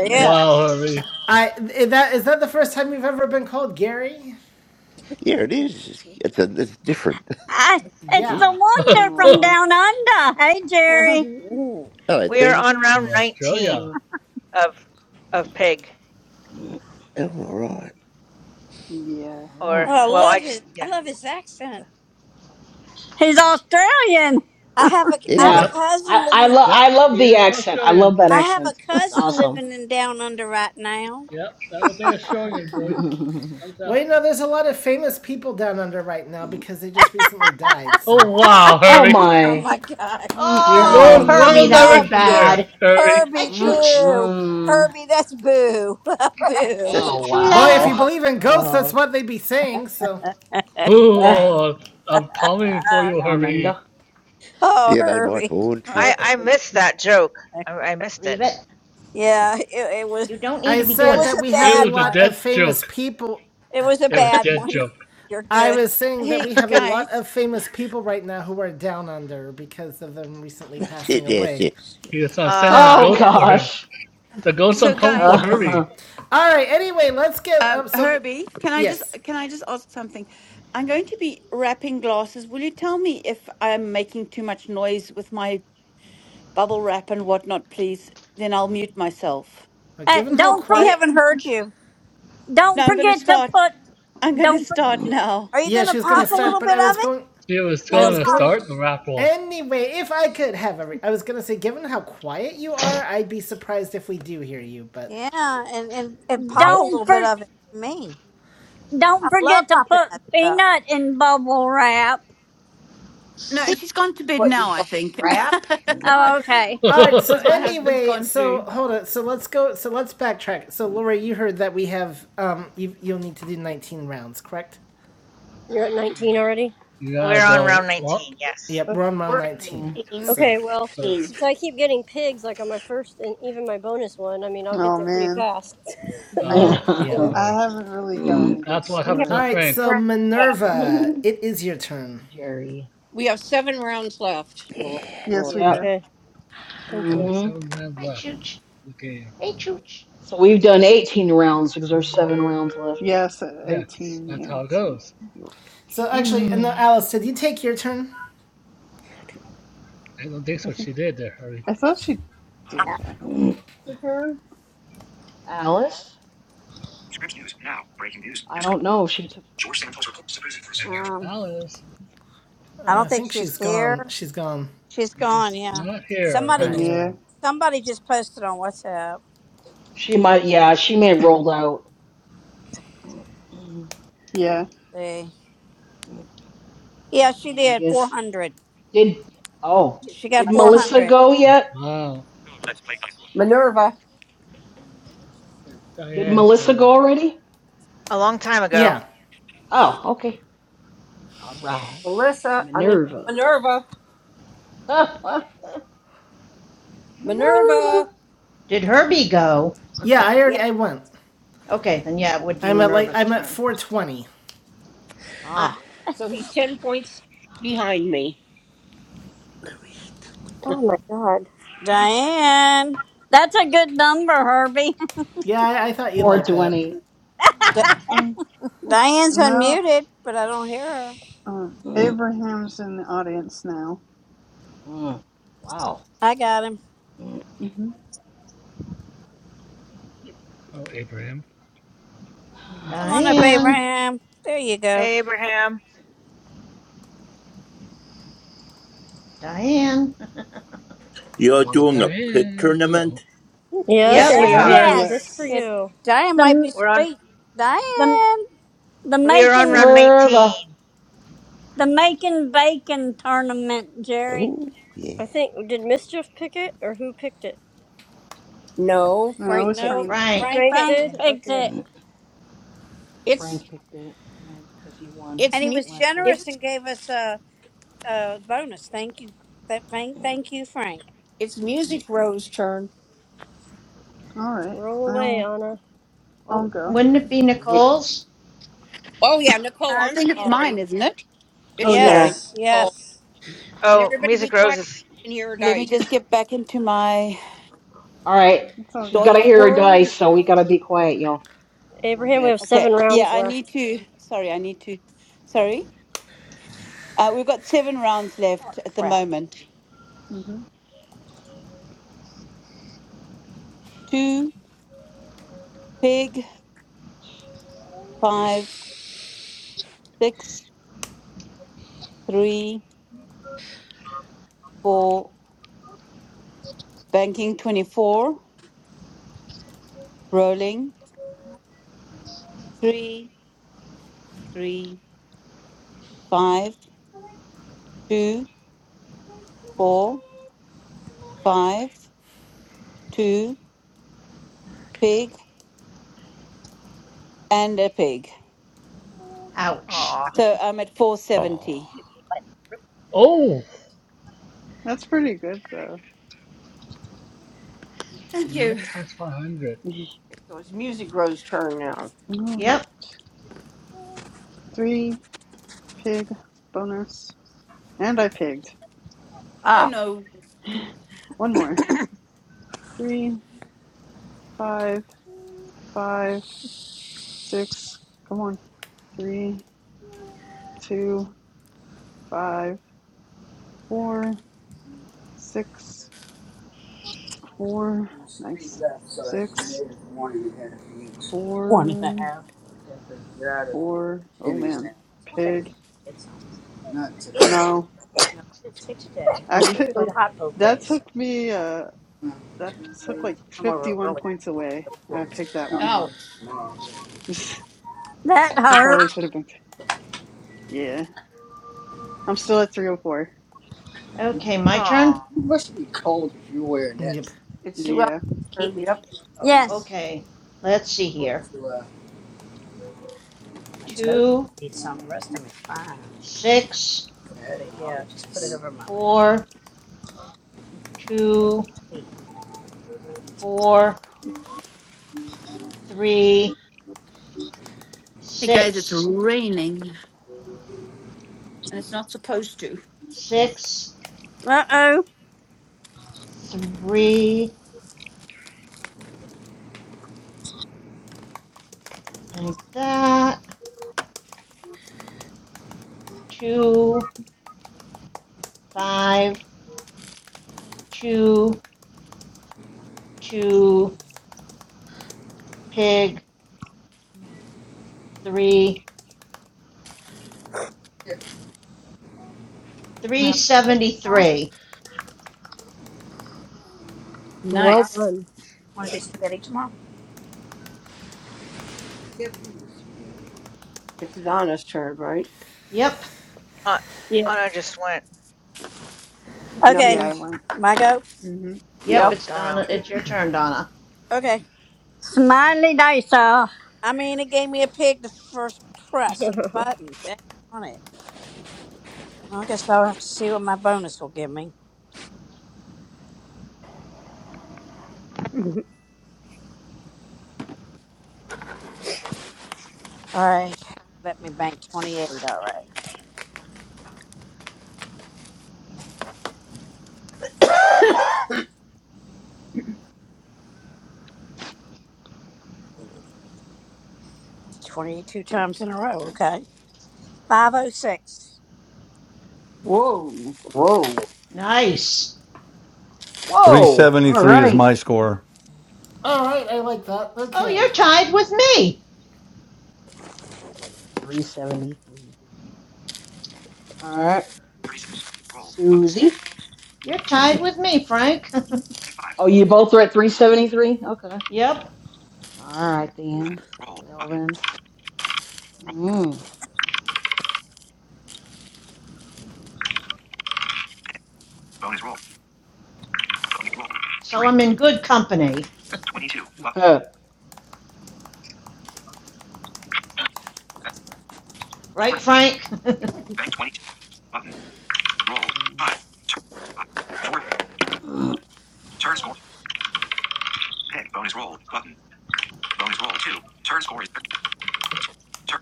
Speaker 4: yeah.
Speaker 9: wow, Herbie.
Speaker 1: I is that is that the first time you've ever been called Gary?
Speaker 19: Yeah, it is. It's it's, a, it's different.
Speaker 2: I it's the
Speaker 1: Yeah.
Speaker 19: Oops.
Speaker 2: wonder from
Speaker 12: Oh,
Speaker 2: down under. Hey Jerry.
Speaker 4: Yeah.
Speaker 19: Hello,
Speaker 15: we are
Speaker 19: Tina.
Speaker 15: on round
Speaker 9: Australia.
Speaker 15: 19 of of pig.
Speaker 19: Oh, all right.
Speaker 12: yeah.
Speaker 4: Oh,
Speaker 15: Or
Speaker 4: I
Speaker 12: Well,
Speaker 15: well,
Speaker 4: love
Speaker 15: I
Speaker 4: his
Speaker 15: just
Speaker 4: I
Speaker 15: yeah.
Speaker 12: um,
Speaker 4: love his
Speaker 15: so,
Speaker 4: accent.
Speaker 2: He's Australian.
Speaker 4: I have a I have a
Speaker 6: yeah,
Speaker 19: Yeah.
Speaker 9: Yep.
Speaker 6: I
Speaker 4: cousin
Speaker 6: I
Speaker 4: living
Speaker 6: love
Speaker 9: Yep.
Speaker 6: I
Speaker 9: He
Speaker 6: love the
Speaker 9: is
Speaker 6: accent. I
Speaker 9: Australian.
Speaker 6: love that
Speaker 4: I have a
Speaker 6: accent. It's
Speaker 4: cousin
Speaker 6: awesome.
Speaker 4: living in down under right now.
Speaker 9: Yep. That was an Australian voice. No
Speaker 1: Well,
Speaker 9: doubt.
Speaker 1: you know, there's a lot of famous people down under right now because they just recently died. So,
Speaker 9: Oh, wow,
Speaker 6: oh
Speaker 9: Harry.
Speaker 4: Oh
Speaker 6: my.
Speaker 4: my god.
Speaker 9: You're
Speaker 5: Oh,
Speaker 4: Herbie.
Speaker 9: going the
Speaker 5: Herbie,
Speaker 9: wrong
Speaker 5: that
Speaker 6: Mm-mm.
Speaker 5: was
Speaker 4: Oh
Speaker 9: direction
Speaker 4: boo
Speaker 9: there,
Speaker 5: bad.
Speaker 9: Harry.
Speaker 5: Hi,
Speaker 4: Herbie
Speaker 5: Chooch.
Speaker 4: boo.
Speaker 6: Mm-mm.
Speaker 4: Herbie that's boo. boo.
Speaker 5: Hey,
Speaker 6: Oh
Speaker 1: well, if you
Speaker 5: Chula.
Speaker 6: wow.
Speaker 1: believe in ghosts, that's
Speaker 6: Oh.
Speaker 1: what they be saying. So,
Speaker 6: Uh,
Speaker 4: Dang.
Speaker 9: Boo. I'm coming for
Speaker 4: Uh,
Speaker 9: you,
Speaker 6: down under.
Speaker 9: Harry.
Speaker 4: oh
Speaker 19: Yeah, they might
Speaker 4: Herbie.
Speaker 19: haunt you.
Speaker 4: Oh,
Speaker 15: I I missed that joke.
Speaker 4: Herbie.
Speaker 15: I, I missed it.
Speaker 5: Leave it.
Speaker 4: Yeah, it, it was
Speaker 5: You don't need
Speaker 1: I
Speaker 5: to be
Speaker 4: it
Speaker 5: doing
Speaker 1: said
Speaker 4: was
Speaker 5: that.
Speaker 1: that
Speaker 4: a
Speaker 1: we have
Speaker 9: It
Speaker 1: a
Speaker 4: bad
Speaker 9: was a
Speaker 1: lot
Speaker 4: one.
Speaker 9: dead
Speaker 1: of famous
Speaker 9: joke.
Speaker 1: people.
Speaker 4: It was a
Speaker 9: It was
Speaker 4: bad
Speaker 9: dead
Speaker 4: one.
Speaker 9: joke.
Speaker 4: You're
Speaker 1: I
Speaker 4: good.
Speaker 1: was saying that we
Speaker 14: Hey
Speaker 1: have a lot
Speaker 14: guys.
Speaker 1: of famous people right now who are down under because of them recently
Speaker 19: That's it.
Speaker 1: passing
Speaker 19: Yes,
Speaker 1: away.
Speaker 19: yes.
Speaker 9: He was going to send the
Speaker 14: So
Speaker 15: Ah,
Speaker 6: Oh
Speaker 9: ghost
Speaker 15: yes.
Speaker 9: for him.
Speaker 6: gosh.
Speaker 9: The ghost
Speaker 14: so
Speaker 9: going come for
Speaker 14: guys,
Speaker 9: Harry.
Speaker 6: Uh,
Speaker 1: All right. Anyway, let's get
Speaker 14: um,
Speaker 1: up. So,
Speaker 14: Herbie, can I just
Speaker 1: yes.
Speaker 14: can I just ask something? I'm going to be wrapping glasses. Will you tell me if I'm making too much noise with my bubble wrap and whatnot, please. Then I'll mute myself.
Speaker 1: But
Speaker 2: Hey,
Speaker 1: given how
Speaker 2: don't
Speaker 4: We
Speaker 2: forget
Speaker 1: quiet
Speaker 4: haven't heard you.
Speaker 2: don't
Speaker 14: No, I'm going to
Speaker 2: forget to
Speaker 14: start.
Speaker 2: put
Speaker 14: I'm going to
Speaker 2: Don't for,
Speaker 14: start now.
Speaker 4: Are you
Speaker 1: Yeah,
Speaker 4: gonna
Speaker 1: she was gonna
Speaker 4: pop a
Speaker 1: start,
Speaker 4: little
Speaker 1: but
Speaker 4: bit
Speaker 1: I
Speaker 4: of
Speaker 1: was
Speaker 4: it?
Speaker 1: going,
Speaker 9: She was
Speaker 4: You
Speaker 1: I
Speaker 4: go
Speaker 1: was
Speaker 9: going to
Speaker 4: pop
Speaker 1: going.
Speaker 9: start the rap roll.
Speaker 1: Anyway, if I could have every, I was gonna say, given how quiet you are, I'd be surprised if we do hear you. But
Speaker 4: Yeah, and, and, and pop a
Speaker 9: Nope.
Speaker 4: little
Speaker 2: don't
Speaker 4: bit
Speaker 2: for,
Speaker 4: of it for me. I
Speaker 2: don't forget
Speaker 4: love
Speaker 2: to
Speaker 4: popping
Speaker 2: put
Speaker 4: that stuff.
Speaker 2: peanut in bubble wrap.
Speaker 14: No,
Speaker 11: See
Speaker 14: she's gone to bed
Speaker 11: what you
Speaker 14: now, I
Speaker 11: got,
Speaker 14: think,
Speaker 11: Brad.
Speaker 2: Oh, okay.
Speaker 1: all right. So
Speaker 14: because
Speaker 9: you
Speaker 14: my husband's
Speaker 1: anyway,
Speaker 14: gone
Speaker 1: so
Speaker 14: through.
Speaker 1: hold on. So let's go. So let's backtrack. So Lori, you heard that we have um, you you'll need to do nineteen rounds, correct?
Speaker 18: You're at 19 already.
Speaker 9: gotta
Speaker 15: We're on round
Speaker 9: go. What?
Speaker 15: 19. Yes.
Speaker 1: Yep,
Speaker 18: Okay.
Speaker 1: we're on round
Speaker 11: We're at
Speaker 1: nineteen.
Speaker 6: yeah.
Speaker 1: So,
Speaker 18: Okay. Well,
Speaker 11: 18.
Speaker 9: That's-
Speaker 18: since I keep getting pigs, like on my first and even my bonus one, I mean, I'll get
Speaker 12: oh,
Speaker 18: there pretty
Speaker 12: man.
Speaker 18: fast.
Speaker 12: I,
Speaker 9: Oh,
Speaker 18: So.
Speaker 1: yep.
Speaker 9: bummer.
Speaker 12: I haven't really gotten a good
Speaker 9: That's what
Speaker 11: We
Speaker 9: happened
Speaker 11: have
Speaker 1: All
Speaker 9: to
Speaker 12: score.
Speaker 1: right.
Speaker 9: Frank.
Speaker 11: four
Speaker 1: So
Speaker 11: rounds left.
Speaker 12: So.
Speaker 1: Minerva, it is your turn.
Speaker 6: Jerry.
Speaker 11: We have seven rounds left, Lord.
Speaker 12: Yes,
Speaker 11: Lord.
Speaker 12: we
Speaker 9: Yep.
Speaker 6: Yep.
Speaker 12: do.
Speaker 18: Okay. Thank
Speaker 9: Only
Speaker 18: you.
Speaker 6: hmm
Speaker 9: seven rounds
Speaker 5: Hi,
Speaker 9: left
Speaker 5: Chooch.
Speaker 9: in the game.
Speaker 5: Hey, Chooch.
Speaker 6: So we've done 18 rounds because there's seven rounds left.
Speaker 12: Yes,
Speaker 6: Mm.
Speaker 9: Yes,
Speaker 12: 18.
Speaker 9: that's
Speaker 12: Yeah,
Speaker 9: how it
Speaker 12: it's 18.
Speaker 9: goes.
Speaker 1: So actually, no,
Speaker 6: Mm.
Speaker 1: Alice, did you take your turn?
Speaker 9: I don't think
Speaker 12: I
Speaker 9: so.
Speaker 12: think,
Speaker 9: She did there, Hurry.
Speaker 12: I thought she did.
Speaker 11: After
Speaker 12: I don't.
Speaker 11: her.
Speaker 6: Alice?
Speaker 11: Scripps News now. Breaking news.
Speaker 6: I
Speaker 11: Discre-
Speaker 6: don't know. She took.
Speaker 11: George Santos reports to prison for seven years.
Speaker 9: Well,
Speaker 4: Um,
Speaker 9: Alice
Speaker 4: I
Speaker 1: Uh, I
Speaker 4: don't think
Speaker 1: think
Speaker 4: she's
Speaker 1: she's gone.
Speaker 4: here.
Speaker 1: She's gone.
Speaker 4: She's gone.
Speaker 9: is
Speaker 4: Yeah,
Speaker 9: not here
Speaker 1: All
Speaker 4: somebody
Speaker 9: at
Speaker 1: right.
Speaker 4: just
Speaker 12: Yeah.
Speaker 9: all.
Speaker 4: somebody just posted on WhatsApp.
Speaker 6: She might. Yeah, she may have rolled out. Mm.
Speaker 12: Yeah.
Speaker 4: See, yeah,
Speaker 6: So
Speaker 4: she
Speaker 6: then I
Speaker 4: did four
Speaker 6: guess
Speaker 4: hundred.
Speaker 6: did. Oh,
Speaker 4: She
Speaker 6: did
Speaker 4: got four
Speaker 6: Melissa
Speaker 4: hundred.
Speaker 6: go yet?
Speaker 9: Wow.
Speaker 11: Minerva.
Speaker 9: It's
Speaker 6: Did
Speaker 9: Diane
Speaker 6: Melissa go
Speaker 9: turn.
Speaker 6: already?
Speaker 15: A long time ago.
Speaker 1: Yeah,
Speaker 6: Oh, okay. All right.
Speaker 11: Melissa, I mean
Speaker 6: Minerva.
Speaker 11: Minerva,
Speaker 6: Minerva.
Speaker 11: Minerva.
Speaker 5: Did Herbie go?
Speaker 1: yeah. I already
Speaker 11: Yeah.
Speaker 1: I went.
Speaker 5: okay, then yeah, it would be
Speaker 1: I'm at like
Speaker 5: Minerva's
Speaker 1: I'm at
Speaker 5: turn.
Speaker 1: 420.
Speaker 11: I,
Speaker 6: Ah,
Speaker 11: so he's ten points behind me.
Speaker 18: Oh my God.
Speaker 4: Diane,
Speaker 2: That's a good number, Herbie.
Speaker 1: Yeah, I, I thought you'd like that.
Speaker 6: 420.
Speaker 4: D-
Speaker 12: Um,
Speaker 4: Diane's
Speaker 12: now,
Speaker 4: unmuted, but I don't hear her.
Speaker 12: um,
Speaker 6: Mm,
Speaker 12: Abraham's in the audience now.
Speaker 6: mm. Wow.
Speaker 4: I got him.
Speaker 6: Mm.
Speaker 12: hmm
Speaker 9: Oh, Abraham.
Speaker 4: Come on up,
Speaker 5: Diane.
Speaker 4: Abraham. There you go.
Speaker 15: Abraham.
Speaker 5: Diane.
Speaker 20: You're
Speaker 9: Oh,
Speaker 20: doing a pit
Speaker 9: Diane.
Speaker 20: tournament?
Speaker 9: Hello.
Speaker 18: Yes,
Speaker 5: yep.
Speaker 15: Yes, we
Speaker 9: Yep.
Speaker 4: Yeah,
Speaker 15: are.
Speaker 6: Yeah.
Speaker 18: Abraham. Just
Speaker 2: yes.
Speaker 18: for
Speaker 12: Yes.
Speaker 4: it,
Speaker 18: you.
Speaker 4: Diane might be
Speaker 2: The
Speaker 15: We're on
Speaker 4: asleep.
Speaker 2: the
Speaker 4: Diane.
Speaker 2: the
Speaker 15: we are on
Speaker 2: making
Speaker 15: round 19.
Speaker 6: Minerva.
Speaker 2: the making bacon tournament, Jerry.
Speaker 19: Oh, yeah.
Speaker 18: I think did mischief pick it or who picked it?
Speaker 11: No,
Speaker 12: No, it
Speaker 11: Frank
Speaker 12: was
Speaker 11: picked
Speaker 4: No,
Speaker 11: it.
Speaker 12: Frank.
Speaker 5: Frank.
Speaker 4: Frank
Speaker 18: Frank
Speaker 4: picked
Speaker 18: did.
Speaker 2: Frank
Speaker 4: it.
Speaker 2: picked
Speaker 18: Okay.
Speaker 2: it.
Speaker 6: Mm.
Speaker 11: It's
Speaker 6: Frank picked it because he won
Speaker 11: it's
Speaker 4: And he
Speaker 11: mu-
Speaker 4: was
Speaker 6: last week.
Speaker 4: generous
Speaker 11: it's
Speaker 4: and gave us a, a bonus. Thank you. That thank thank you, Frank.
Speaker 11: it's Music Row's turn.
Speaker 12: All right.
Speaker 18: Roll away,
Speaker 12: I'll
Speaker 18: Anna.
Speaker 12: I'll
Speaker 5: Oh,
Speaker 12: go.
Speaker 5: wouldn't it be
Speaker 6: We,
Speaker 5: Nicole's?
Speaker 11: Oh yeah, Nicole.
Speaker 14: I
Speaker 11: I'm
Speaker 14: think it's mine,
Speaker 11: sorry.
Speaker 14: isn't it?
Speaker 12: Oh
Speaker 11: It's your
Speaker 12: yeah,
Speaker 6: yeah.
Speaker 14: Sorry.
Speaker 4: Yes,
Speaker 11: Nicole.
Speaker 4: yes.
Speaker 11: And
Speaker 15: Oh,
Speaker 11: everybody be
Speaker 15: Music
Speaker 11: quiet
Speaker 15: roses is
Speaker 11: and hear her
Speaker 14: Let me
Speaker 11: dice.
Speaker 14: just get back into my
Speaker 6: All right.
Speaker 12: it's all
Speaker 6: She's
Speaker 12: good.
Speaker 6: got to
Speaker 14: Deutsch
Speaker 6: hear her
Speaker 14: world.
Speaker 6: dice, so we got to be quiet, y'all. A little
Speaker 18: Abraham, we have
Speaker 6: bit.
Speaker 14: Okay.
Speaker 18: seven
Speaker 14: Yeah,
Speaker 18: rounds
Speaker 14: I need
Speaker 18: left.
Speaker 14: to. Sorry, I need to. Sorry. Uh, we've got seven rounds left at the
Speaker 4: Crap.
Speaker 14: moment.
Speaker 12: hmm
Speaker 14: Two, pig, five, six, three, four, banking 24, rolling three, three, five, two, four, five, two, pig, and a pig.
Speaker 5: Ouch.
Speaker 15: aw.
Speaker 14: So I'm at
Speaker 19: Oh.
Speaker 14: 470.
Speaker 9: Oh,
Speaker 12: That's pretty good though.
Speaker 9: she
Speaker 14: Thank you.
Speaker 9: might pass 500.
Speaker 11: So it's Music Row's turn now.
Speaker 12: All right.
Speaker 5: Yep.
Speaker 12: Three pig bonus, and I pigged.
Speaker 14: Oh
Speaker 11: Ah,
Speaker 14: no.
Speaker 12: One more. Three, five, five, six. Come on. Three, two, five, four, six, four. Nice. Six,
Speaker 4: One and a
Speaker 12: four,
Speaker 4: half.
Speaker 12: four. Oh man. Pig. No,
Speaker 4: No, I did six a But we But
Speaker 12: actually,
Speaker 4: three hot both
Speaker 12: that
Speaker 4: days. So
Speaker 12: took me. Uh, that took like fifty-one points away. I picked that one.
Speaker 14: Ow.
Speaker 2: That
Speaker 12: I
Speaker 2: hurt.
Speaker 12: probably should have picked. Yeah, I'm still at three hundred four.
Speaker 5: Okay, my
Speaker 15: Aw.
Speaker 5: turn?
Speaker 1: Yep.
Speaker 11: it's Sue Ellen's
Speaker 12: Yeah,
Speaker 4: to keep me
Speaker 11: turn.
Speaker 4: from
Speaker 11: Yep.
Speaker 4: getting
Speaker 2: Yes.
Speaker 5: Okay. Let's see here.
Speaker 4: my toes to
Speaker 5: Two,
Speaker 4: feed some, the rest of me's fine.
Speaker 5: six,
Speaker 4: Yeah, just put it over my leg.
Speaker 5: four, two,
Speaker 4: Feet.
Speaker 5: four, three,
Speaker 14: Hey guys, it's
Speaker 5: six,
Speaker 14: raining and it's not supposed to.
Speaker 5: six,
Speaker 2: Uh oh.
Speaker 5: three, like that. Two, five, two, two, pig, three,
Speaker 4: No. tomorrow.
Speaker 5: 373.
Speaker 18: Well
Speaker 14: Nice.
Speaker 18: done.
Speaker 4: Want to do spaghetti tomorrow?
Speaker 11: It's Donna's turn, right?
Speaker 5: Yep.
Speaker 15: Uh,
Speaker 14: Yeah.
Speaker 15: Anna just went.
Speaker 11: No.
Speaker 4: Okay.
Speaker 12: yeah, I
Speaker 18: Yeah.
Speaker 12: went.
Speaker 4: My go.
Speaker 12: Mm-hmm.
Speaker 5: Yep,
Speaker 11: Yep.
Speaker 15: Oh,
Speaker 5: it's
Speaker 15: Donna.
Speaker 5: Donna. It's your turn, Donna.
Speaker 4: Okay.
Speaker 2: Smiley dice off.
Speaker 4: I mean, it gave me a pig the first press of the button. Dang on it. I guess I'll have to see what my bonus will give me.
Speaker 18: Haha.
Speaker 4: All right. Let me bank 28. All right. right, twenty-eight two times in a row. Okay. 506.
Speaker 14: Whoa.
Speaker 11: Whoa.
Speaker 5: Nice.
Speaker 6: Whoa. All
Speaker 3: 373 is
Speaker 6: right.
Speaker 3: my score.
Speaker 1: All right, I like that.
Speaker 5: Oh,
Speaker 1: Okay.
Speaker 5: you're tied with me.
Speaker 6: 373. All right.
Speaker 11: 37. Roll. Button.
Speaker 5: You're
Speaker 6: Susie.
Speaker 5: You're tied with me, Frank.
Speaker 11: 25.
Speaker 6: Oh, you both are at 373? Okay.
Speaker 5: yep.
Speaker 6: All right,
Speaker 11: Button.
Speaker 6: then.
Speaker 11: Roll.
Speaker 6: Well,
Speaker 11: Button.
Speaker 6: then.
Speaker 11: Roll.
Speaker 6: Mm.
Speaker 11: Pick. Bonus roll. Bonus roll.
Speaker 5: So
Speaker 11: 3.
Speaker 5: I'm in good company.
Speaker 11: Bank 22. Button. Bank 4.
Speaker 5: Right, Frank?
Speaker 11: Bank 22. Button. Roll. 5. Turn. 5. 4. Turn score. Pick. Bonus roll. Button. Bonus roll. 2. Turn score is 30. Turn.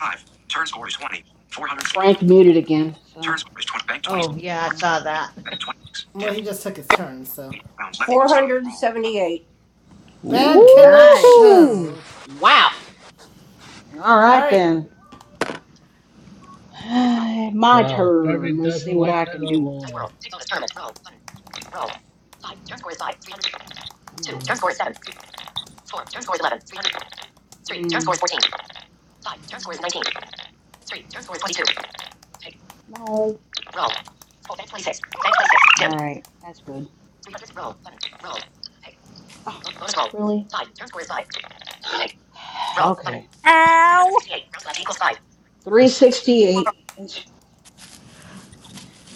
Speaker 11: 5. Turn score is 20. 400.
Speaker 6: Frank muted again,
Speaker 11: Turn
Speaker 6: so.
Speaker 11: score is 20. Bank twenty-six.
Speaker 5: oh, yeah, I saw that.
Speaker 11: Bank 26.
Speaker 1: Well,
Speaker 11: Dimmed.
Speaker 1: he just took his turn, so
Speaker 11: 8 rounds left. 478.
Speaker 1: bad
Speaker 19: Ooh.
Speaker 14: Nice.
Speaker 6: Ooh!
Speaker 1: connection.
Speaker 6: All
Speaker 1: All
Speaker 6: right
Speaker 1: right.
Speaker 6: then. My
Speaker 9: Wow. Kirby
Speaker 6: turn. Let's see
Speaker 9: doesn't
Speaker 6: what
Speaker 9: like
Speaker 6: I
Speaker 9: that at
Speaker 6: can do.
Speaker 9: all.
Speaker 6: Come Two. on. Turn score is seven. Three. Turn Mm, score is fourteen. No. Full bank play six. Bank play six. Dim. All right, that's good. Oh, bonus roll. really? Roll. Okay.
Speaker 2: Ow.
Speaker 6: 368.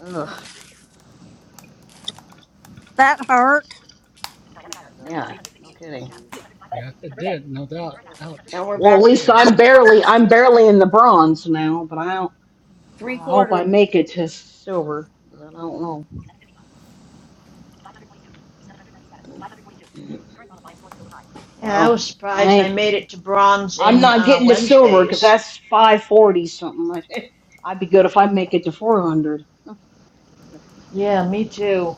Speaker 6: Ugh.
Speaker 2: That hurt.
Speaker 6: Yeah. No kidding.
Speaker 9: Yes, it did. No doubt.
Speaker 11: Now
Speaker 9: Ouch
Speaker 11: we're
Speaker 9: for the
Speaker 6: Well,
Speaker 11: back.
Speaker 6: at
Speaker 11: to
Speaker 6: least
Speaker 9: pig.
Speaker 6: I'm
Speaker 11: quarter-
Speaker 6: barely I'm barely in the bronze now, but I don't.
Speaker 11: Three
Speaker 6: I hope
Speaker 11: quarters.
Speaker 6: I make it to silver, but I don't know.
Speaker 5: yeah, I
Speaker 6: Well,
Speaker 5: was surprised I
Speaker 6: I
Speaker 5: made it to bronze
Speaker 6: I'm
Speaker 5: in
Speaker 6: not
Speaker 5: uh,
Speaker 6: getting to silver because
Speaker 5: Wednesdays.
Speaker 6: that's 540 something. I'd be good if I make it to 400.
Speaker 5: Yeah, me too.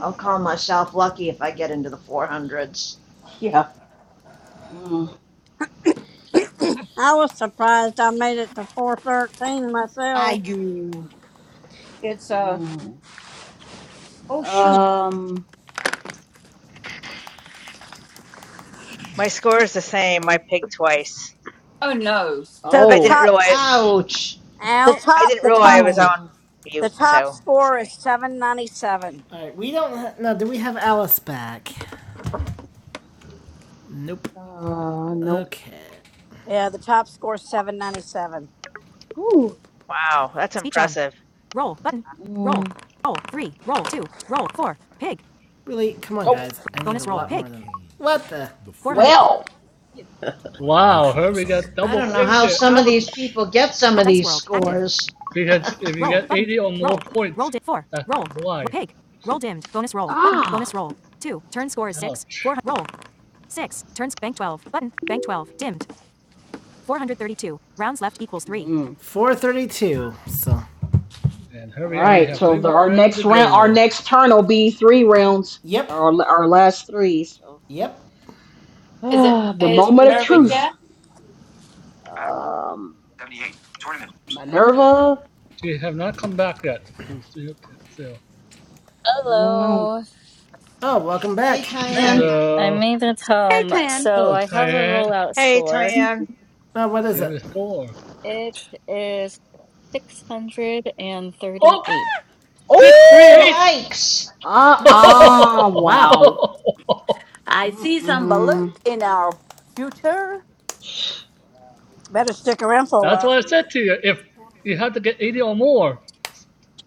Speaker 5: I'll call myself lucky if I get into the 400s.
Speaker 6: Yeah. Mm,
Speaker 2: I was surprised I made it to 413
Speaker 14: I
Speaker 2: myself.
Speaker 14: do.
Speaker 11: It's uh
Speaker 6: mm.
Speaker 11: oh shoot.
Speaker 6: Um.
Speaker 15: My score is the
Speaker 6: Hold
Speaker 15: same. I
Speaker 6: on.
Speaker 15: pigged twice.
Speaker 14: Oh no.
Speaker 4: So
Speaker 1: All
Speaker 4: the
Speaker 15: I
Speaker 1: right.
Speaker 15: didn't
Speaker 6: Oh.
Speaker 4: top,
Speaker 15: realize
Speaker 6: Okay.
Speaker 5: Ouch!
Speaker 4: the
Speaker 2: Ouch.
Speaker 15: I
Speaker 4: top,
Speaker 15: didn't
Speaker 4: the
Speaker 15: realize I
Speaker 4: top,
Speaker 15: was
Speaker 6: Oh.
Speaker 15: on
Speaker 4: the
Speaker 15: mute,
Speaker 4: top
Speaker 15: so
Speaker 4: score is
Speaker 15: sorry.
Speaker 4: 797.
Speaker 1: All right. We don't ha- no. Do we have Alice back? Nope.
Speaker 6: Uh. Nope.
Speaker 1: Okay.
Speaker 4: Yeah, the top score is 797.
Speaker 6: Ooh.
Speaker 15: Wow, that's impressive.
Speaker 6: Mm.
Speaker 1: Really? Come on,
Speaker 6: Oh.
Speaker 1: guys. I need a lot more than- What the?
Speaker 6: Well.
Speaker 9: Wow. Herbie got
Speaker 5: I
Speaker 9: double
Speaker 5: don't know
Speaker 9: pig
Speaker 5: how
Speaker 9: there.
Speaker 5: some of these
Speaker 9: Ouch.
Speaker 5: people get some of these scores.
Speaker 9: Because if you get 80 or more points, that's why.
Speaker 6: Ah.
Speaker 9: Ouch.
Speaker 6: Mm.
Speaker 1: 432. So.
Speaker 9: And
Speaker 6: All
Speaker 9: Herbie only
Speaker 6: right.
Speaker 9: have
Speaker 6: So
Speaker 9: three
Speaker 6: the,
Speaker 9: more
Speaker 6: our
Speaker 9: rounds to
Speaker 6: next round, our
Speaker 9: go.
Speaker 6: next turn will be three rounds.
Speaker 1: Yep.
Speaker 6: Our our last three. So.
Speaker 1: Yep.
Speaker 14: Is it
Speaker 6: the
Speaker 14: is
Speaker 6: moment of
Speaker 14: Minerva
Speaker 6: truth.
Speaker 14: here?
Speaker 11: Back.
Speaker 6: Um,
Speaker 11: 78. Tournament.
Speaker 6: Minerva.
Speaker 9: She have not come back yet. She's still, still.
Speaker 6: Mm.
Speaker 13: Hello.
Speaker 1: Oh, welcome
Speaker 5: hey,
Speaker 1: back.
Speaker 5: Tyann.
Speaker 13: I'm I
Speaker 9: Hello.
Speaker 13: made it
Speaker 14: Hey
Speaker 13: home.
Speaker 14: Tan.
Speaker 13: So
Speaker 9: Hello,
Speaker 13: I have a
Speaker 9: Tyann.
Speaker 13: rollout
Speaker 15: Hey,
Speaker 13: score.
Speaker 15: Tyann,
Speaker 1: Oh, what
Speaker 9: She
Speaker 1: is
Speaker 9: have a
Speaker 1: it?
Speaker 9: score.
Speaker 13: It is
Speaker 9: Oh,
Speaker 13: 638.
Speaker 9: six, three, eight.
Speaker 6: Oh,
Speaker 5: Yikes!
Speaker 6: uh,
Speaker 1: No, sh-
Speaker 6: uh
Speaker 1: wow.
Speaker 6: wow.
Speaker 14: I see some
Speaker 6: Mm-mm.
Speaker 14: balut in our future.
Speaker 4: Better stick around for a
Speaker 9: That's
Speaker 4: while if
Speaker 9: what I
Speaker 4: you want
Speaker 9: said
Speaker 4: to.
Speaker 9: to you. If you have to get 80 or more,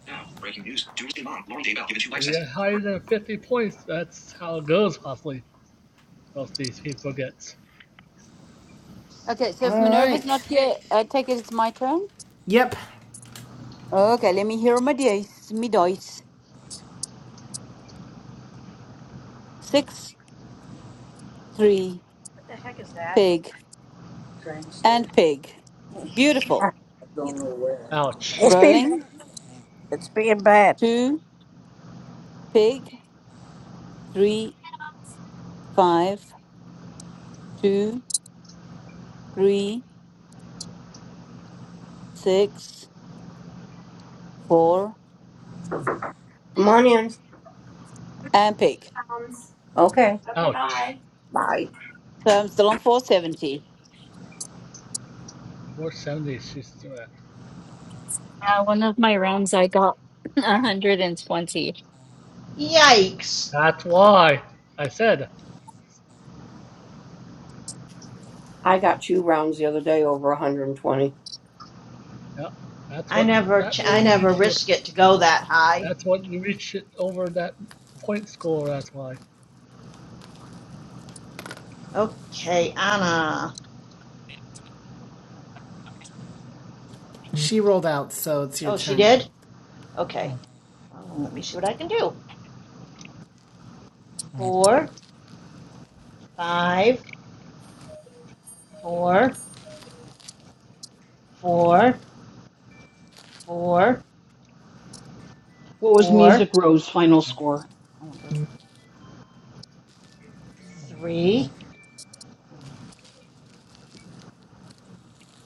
Speaker 11: Now, breaking news. Doomsday Mom, Lauren Daybell given two
Speaker 9: if
Speaker 11: life
Speaker 9: you
Speaker 11: sentences.
Speaker 9: get higher than 50 points, that's how it goes, possibly. Most of these people gets.
Speaker 14: Okay, so if
Speaker 1: All
Speaker 14: Minerva's
Speaker 1: right.
Speaker 14: not here, I take it it's my turn.
Speaker 1: Yep,
Speaker 14: Okay, let me hear my dice. Me dice. Six, three,
Speaker 4: What the heck is that?
Speaker 14: pig, and pig.
Speaker 11: Ah,
Speaker 14: Beautiful.
Speaker 4: It's
Speaker 9: Ouch.
Speaker 4: being bad.
Speaker 14: Rolling.
Speaker 4: It's being bad.
Speaker 14: Two, pig, three, five, two, three, six, four,
Speaker 11: Come on in.
Speaker 14: and pig.
Speaker 11: Okay.
Speaker 9: Ouch.
Speaker 11: Bye.
Speaker 14: So I'm still on 470.
Speaker 9: 470. she's still at.
Speaker 13: Uh, one of my rounds I got 120.
Speaker 5: Yikes!
Speaker 9: That's why I said,
Speaker 11: I got two rounds the other day over 120.
Speaker 9: yeah, that's
Speaker 5: I
Speaker 9: what
Speaker 5: never,
Speaker 9: that
Speaker 5: ch- I
Speaker 9: will
Speaker 5: never
Speaker 9: reach you.
Speaker 5: risk it to go that high.
Speaker 9: That's what you reach it over that point score. That's why.
Speaker 5: Okay, Anna.
Speaker 1: she rolled out, so it's your
Speaker 5: Oh, she
Speaker 1: turn.
Speaker 5: did? Okay. Oh, let me see what I can do. Four, five, four, four, four,
Speaker 6: What was Music
Speaker 5: four,
Speaker 6: Row's final score? I wonder.
Speaker 5: three,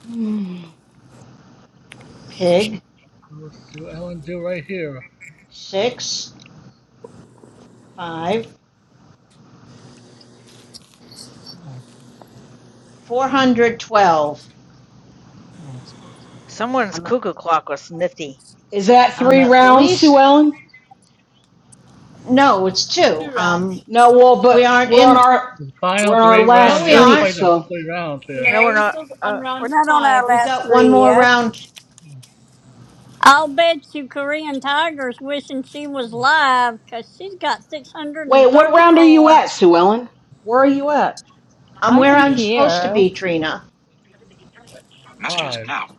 Speaker 6: Mm.
Speaker 5: pig,
Speaker 9: Oh, Sue Ellen do right here.
Speaker 5: six, five, four hundred twelve.
Speaker 15: someone's
Speaker 5: I'm, a-
Speaker 15: cuckoo clock was nifty.
Speaker 6: Is that
Speaker 5: I'm
Speaker 6: three
Speaker 5: at
Speaker 6: rounds, Sue
Speaker 5: least,
Speaker 6: Ellen?
Speaker 5: no, it's two.
Speaker 14: Two
Speaker 5: Um,
Speaker 14: rounds.
Speaker 6: No, well,
Speaker 5: we
Speaker 6: but
Speaker 5: aren't
Speaker 6: we're on
Speaker 5: in,
Speaker 6: our
Speaker 9: The final
Speaker 6: we're on our
Speaker 9: three
Speaker 5: no,
Speaker 9: rounds.
Speaker 6: last
Speaker 9: You
Speaker 5: we
Speaker 9: got to
Speaker 6: three.
Speaker 5: aren't.
Speaker 9: play the
Speaker 6: So
Speaker 9: three rounds there.
Speaker 15: No,
Speaker 14: No,
Speaker 15: we're
Speaker 14: we're
Speaker 15: not.
Speaker 14: still on
Speaker 15: Uh,
Speaker 4: We're
Speaker 14: round
Speaker 4: not on our
Speaker 14: five.
Speaker 5: We've
Speaker 4: last
Speaker 5: got one
Speaker 4: three
Speaker 5: more
Speaker 4: yet.
Speaker 5: round.
Speaker 2: I'll bet you Korean Tiger's wishing she was live, 'cause she's got
Speaker 6: wait, what round are you
Speaker 2: 634.
Speaker 6: at, Sue Ellen? Where are you at?
Speaker 5: I'm where
Speaker 13: I'm
Speaker 9: She
Speaker 5: I'm
Speaker 9: have
Speaker 5: supposed to
Speaker 13: here.
Speaker 5: be, Trina.
Speaker 11: Messages.
Speaker 9: five,
Speaker 11: Now.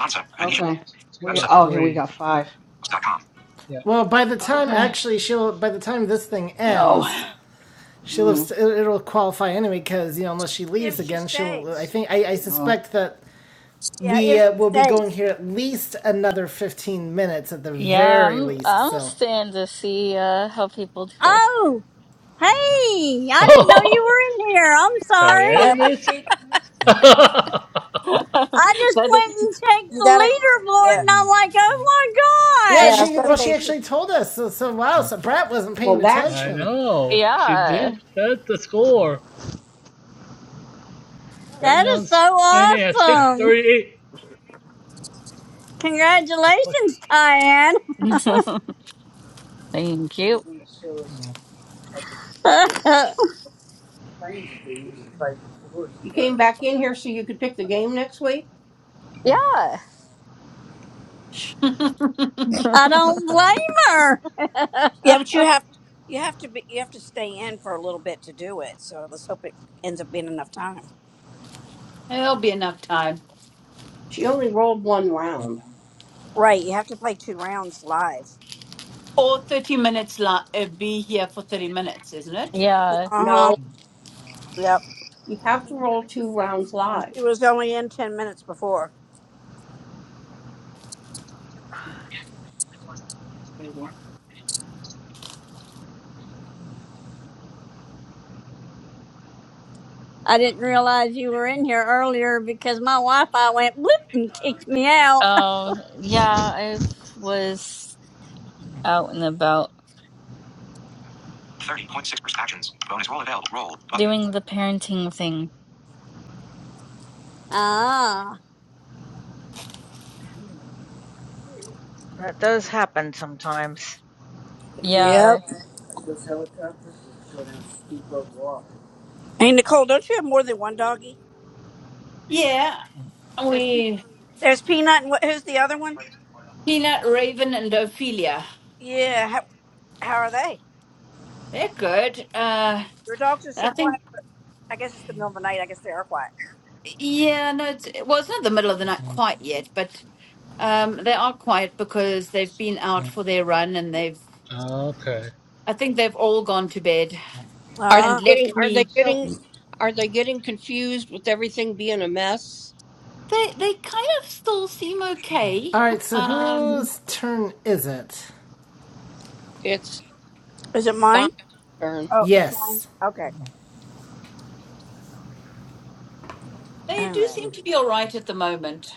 Speaker 11: Ansa. Venetian.
Speaker 9: minus
Speaker 6: Okay,
Speaker 9: two,
Speaker 6: we
Speaker 11: Website.
Speaker 6: okay. We
Speaker 9: three.
Speaker 6: got five.
Speaker 11: dot Com.
Speaker 9: Yeah.
Speaker 1: Well, by the time
Speaker 6: Okay.
Speaker 1: actually she'll by the time this thing
Speaker 6: No.
Speaker 1: ends, she'll have,
Speaker 6: Mm,
Speaker 1: it- it'll qualify anyway because you know unless she leaves
Speaker 4: If she
Speaker 1: again, she'll I
Speaker 4: stays.
Speaker 1: think I, I
Speaker 6: mm.
Speaker 1: suspect that
Speaker 4: Yeah,
Speaker 1: we
Speaker 4: if
Speaker 6: Okay.
Speaker 1: uh,
Speaker 4: she
Speaker 1: will be going
Speaker 4: stays.
Speaker 1: here at least another fifteen minutes at the
Speaker 13: Yeah,
Speaker 1: very
Speaker 13: I'm
Speaker 1: least.
Speaker 13: I'm
Speaker 1: So
Speaker 13: staying to see uh how people do.
Speaker 2: Oh, hey, I didn't know you
Speaker 9: Oh,
Speaker 2: were in here. I'm sorry.
Speaker 4: Yeah,
Speaker 9: Diane
Speaker 4: but
Speaker 9: it.
Speaker 4: she,
Speaker 9: I
Speaker 2: I just
Speaker 13: But
Speaker 2: went and checked
Speaker 4: you
Speaker 2: the
Speaker 4: gotta,
Speaker 2: leaderboard
Speaker 4: yeah.
Speaker 2: and I'm like, oh
Speaker 1: yeah,
Speaker 4: Yeah,
Speaker 2: my
Speaker 4: I was
Speaker 2: God,
Speaker 1: she
Speaker 4: gonna
Speaker 1: well she
Speaker 4: say she
Speaker 1: actually told us. So, so wow, so Brat wasn't paying
Speaker 11: Well, that's
Speaker 1: attention.
Speaker 9: know. She did.
Speaker 13: yeah.
Speaker 9: That's the score. Right
Speaker 2: that
Speaker 9: now,
Speaker 2: is
Speaker 9: it's
Speaker 2: so
Speaker 9: standing at
Speaker 2: awesome.
Speaker 9: 638. The question.
Speaker 2: Congratulations, Diane.
Speaker 13: Thank you.
Speaker 2: I
Speaker 11: you came back in here so you could pick the game next week.
Speaker 13: Yeah.
Speaker 2: don't blame her.
Speaker 4: Yeah, but you have you have to be you have to stay in for a little bit to do it. So let's hope it ends up being enough time.
Speaker 14: There'll be enough time.
Speaker 11: She only rolled one round.
Speaker 4: Right, you have to play two rounds live.
Speaker 14: Or 30 minutes, Like, uh, be here for 30 minutes, isn't it?
Speaker 13: Yeah.
Speaker 4: Uh huh.
Speaker 11: No,
Speaker 4: Yep.
Speaker 11: you have to roll two rounds
Speaker 4: And
Speaker 11: live.
Speaker 4: She was only in ten minutes before.
Speaker 2: I didn't realize you were in here earlier because my Wi Fi went bloop and kicked me out.
Speaker 13: Um yeah, I was out and about
Speaker 11: 30.6% actions. Bonus roll available. Roll. Button.
Speaker 13: doing the parenting thing.
Speaker 2: Ah.
Speaker 15: that does happen sometimes.
Speaker 13: Yeah.
Speaker 4: Yep. Hey Nicole, don't you have more than one doggy?
Speaker 14: Yeah,
Speaker 4: There's Pe-
Speaker 14: We
Speaker 4: there's Peanut and what, who's the other one?
Speaker 14: Peanut, Raven, and Ophelia.
Speaker 4: Yeah. How, how are they?
Speaker 14: They're good. Uh,
Speaker 4: Your dogs are so
Speaker 14: I
Speaker 4: quiet.
Speaker 14: think.
Speaker 4: But I guess it's the middle of the night. I guess they are quiet.
Speaker 14: Yeah, no, it's, well, it's not the middle of the night quite yet, but um, they are quiet because they've been out for their run and they've.
Speaker 9: Oh, okay.
Speaker 14: I think they've all gone to bed
Speaker 11: Are they
Speaker 14: and
Speaker 4: Ah,
Speaker 11: getting
Speaker 14: left
Speaker 11: are they
Speaker 14: me.
Speaker 5: So
Speaker 11: getting are they getting confused with everything being a mess?
Speaker 14: They they kind of still seem okay.
Speaker 1: All right, so
Speaker 14: Um,
Speaker 1: whose turn is it?
Speaker 11: It's
Speaker 4: is it
Speaker 11: Don's
Speaker 4: mine?
Speaker 11: turn.
Speaker 4: Oh, it's mine.
Speaker 1: Yes.
Speaker 4: Okay.
Speaker 14: they
Speaker 4: All
Speaker 14: do
Speaker 4: right. All
Speaker 14: seem to be all right at the moment.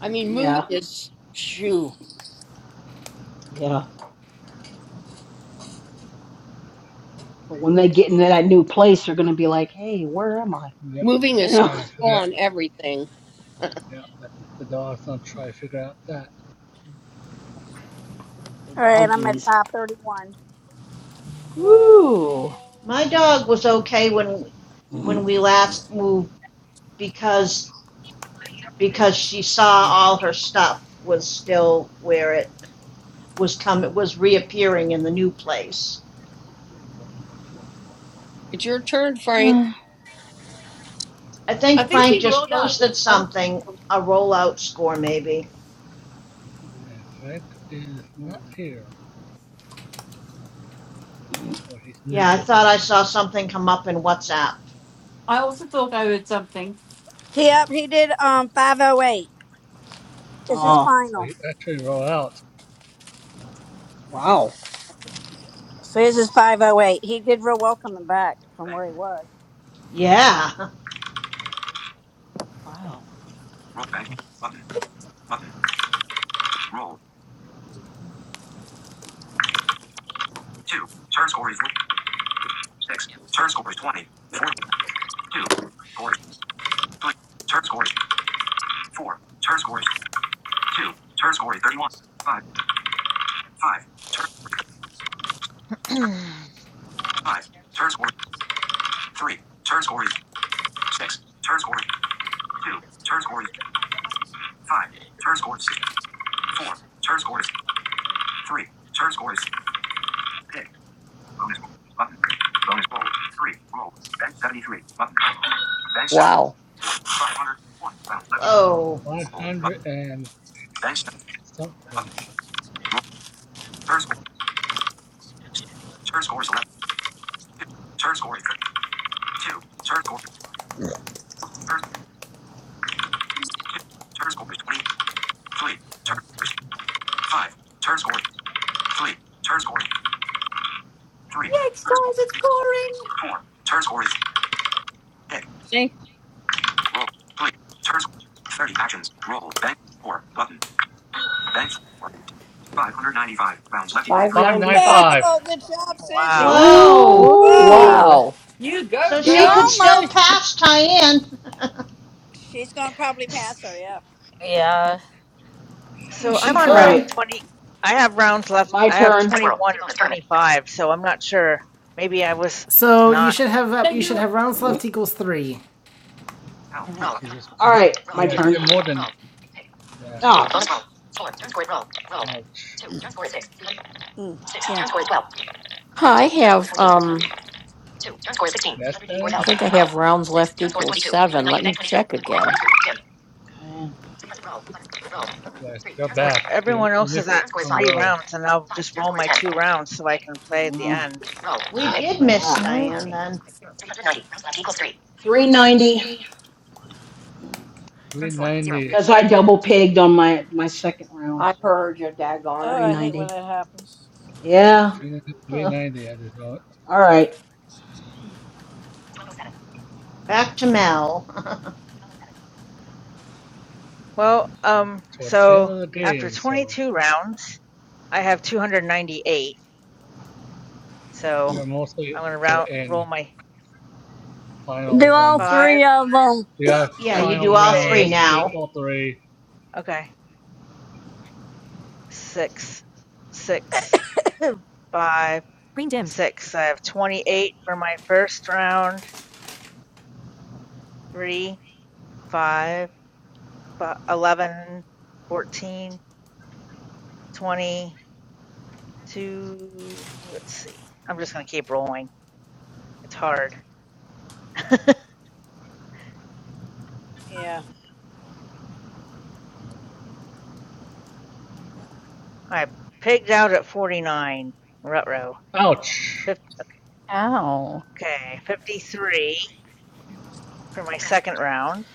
Speaker 11: I mean moving
Speaker 6: Yeah.
Speaker 11: is shoo.
Speaker 6: Yeah. But when they get into that new place, they're gonna be like, "Hey, where am I?"
Speaker 9: Yep.
Speaker 11: Moving
Speaker 9: I'm
Speaker 6: You
Speaker 11: is
Speaker 9: trying To try
Speaker 6: know,
Speaker 9: and
Speaker 11: full
Speaker 9: figure out.
Speaker 11: on everything.
Speaker 9: Yep. That the dog's gonna try to figure out that.
Speaker 6: the
Speaker 4: right. I'm at
Speaker 6: doggies.
Speaker 4: five thirty-one.
Speaker 6: Ooh.
Speaker 5: my dog was okay when when we last moved because because she saw all her stuff was still where it was coming was reappearing in the new place.
Speaker 11: It's your turn, Frank.
Speaker 5: I
Speaker 14: I
Speaker 5: think
Speaker 14: think
Speaker 5: Frank
Speaker 14: he
Speaker 5: just
Speaker 14: rolled out.
Speaker 5: posted
Speaker 14: I,
Speaker 5: something, a rollout score maybe.
Speaker 9: And Frank is not here, or he's
Speaker 5: Yeah, I
Speaker 9: muted.
Speaker 5: thought I saw something come up in WhatsApp.
Speaker 14: I also thought I heard something.
Speaker 4: Yep, he did um 508. This is
Speaker 9: Yep.
Speaker 6: Oh,
Speaker 9: So
Speaker 4: final.
Speaker 9: he actually rolled out
Speaker 6: wow.
Speaker 4: So this is 508. He did real well coming back from
Speaker 11: Bank
Speaker 4: where he was.
Speaker 11: roll
Speaker 5: Yeah.
Speaker 6: Wow.
Speaker 11: roll banking button. Button. Roll. Two. Turn score is six. Turn score is 20. Four. Two. Score is three. Turn score is four. Turn score is two. Turn score is 31. Five. Five. Turn score is turn five. Turn score is three. Turn score is six. Turn score is two. Turn score is five. Turn score is six. Four. Turn score is three. Turn score is pick. Bonus roll. Button. Bonus roll. Three. Roll. Bench 73. Button. Bench 7.
Speaker 7: Wow.
Speaker 11: 500. One. Rounds left equals.
Speaker 5: Whoa.
Speaker 11: Roll.
Speaker 9: 500
Speaker 11: Button.
Speaker 9: and
Speaker 11: Bench 7. Button.
Speaker 9: something.
Speaker 11: Turn score. Six. Turn score is 11. 2. Turn score is 32. Turn score. Turn, 2. Turn score is 23. Turn
Speaker 9: point-
Speaker 11: score is 5. Turn score is 3. Turn score is 3.
Speaker 14: Yeah, it's
Speaker 11: Turn score
Speaker 14: stars, it's
Speaker 11: is
Speaker 14: pouring.
Speaker 11: 4. Turn score is 6.
Speaker 13: Hey.
Speaker 11: Roll. 3. Turn score. 30 actions. Roll. Bank 4. Button. Bank 4. 595. Rounds left. 595.
Speaker 9: 595.
Speaker 4: Oh, good job, Susie.
Speaker 15: wow.
Speaker 14: Wow.
Speaker 5: Whoa.
Speaker 6: Ooh.
Speaker 4: Whoa.
Speaker 13: Ooh.
Speaker 7: Wow.
Speaker 14: You
Speaker 5: So
Speaker 14: go,
Speaker 2: You
Speaker 5: she could
Speaker 14: girl.
Speaker 5: still
Speaker 2: almost
Speaker 5: pass Diane.
Speaker 4: She's going to probably pass her, yeah.
Speaker 13: Yeah.
Speaker 1: Yeah,
Speaker 15: So
Speaker 1: she
Speaker 15: I'm on
Speaker 6: All
Speaker 15: round
Speaker 1: could.
Speaker 6: right.
Speaker 15: 20. I have rounds left.
Speaker 6: My
Speaker 15: I have
Speaker 6: turn. Dice World.
Speaker 15: 21
Speaker 6: Take on
Speaker 15: of
Speaker 6: tournament.
Speaker 15: 25, so I'm not sure. Maybe I was
Speaker 1: So you
Speaker 15: not.
Speaker 1: should have
Speaker 14: No,
Speaker 1: up. You should
Speaker 14: you.
Speaker 1: have rounds
Speaker 6: Heading.
Speaker 1: left equals three,
Speaker 11: Help.
Speaker 6: All
Speaker 11: Button.
Speaker 9: She just.
Speaker 6: right. All
Speaker 11: Rounds.
Speaker 6: right. My
Speaker 9: Yeah, she
Speaker 6: turn.
Speaker 9: more than. Yeah.
Speaker 6: Oh. Bonus roll.
Speaker 9: Ouch.
Speaker 4: Mm, yeah.
Speaker 7: Huh, I have um
Speaker 9: Yes,
Speaker 7: I
Speaker 9: Dan?
Speaker 7: think I have rounds left equals 7. Let me check again.
Speaker 6: Okay.
Speaker 9: Yes, you're
Speaker 15: If
Speaker 9: back. You
Speaker 15: everyone
Speaker 9: you
Speaker 15: else is
Speaker 9: missed
Speaker 15: at
Speaker 9: some
Speaker 15: three
Speaker 9: row.
Speaker 15: rounds, and I'll just roll my two rounds so I can play at the
Speaker 6: Mm.
Speaker 15: end.
Speaker 5: we did
Speaker 13: Mm,
Speaker 5: miss
Speaker 6: Ah.
Speaker 13: What?
Speaker 5: Diane then.
Speaker 6: 390
Speaker 9: 390.
Speaker 6: because I double pigged on my my second round.
Speaker 11: I
Speaker 6: So
Speaker 11: heard your daggone it.
Speaker 4: Oh, I hate when
Speaker 6: 390.
Speaker 4: that happens.
Speaker 6: Yeah. Huh.
Speaker 9: 390 at the,
Speaker 6: All right.
Speaker 5: Back to Mel.
Speaker 15: Well,
Speaker 9: um,
Speaker 15: um,
Speaker 9: toward the end
Speaker 15: so
Speaker 9: of the
Speaker 15: after
Speaker 9: game, so.
Speaker 15: 22 rounds, I have 298. So
Speaker 9: You're
Speaker 15: I'm
Speaker 9: mostly
Speaker 15: gonna
Speaker 9: to
Speaker 15: round
Speaker 9: the end,
Speaker 15: roll my
Speaker 2: do
Speaker 9: final
Speaker 2: all
Speaker 9: ones.
Speaker 2: three
Speaker 15: five
Speaker 2: of them.
Speaker 9: You got
Speaker 5: yeah, you do
Speaker 9: final
Speaker 5: all three
Speaker 15: pig.
Speaker 9: rounds, do
Speaker 5: now.
Speaker 9: all three.
Speaker 15: Okay, six, six, five, six. I have 28 for my first round. Three, five, fi- 11, fourteen, twenty-two. Let's see. I'm just gonna keep rolling. It's hard.
Speaker 4: Yeah.
Speaker 15: I pigged out at 49. Rutro.
Speaker 9: Ouch!
Speaker 15: Fif-
Speaker 13: Ow.
Speaker 15: Okay, 53 for my second round.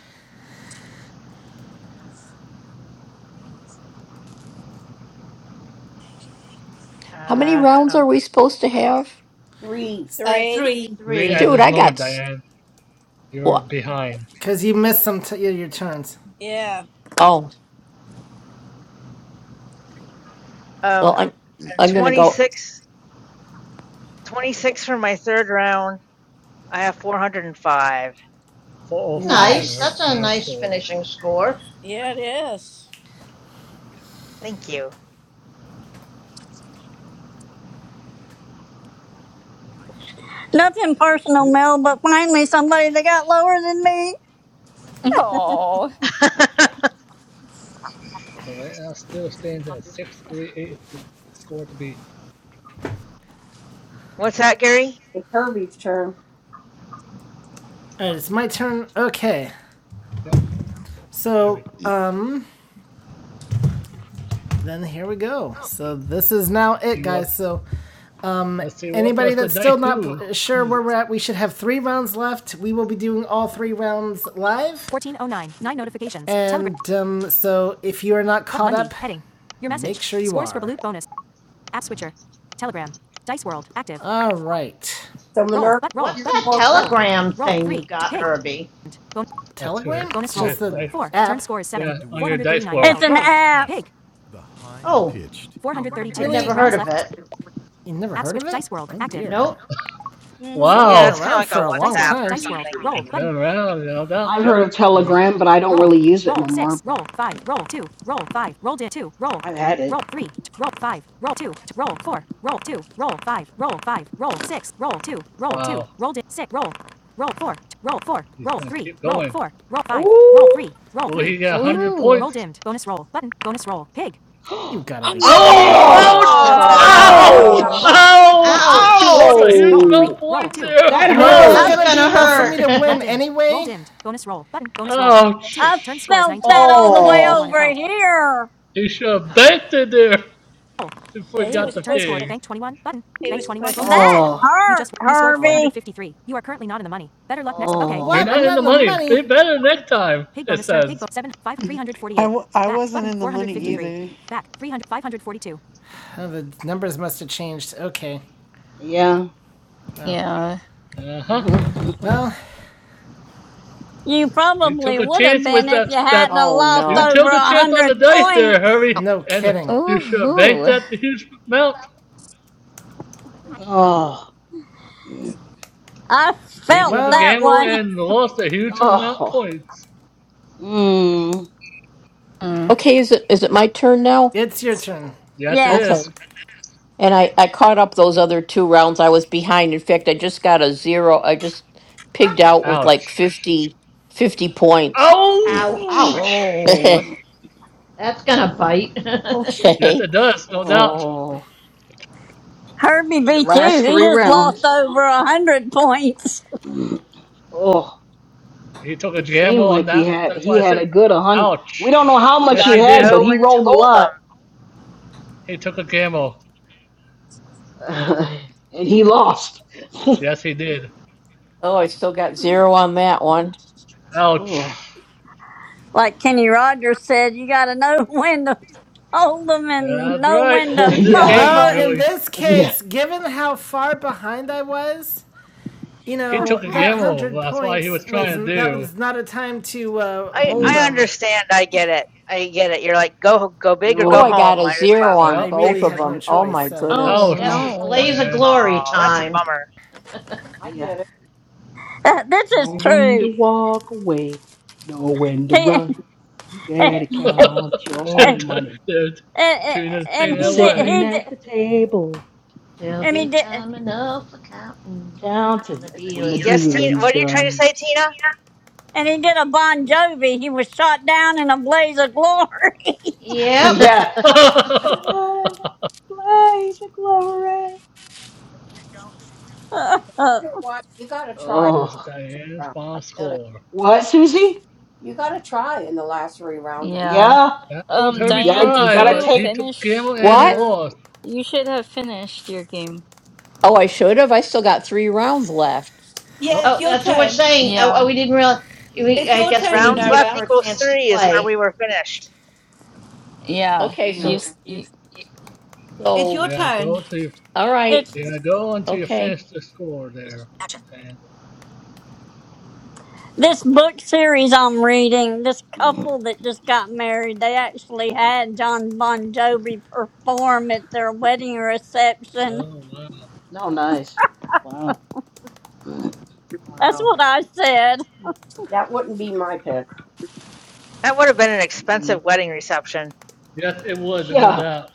Speaker 7: How many
Speaker 15: Uh,
Speaker 7: rounds are
Speaker 15: um,
Speaker 7: we supposed to have?
Speaker 11: 3.
Speaker 14: Uh,
Speaker 4: Three.
Speaker 14: three.
Speaker 9: Three
Speaker 5: Three.
Speaker 9: at
Speaker 7: Shoot,
Speaker 9: this
Speaker 7: I got
Speaker 9: moment,
Speaker 7: s-
Speaker 9: Diane. You're
Speaker 7: what?
Speaker 9: behind.
Speaker 1: because you missed some t- your turns.
Speaker 4: Yeah.
Speaker 7: Oh, well
Speaker 15: um,
Speaker 7: I'm
Speaker 15: and
Speaker 7: I'm going to
Speaker 15: 26,
Speaker 7: go.
Speaker 15: twenty-six for my third round. I have 405.
Speaker 9: 405 is
Speaker 5: Nice.
Speaker 9: her
Speaker 5: That's
Speaker 14: Nice.
Speaker 5: a
Speaker 9: final
Speaker 5: nice
Speaker 9: score.
Speaker 5: finishing score.
Speaker 4: Yeah, it is.
Speaker 15: Thank you.
Speaker 2: Nothing
Speaker 9: So,
Speaker 2: personal,
Speaker 9: still,
Speaker 2: Mel, but find me somebody that got lower than me.
Speaker 13: Oh.
Speaker 9: so right now, still stands at 638 is the score to beat.
Speaker 15: What's that, Gary?
Speaker 11: It's Herbie's turn.
Speaker 1: All right, it's my turn. Okay,
Speaker 9: Yep,
Speaker 1: so
Speaker 9: Harry.
Speaker 1: um, then here we go. So this is now
Speaker 9: Let's
Speaker 1: it,
Speaker 9: see what.
Speaker 1: guys. So, um,
Speaker 9: Let's see what
Speaker 1: anybody
Speaker 9: does the
Speaker 1: that's
Speaker 9: dice
Speaker 1: still not
Speaker 9: do.
Speaker 1: pl- sure
Speaker 9: Hmm.
Speaker 1: where we're at, we should have three rounds left. We will be doing all three rounds live, Nine and um, so if you are not caught up, make sure you are. for All right.
Speaker 11: So Minerva,
Speaker 5: What's
Speaker 11: you're
Speaker 5: that
Speaker 11: four rounds.
Speaker 5: telegram thing you got, Herbie?
Speaker 9: That's who
Speaker 1: Telegram?
Speaker 9: it.
Speaker 1: Bonus it's
Speaker 9: Who it dice. Yeah, on your dice world.
Speaker 2: It's an app.
Speaker 5: Oh, I'd never heard of it.
Speaker 1: You never of
Speaker 5: Nope.
Speaker 1: It's
Speaker 4: Mhm.
Speaker 1: only
Speaker 15: Yeah,
Speaker 1: been
Speaker 15: it's
Speaker 9: Wow,
Speaker 15: kind of
Speaker 1: around
Speaker 15: like
Speaker 1: for
Speaker 15: a
Speaker 1: a
Speaker 15: WhatsApp or something.
Speaker 9: it's been around, no doubt.
Speaker 6: I've heard
Speaker 9: Yep,
Speaker 6: of
Speaker 9: Harry.
Speaker 6: Telegram, but I don't really use it no more, but I've had it.
Speaker 9: Wow, he's gonna keep going.
Speaker 6: Oh.
Speaker 9: Well, he got 100
Speaker 13: Ooh.
Speaker 9: points.
Speaker 1: You've got to be kidding
Speaker 9: Oh,
Speaker 6: Oh!
Speaker 9: ouch!
Speaker 11: Oh my
Speaker 9: Ouch!
Speaker 13: Oh.
Speaker 15: Oh,
Speaker 11: god.
Speaker 6: Ouch!
Speaker 4: Oh.
Speaker 9: Ouch! He
Speaker 5: Ouch.
Speaker 9: lost a huge amount
Speaker 6: Oh!
Speaker 9: of points there.
Speaker 6: That
Speaker 2: I
Speaker 5: That's
Speaker 6: hurt.
Speaker 1: gonna
Speaker 5: gonna
Speaker 9: Ouch!
Speaker 5: hurt.
Speaker 2: I
Speaker 9: Ouch!
Speaker 2: felt that all the way
Speaker 6: Oh.
Speaker 2: over here.
Speaker 9: He should have banked it there before
Speaker 4: Yeah,
Speaker 9: he
Speaker 4: he
Speaker 9: got
Speaker 4: was
Speaker 9: the
Speaker 4: pushing it.
Speaker 9: pig.
Speaker 4: He was pushing it.
Speaker 2: That
Speaker 6: Oh.
Speaker 2: hurt,
Speaker 6: Ow.
Speaker 2: Herbie.
Speaker 9: You're
Speaker 1: What? I'm
Speaker 9: not in
Speaker 1: not
Speaker 9: the
Speaker 1: in the
Speaker 6: Oh.
Speaker 9: money.
Speaker 1: money.
Speaker 9: Be better next time, it says.
Speaker 12: I w I wasn't in the money either.
Speaker 1: Oh, the numbers must have changed. Okay.
Speaker 6: Yeah.
Speaker 1: Oh.
Speaker 13: Yeah.
Speaker 9: Uh huh.
Speaker 1: Well,
Speaker 2: You
Speaker 9: You took
Speaker 2: probably
Speaker 9: a
Speaker 2: would have
Speaker 9: chance with
Speaker 2: been if
Speaker 9: that.
Speaker 2: you
Speaker 9: that
Speaker 2: hadn't have
Speaker 7: Oh
Speaker 2: lost
Speaker 9: you
Speaker 7: no.
Speaker 2: over
Speaker 9: took
Speaker 2: a
Speaker 9: a chance on the
Speaker 2: hundred
Speaker 9: dice there,
Speaker 2: points.
Speaker 9: Harvey,
Speaker 1: no
Speaker 9: and
Speaker 1: kidding.
Speaker 9: you should have banked
Speaker 13: Ooh.
Speaker 9: that huge amount.
Speaker 6: Oh.
Speaker 2: I
Speaker 9: He took
Speaker 2: felt
Speaker 9: a
Speaker 1: Well,
Speaker 2: that
Speaker 9: gamble
Speaker 2: one.
Speaker 9: and lost a huge amount of
Speaker 6: Oh.
Speaker 9: points.
Speaker 6: Mm.
Speaker 13: Mm.
Speaker 7: Okay, is it is it my turn now?
Speaker 1: it's your turn.
Speaker 9: Yes, it
Speaker 11: and
Speaker 7: Okay.
Speaker 2: Yes.
Speaker 9: is.
Speaker 7: And I, I caught up those other two rounds. I was behind. In fact, I just got a zero. I just pigged out with like
Speaker 9: Ouch.
Speaker 7: fifty fifty points.
Speaker 5: Ouch.
Speaker 6: Ouch.
Speaker 9: Ouch.
Speaker 13: Oh.
Speaker 5: That's gonna bite. yeah,
Speaker 9: Yes, it
Speaker 7: okay.
Speaker 9: does, no doubt.
Speaker 6: Oh.
Speaker 2: Herbie
Speaker 6: Your
Speaker 2: beat
Speaker 6: last
Speaker 2: you. He
Speaker 6: three
Speaker 2: just
Speaker 6: rounds.
Speaker 2: lost over a hundred points.
Speaker 6: Oh,
Speaker 9: He took a
Speaker 6: it seemed
Speaker 9: gamble on
Speaker 6: like he
Speaker 9: that.
Speaker 6: had
Speaker 9: That's
Speaker 6: he
Speaker 9: why I
Speaker 6: had
Speaker 9: said,
Speaker 6: a good a hundred. We don't know
Speaker 9: ouch.
Speaker 6: how
Speaker 15: you
Speaker 6: much
Speaker 9: Yes,
Speaker 6: he
Speaker 9: he
Speaker 15: gotta
Speaker 6: had,
Speaker 9: did.
Speaker 6: but
Speaker 15: know
Speaker 6: he
Speaker 15: when to
Speaker 6: rolled a
Speaker 15: hold them.
Speaker 6: lot,
Speaker 9: He took a gamble.
Speaker 6: and he lost.
Speaker 9: Yes, he did.
Speaker 7: Oh, I still got zero on that one.
Speaker 11: crap.
Speaker 6: oh,
Speaker 9: Ouch.
Speaker 2: Like Kenny Rogers said, you got to know when to hold them and
Speaker 9: That's
Speaker 2: know
Speaker 9: right.
Speaker 2: when to
Speaker 9: In this game,
Speaker 2: fold
Speaker 6: yeah,
Speaker 1: Well,
Speaker 2: them.
Speaker 1: in
Speaker 9: really,
Speaker 1: this
Speaker 6: yeah.
Speaker 1: case, given how far behind I was, you
Speaker 9: he
Speaker 1: know
Speaker 9: took a
Speaker 1: that
Speaker 9: gamble.
Speaker 1: hundred
Speaker 9: That's why he
Speaker 1: points
Speaker 9: was
Speaker 1: was
Speaker 9: trying to
Speaker 1: that
Speaker 9: do.
Speaker 1: was not a time to uh,
Speaker 15: I
Speaker 1: hold
Speaker 6: No,
Speaker 15: I
Speaker 1: them.
Speaker 15: understand. I get it. I get it. You're like go go big or
Speaker 7: Oh,
Speaker 15: go
Speaker 7: I
Speaker 6: no,
Speaker 7: got
Speaker 15: home.
Speaker 7: a
Speaker 15: Might as
Speaker 7: zero
Speaker 15: well.
Speaker 7: on
Speaker 9: Yeah.
Speaker 1: I really
Speaker 7: both of
Speaker 1: had no
Speaker 7: them. Oh,
Speaker 1: choice,
Speaker 7: my
Speaker 1: so
Speaker 7: goodness.
Speaker 13: Oh
Speaker 5: it was
Speaker 9: Ouch,
Speaker 13: no.
Speaker 5: blaze of
Speaker 9: Diane.
Speaker 5: glory
Speaker 15: Oh, that's a
Speaker 5: time.
Speaker 15: bummer.
Speaker 11: I
Speaker 6: yeah.
Speaker 11: get it.
Speaker 2: Uh, this is
Speaker 6: Know when to
Speaker 2: true.
Speaker 6: walk away. Know when to
Speaker 2: He
Speaker 6: run. You better
Speaker 2: and,
Speaker 9: They're
Speaker 6: count your money
Speaker 2: and,
Speaker 9: chewing the
Speaker 6: when
Speaker 2: and
Speaker 9: thing
Speaker 6: you're
Speaker 2: he did
Speaker 9: away.
Speaker 6: sitting
Speaker 2: he did
Speaker 6: at the table
Speaker 5: There'll
Speaker 2: and he
Speaker 5: be
Speaker 2: did
Speaker 5: time enough for counting when the
Speaker 6: counting when the
Speaker 5: dealing's
Speaker 15: Yes, Tina.
Speaker 6: dealing's
Speaker 5: done.
Speaker 15: What are you trying to
Speaker 6: done.
Speaker 15: say, Tina?
Speaker 2: and he did a Bon Jovi. He was shot down in a blaze of glory.
Speaker 5: Yep.
Speaker 6: Yeah. Shine, blaze your glory.
Speaker 2: Uh,
Speaker 11: You know what? You got to
Speaker 9: what
Speaker 11: try it
Speaker 9: is
Speaker 6: Oh,
Speaker 9: Diane's
Speaker 11: round. I
Speaker 9: final
Speaker 11: get it.
Speaker 9: score?
Speaker 6: what, Susie?
Speaker 11: You got to try in the last three rounds.
Speaker 13: Yeah.
Speaker 6: Yeah,
Speaker 9: That was
Speaker 13: Um,
Speaker 6: you
Speaker 9: Herbie
Speaker 13: Diane,
Speaker 6: got you
Speaker 13: did
Speaker 9: try,
Speaker 6: gotta
Speaker 9: but
Speaker 13: you
Speaker 6: take.
Speaker 9: he took
Speaker 13: finish
Speaker 9: gamble and
Speaker 7: What?
Speaker 13: your?
Speaker 9: lost.
Speaker 13: You should have finished your game.
Speaker 7: Oh, I should have. I still got three rounds left.
Speaker 14: Yeah,
Speaker 9: Oh,
Speaker 14: it's
Speaker 5: oh,
Speaker 14: your
Speaker 5: that's what we're
Speaker 14: turn.
Speaker 5: saying. Oh, oh
Speaker 13: Yeah.
Speaker 5: we didn't realize. We,
Speaker 14: It's
Speaker 5: I
Speaker 14: your
Speaker 5: guess we
Speaker 14: turn,
Speaker 5: need to
Speaker 15: Rounds
Speaker 5: give
Speaker 15: left
Speaker 14: Minerva.
Speaker 5: her a
Speaker 15: equals
Speaker 5: chance to
Speaker 15: three is where
Speaker 5: play.
Speaker 15: we were finished.
Speaker 13: Yeah.
Speaker 7: Okay.
Speaker 13: You,
Speaker 6: Yeah.
Speaker 7: So,
Speaker 13: s-
Speaker 7: you.
Speaker 13: you
Speaker 14: It's
Speaker 7: so,
Speaker 14: your
Speaker 9: you gotta go
Speaker 14: turn.
Speaker 9: until you,
Speaker 7: all right.
Speaker 9: you
Speaker 2: it's
Speaker 9: gotta go until you
Speaker 7: Okay.
Speaker 9: finish the score there. And
Speaker 2: this book series I'm reading. This couple that just got married, they actually had John Bon Jovi perform at their wedding reception.
Speaker 9: oh wow,
Speaker 6: No, nice. Wow.
Speaker 2: That's
Speaker 6: Wow.
Speaker 2: what I said.
Speaker 11: That wouldn't be my pick.
Speaker 15: That would have been an
Speaker 6: Mm.
Speaker 15: expensive wedding reception.
Speaker 9: yes, it would, no
Speaker 6: Yeah.
Speaker 9: doubt.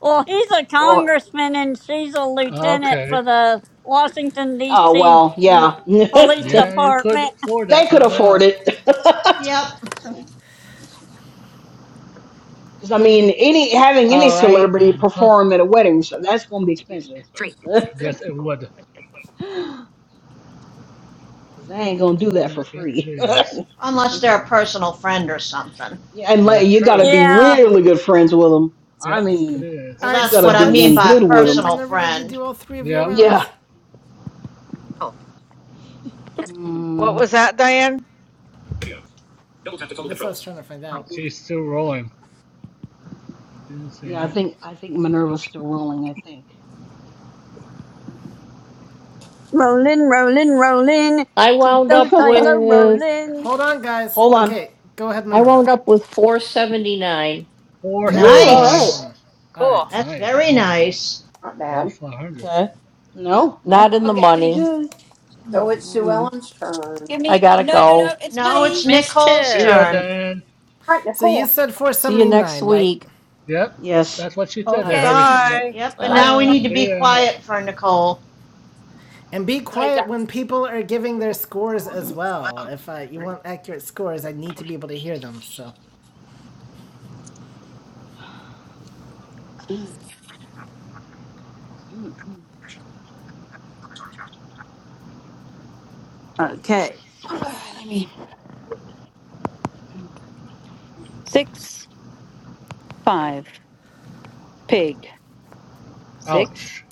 Speaker 2: Well, he's a
Speaker 6: Well.
Speaker 2: congressman and she's a lieutenant
Speaker 9: Okay,
Speaker 2: for the Washington,
Speaker 6: Oh,
Speaker 2: D.C.
Speaker 6: well. Yeah. they
Speaker 2: Police
Speaker 9: yeah, you could
Speaker 2: Department.
Speaker 9: afford that,
Speaker 6: could
Speaker 9: no
Speaker 6: afford
Speaker 9: doubt.
Speaker 6: it.
Speaker 5: Yep.
Speaker 6: Because I mean, any having any
Speaker 7: All right.
Speaker 6: celebrity
Speaker 9: Huh?
Speaker 6: perform at a wedding, so that's gonna be expensive. Because
Speaker 9: Yes, it would.
Speaker 6: they ain't gonna do
Speaker 9: No
Speaker 6: that for
Speaker 9: doubt. Yes, it
Speaker 6: free.
Speaker 9: is.
Speaker 5: Unless they're a personal friend or something.
Speaker 6: Yeah, and like,
Speaker 9: That's
Speaker 6: you gotta
Speaker 9: true.
Speaker 6: be
Speaker 2: Yeah.
Speaker 6: really good friends with them. I
Speaker 9: Yep, it
Speaker 6: mean,
Speaker 9: is.
Speaker 1: All
Speaker 5: Well,
Speaker 1: right.
Speaker 6: you
Speaker 5: that's
Speaker 6: gotta
Speaker 5: what
Speaker 1: So
Speaker 5: I
Speaker 6: be
Speaker 5: mean
Speaker 6: in
Speaker 1: what's
Speaker 5: by
Speaker 6: good
Speaker 5: a
Speaker 6: with
Speaker 1: did
Speaker 6: them.
Speaker 5: personal
Speaker 1: Minerva? Did you
Speaker 5: friend.
Speaker 1: do all three of your
Speaker 9: Yep,
Speaker 6: Yeah.
Speaker 1: rounds?
Speaker 15: What
Speaker 6: Mm,
Speaker 15: was that, Diane?
Speaker 1: That's what I was trying to find out.
Speaker 9: she's still rolling. She didn't say
Speaker 6: yeah, I
Speaker 9: yes.
Speaker 6: think I think Minerva's still rolling. I think.
Speaker 2: Rolling, rolling, rolling.
Speaker 7: I
Speaker 2: Keep
Speaker 7: wound
Speaker 2: those
Speaker 7: up
Speaker 2: dice a
Speaker 7: with,
Speaker 2: rolling.
Speaker 1: Hold on, guys.
Speaker 6: Hold on.
Speaker 1: Okay, go ahead,
Speaker 7: I
Speaker 1: Minerva.
Speaker 7: wound up with 479.
Speaker 9: Four seven
Speaker 1: Terrible
Speaker 6: Ooh, all
Speaker 9: nine.
Speaker 6: right.
Speaker 5: Nice.
Speaker 1: connection. All
Speaker 15: Cool.
Speaker 1: right.
Speaker 5: That's
Speaker 9: Nice,
Speaker 5: very
Speaker 9: almost
Speaker 5: nice.
Speaker 11: Not bad.
Speaker 9: almost five hundred.
Speaker 6: Okay. No, not
Speaker 7: Not in the
Speaker 6: that's
Speaker 14: Okay,
Speaker 6: pretty
Speaker 14: just
Speaker 7: money.
Speaker 6: good.
Speaker 11: So it's Sue
Speaker 6: Mm,
Speaker 11: Ellen's
Speaker 14: give
Speaker 11: turn. All
Speaker 7: I
Speaker 14: me.
Speaker 7: gotta
Speaker 14: No, no,
Speaker 7: go.
Speaker 14: no. It's
Speaker 5: No, it's
Speaker 14: me.
Speaker 5: Nicole's
Speaker 9: See
Speaker 13: mischief.
Speaker 9: ya,
Speaker 5: turn.
Speaker 9: Dan.
Speaker 11: right,
Speaker 1: So you
Speaker 11: Nicole.
Speaker 1: said
Speaker 7: See you next
Speaker 1: 479, right?
Speaker 7: week.
Speaker 9: Yep,
Speaker 6: yes.
Speaker 9: that's what she said
Speaker 1: All right.
Speaker 9: there,
Speaker 1: Alright.
Speaker 6: All
Speaker 9: Hurry.
Speaker 14: Okay.
Speaker 6: right.
Speaker 15: Bye.
Speaker 5: Yep, and
Speaker 11: You guys
Speaker 5: now we
Speaker 11: are
Speaker 5: need to
Speaker 13: Bye.
Speaker 5: be
Speaker 9: See ya.
Speaker 11: quiet.
Speaker 5: quiet for Nicole.
Speaker 1: And be
Speaker 14: Sorry,
Speaker 1: quiet
Speaker 14: Jack.
Speaker 1: when people are giving their scores as well. If uh, you want accurate scores, I need to be able to hear them. So,
Speaker 14: Okay. Let me. Six, five, pig. Six,
Speaker 9: Ouch.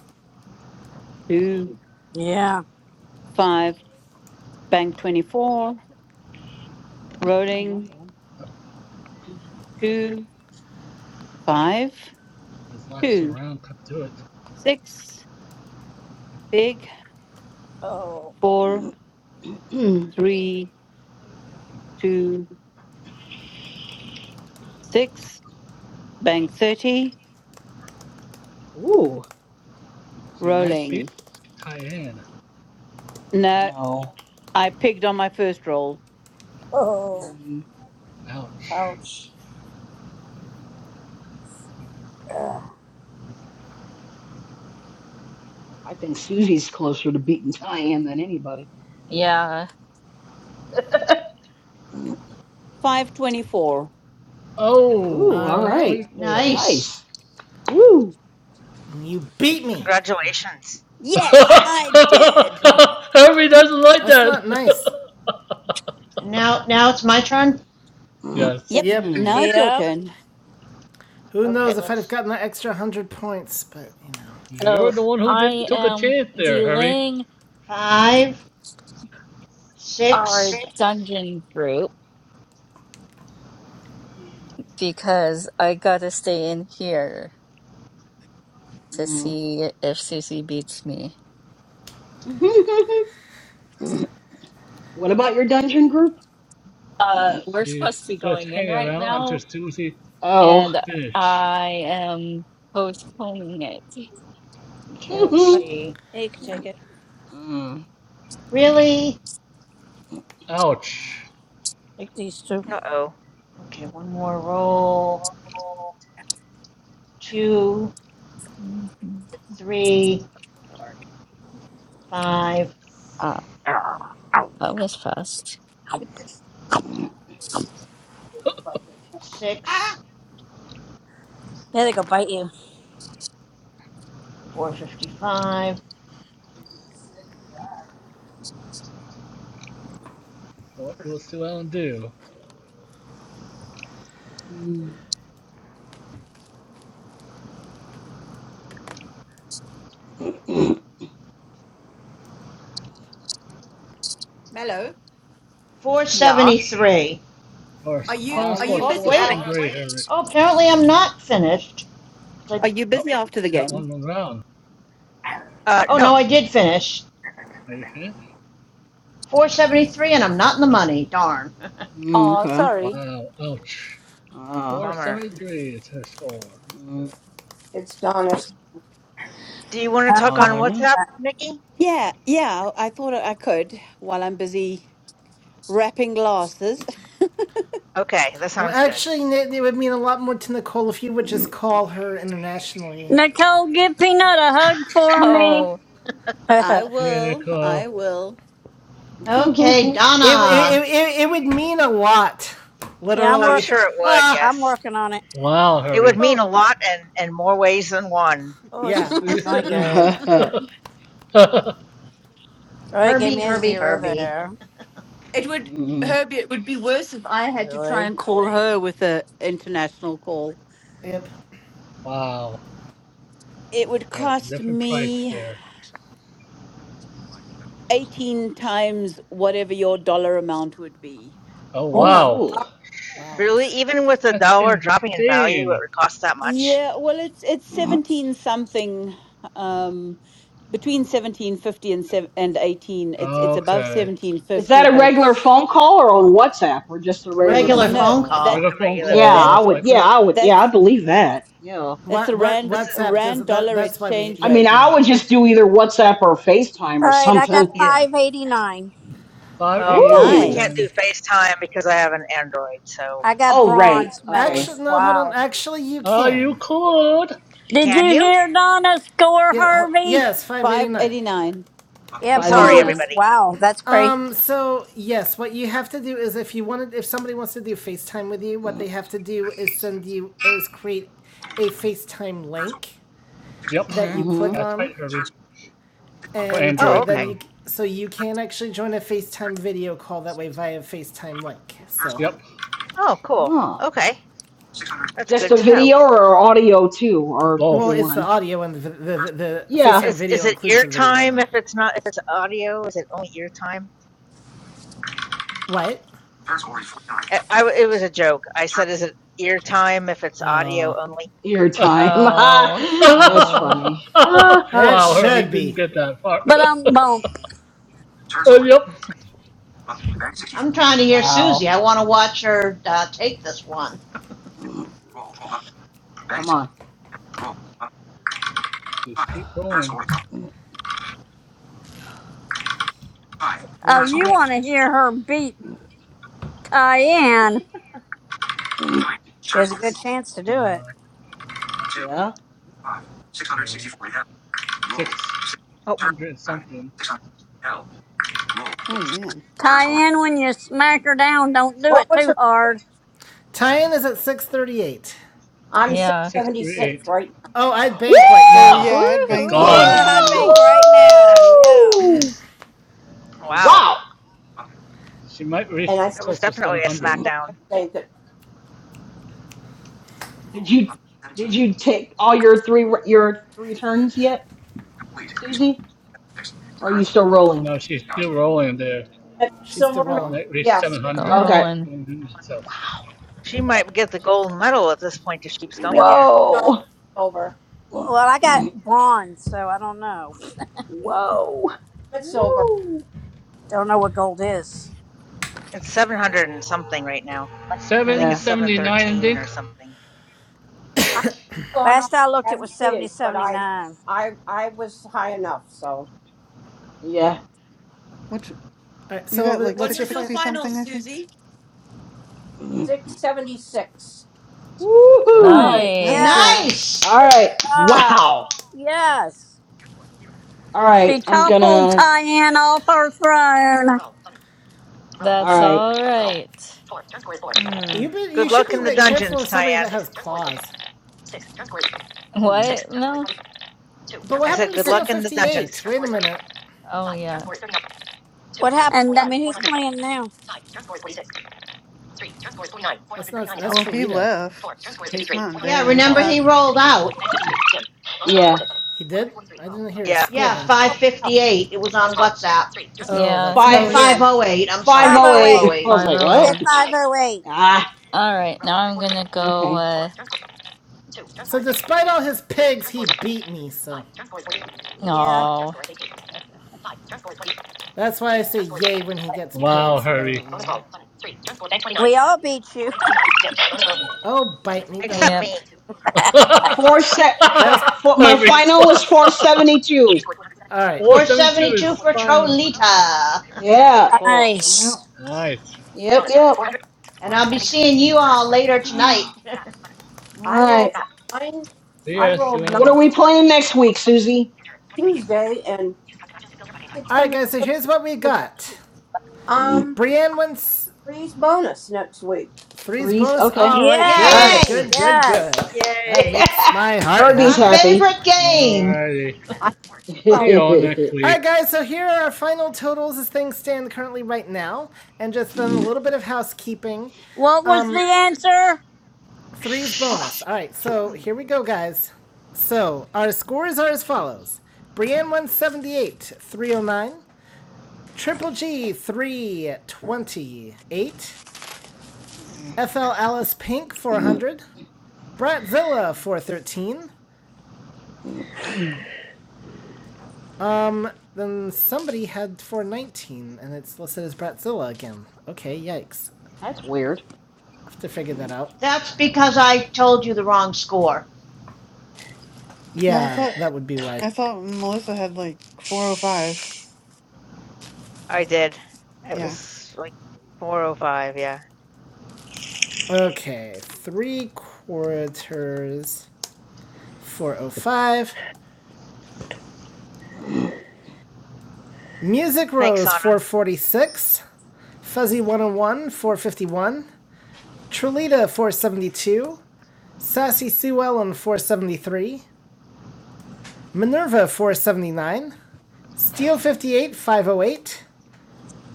Speaker 14: two,
Speaker 4: Yeah.
Speaker 14: five, bank 24,
Speaker 6: oh, not
Speaker 14: rolling, two, five,
Speaker 9: This last two
Speaker 14: two,
Speaker 9: round could do it.
Speaker 14: six, pig,
Speaker 4: Oh.
Speaker 14: four,
Speaker 6: bad.
Speaker 14: three, two, six, bank 30
Speaker 6: Ooh,
Speaker 9: She might
Speaker 14: Rolling.
Speaker 9: beat Tyann.
Speaker 14: No,
Speaker 6: no.
Speaker 14: I pigged on my first roll.
Speaker 4: Oh.
Speaker 6: Mm,
Speaker 9: Ouch.
Speaker 4: Ouch. Ugh.
Speaker 6: I think Susie's closer to beating Diane than anybody.
Speaker 13: Yeah.
Speaker 6: Ooh,
Speaker 14: 524.
Speaker 9: Oh,
Speaker 1: all
Speaker 6: all
Speaker 9: five
Speaker 1: right.
Speaker 6: right.
Speaker 9: twenty-four.
Speaker 5: Nice.
Speaker 6: Nice. Woo!
Speaker 1: You beat me.
Speaker 15: Congratulations.
Speaker 14: Yes,
Speaker 6: Ha!
Speaker 14: I did.
Speaker 4: Yeah.
Speaker 9: 524. Hurry doesn't like
Speaker 1: That's
Speaker 9: that.
Speaker 1: not nice.
Speaker 5: And now now it's my turn?
Speaker 6: Mm,
Speaker 9: yes.
Speaker 14: Yep,
Speaker 11: It's
Speaker 1: Yep.
Speaker 6: mm,
Speaker 14: now it's your
Speaker 4: Yep.
Speaker 14: turn.
Speaker 1: Who
Speaker 5: Okay,
Speaker 1: knows if I'd have
Speaker 5: let's
Speaker 1: gotten that extra 100 points, but you know.
Speaker 9: You're
Speaker 13: So
Speaker 9: the one who didn't
Speaker 13: I
Speaker 9: took a
Speaker 13: am
Speaker 9: chance there, Hurry.
Speaker 13: delaying
Speaker 5: five,
Speaker 13: our
Speaker 5: six.
Speaker 13: dungeon group because I gotta stay in here to
Speaker 6: mm.
Speaker 13: see if Susie beats me.
Speaker 6: what about your dungeon group?
Speaker 13: Uh, we're supposed to
Speaker 9: She's
Speaker 13: be
Speaker 9: just
Speaker 13: going in
Speaker 9: hanging
Speaker 13: right
Speaker 9: around until
Speaker 13: now,
Speaker 9: Susie
Speaker 6: Oh.
Speaker 13: and
Speaker 9: finish.
Speaker 13: I am postponing it.
Speaker 5: Okay, let's see.
Speaker 4: He could take it.
Speaker 6: Mm,
Speaker 5: Really?
Speaker 9: Ouch.
Speaker 4: Take these two.
Speaker 15: Uh oh.
Speaker 5: Okay, one more roll. Two,
Speaker 13: Mhm.
Speaker 5: three, five,
Speaker 13: Ah, that was fast.
Speaker 14: Ah,
Speaker 5: six,
Speaker 4: Yeah, they go bite you.
Speaker 5: four fifty five,
Speaker 9: What will Sue Ellen do?
Speaker 6: mm,
Speaker 14: Mello,
Speaker 5: four
Speaker 15: Yeah.
Speaker 5: seventy three.
Speaker 9: Our
Speaker 14: are you
Speaker 9: final
Speaker 14: are
Speaker 9: score is
Speaker 14: you
Speaker 1: Alrighty.
Speaker 5: Oh,
Speaker 14: busy? Right.
Speaker 5: wait.
Speaker 9: 473, Hurry.
Speaker 5: Oh, apparently I'm not finished. like-
Speaker 14: are you
Speaker 9: Oh,
Speaker 14: busy after the
Speaker 9: he's got one
Speaker 14: game?
Speaker 9: on round. ground.
Speaker 15: Uh
Speaker 5: Oh, no,
Speaker 15: no.
Speaker 5: I did finish.
Speaker 9: Are you finished?
Speaker 5: 473, and I'm not in the money. Darn.
Speaker 6: mm,
Speaker 14: Oh,
Speaker 6: okay.
Speaker 14: sorry.
Speaker 9: Wow, ouch.
Speaker 6: Ah.
Speaker 15: Bummer.
Speaker 9: 473 It's her score.
Speaker 6: mm,
Speaker 11: it's Donna's.
Speaker 15: Do you want to talk on
Speaker 6: Donna.
Speaker 15: WhatsApp, Nikki?
Speaker 14: Yeah, yeah, I thought I could while I'm busy wrapping glasses.
Speaker 15: Okay, that
Speaker 1: Well,
Speaker 15: sounds good.
Speaker 1: actually, it would mean a lot more to Nicole if you would just call her internationally.
Speaker 2: Nicole, give Peanut a hug for me.
Speaker 13: Oh,
Speaker 14: I
Speaker 4: yeah,
Speaker 14: will, I
Speaker 9: Cynical.
Speaker 14: will.
Speaker 5: okay,
Speaker 1: It it
Speaker 5: Donna.
Speaker 1: it, it, would mean a lot,
Speaker 4: I'm
Speaker 15: I'm
Speaker 1: literally.
Speaker 4: work.
Speaker 15: sure it would.
Speaker 1: Ha!
Speaker 4: I'm
Speaker 15: Yes,
Speaker 4: working on it.
Speaker 9: Wow,
Speaker 15: it would
Speaker 9: Herbie.
Speaker 15: mean
Speaker 1: Oh,
Speaker 15: a lot, and in more ways than one.
Speaker 4: Oh, this is
Speaker 1: yeah.
Speaker 4: not going good. Oh, it gave
Speaker 5: Herbie,
Speaker 4: me a
Speaker 5: Herbie,
Speaker 4: zero
Speaker 5: Herbie.
Speaker 4: there.
Speaker 14: It would,
Speaker 6: Mm,
Speaker 14: Herbie. It would be worse if I had to try
Speaker 4: Really?
Speaker 14: and call. her with a international call.
Speaker 1: Yep.
Speaker 9: wow.
Speaker 14: It would
Speaker 9: Yeah, it's a
Speaker 14: cost
Speaker 9: different price
Speaker 14: me.
Speaker 9: there.
Speaker 14: 18 times whatever your dollar amount would be.
Speaker 9: Oh,
Speaker 11: Oh my
Speaker 13: Oof.
Speaker 9: wow.
Speaker 6: oh.
Speaker 1: Wow.
Speaker 15: Really, even with the
Speaker 9: That's
Speaker 15: dollar dropping in value, it
Speaker 9: insane.
Speaker 15: would cost that much
Speaker 14: Yeah, well it's it's 17 something um between 1750 and sev and 18 it's it's above
Speaker 9: Okay.
Speaker 6: Is
Speaker 14: 1750
Speaker 6: that a
Speaker 14: but it's
Speaker 6: regular phone call or on WhatsApp or just a
Speaker 5: A
Speaker 6: regular
Speaker 14: no,
Speaker 1: Regular
Speaker 5: regular
Speaker 6: phone
Speaker 1: phone
Speaker 14: no
Speaker 5: phone
Speaker 6: call?
Speaker 1: call.
Speaker 14: that
Speaker 5: call.
Speaker 15: a
Speaker 9: Regular phone
Speaker 15: regular
Speaker 6: Yeah,
Speaker 9: call,
Speaker 15: phone
Speaker 14: that
Speaker 6: I
Speaker 15: call.
Speaker 9: most
Speaker 6: would. Yeah,
Speaker 9: likely.
Speaker 6: I would. Yeah, I
Speaker 14: that's
Speaker 6: believe that. Yeah.
Speaker 14: that's a
Speaker 1: What what
Speaker 15: This
Speaker 14: rand
Speaker 15: is.
Speaker 1: WhatsApp
Speaker 14: rand
Speaker 1: does that?
Speaker 14: dollar
Speaker 1: That's why we
Speaker 14: exchange
Speaker 6: I
Speaker 1: you,
Speaker 6: mean,
Speaker 14: rate.
Speaker 1: you
Speaker 6: I
Speaker 1: know.
Speaker 6: would just do either WhatsApp or FaceTime or
Speaker 4: All right, I
Speaker 6: something.
Speaker 4: got
Speaker 15: yeah.
Speaker 1: Yeah.
Speaker 4: five eighty nine.
Speaker 15: Well,
Speaker 9: 589 is
Speaker 15: we
Speaker 6: Ooh.
Speaker 15: can't do
Speaker 9: done.
Speaker 14: Nice.
Speaker 15: FaceTime because I have an Android, so
Speaker 4: I got
Speaker 6: Oh, right.
Speaker 4: bronze
Speaker 6: Okay.
Speaker 1: Actually,
Speaker 4: medalist.
Speaker 1: no. Hold
Speaker 6: So,
Speaker 1: on.
Speaker 4: Wow.
Speaker 1: Actually, you
Speaker 9: Ah, you
Speaker 1: can.
Speaker 9: could.
Speaker 2: Did
Speaker 15: can
Speaker 2: you
Speaker 15: you?
Speaker 2: hear Donna score
Speaker 1: Yeah.
Speaker 2: Harvey?
Speaker 1: Yes. Five eighty nine.
Speaker 14: 589.
Speaker 4: Yeah,
Speaker 9: You
Speaker 15: Sorry,
Speaker 9: could.
Speaker 6: 589.
Speaker 4: bronze.
Speaker 15: everybody.
Speaker 4: Wow, that's crazy.
Speaker 1: Um, so yes, what you have to do is if you wanted if somebody wants to do FaceTime with you, what they have to do is send you is create a FaceTime link
Speaker 9: Yep.
Speaker 1: that
Speaker 15: hmm
Speaker 1: you
Speaker 6: Mm-hmm.
Speaker 1: click
Speaker 9: That's
Speaker 1: on
Speaker 9: right, Herbie. For
Speaker 1: and uh,
Speaker 15: Oh,
Speaker 9: Android
Speaker 15: okay.
Speaker 1: then you
Speaker 9: now.
Speaker 1: so you can actually join a FaceTime video call that way via FaceTime link. So,
Speaker 9: Yep.
Speaker 15: Oh, cool.
Speaker 6: Oh.
Speaker 15: Okay. That's
Speaker 6: Just
Speaker 15: good
Speaker 6: a
Speaker 15: to know.
Speaker 6: video or audio too, or
Speaker 1: well,
Speaker 9: Both.
Speaker 6: either
Speaker 1: it's the
Speaker 6: one.
Speaker 1: audio and the the, the, the
Speaker 6: Yeah.
Speaker 1: FaceTime
Speaker 15: Is is
Speaker 1: video
Speaker 15: it
Speaker 1: includes
Speaker 15: ear
Speaker 1: the video and
Speaker 15: time if
Speaker 1: audio.
Speaker 15: it's not if it's audio? Is it only ear time?
Speaker 1: What?
Speaker 15: I, I w- it was a joke. I said is it ear time if it's audio
Speaker 1: Oh,
Speaker 15: only?
Speaker 6: your time.
Speaker 13: oh,
Speaker 6: That's
Speaker 13: oh,
Speaker 6: funny.
Speaker 1: it
Speaker 9: wow, Herbie
Speaker 1: should
Speaker 9: didn't
Speaker 1: be.
Speaker 9: get that far.
Speaker 2: But um bump.
Speaker 9: uh, yep.
Speaker 5: I'm trying to hear
Speaker 6: wow.
Speaker 5: Susie. I want to watch her uh, take this one.
Speaker 11: God!
Speaker 6: Come on.
Speaker 11: Roll. Up.
Speaker 9: Just
Speaker 11: Five.
Speaker 9: keep
Speaker 11: Turn
Speaker 9: rolling.
Speaker 11: score. Five.
Speaker 9: What will
Speaker 2: Oh,
Speaker 11: Turn
Speaker 9: she
Speaker 11: score.
Speaker 2: you
Speaker 9: get?
Speaker 2: want to hear her beat Tyann.
Speaker 11: Three.
Speaker 4: She
Speaker 11: Turn
Speaker 4: has a
Speaker 11: score.
Speaker 4: good chance to do it.
Speaker 9: Uh,
Speaker 11: Two.
Speaker 6: Yeah.
Speaker 11: Five. Six hundred
Speaker 9: two,
Speaker 11: sixty-four. Hell. Roll.
Speaker 9: six
Speaker 11: Six.
Speaker 15: Oh,
Speaker 11: Turn.
Speaker 9: hundred
Speaker 11: Eleven.
Speaker 9: something.
Speaker 11: Six hundred. Hell. Roll.
Speaker 12: Oh
Speaker 15: six,
Speaker 11: Six.
Speaker 12: man.
Speaker 11: Turn score.
Speaker 2: Tyann, when you smack her down, don't do
Speaker 11: What
Speaker 2: it
Speaker 11: was
Speaker 2: too
Speaker 11: her?
Speaker 2: hard.
Speaker 1: Tie-in is at 6:38.
Speaker 11: I'm six
Speaker 13: yeah.
Speaker 9: Six three
Speaker 11: seventy-six
Speaker 9: eight.
Speaker 11: right
Speaker 1: Oh, I'd bank right
Speaker 12: Oh
Speaker 1: now.
Speaker 12: yeah,
Speaker 6: Woo!
Speaker 12: I'd
Speaker 9: It's
Speaker 12: banked that
Speaker 9: gone.
Speaker 13: Woohoo!
Speaker 4: Yeah,
Speaker 12: one
Speaker 4: I'd
Speaker 5: Woo!
Speaker 12: then.
Speaker 4: bank right now. Yeah.
Speaker 6: Woo!
Speaker 11: now. Roll.
Speaker 15: wow.
Speaker 6: Wow.
Speaker 11: Button.
Speaker 9: She might
Speaker 11: And
Speaker 9: reach
Speaker 11: I think
Speaker 15: That was
Speaker 9: close to
Speaker 11: I'm
Speaker 15: definitely
Speaker 9: seven
Speaker 15: a
Speaker 9: hundred.
Speaker 11: going to
Speaker 15: smackdown.
Speaker 11: say that.
Speaker 6: Did
Speaker 11: Roll.
Speaker 6: you
Speaker 11: Button.
Speaker 6: did
Speaker 11: Seventeen.
Speaker 6: you take all your three your three turns yet,
Speaker 11: Complete. You scored
Speaker 6: Susie?
Speaker 11: six. You
Speaker 6: Or are you
Speaker 11: currently
Speaker 6: still rolling?
Speaker 9: No, she's
Speaker 11: out.
Speaker 9: still rolling there.
Speaker 11: At
Speaker 1: She's
Speaker 11: silver.
Speaker 1: still
Speaker 11: medal.
Speaker 6: Oh.
Speaker 1: rolling.
Speaker 9: Might reach
Speaker 11: Yeah.
Speaker 9: seven
Speaker 11: Six
Speaker 13: Go
Speaker 9: hundred.
Speaker 11: seven.
Speaker 6: Okay.
Speaker 13: rolling.
Speaker 9: Mm-hmm. So
Speaker 15: She might get the gold medal at this point if she keeps
Speaker 11: No.
Speaker 15: going
Speaker 11: No.
Speaker 15: here.
Speaker 11: I'm
Speaker 6: Whoa.
Speaker 4: Well, well, I got bronze, so I don't know.
Speaker 6: Whoa.
Speaker 11: It's silver.
Speaker 6: Woo.
Speaker 4: Don't know what gold is.
Speaker 15: It's 700 and something right now. I think
Speaker 9: seven
Speaker 15: it's
Speaker 6: Yeah.
Speaker 9: seventy nine, I
Speaker 15: 713
Speaker 9: think.
Speaker 15: or something.
Speaker 11: i have gone on.
Speaker 4: Last I
Speaker 11: I
Speaker 4: looked, it was
Speaker 11: haven't
Speaker 4: seventy
Speaker 11: paid, but
Speaker 4: seventy
Speaker 11: I,
Speaker 4: nine.
Speaker 11: I, I was high enough. So
Speaker 6: Yeah.
Speaker 12: Which
Speaker 1: All right.
Speaker 12: you got
Speaker 1: So
Speaker 12: like
Speaker 14: What
Speaker 1: what's your
Speaker 12: six
Speaker 14: was your
Speaker 1: fine?
Speaker 12: sixty
Speaker 14: final,
Speaker 12: something, I think.
Speaker 14: Susie?
Speaker 11: six seventy six.
Speaker 1: All
Speaker 6: Woohoo.
Speaker 4: Oh,
Speaker 1: right.
Speaker 12: That's good.
Speaker 13: Nice.
Speaker 4: yes.
Speaker 5: Nice.
Speaker 6: All
Speaker 4: Good
Speaker 6: right.
Speaker 4: job.
Speaker 6: Wow.
Speaker 4: Yes.
Speaker 6: All right.
Speaker 2: She
Speaker 6: I'm
Speaker 2: toppled
Speaker 6: gonna.
Speaker 2: Tyann off her throne.
Speaker 6: All
Speaker 13: That's
Speaker 6: right.
Speaker 13: all right.
Speaker 1: You
Speaker 15: Mm.
Speaker 1: be, you
Speaker 15: Good
Speaker 1: should
Speaker 15: luck
Speaker 1: be
Speaker 15: in the
Speaker 1: that careful
Speaker 15: dungeons,
Speaker 1: of somebody
Speaker 15: Tyann.
Speaker 1: that has claws.
Speaker 6: Come on.
Speaker 13: What, Mel?
Speaker 1: But what
Speaker 15: I said
Speaker 1: happened to
Speaker 15: good
Speaker 1: Steel
Speaker 15: luck in the
Speaker 1: Fifty Eight?
Speaker 15: dungeons.
Speaker 1: Wait a minute.
Speaker 13: Oh, yeah.
Speaker 4: What happened?
Speaker 2: And
Speaker 4: I
Speaker 2: that,
Speaker 4: mean, who's playing now?
Speaker 1: That's not that's
Speaker 12: Well, he
Speaker 1: Trelita.
Speaker 12: left. He's not
Speaker 5: Yeah,
Speaker 12: there.
Speaker 5: remember he rolled out.
Speaker 6: Yeah.
Speaker 1: He did. I didn't hear us
Speaker 15: Yeah,
Speaker 1: score
Speaker 5: Yeah,
Speaker 1: them.
Speaker 5: 558. It was on WhatsApp.
Speaker 1: Oh,
Speaker 13: Yeah,
Speaker 5: I
Speaker 1: that's
Speaker 5: mean,
Speaker 12: Oh
Speaker 1: why.
Speaker 6: Five.
Speaker 4: Yeah,
Speaker 12: yeah.
Speaker 5: 508. I'm
Speaker 6: Five
Speaker 5: sorry,
Speaker 6: oh
Speaker 4: 508.
Speaker 6: eight. I was
Speaker 5: 508.
Speaker 6: like,
Speaker 4: You
Speaker 6: what?
Speaker 13: 508.
Speaker 4: get
Speaker 12: Probably.
Speaker 4: 508.
Speaker 6: Ah.
Speaker 13: All right, now I'm gonna go,
Speaker 6: Okay.
Speaker 13: uh,
Speaker 1: So despite all his pigs, he beat me. So
Speaker 4: Yeah.
Speaker 13: oh,
Speaker 1: that's why I say yay when he gets
Speaker 9: Wow,
Speaker 1: pigs. But I
Speaker 9: Herbie.
Speaker 1: don't know.
Speaker 4: We all beat you.
Speaker 1: Oh, bite me, Donna.
Speaker 15: except
Speaker 13: yep.
Speaker 15: me.
Speaker 6: Four set.
Speaker 1: Just
Speaker 6: For my
Speaker 9: Herbie.
Speaker 6: final was four seventy two.
Speaker 1: all right.
Speaker 9: Four seventy two
Speaker 5: 472
Speaker 9: is
Speaker 5: for
Speaker 9: final.
Speaker 5: Trolita.
Speaker 6: Yeah.
Speaker 15: Cool.
Speaker 4: Nice.
Speaker 9: Nice.
Speaker 6: Yep, yep.
Speaker 5: and I'll be seeing you all later
Speaker 6: All
Speaker 5: tonight.
Speaker 11: I rolled
Speaker 6: right.
Speaker 11: nine.
Speaker 9: See
Speaker 11: I
Speaker 9: ya, Sue
Speaker 11: rolled nine
Speaker 6: What are we playing next week, Susie?
Speaker 11: Tuesday and six
Speaker 1: All right,
Speaker 11: hundred.
Speaker 1: guys. So here's what we got.
Speaker 6: Mm,
Speaker 11: Um,
Speaker 1: Brienne wins
Speaker 11: three's bonus next week.
Speaker 1: Three's
Speaker 6: Threes?
Speaker 1: bonus.
Speaker 6: Okay.
Speaker 1: All right,
Speaker 6: All right.
Speaker 1: good,
Speaker 4: Yes.
Speaker 5: Yay!
Speaker 1: good, good,
Speaker 4: Yes.
Speaker 1: good.
Speaker 15: Yay.
Speaker 1: That makes my heart
Speaker 6: Herbie's
Speaker 5: My
Speaker 1: happy.
Speaker 6: happy.
Speaker 5: favorite game.
Speaker 9: Alrighty.
Speaker 11: I
Speaker 9: See
Speaker 11: well,
Speaker 9: you all next
Speaker 1: All
Speaker 9: week.
Speaker 1: right, guys, so here are our final totals as things stand currently right now, and just then a
Speaker 6: Mm,
Speaker 1: little bit of housekeeping.
Speaker 2: what was the answer?
Speaker 1: Three's
Speaker 6: Ah,
Speaker 1: bonus.
Speaker 15: Shh.
Speaker 1: All right, so
Speaker 6: yeah,
Speaker 1: here we go, guys. So our scores are as
Speaker 6: Jesus.
Speaker 1: follows Brienne one seventy eight, three oh nine. Triple G 328, FL Alice Pink
Speaker 6: Mm, mm,
Speaker 1: 400, Bratzilla 413,
Speaker 6: mm, mm.
Speaker 1: Um, then somebody had 419, and it's listed as Bratzilla again. Okay, yikes.
Speaker 6: That's weird.
Speaker 1: I'll Have to figure that
Speaker 6: Mm,
Speaker 1: out.
Speaker 5: That's because I told you the wrong score.
Speaker 12: No, I
Speaker 1: Yeah,
Speaker 12: thought.
Speaker 1: that would be why.
Speaker 12: I thought Melissa had like 405.
Speaker 19: It's
Speaker 12: I
Speaker 15: I
Speaker 12: s-
Speaker 15: did. It
Speaker 12: Yeah.
Speaker 15: was like 4:05. Yeah.
Speaker 1: Okay, three quarters, 405.
Speaker 6: mm.
Speaker 1: Music
Speaker 15: Thanks,
Speaker 1: Rose,
Speaker 15: Anna.
Speaker 1: 446. Fuzzy 101, 451. Trulita, 472. Sassy Sue Ellen, 473. Minerva, 479. Steel fifty eight five oh eight.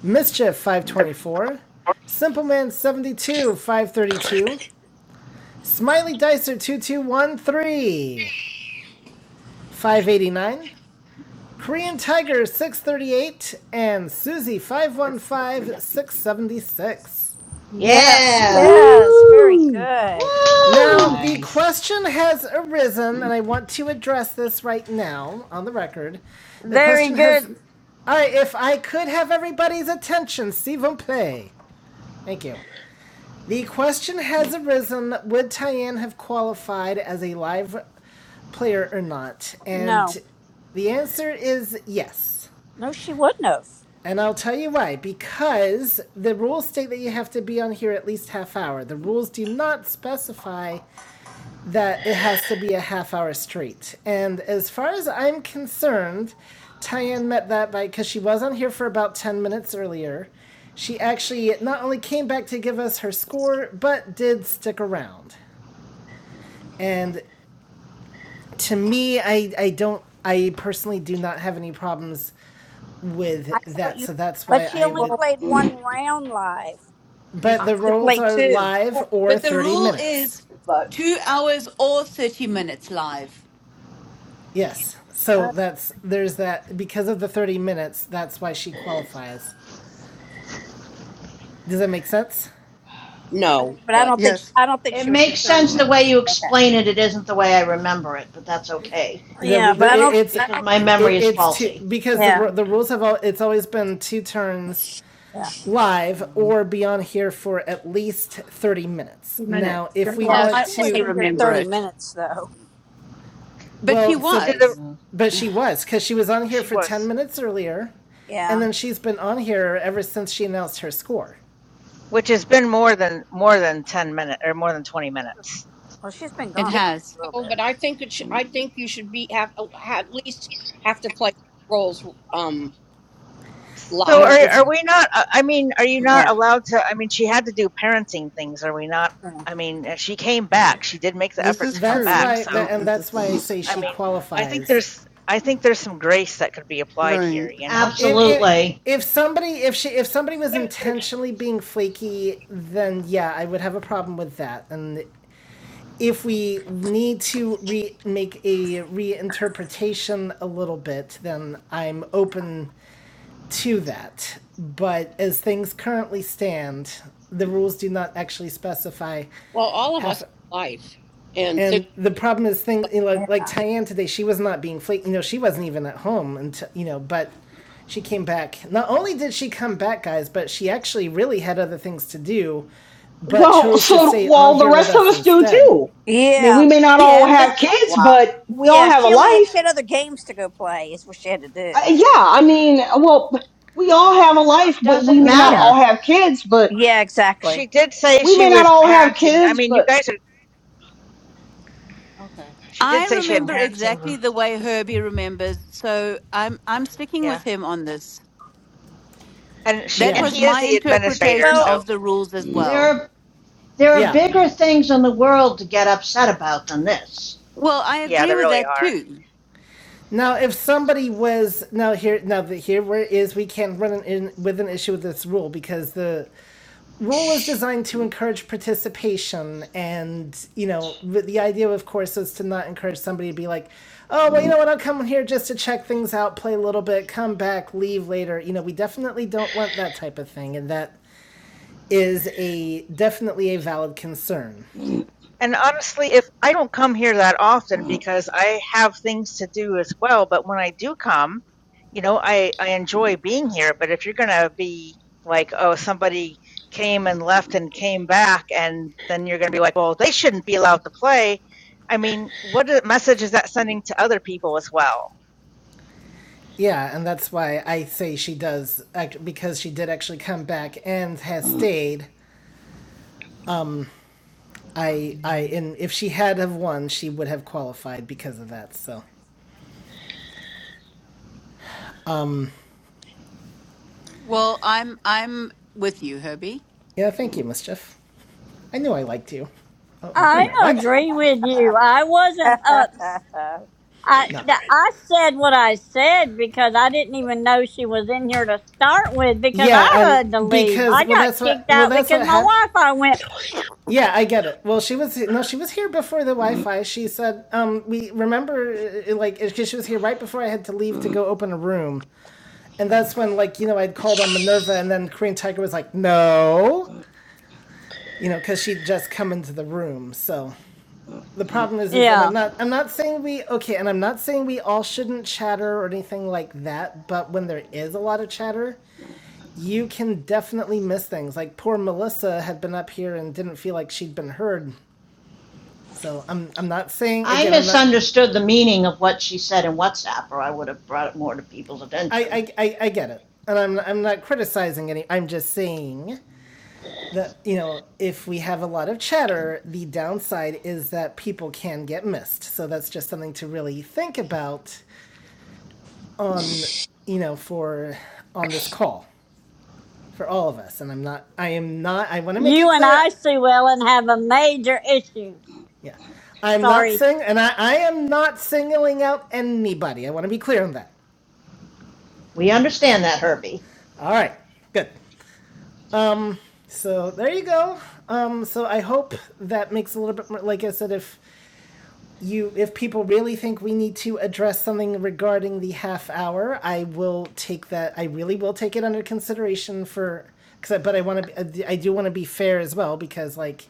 Speaker 1: Mischief 524, Simpleman 72 532, Smiley Dicer two two one three five eighty nine, Korean Tiger 638, and Susie five one five six seventy six.
Speaker 4: Yes.
Speaker 5: Yeah.
Speaker 4: Yes. Very
Speaker 6: Woohoo!
Speaker 4: good.
Speaker 1: Now,
Speaker 5: Woo!
Speaker 1: the
Speaker 6: Nice.
Speaker 1: question has arisen, and I want to address this right now on the record. The
Speaker 2: Very
Speaker 1: question has.
Speaker 2: good.
Speaker 1: all right. if I could have everybody's attention, s'il vous plaît. Thank you. The question has arisen would Tyann have qualified as a live player or not? And
Speaker 4: No.
Speaker 1: the answer is yes.
Speaker 4: No, she wouldn't have.
Speaker 1: And I'll tell you why. Because the rules state that you have to be on here at least half hour. The rules do not specify that it has to be a half hour straight. And as far as I'm concerned, Tyann met that by because she was on here for about 10 minutes earlier. She actually not only came back to give us her score, but did stick around. And to me, I, I don't, I personally do not have any problems
Speaker 11: I
Speaker 1: with
Speaker 11: thought
Speaker 1: that.
Speaker 11: you
Speaker 1: So that's
Speaker 4: But
Speaker 1: why
Speaker 4: she
Speaker 1: I
Speaker 4: only
Speaker 1: would,
Speaker 11: rolled
Speaker 4: played one
Speaker 6: Mm, mm, mm,
Speaker 4: round live. You're
Speaker 1: but
Speaker 11: a
Speaker 1: the
Speaker 4: supposed to
Speaker 1: rolls
Speaker 4: play
Speaker 1: are
Speaker 4: two.
Speaker 1: live
Speaker 11: hundred,
Speaker 1: or
Speaker 14: But the
Speaker 1: 30
Speaker 14: rule
Speaker 1: minutes.
Speaker 14: is
Speaker 11: but
Speaker 14: 2 hours or 30 minutes live.
Speaker 1: Yes. So
Speaker 4: Uh,
Speaker 1: that's there's that because of the 30 minutes, that's why she qualifies. Does that make sense?
Speaker 4: okay,
Speaker 11: no,
Speaker 4: but I
Speaker 11: but
Speaker 4: don't think she,
Speaker 12: Yes,
Speaker 4: I don't think
Speaker 5: It
Speaker 4: she was for
Speaker 5: makes
Speaker 4: 30
Speaker 5: sense the way
Speaker 4: minutes.
Speaker 5: you
Speaker 4: but okay.
Speaker 5: explain it. It isn't the way I remember it, but that's okay
Speaker 1: The,
Speaker 4: Yeah,
Speaker 1: the
Speaker 4: but I
Speaker 14: That's
Speaker 1: it,
Speaker 4: don't.
Speaker 14: not
Speaker 1: it's
Speaker 14: bad.
Speaker 5: because my
Speaker 6: mm,
Speaker 5: memory
Speaker 1: it,
Speaker 5: is
Speaker 1: it's two
Speaker 5: faulty.
Speaker 1: because the
Speaker 4: Yeah.
Speaker 1: the rules have all it's always been two turns
Speaker 4: Yeah.
Speaker 1: live or be on here for at least 30 minutes. Now,
Speaker 14: minutes.
Speaker 1: if
Speaker 14: That's
Speaker 1: we
Speaker 14: how
Speaker 4: Yeah,
Speaker 1: want
Speaker 14: I
Speaker 4: she was
Speaker 1: to
Speaker 14: also
Speaker 4: in here
Speaker 14: remember
Speaker 4: 30
Speaker 14: it.
Speaker 4: minutes, though.
Speaker 14: But she
Speaker 1: well, so
Speaker 15: Did the
Speaker 14: was.
Speaker 6: mm,
Speaker 1: but she was cuz she was on here
Speaker 15: she
Speaker 1: for 10
Speaker 15: was,
Speaker 1: minutes earlier and
Speaker 4: Yeah.
Speaker 1: then she's been on here ever since she announced her score.
Speaker 15: which has been more than more than 10 minutes or more than 20 minutes.
Speaker 4: Well, she's been
Speaker 14: It
Speaker 4: gone
Speaker 11: maybe
Speaker 4: for a
Speaker 14: has.
Speaker 4: little
Speaker 11: so.
Speaker 4: bit.
Speaker 11: But I think it. Should,
Speaker 6: mm,
Speaker 11: I think you should be have, have at least have to play rolls um
Speaker 15: So
Speaker 1: Now,
Speaker 11: live.
Speaker 15: are
Speaker 1: if
Speaker 6: mm,
Speaker 15: are we not? I I mean, are you
Speaker 6: mm,
Speaker 15: not
Speaker 4: Yeah.
Speaker 15: allowed to? I mean, she had to do parenting things. Are we not?
Speaker 4: Yeah.
Speaker 15: I mean, uh, she came back. She did make the
Speaker 12: this
Speaker 15: effort
Speaker 12: is
Speaker 15: to come
Speaker 1: that's
Speaker 15: back.
Speaker 12: true.
Speaker 1: why
Speaker 15: So.
Speaker 1: that and
Speaker 12: That,
Speaker 1: that's why
Speaker 6: mm.
Speaker 1: I
Speaker 12: that's
Speaker 1: say
Speaker 15: I
Speaker 1: she
Speaker 15: mean, I think
Speaker 1: qualifies
Speaker 15: there's I think there's some grace that could be applied here,
Speaker 12: right.
Speaker 15: you know?
Speaker 1: if if
Speaker 5: Absolutely.
Speaker 1: if somebody if she if somebody was intentionally being flaky, then yeah, I would have a problem with that. And if we need to re make a reinterpretation a little bit, then I'm open to that. But as things currently stand, the rules do not actually specify
Speaker 11: Well, all of us
Speaker 1: half
Speaker 11: have life and things.
Speaker 1: and the problem is things
Speaker 11: But
Speaker 1: you know,
Speaker 4: Yeah.
Speaker 1: like like Tyann today, she was not being flaky. You know, she wasn't even at home until you know, but she came back. Not only did she come back, guys, but she actually really had other things to do, but
Speaker 6: Well,
Speaker 1: chose to
Speaker 6: so
Speaker 1: stay on
Speaker 6: well, the
Speaker 1: here with
Speaker 6: rest of
Speaker 1: us
Speaker 6: us do
Speaker 1: instead.
Speaker 6: too. I mean,
Speaker 4: Yeah.
Speaker 6: we may not all
Speaker 14: Yeah, but
Speaker 6: have kids, but we all
Speaker 4: Yeah,
Speaker 6: have a
Speaker 4: She only
Speaker 6: life.
Speaker 4: she had other games to go play, is what she had to
Speaker 6: Uh,
Speaker 4: do.
Speaker 6: yeah, I mean, well, we all have a
Speaker 15: Uh,
Speaker 6: life, but we
Speaker 5: Doesn't
Speaker 6: may not all
Speaker 4: Yeah.
Speaker 5: matter.
Speaker 6: have kids, but
Speaker 4: Yeah,
Speaker 15: She
Speaker 4: exactly.
Speaker 15: did say
Speaker 6: we
Speaker 15: she
Speaker 6: may not
Speaker 15: was
Speaker 6: all have
Speaker 15: parenting. I
Speaker 6: kids,
Speaker 15: mean, you
Speaker 6: but
Speaker 15: guys are
Speaker 6: okay,
Speaker 15: she did
Speaker 14: I
Speaker 15: say she had
Speaker 6: no,
Speaker 14: remember
Speaker 15: parenting.
Speaker 14: exactly
Speaker 6: never.
Speaker 14: the way Herbie remembers, so I'm I'm sticking
Speaker 15: Yeah.
Speaker 14: with him on this.
Speaker 15: And she
Speaker 14: That
Speaker 15: and
Speaker 1: Yeah.
Speaker 14: was
Speaker 15: he is
Speaker 14: my
Speaker 15: the administrator,
Speaker 14: interpretation
Speaker 4: Well,
Speaker 15: so
Speaker 14: of the rules as
Speaker 5: There
Speaker 14: well.
Speaker 5: are there are
Speaker 1: Yeah.
Speaker 5: bigger things in the world to get upset about than this.
Speaker 14: Well, I
Speaker 15: yeah,
Speaker 14: agree
Speaker 15: they
Speaker 14: with
Speaker 15: really
Speaker 14: that
Speaker 15: are.
Speaker 14: too.
Speaker 1: Now, if somebody was now here, now the, here where it is we can run an, in with an issue with this rule because the rule was designed to encourage participation, and you know the idea, of course, is to not encourage somebody to be like, oh well, you know what, I'll come here just to check things out, play a little bit, come back, leave later. You know, we definitely don't want that type of thing, and that is a definitely a valid concern.
Speaker 15: And honestly, if I don't come here that often because I have things to do as well, but when I do come, you know, I I enjoy being here, but if you're going to be like, oh, somebody came and left and came back and then you're going to be like, well, they shouldn't be allowed to play. I mean, what a- message is that sending to other people as well?
Speaker 1: Yeah, and that's why I say she does because she did actually come back and has stayed I I and if she had have won, she would have qualified because of that. So
Speaker 14: Well, I'm I'm with you, Herbie.
Speaker 1: yeah, thank you, mischief. I knew I liked you. Oh, wait a
Speaker 2: I
Speaker 1: minute, what?
Speaker 2: agree with you. I wasn't up.
Speaker 19: a
Speaker 2: I,
Speaker 1: No.
Speaker 2: th-
Speaker 19: great,
Speaker 2: I said what I said because I didn't even know she was in here to start with because
Speaker 1: Yeah,
Speaker 2: I
Speaker 1: and
Speaker 2: had to leave.
Speaker 1: because
Speaker 2: I
Speaker 1: well,
Speaker 2: got
Speaker 1: that's what
Speaker 2: kicked
Speaker 1: well,
Speaker 2: out
Speaker 1: that's
Speaker 2: because
Speaker 1: what
Speaker 2: my
Speaker 1: happened.
Speaker 2: Wi-Fi went.
Speaker 1: Yeah, I get it. Well, she was no, she was here before the Wi-Fi. She said, um, we remember uh, uh, like because she was here right before I had to leave to
Speaker 6: Okay.
Speaker 1: go open a room, and that's when like you know I'd called on Minerva, and then Korean Tiger was like, no, you know, because she'd just come into the room, so the problem is is and i'm
Speaker 2: Yeah.
Speaker 1: not i'm not saying we okay and i'm not saying we all shouldn't chatter or anything like that but when there is a lot of chatter you can definitely miss things like poor melissa had been up here and didn't feel like she'd been heard so i'm i'm not saying
Speaker 5: I
Speaker 1: again i'm not
Speaker 5: misunderstood the meaning of what she said in WhatsApp, or I would have brought it more to people's attention.
Speaker 1: i i i, I get it and i'm i'm not criticizing any i'm just saying that you know if we have a lot of chatter the downside is that people can get missed so that's just something to really think about on you know for on this call for all of us and i'm not i am not i want to make it
Speaker 2: You and
Speaker 1: clear
Speaker 2: I, Sue Ellen, have a major issue.
Speaker 1: yeah i'm not
Speaker 2: Sorry.
Speaker 1: saying and i i am not singling out anybody i want to be clear on that
Speaker 5: We understand that, Herbie.
Speaker 1: all right good so there you go um so i hope that makes a little bit more like i said if you if people really think we need to address something regarding the half hour i will take that i really will take it under consideration for because but i want to i do want to be fair as well because like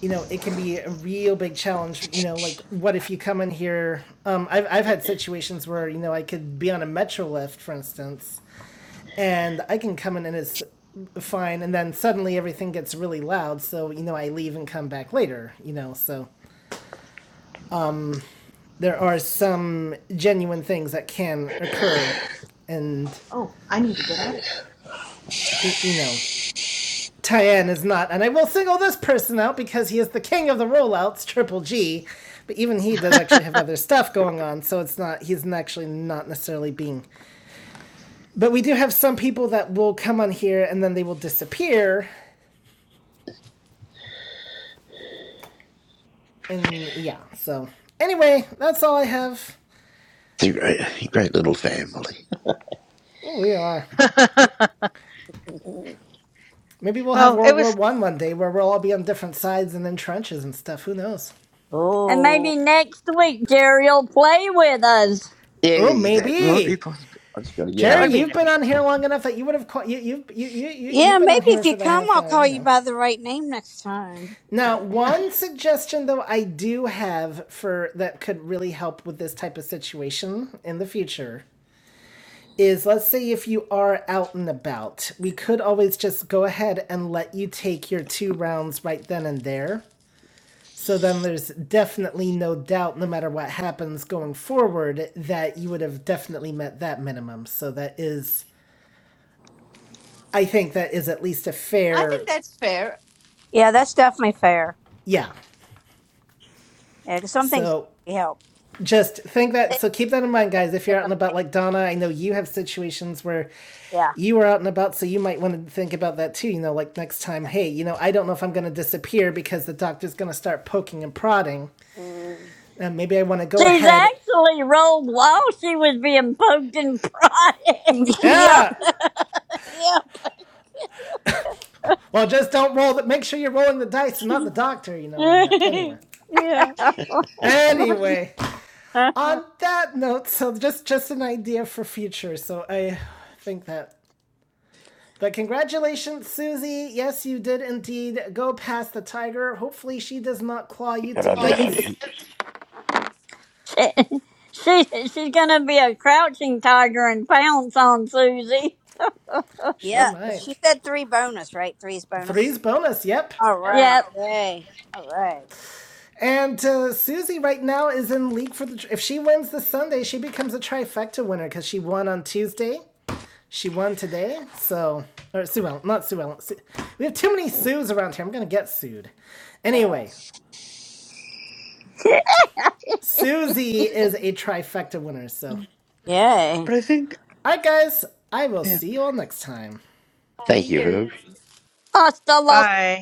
Speaker 1: you know it can be a real big challenge you know like what if you come in here um i've, I've had situations where you know i could be on a metro lift for instance and i can come in and it's fine and then suddenly everything gets really loud so you know i leave and come back later you know so there are some genuine things that can occur and
Speaker 5: Oh, I need to get out of here.
Speaker 1: you know Tyann is not, and I will single this person out because he is the king of the rollouts, Triple G. But even he does actually have other stuff going on, so it's not he's actually not necessarily being. But we do have some people that will come on here and then they will disappear, and yeah. So anyway, that's all I have.
Speaker 19: it's a great, great little family.
Speaker 1: Oh, we are. Maybe we'll have
Speaker 15: well, it
Speaker 1: World War
Speaker 15: was
Speaker 1: One one day where we'll all be on different sides and in trenches and stuff. Who knows?
Speaker 2: And
Speaker 4: oh.
Speaker 2: maybe next week Jerry will play with us.
Speaker 1: Oh,
Speaker 19: Yeah, that might be
Speaker 1: maybe.
Speaker 19: possible. I just got to get
Speaker 15: that
Speaker 1: Jerry,
Speaker 15: would
Speaker 19: on
Speaker 15: be
Speaker 1: you've been
Speaker 19: proper
Speaker 15: nifty.
Speaker 1: on
Speaker 19: time.
Speaker 1: here long enough that you would have caught you you've you, you you you've
Speaker 4: Yeah,
Speaker 1: been on
Speaker 4: maybe
Speaker 1: here
Speaker 4: if you
Speaker 1: for the
Speaker 4: come,
Speaker 1: half
Speaker 4: I'll
Speaker 1: hour,
Speaker 4: call
Speaker 1: you
Speaker 4: you
Speaker 1: know.
Speaker 4: by the right name next time.
Speaker 1: Now, one suggestion though I do have for that could really help with this type of situation in the future is let's say if you are out and about, we could always just go ahead and let you take your two rounds right then and there. So then there's definitely no doubt, no matter what happens going forward, that you would have definitely met that minimum. So that is I think that is at least a
Speaker 14: I
Speaker 1: fair,
Speaker 14: think that's fair.
Speaker 4: Yeah, that's definitely fair.
Speaker 1: yeah.
Speaker 4: Yeah, 'cause some things
Speaker 1: So
Speaker 4: can't be helped.
Speaker 1: just think that. So keep that in mind, guys. If you're out and about, like Donna, I know you have situations where
Speaker 4: Yeah.
Speaker 1: you are out and about, so you might want to think about that too. You know, like next time,
Speaker 4: Yeah.
Speaker 1: hey, you know, I don't know if I'm going to disappear because the doctor's going to start poking and prodding.
Speaker 4: Mm.
Speaker 1: And maybe I want to go
Speaker 2: She's
Speaker 1: ahead.
Speaker 2: actually rolled while she was being poked and prodded.
Speaker 4: yep.
Speaker 1: Yeah. Well, just don't roll. The, make sure you're rolling the dice and not the doctor. You know, and
Speaker 4: Yep.
Speaker 1: that. Anyway.
Speaker 4: yeah.
Speaker 1: Anyway. on that note, so just just an idea for future. So I think that. But congratulations, Susie. Yes, you did indeed go past the tiger. Hopefully, she does not claw you
Speaker 19: Good
Speaker 1: to
Speaker 19: on you,
Speaker 1: bits.
Speaker 19: Susie.
Speaker 2: she she's gonna be a crouching tiger and pounce on Susie.
Speaker 1: She
Speaker 4: Yeah.
Speaker 1: might.
Speaker 4: She said three bonus, right? Three is
Speaker 1: Three's
Speaker 4: bonus.
Speaker 1: bonus. Yep.
Speaker 4: All right.
Speaker 2: Yep.
Speaker 4: Yay. All right.
Speaker 1: And uh, Susie right now is in league for the. If she wins this Sunday, she becomes a trifecta winner because she won on Tuesday. She won today, so or Sue Ellen, not Sue Ellen. Sue, we have too many Sues around here. I'm gonna get sued.
Speaker 4: Uh,
Speaker 1: Anyway, Susie is a trifecta winner. So,
Speaker 12: But
Speaker 4: Yay.
Speaker 12: I think,
Speaker 1: all right, guys, I will
Speaker 12: yeah.
Speaker 1: see you all next time.
Speaker 14: See
Speaker 19: Thank you,
Speaker 14: you.
Speaker 19: Herb.
Speaker 2: Hasta luego.
Speaker 15: Bye.